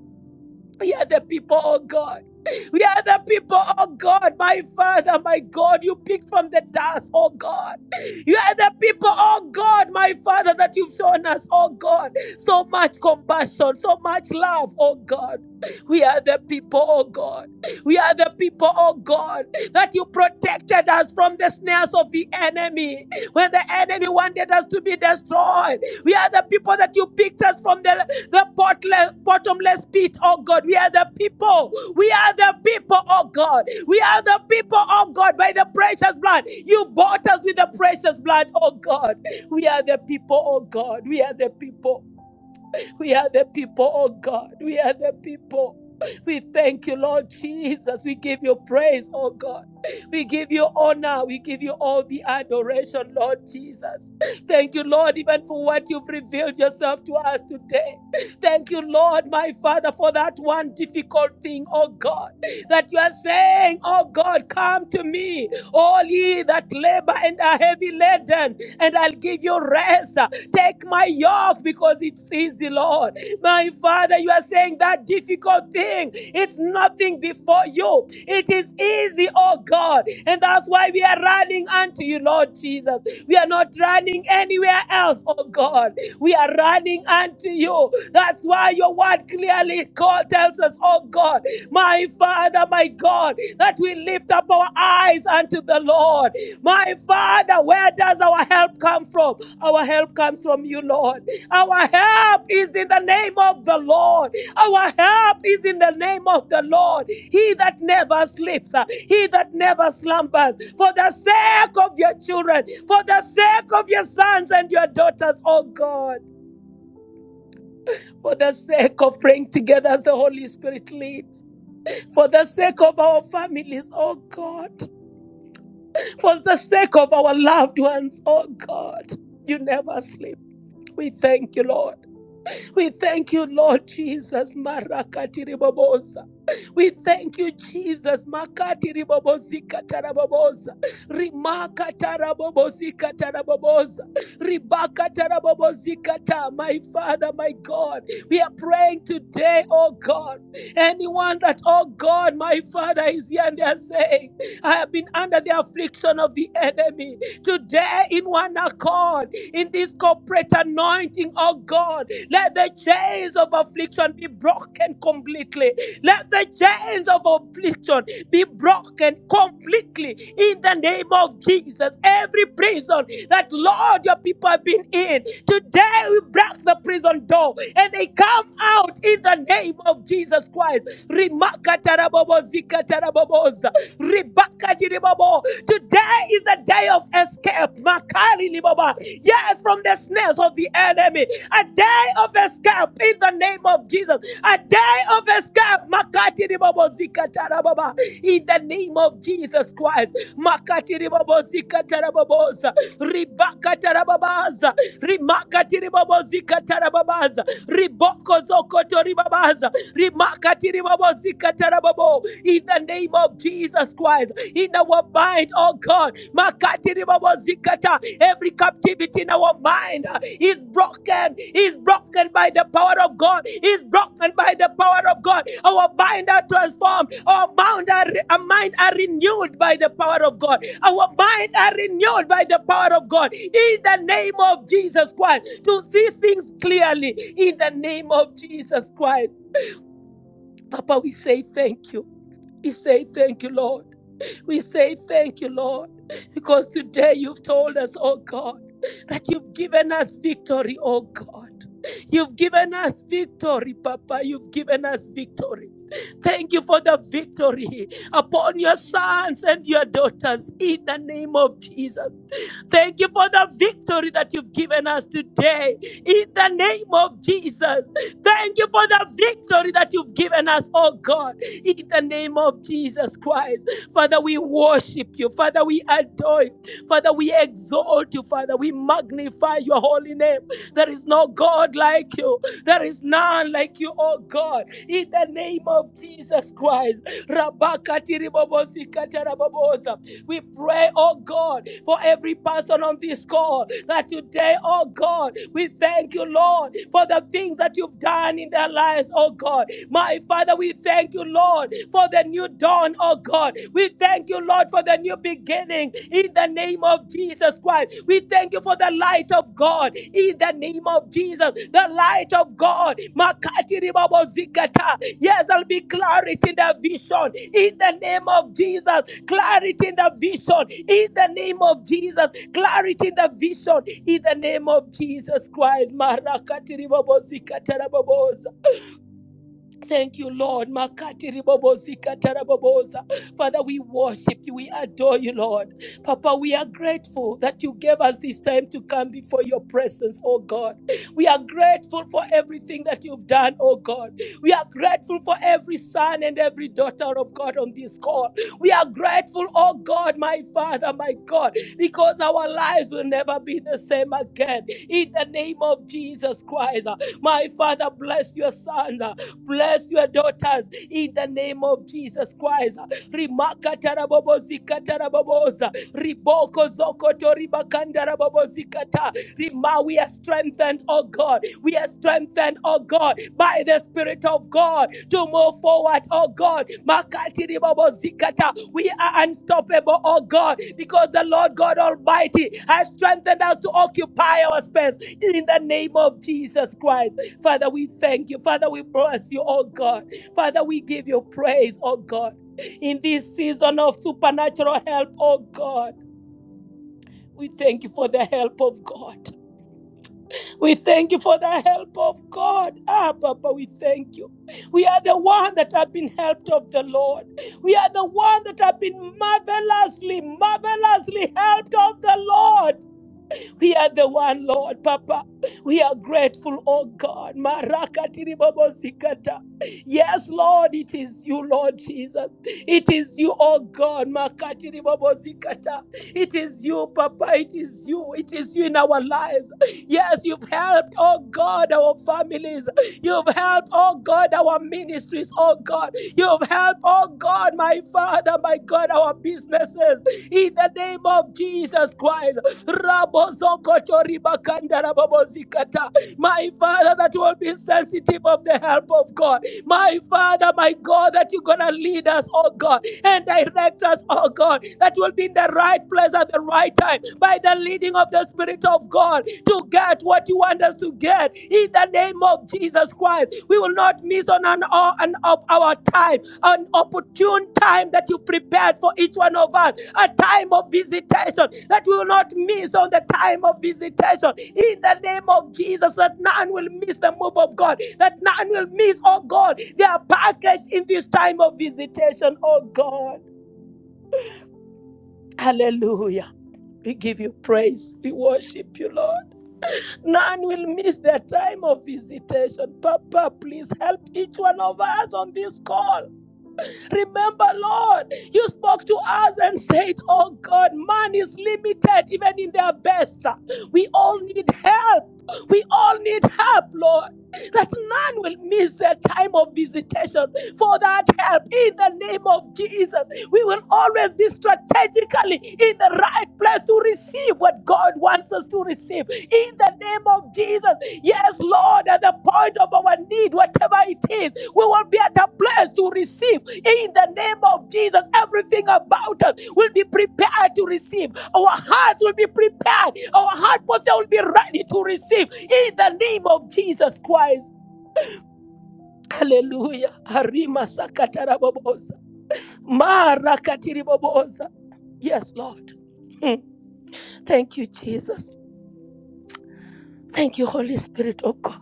S4: We are the people, oh God. We are the people, oh God, my Father, my God, you picked from the dust, oh God. You are the people, oh God, my Father, that you've shown us, oh God. So much compassion, so much love, oh God. We are the people, oh God. We are the people, oh God, that you protected us from the snares of the enemy. When the enemy wanted us to be destroyed, we are the people that you picked us from the the potle- bottomless pit, oh God. We are the people. We are the people, oh God. We are the people, oh God, by the precious blood. You bought us with the precious blood, oh God. We are the people, oh God. We are the people. We are the people, oh God. We are the people. We thank you, Lord Jesus. We give you praise, oh God. We give you honor. We give you all the adoration, Lord Jesus. Thank you, Lord, even for what you've revealed yourself to us today. Thank you, Lord, my Father, for that one difficult thing, oh God, that you are saying, oh God, come to me all ye that labor and are heavy laden, and I'll give you rest. Take my yoke because it's easy, Lord. My Father, you are saying that difficult thing, it's nothing before you. It is easy, oh God. And that's why we are running unto you, Lord Jesus. We are not running anywhere else, oh God. We are running unto you. That's why your word clearly call, tells us, oh God, my Father, my God, that we lift up our eyes unto the Lord. My Father, where does our help come from? Our help comes from you, Lord. Our help is in the name of the Lord. Our help is in the name of the Lord. He that never sleeps, uh, he that never slumbers. For the sake of your children, for the sake of your sons and your daughters, oh God. For the sake of praying together as the Holy Spirit leads. For the sake of our families, oh God. for the sake of our loved ones, oh God. You never sleep. We thank you, Lord. We thank you, Lord Jesus. Marakatiribobosa. We thank you, Jesus. Makati ribobozika taraboboza. Rimaka tarabobozika taraboboza. Ribaka tarabobozika ta. My Father, my God. We are praying today, oh God. Anyone that, oh God, my Father is here and they are saying, I have been under the affliction of the enemy. Today, in one accord, in this corporate anointing, oh God, let the chains of affliction be broken completely. Let the chains of affliction be broken completely in the name of Jesus. Every prison that, Lord, your people have been in, today we break the prison door and they come out in the name of Jesus Christ. Remakatarabobo zikataraboboza. Ribakatiribobo. Today is the day of escape escape. Makali libaba Yes, from the snares of the enemy. A day of escape in the name of Jesus. A day of escape. Makati libaba baba zikatara baba. In the name of Jesus Christ. Makati libaba baba zikatara babosa. Ribakatara babaza. Rimakati li baba zikatara babaza. Riboko ribabaza rimakati ribabozika tarababo in the name of Jesus Christ in our mind oh God makati ribabozikata every captivity in our mind is broken is broken by the power of God is broken by the power of God our mind are transformed our mind are, our mind are renewed by the power of God our mind are renewed by the power of God in the name of Jesus Christ to see things clearly in the name of Jesus Christ. Papa, we say thank you. We say thank you, Lord. We say thank you, Lord, because today you've told us, oh God, that you've given us victory, oh God. You've given us victory, Papa. You've given us victory. Thank you for the victory upon your sons and your daughters in the name of Jesus. Thank you for the victory that you've given us today in the name of Jesus. Thank you for the victory that you've given us, oh God, in the name of Jesus Christ. Father, we worship you. Father, we adore you. Father, we exalt you. Father, we magnify your holy name. There is no God like you. There is none like you, oh God. In the name of Jesus Christ. Rabakati ribobosi katarabobosa. We pray, oh God, for every person on this call that today, oh God, we thank you, Lord, for the things that you you've done in their lives, oh God. My Father, we thank you, Lord, for the new dawn, oh God. We thank you, Lord, for the new beginning in the name of Jesus Christ. We thank you for the light of God in the name of Jesus. The light of God. Makati ribabo zikata. Yes, there'll be clarity in the vision in the name of Jesus clarity in the vision in the name of Jesus, clarity in the vision in the name of Jesus Christ. Marakatiribobo Thank you, Lord. Makati ribobozika taraboboza. Father, we worship you. We adore you, Lord. Papa, we are grateful that you gave us this time to come before your presence, oh God. We are grateful for everything that you've done, oh God. We are grateful for every son and every daughter of God on this call. We are grateful, oh God, my Father, my God, because our lives will never be the same again. In the name of Jesus Christ. My Father, bless your sons, uh, bless your daughters in the name of Jesus Christ. Rimaka tarabobo zikata raboboza. Riboko zokoto ribakanda rabobo zikata. Rima, we are strengthened, oh God. We are strengthened strengthened, oh God, by the Spirit of God to move forward, oh God. Makatiri babo zikata. We are unstoppable, oh God, because the Lord God Almighty has strengthened us to occupy our space in the name of Jesus Christ. Father, we thank you. Father, we bless you, oh God. Father, we give you praise, oh God. In this season of supernatural help, oh God, we thank you for the help of God. We thank you for the help of God. Ah, Papa, we thank you. We are the one that have been helped of the Lord. We are the one that have been marvelously, marvelously helped of the Lord. We are the one, Lord, Papa. We are grateful, oh God. Marakatiri bobo zikata. Yes, Lord, it is you, Lord Jesus. It is you, oh God. Makatiri bobo zikata. It is you, Papa. It is you. It is you in our lives. Yes, you've helped, oh God, our families. You've helped, oh God, our ministries, oh God. You've helped, oh God, my Father, my God, our businesses. In the name of Jesus Christ. My Father, that will be sensitive of the help of God. My Father, my God, that you're going to lead us, oh God, and direct us, oh God, that will be in the right place at the right time by the leading of the Spirit of God to get what you want us to get in the name of Jesus Christ. We will not miss on an, on an op- our time, an opportune time that you prepared for each one of us, a time of visitation that we will not miss on the time of visitation in the name of Jesus. That none will miss the move of God, that none will miss, oh God, their package in this time of visitation, oh God. Hallelujah. We give you praise. We worship you, Lord. None will miss their time of visitation. Papa, please help each one of us on this call. Remember, Lord, you spoke to us and said, Oh God, man is limited even in their best. We all need help. We all need help, Lord. That none will miss their time of visitation for that help in the name of Jesus. We will always be strategically in the right place to receive what God wants us to receive in the name of Jesus. Yes, Lord, at the point of our need, whatever it is, we will be at a place to receive in the name of Jesus. Everything about us will be prepared to receive. Our hearts will be prepared. Our heart posture will be ready to receive in the name of Jesus Christ. Hallelujah. Harima sakatarabobosa. Marakatiribobosa. Yes, Lord. Thank you, Jesus. Thank you, Holy Spirit of God.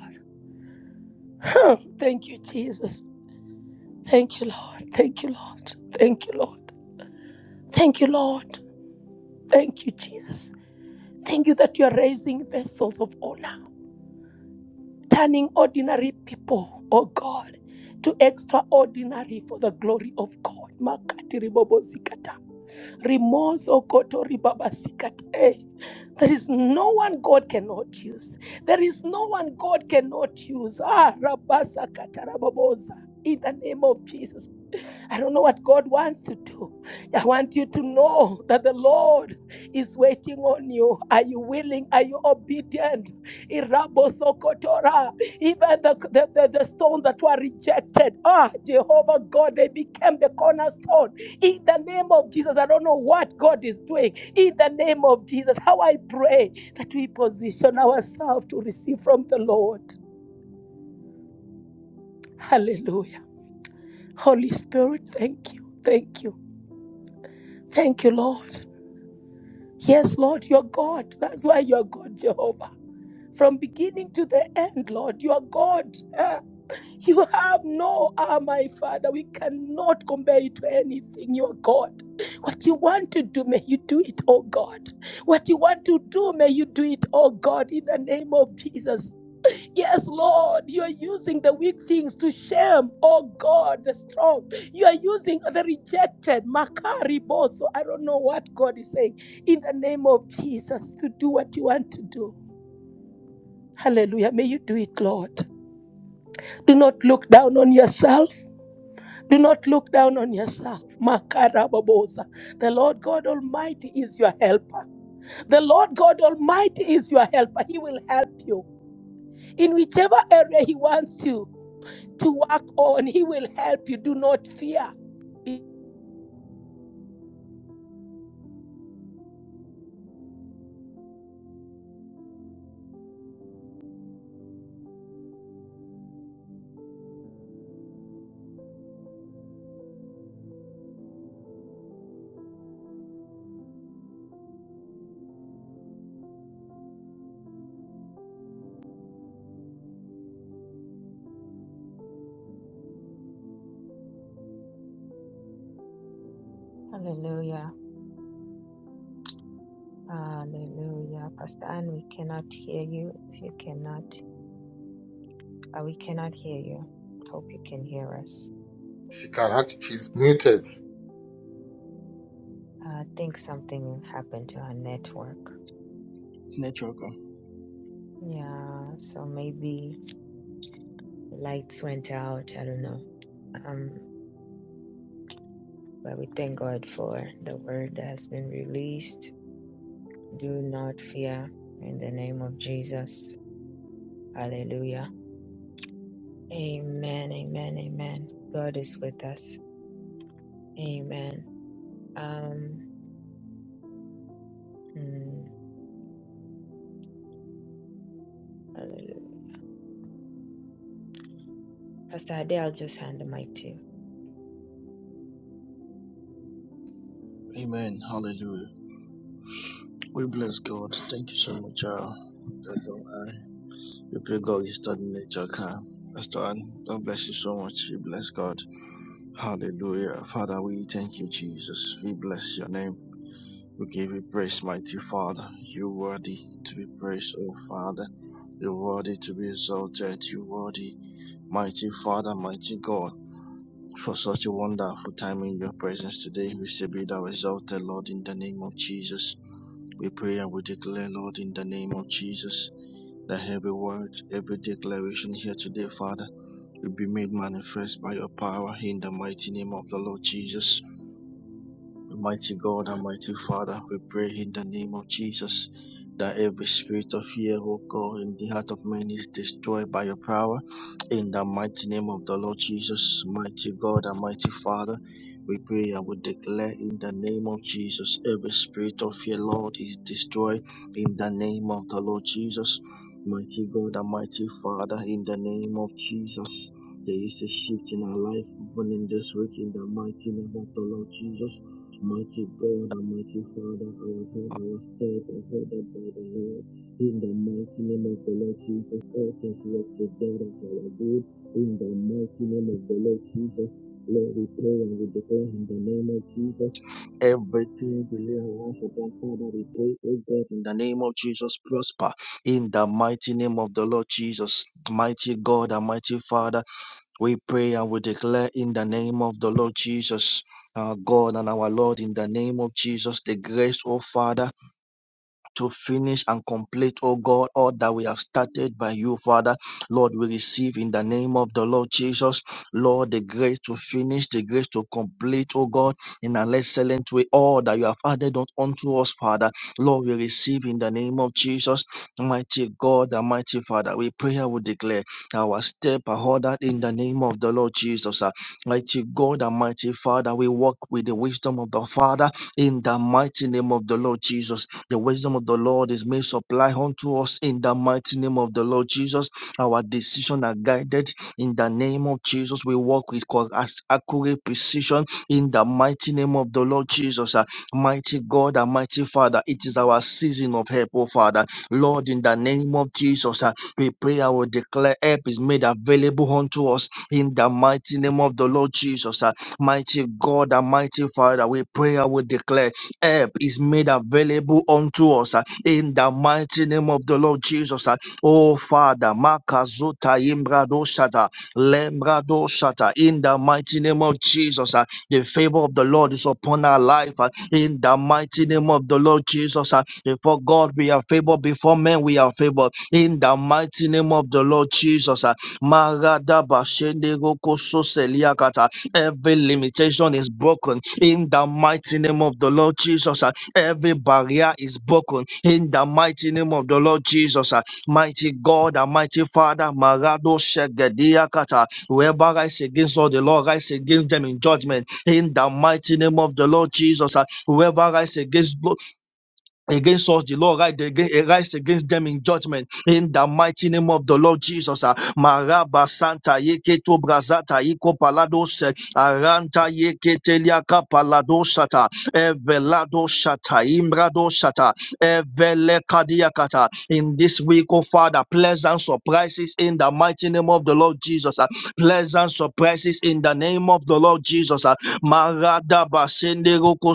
S4: Thank you, Jesus. Thank you, Lord. Thank you, Lord. Thank you, Lord. Thank you, Lord. Thank you, Jesus. Thank you that you are raising vessels of honor, turning ordinary people, oh God, to extraordinary for the glory of God. Makati ribobo zikata. Rimoso koto ribaba zikata. Eh, There is no one God cannot use. There is no one God cannot use. Ah, rabasa kataraboboza. In the name of Jesus. I don't know what God wants to do. I want you to know that the Lord is waiting on you. Are you willing? Are you obedient? Irabosokotora. Even the, the, the, the stone that were rejected, ah, Jehovah God, they became the cornerstone. In the name of Jesus, I don't know what God is doing. In the name of Jesus, how I pray that we position ourselves to receive from the Lord. Hallelujah. Holy Spirit, thank you. Thank you. Thank you, Lord. Yes, Lord, you're God. That's why you're God, Jehovah. From beginning to the end, Lord, you are God. Ah, You have no, ah, my Father, we cannot compare you to anything. You are God. What you want to do, may you do it, oh God. What you want to do, may you do it, oh God, in the name of Jesus. Yes, Lord, you are using the weak things to shame, oh God, the strong. You are using the rejected, Makari So I don't know what God is saying. In the name of Jesus, to do what you want to do. Hallelujah. May you do it, Lord. Do not look down on yourself. Do not look down on yourself. Makarabobosa. The Lord God Almighty is your helper. The Lord God Almighty is your helper. He will help you in whichever area He wants you. to work on. He will help you. Do not fear.
S1: Hallelujah. Pastor Anne, we cannot hear you. If you cannot, uh, we cannot hear you. Hope you can hear us.
S5: She can act. She's muted.
S1: Uh, I think something happened to her network.
S7: Network.
S1: Yeah, so maybe lights went out. I don't know. Um, but we thank God for the word that has been released. Do not fear in the name of Jesus. Hallelujah. Amen. Amen. Amen. God is with us. Amen. Um, mm, hallelujah. Pastor Ade, I'll just hand the mic to you.
S7: Amen. Hallelujah. We bless God. Thank you so much, uh, Pastor We pray God is starting nature car. Pastor Ann, God bless you so much. We bless God. Hallelujah. Father, we thank you, Jesus. We bless your name. We give you praise, mighty Father. You're worthy to be praised, oh Father. You're worthy to be exalted. You're worthy, mighty Father, mighty God. For such a wonderful time in your presence today, we say be thou exalted, Lord, in the name of Jesus. We pray and we declare, Lord, in the name of Jesus, that every word, every declaration here today, Father, will be made manifest by your power in the mighty name of the Lord Jesus. Mighty God and mighty Father, we pray in the name of Jesus that every spirit of fear, oh God, in the heart of man is destroyed by your power. In the mighty name of the Lord Jesus, mighty God and mighty Father, we pray and we declare in the name of Jesus, every spirit of fear, Lord, is destroyed in the name of the Lord Jesus. Mighty God and mighty Father, in the name of Jesus, there is a shift in our life, even in this week, in the mighty name of the Lord Jesus. Mighty God Almighty Father, our head, our step, and hold up by the hair. In the mighty name of the Lord Jesus, all things work together for our good. In the mighty name of the Lord Jesus, Lord, we pray and we declare in the name of Jesus. Everything we lay our hands upon, Father, we pray, oh God, in the name of Jesus, prosper. In the mighty name of the Lord Jesus, mighty God Almighty Father. We pray and we declare in the name of the Lord Jesus, our God and our Lord, in the name of Jesus, the grace, oh Father to finish and complete, oh God, all that we have started by you, Father. Lord, we receive in the name of the Lord Jesus, Lord, the grace to finish, the grace to complete, oh God, in an excellent way, all that you have added on, unto us, Father. Lord, we receive in the name of Jesus, mighty God, Almighty Father. We pray and we declare our step are ordered in the name of the Lord Jesus. ah. Mighty God, Almighty Father, we walk with the wisdom of the Father in the mighty name of the Lord Jesus the wisdom of the Lord is made supply unto us in the mighty name of the Lord Jesus. Our decision are guided in the name of Jesus. We walk with co- as- accurate precision in the mighty name of the Lord Jesus. Ah, Mighty God and mighty Father, it is our season of help, oh Father. Lord, in the name of Jesus, ah, we pray I will declare help is made available unto us in the mighty name of the Lord Jesus. ah. Mighty God and mighty Father, we pray I will declare help is made available unto us uh, in the mighty name of the Lord Jesus. uh. Oh Father, Makazuta Imbrado Shata, Lembrado Shata, in the mighty name of Jesus. uh, The favor of the Lord is upon our life uh, in the mighty name of the Lord Jesus. uh. Before God, we are favored, before men, we are favored in the mighty name of the Lord Jesus. uh. Maradaba Shendego Koso Seliakata, Every limitation is broken in the mighty name of the Lord Jesus. ah. Every barrier is broken in the mighty name of the Lord Jesus. ah. Mighty God and mighty Father, Marado Shegediakata. Whoever rise against all the Lord, rise against them in judgment in the mighty name of the Lord Jesus. ah. Whoever rise against against us the lord rise against, rise against them in judgment in the mighty name of the lord jesus ah. maraba santa yeketo brazata iko palados eh, aranta yeketeliaka paladosata evelado shata imbrado shata evelekadiakata in this week oh father pleasant surprises in the mighty name of the lord jesus ah. pleasant surprises in the name of the lord jesus ah. marada basende roko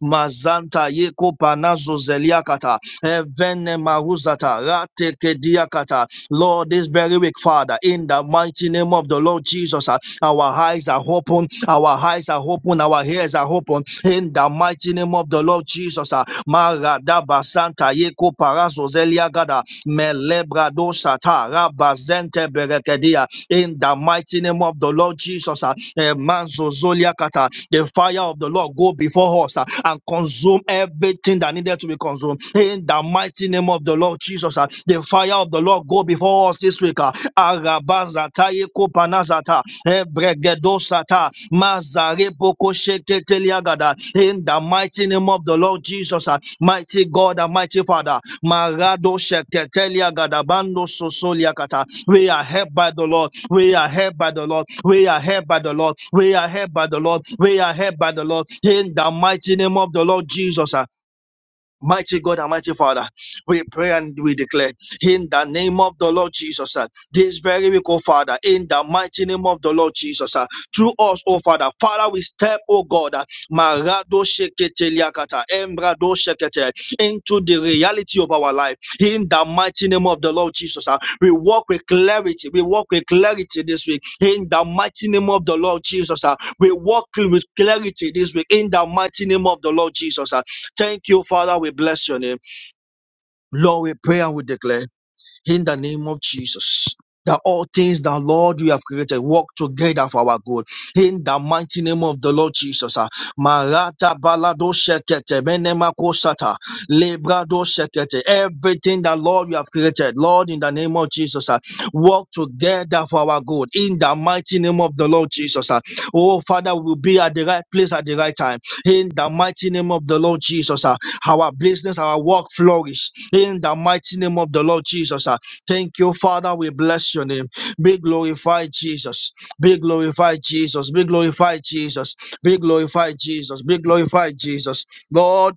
S7: mazanta yeko panazo zeliakata Evene maruzata, rate kediakata. Lord, this very week, Father, in the mighty name of the Lord Jesus, uh, our eyes are open, our eyes are open, our ears are open, in the mighty name of the Lord Jesus. uh, Maradaba Santa Yeko Parazo Zeliagada, Melebrado Sata, Rabazente Berekedia, in the mighty name of the Lord Jesus. uh, eh, Manzo Zoliakata, The fire of the Lord go before us uh, and consume everything that needed to be to be consumed. In the mighty name of the Lord Jesus, ah, the fire of the Lord go before us this week. ah. Arabazata ekopanazata, ebregedosata, mazarepokosheketeliagada. In the mighty name of the Lord Jesus, ah, mighty God and mighty Father, Marado Sheketelia bando Sosolia Kata. We are helped by the Lord. We are helped by the Lord. We are helped by the Lord. We are helped by the Lord. We are helped by the Lord. In the mighty name of the Lord Jesus. uh, Mighty God and mighty Father, we pray and we declare in the name of the Lord Jesus, uh, this very week, oh Father, in the mighty name of the Lord Jesus, uh, through us, oh Father, Father, we step, oh God, uh, Marado Shekete Liakata, Embrado Shekete, into the reality of our life, in the mighty name of the Lord Jesus. uh, we walk with clarity, we walk with clarity this week, in the mighty name of the Lord Jesus. uh, we walk with clarity this week, in the mighty name of the Lord Jesus. uh, Thank you, Father. We bless your name. Lord, we pray and we declare in the name of Jesus. That all things that Lord you have created work together for our good. In the mighty name of the Lord Jesus. ah. Marata balado sekete menemako sata lebrado sekete. Everything that Lord you have created, Lord, in the name of Jesus, ah, work together for our good. In the mighty name of the Lord Jesus. ah. Oh Father, we will be at the right place at the right time. In the mighty name of the Lord Jesus. ah our business, our work flourish in the mighty name of the Lord Jesus. ah. Thank you, Father. We bless your name. Be glorified, Jesus. Be glorified, Jesus. Be glorified, Jesus. Be glorified, Jesus. Be glorified, Jesus. Lord.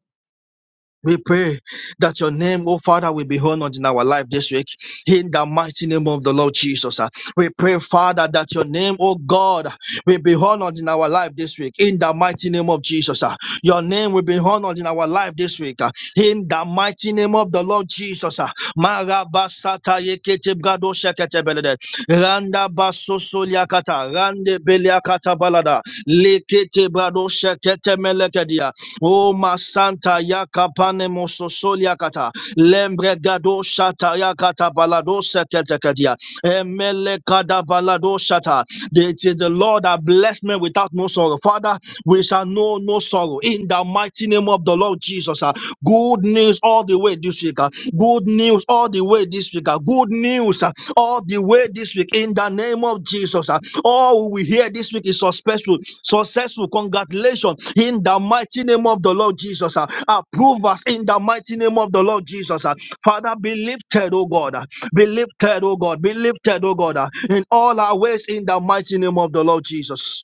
S7: We pray that your name, oh Father, will be honored in our life this week. In the mighty name of the Lord Jesus. ah. We pray, Father, that your name, oh God, will be honored in our life this week. In the mighty name of Jesus. ah. Your name will be honored in our life this week. ah. In the mighty name of the Lord Jesus. ah. Marabasata yekete brado shekete belede. Randa basoso liakata. Rande beliakata balada. Lekete brado shekete melekedia. O Masanta Yakapane Mososolia Kata Lembre Gado Shata Yakata Balado Setetekadia Emele Kada Balado Shata. It is the Lord that blessed me without no sorrow. Father, we shall know no sorrow in the mighty name of the Lord Jesus. ah. Good news all the way this week. ah. Good news all the way this week. ah. Good news ah, all the way this week in the name of Jesus. ah. All we hear this week is successful successful. Congratulations in the mighty name of the Lord Jesus. ah. Approve us in the mighty name of the Lord Jesus. ah. Father, be lifted, oh God. ah. Be lifted, oh God. Be lifted, oh God, ah, in all our ways in the mighty name of the Lord Jesus.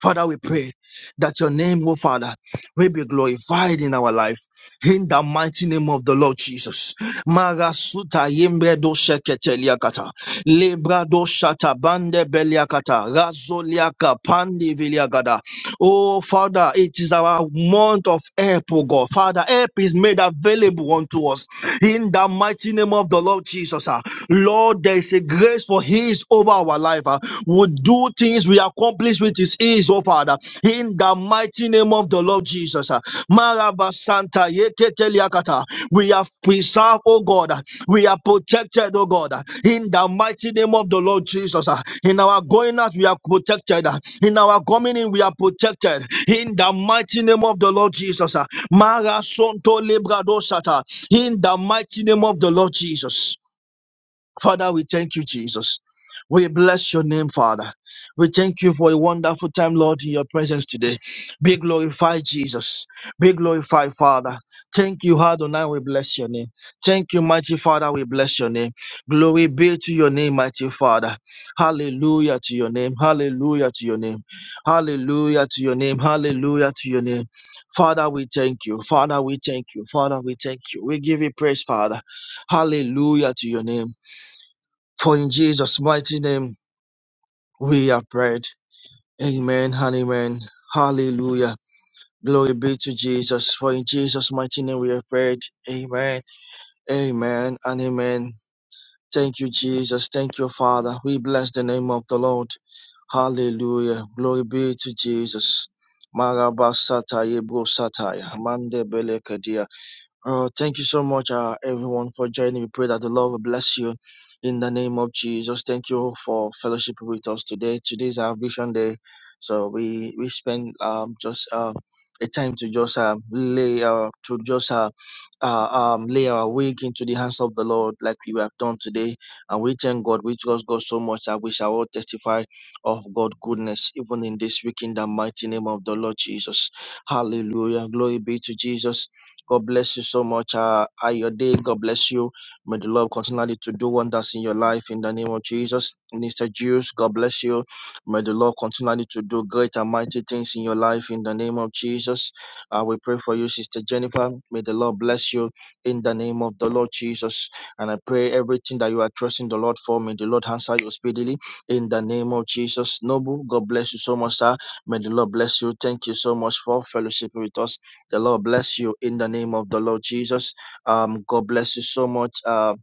S7: Father, we pray that your name, oh Father, will be glorified in our life. In the mighty name of the Lord Jesus. Marasuta yembre do sheketeliakata. Lebra do shata bande beliakata. Razoliaka pandi viliagada. Oh, Father, it is our month of help, oh God. Father, help is made available unto us in the mighty name of the Lord Jesus. ah. Lord, there is a grace for His over our life. ah. We do things we accomplish with His ease, oh Father, in the mighty name of the Lord Jesus. ah. Maraba Santa Yeketeliakata. We are preserved, oh God. ah. We are protected, oh God, ah. in the mighty name of the Lord Jesus. ah. In our going out, we are protected. Ah. In our coming in, we are protected. In the mighty name of the Lord Jesus. ah. Mara Sonto Libra Dosata. In the mighty name of the Lord Jesus. Father, we thank you, Jesus. We bless your name, Father. We thank you for a wonderful time, Lord, in your presence today. Be glorified, Jesus. Be glorified, Father. Thank you, Adonai. We bless your name. Thank you, mighty Father. We bless your name. Glory be to your name, mighty Father. Hallelujah to your name. Hallelujah to your name. Hallelujah to your name. Hallelujah to your name. Father, we thank you. Father, we thank you. Father, we thank you. We give you praise, Father. Hallelujah to your name. For in Jesus' mighty name we have prayed. Amen and amen. Hallelujah. Glory be to Jesus. For in Jesus' mighty name we have prayed. Amen. Amen and amen. Thank you, Jesus. Thank you, Father. We bless the name of the Lord. Hallelujah. Glory be to Jesus. Marabasataya brosataya. Mande belekadia. Uh, thank you so much, uh, everyone, for joining. We pray that the Lord will bless you in the name of Jesus. Thank you for fellowship with us today. Today is our Vision Day, so we we spend um just uh, a time to just um lay our to just uh, uh um lay our week into the hands of the Lord, like we have done today, and we thank God. We trust God so much that we shall all testify of God's goodness even in this week in the mighty name of the Lord Jesus. Hallelujah! Glory be to Jesus. God bless you so much. Uh, uh, your day. God bless you. May the Lord continually to do wonders in your life in the name of Jesus. Mister Jews, God bless you. May the Lord continually to do great and mighty things in your life in the name of Jesus. Uh, we pray for you, Sister Jennifer. May the Lord bless you in the name of the Lord Jesus. And I pray everything that you are trusting the Lord for, may the Lord answer you speedily in the name of Jesus. Noble, God bless you so much, sir. May the Lord bless you. Thank you so much for fellowship with us the Lord bless you in the name of the Lord Jesus. Um, God bless you so much. Um,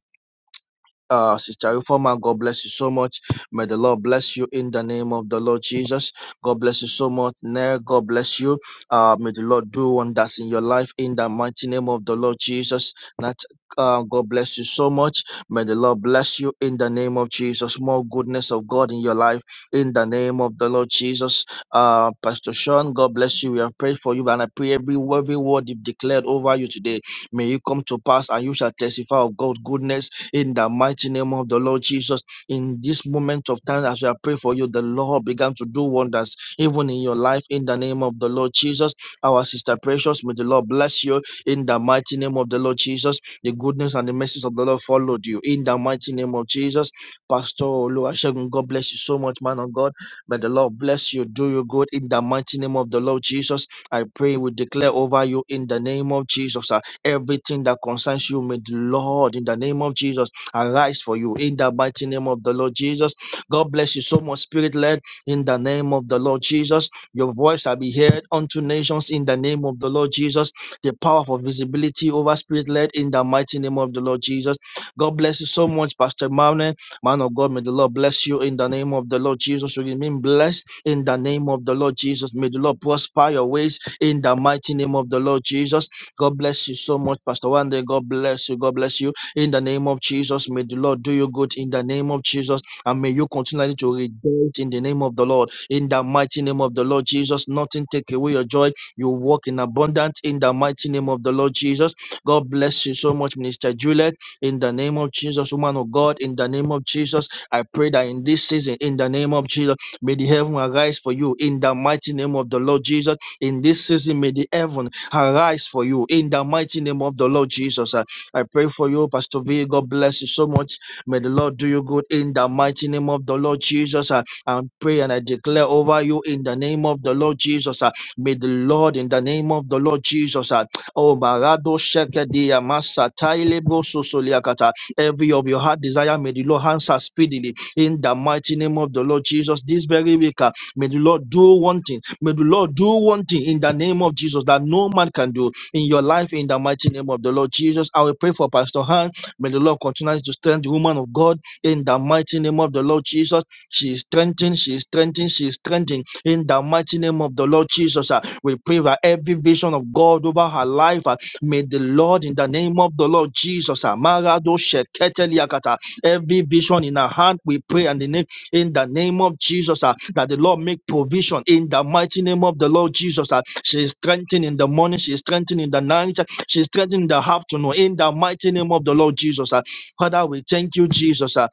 S7: uh, Sister Reformer, God bless you so much. May the Lord bless you in the name of the Lord Jesus. God bless you so much. Nair, God bless you. Uh, may the Lord do wonders in your life in the mighty name of the Lord Jesus. That uh, God bless you so much. May the Lord bless you in the name of Jesus. More goodness of God in your life in the name of the Lord Jesus. Uh, Pastor Sean, God bless you. We have prayed for you, and I pray every, every word you've declared over you today may you come to pass, and you shall testify of God's goodness in the mighty name of the Lord Jesus. In this moment of time, as we are praying for you, the Lord began to do wonders even in your life in the name of the Lord Jesus. Our sister precious, may the Lord bless you in the mighty name of the Lord Jesus. The goodness and the mercies of the Lord followed you in the mighty name of Jesus. Pastor Oluwasegun, God bless you so much, man of God. May the Lord bless you, do you good in the mighty name of the Lord Jesus. I pray we declare over you in the name of Jesus. Everything that concerns you, may the Lord, in the name of Jesus, arise for you. In the mighty name of the Lord Jesus, God bless you so much, Spirit led. In the name of the Lord Jesus, your voice shall be heard unto nations. In the name of the Lord Jesus, the power for visibility over Spirit led. In the mighty name of the Lord Jesus, God bless you so much, Pastor Manuel. Man of God, may the Lord bless you. In the name of the Lord Jesus, you remain blessed. In the name of the Lord Jesus, may the Lord prosper your ways. In the mighty name of the Lord Jesus. God bless you so much, Pastor Wande. God bless you. God bless you. In the name of Jesus, may the Lord do you good in the name of Jesus. And may you continually to rejoice in the name of the Lord. In the mighty name of the Lord Jesus, nothing take away your joy. You walk in abundance in the mighty name of the Lord Jesus. God bless you so much, Minister Juliet. In the name of Jesus, woman of God, in the name of Jesus, I pray that in this season, in the name of Jesus, may the heaven arise for you in the mighty name of the Lord Jesus. In this season, may the heaven arise for you in the mighty name of the Lord Jesus. Uh, I pray for you, Pastor V. God bless you so much. May the Lord do you good in the mighty name of the Lord Jesus. Uh, I pray and I declare over you in the name of the Lord Jesus. Uh, may the Lord in the name of the Lord Jesus. Uh, oh, Barado Shekedia Masa Tailebo Sosoliakata. Every of your heart desire, may the Lord answer speedily in the mighty name of the Lord Jesus. This very week, uh, may the Lord do one thing May the Lord do one thing in the name of Jesus that no man can do in your life in the mighty name of the Lord Jesus. I will pray for Pastor Han. May the Lord continue to strengthen the woman of God in the mighty name of the Lord Jesus. She is strengthened, she is strengthened, she is strengthened in the mighty name of the Lord Jesus. ah. We pray for every vision of God over her life, ah, may the Lord in the name of the Lord Jesus, ah, Marado Shekete Liakata, every vision in her hand, we pray and the name in the name of Jesus, uh, that the Lord make provision in the mighty name of the Lord Jesus. Uh, she is strengthened in the morning, she is strengthened in the night, uh, she is strengthened in the afternoon, in the mighty name of the Lord Jesus. Uh, Father, we thank you, Jesus. Uh,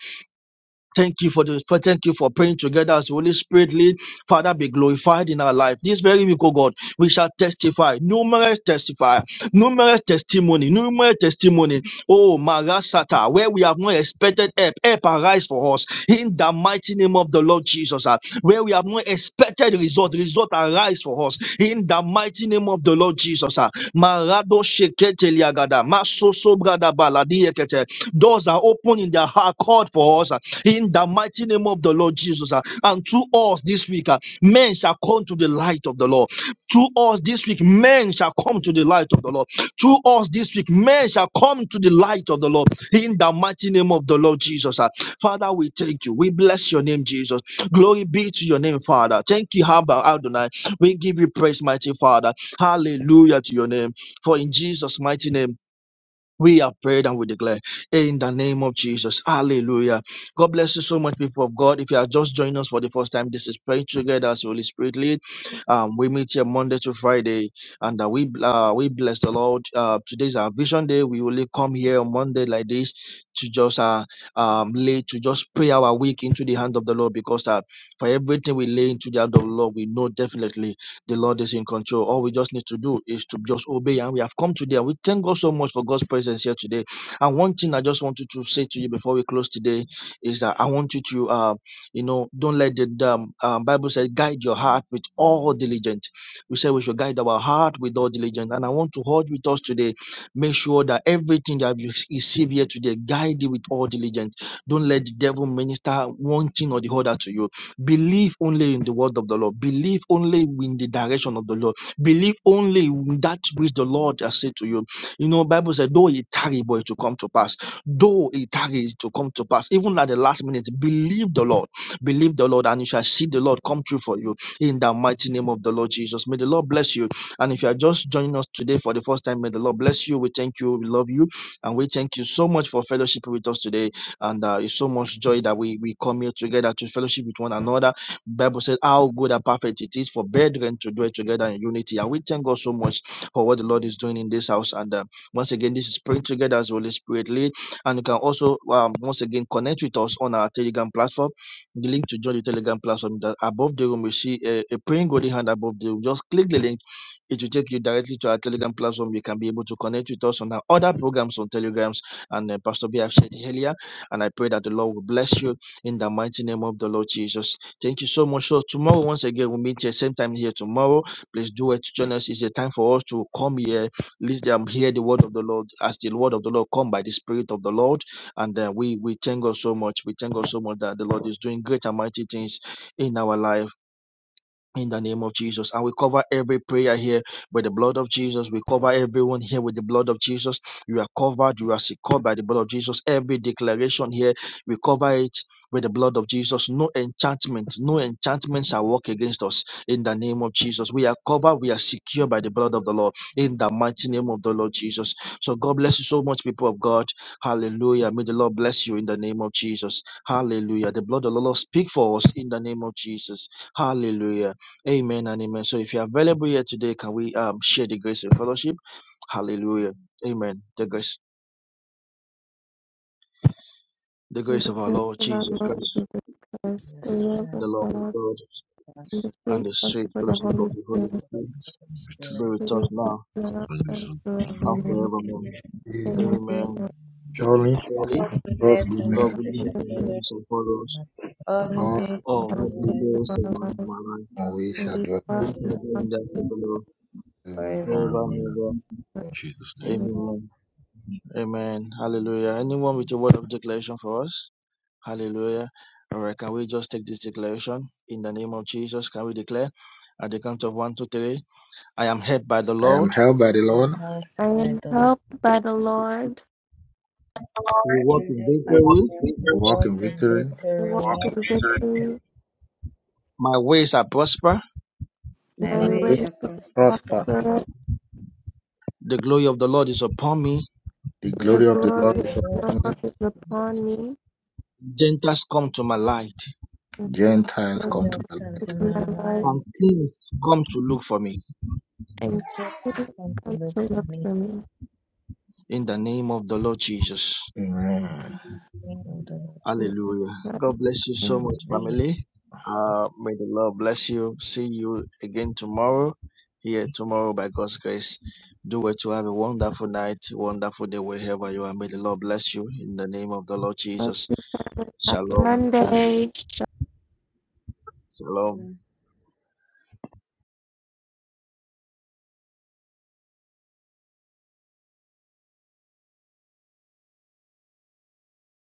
S7: thank you for the for, thank you for praying together as Holy Spirit lead. Father, be glorified in our life. This very week, oh God, we shall testify, numerous testify numerous testimony, numerous testimony. Oh, Marasata, where we have not expected help, help arise for us in the mighty name of the Lord Jesus. ah. Where we have not expected result, result arise for us in the mighty name of the Lord Jesus. ah. Marado shekete liagada, masoso brada baladi ekete. Doors are open in their heart, called for us ah, in the mighty name of the Lord Jesus. ah. And through us this week, ah, men shall come to the light of the Lord. Through us this week, men shall come to the light of the Lord. Through us this week, men shall come to the light of the Lord in the mighty name of the Lord Jesus. ah. Father, we thank you. We bless your name, Jesus. Glory be to your name, Father. Thank you, Abba Adonai. We give you praise, mighty Father. Hallelujah to your name. For in Jesus' mighty name. We have prayed and we declare in the name of Jesus. Hallelujah. God bless you so much, people of God. If you are just joining us for the first time, this is Praying Together as Holy Spirit lead. Um, we meet here Monday to Friday, and uh, we uh, we bless the Lord. Uh, today our Vision Day. We only come here on Monday like this to just uh, um, lay to just pray our week into the hand of the Lord because uh, for everything we lay into the hand of the Lord, we know definitely the Lord is in control. All we just need to do is to just obey. And we have come today. And we thank God so much for God's presence here today. And one thing I just wanted to say to you before we close today is that I want you to, uh, you know, don't let the um, uh, Bible says, guide your heart with all diligence. We say we should guide our heart with all diligence. And I want to hold with us today. Make sure that everything that you receive here today, guide it with all diligence. Don't let the devil minister one thing or the other to you Believe only in the word of the Lord. Believe only in the direction of the Lord. Believe only in that which the Lord has said to you. You know, Bible said, though it tarry, but it will come to pass. Though it tarry, it will come to pass. Even at the last minute, believe the Lord. Believe the Lord, and you shall see the Lord come true for you in the mighty name of the Lord Jesus. May the Lord bless you. And if you are just joining us today for the first time, may the Lord bless you. We thank you. We love you. And we thank you so much for fellowship with us today. And uh, it's so much joy that we, we come here together to fellowship with one another. Bible says how good and perfect it is for brethren to dwell together in unity. And we thank God so much for what the Lord is doing in this house. And uh, once again, this is praying together as Holy Spirit lead. And you can also um, once again connect with us on our Telegram platform. The link to join the Telegram platform that above the room you see a, a praying golden hand above the room. Just click the link. It will take you directly to our Telegram platform. You can be able to connect with us on our other programs on Telegrams. And uh, Pastor B, I've said earlier. And I pray that the Lord will bless you in the mighty name of the Lord Jesus. Thank you so much. So tomorrow, once again, we'll meet here, same time here tomorrow. Please do it. Join us. It's a time for us to come here, listen, um, hear the word of the Lord as the word of the Lord come by the Spirit of the Lord. And uh, we, we thank God so much. We thank God so much that the Lord is doing great and mighty things in our life in the name of Jesus. And we cover every prayer here with the blood of Jesus. We cover everyone here with the blood of Jesus. You are covered. You are secured by the blood of Jesus. Every declaration here, we cover it with the blood of Jesus. No enchantment, no enchantment shall work against us in the name of Jesus. We are covered. We are secure by the blood of the Lord in the mighty name of the Lord Jesus. So God bless you so much, people of God. Hallelujah. May the Lord bless you in the name of Jesus. Hallelujah. The blood of the Lord speak for us in the name of Jesus. Hallelujah. Amen and amen. So if you're available here today, can we um share the grace and fellowship? Hallelujah. Amen. The grace, the
S3: May
S7: grace
S3: the
S7: of our
S3: grace
S7: Lord
S3: of our
S7: Jesus
S3: Lord
S7: Christ,
S3: Jesus Christ, the
S1: Yes, thank
S3: love of
S7: the love of
S3: God,
S7: God,
S1: God
S3: and the
S7: and
S3: sweet
S7: the sweet
S3: fellowship of the
S7: fellowship of
S3: Holy
S7: the Holy
S3: Spirit,
S1: for the
S7: Spirit
S1: Holy
S8: It
S7: be
S1: Spirit.
S3: be
S7: with us
S3: with us
S7: now
S3: now
S8: stands
S3: and
S8: in for
S7: and
S3: forevermore.
S8: the
S7: forevermore.
S5: Amen.
S3: Amen. And
S1: Amen.
S7: Amen.
S3: the
S5: Surely
S7: Surely
S5: God's
S7: God
S5: goodness,
S7: will be with us
S3: grace
S7: and follow us
S1: Let
S3: of our God, all the
S5: all
S1: us,
S7: all
S3: days
S7: every day
S3: of
S7: of
S3: our
S7: my
S3: lives,
S7: my life.
S5: my we
S3: and
S5: shall
S3: we
S5: dwell.
S7: We
S3: love
S7: shall
S3: and
S1: uh,
S7: be
S3: trust
S7: in that of the Lord
S2: Praise
S5: forever.
S2: Him.
S7: forever
S8: Lord
S7: and
S8: in Jesus'
S7: ever.
S3: you.
S8: name.
S7: Amen. Amen. Hallelujah. Anyone with a word of declaration for us? Hallelujah. All right, can we just take this declaration in the name of Jesus? Can we declare at the count of one, two, three? I am helped by the
S5: I am
S7: Lord.
S5: held by the Lord,
S1: Help
S3: I
S1: by
S3: am
S1: the Lord.
S3: helped by the Lord.
S7: We walk in victory.
S1: We
S5: walk
S1: walk
S5: in
S1: in
S5: victory,
S3: I walk
S1: victory.
S3: in victory.
S7: My ways are prosper.
S1: My
S5: and
S3: My
S1: way
S5: this
S3: ways
S1: of
S5: prosper.
S3: prosper.
S1: prospect.
S7: The glory of the Lord is upon me.
S5: The
S1: The
S3: The
S5: glory of the
S1: glory
S3: glory of
S1: of
S5: Lord
S1: the
S5: is
S1: Lord
S3: the
S5: upon
S1: is
S5: me.
S1: upon
S3: Lord is
S1: me.
S3: upon me
S7: Gentiles come to my light,
S3: And
S5: Gentiles
S3: so
S5: come to
S1: Angels
S5: my
S1: come
S5: light.
S1: to
S3: my
S1: my
S3: life
S7: and
S1: life.
S7: kings come to look for me.
S3: and
S1: And keep
S3: you
S1: us come
S3: come
S1: to look
S3: to
S1: for
S3: look
S1: me.
S3: for me.
S7: In the name of the Lord Jesus.
S5: Amen.
S1: Thank you, Lord Jesus.
S7: Hallelujah.
S3: Happy
S7: God bless you so much,
S1: Hallelujah.
S7: family. Uh, may the Lord bless you. See you again tomorrow, here tomorrow by God's grace. Do well to have a wonderful night, wonderful day wherever you are. May the Lord bless you in the name of the Lord Jesus. Shalom.
S3: Monday.
S7: Shalom.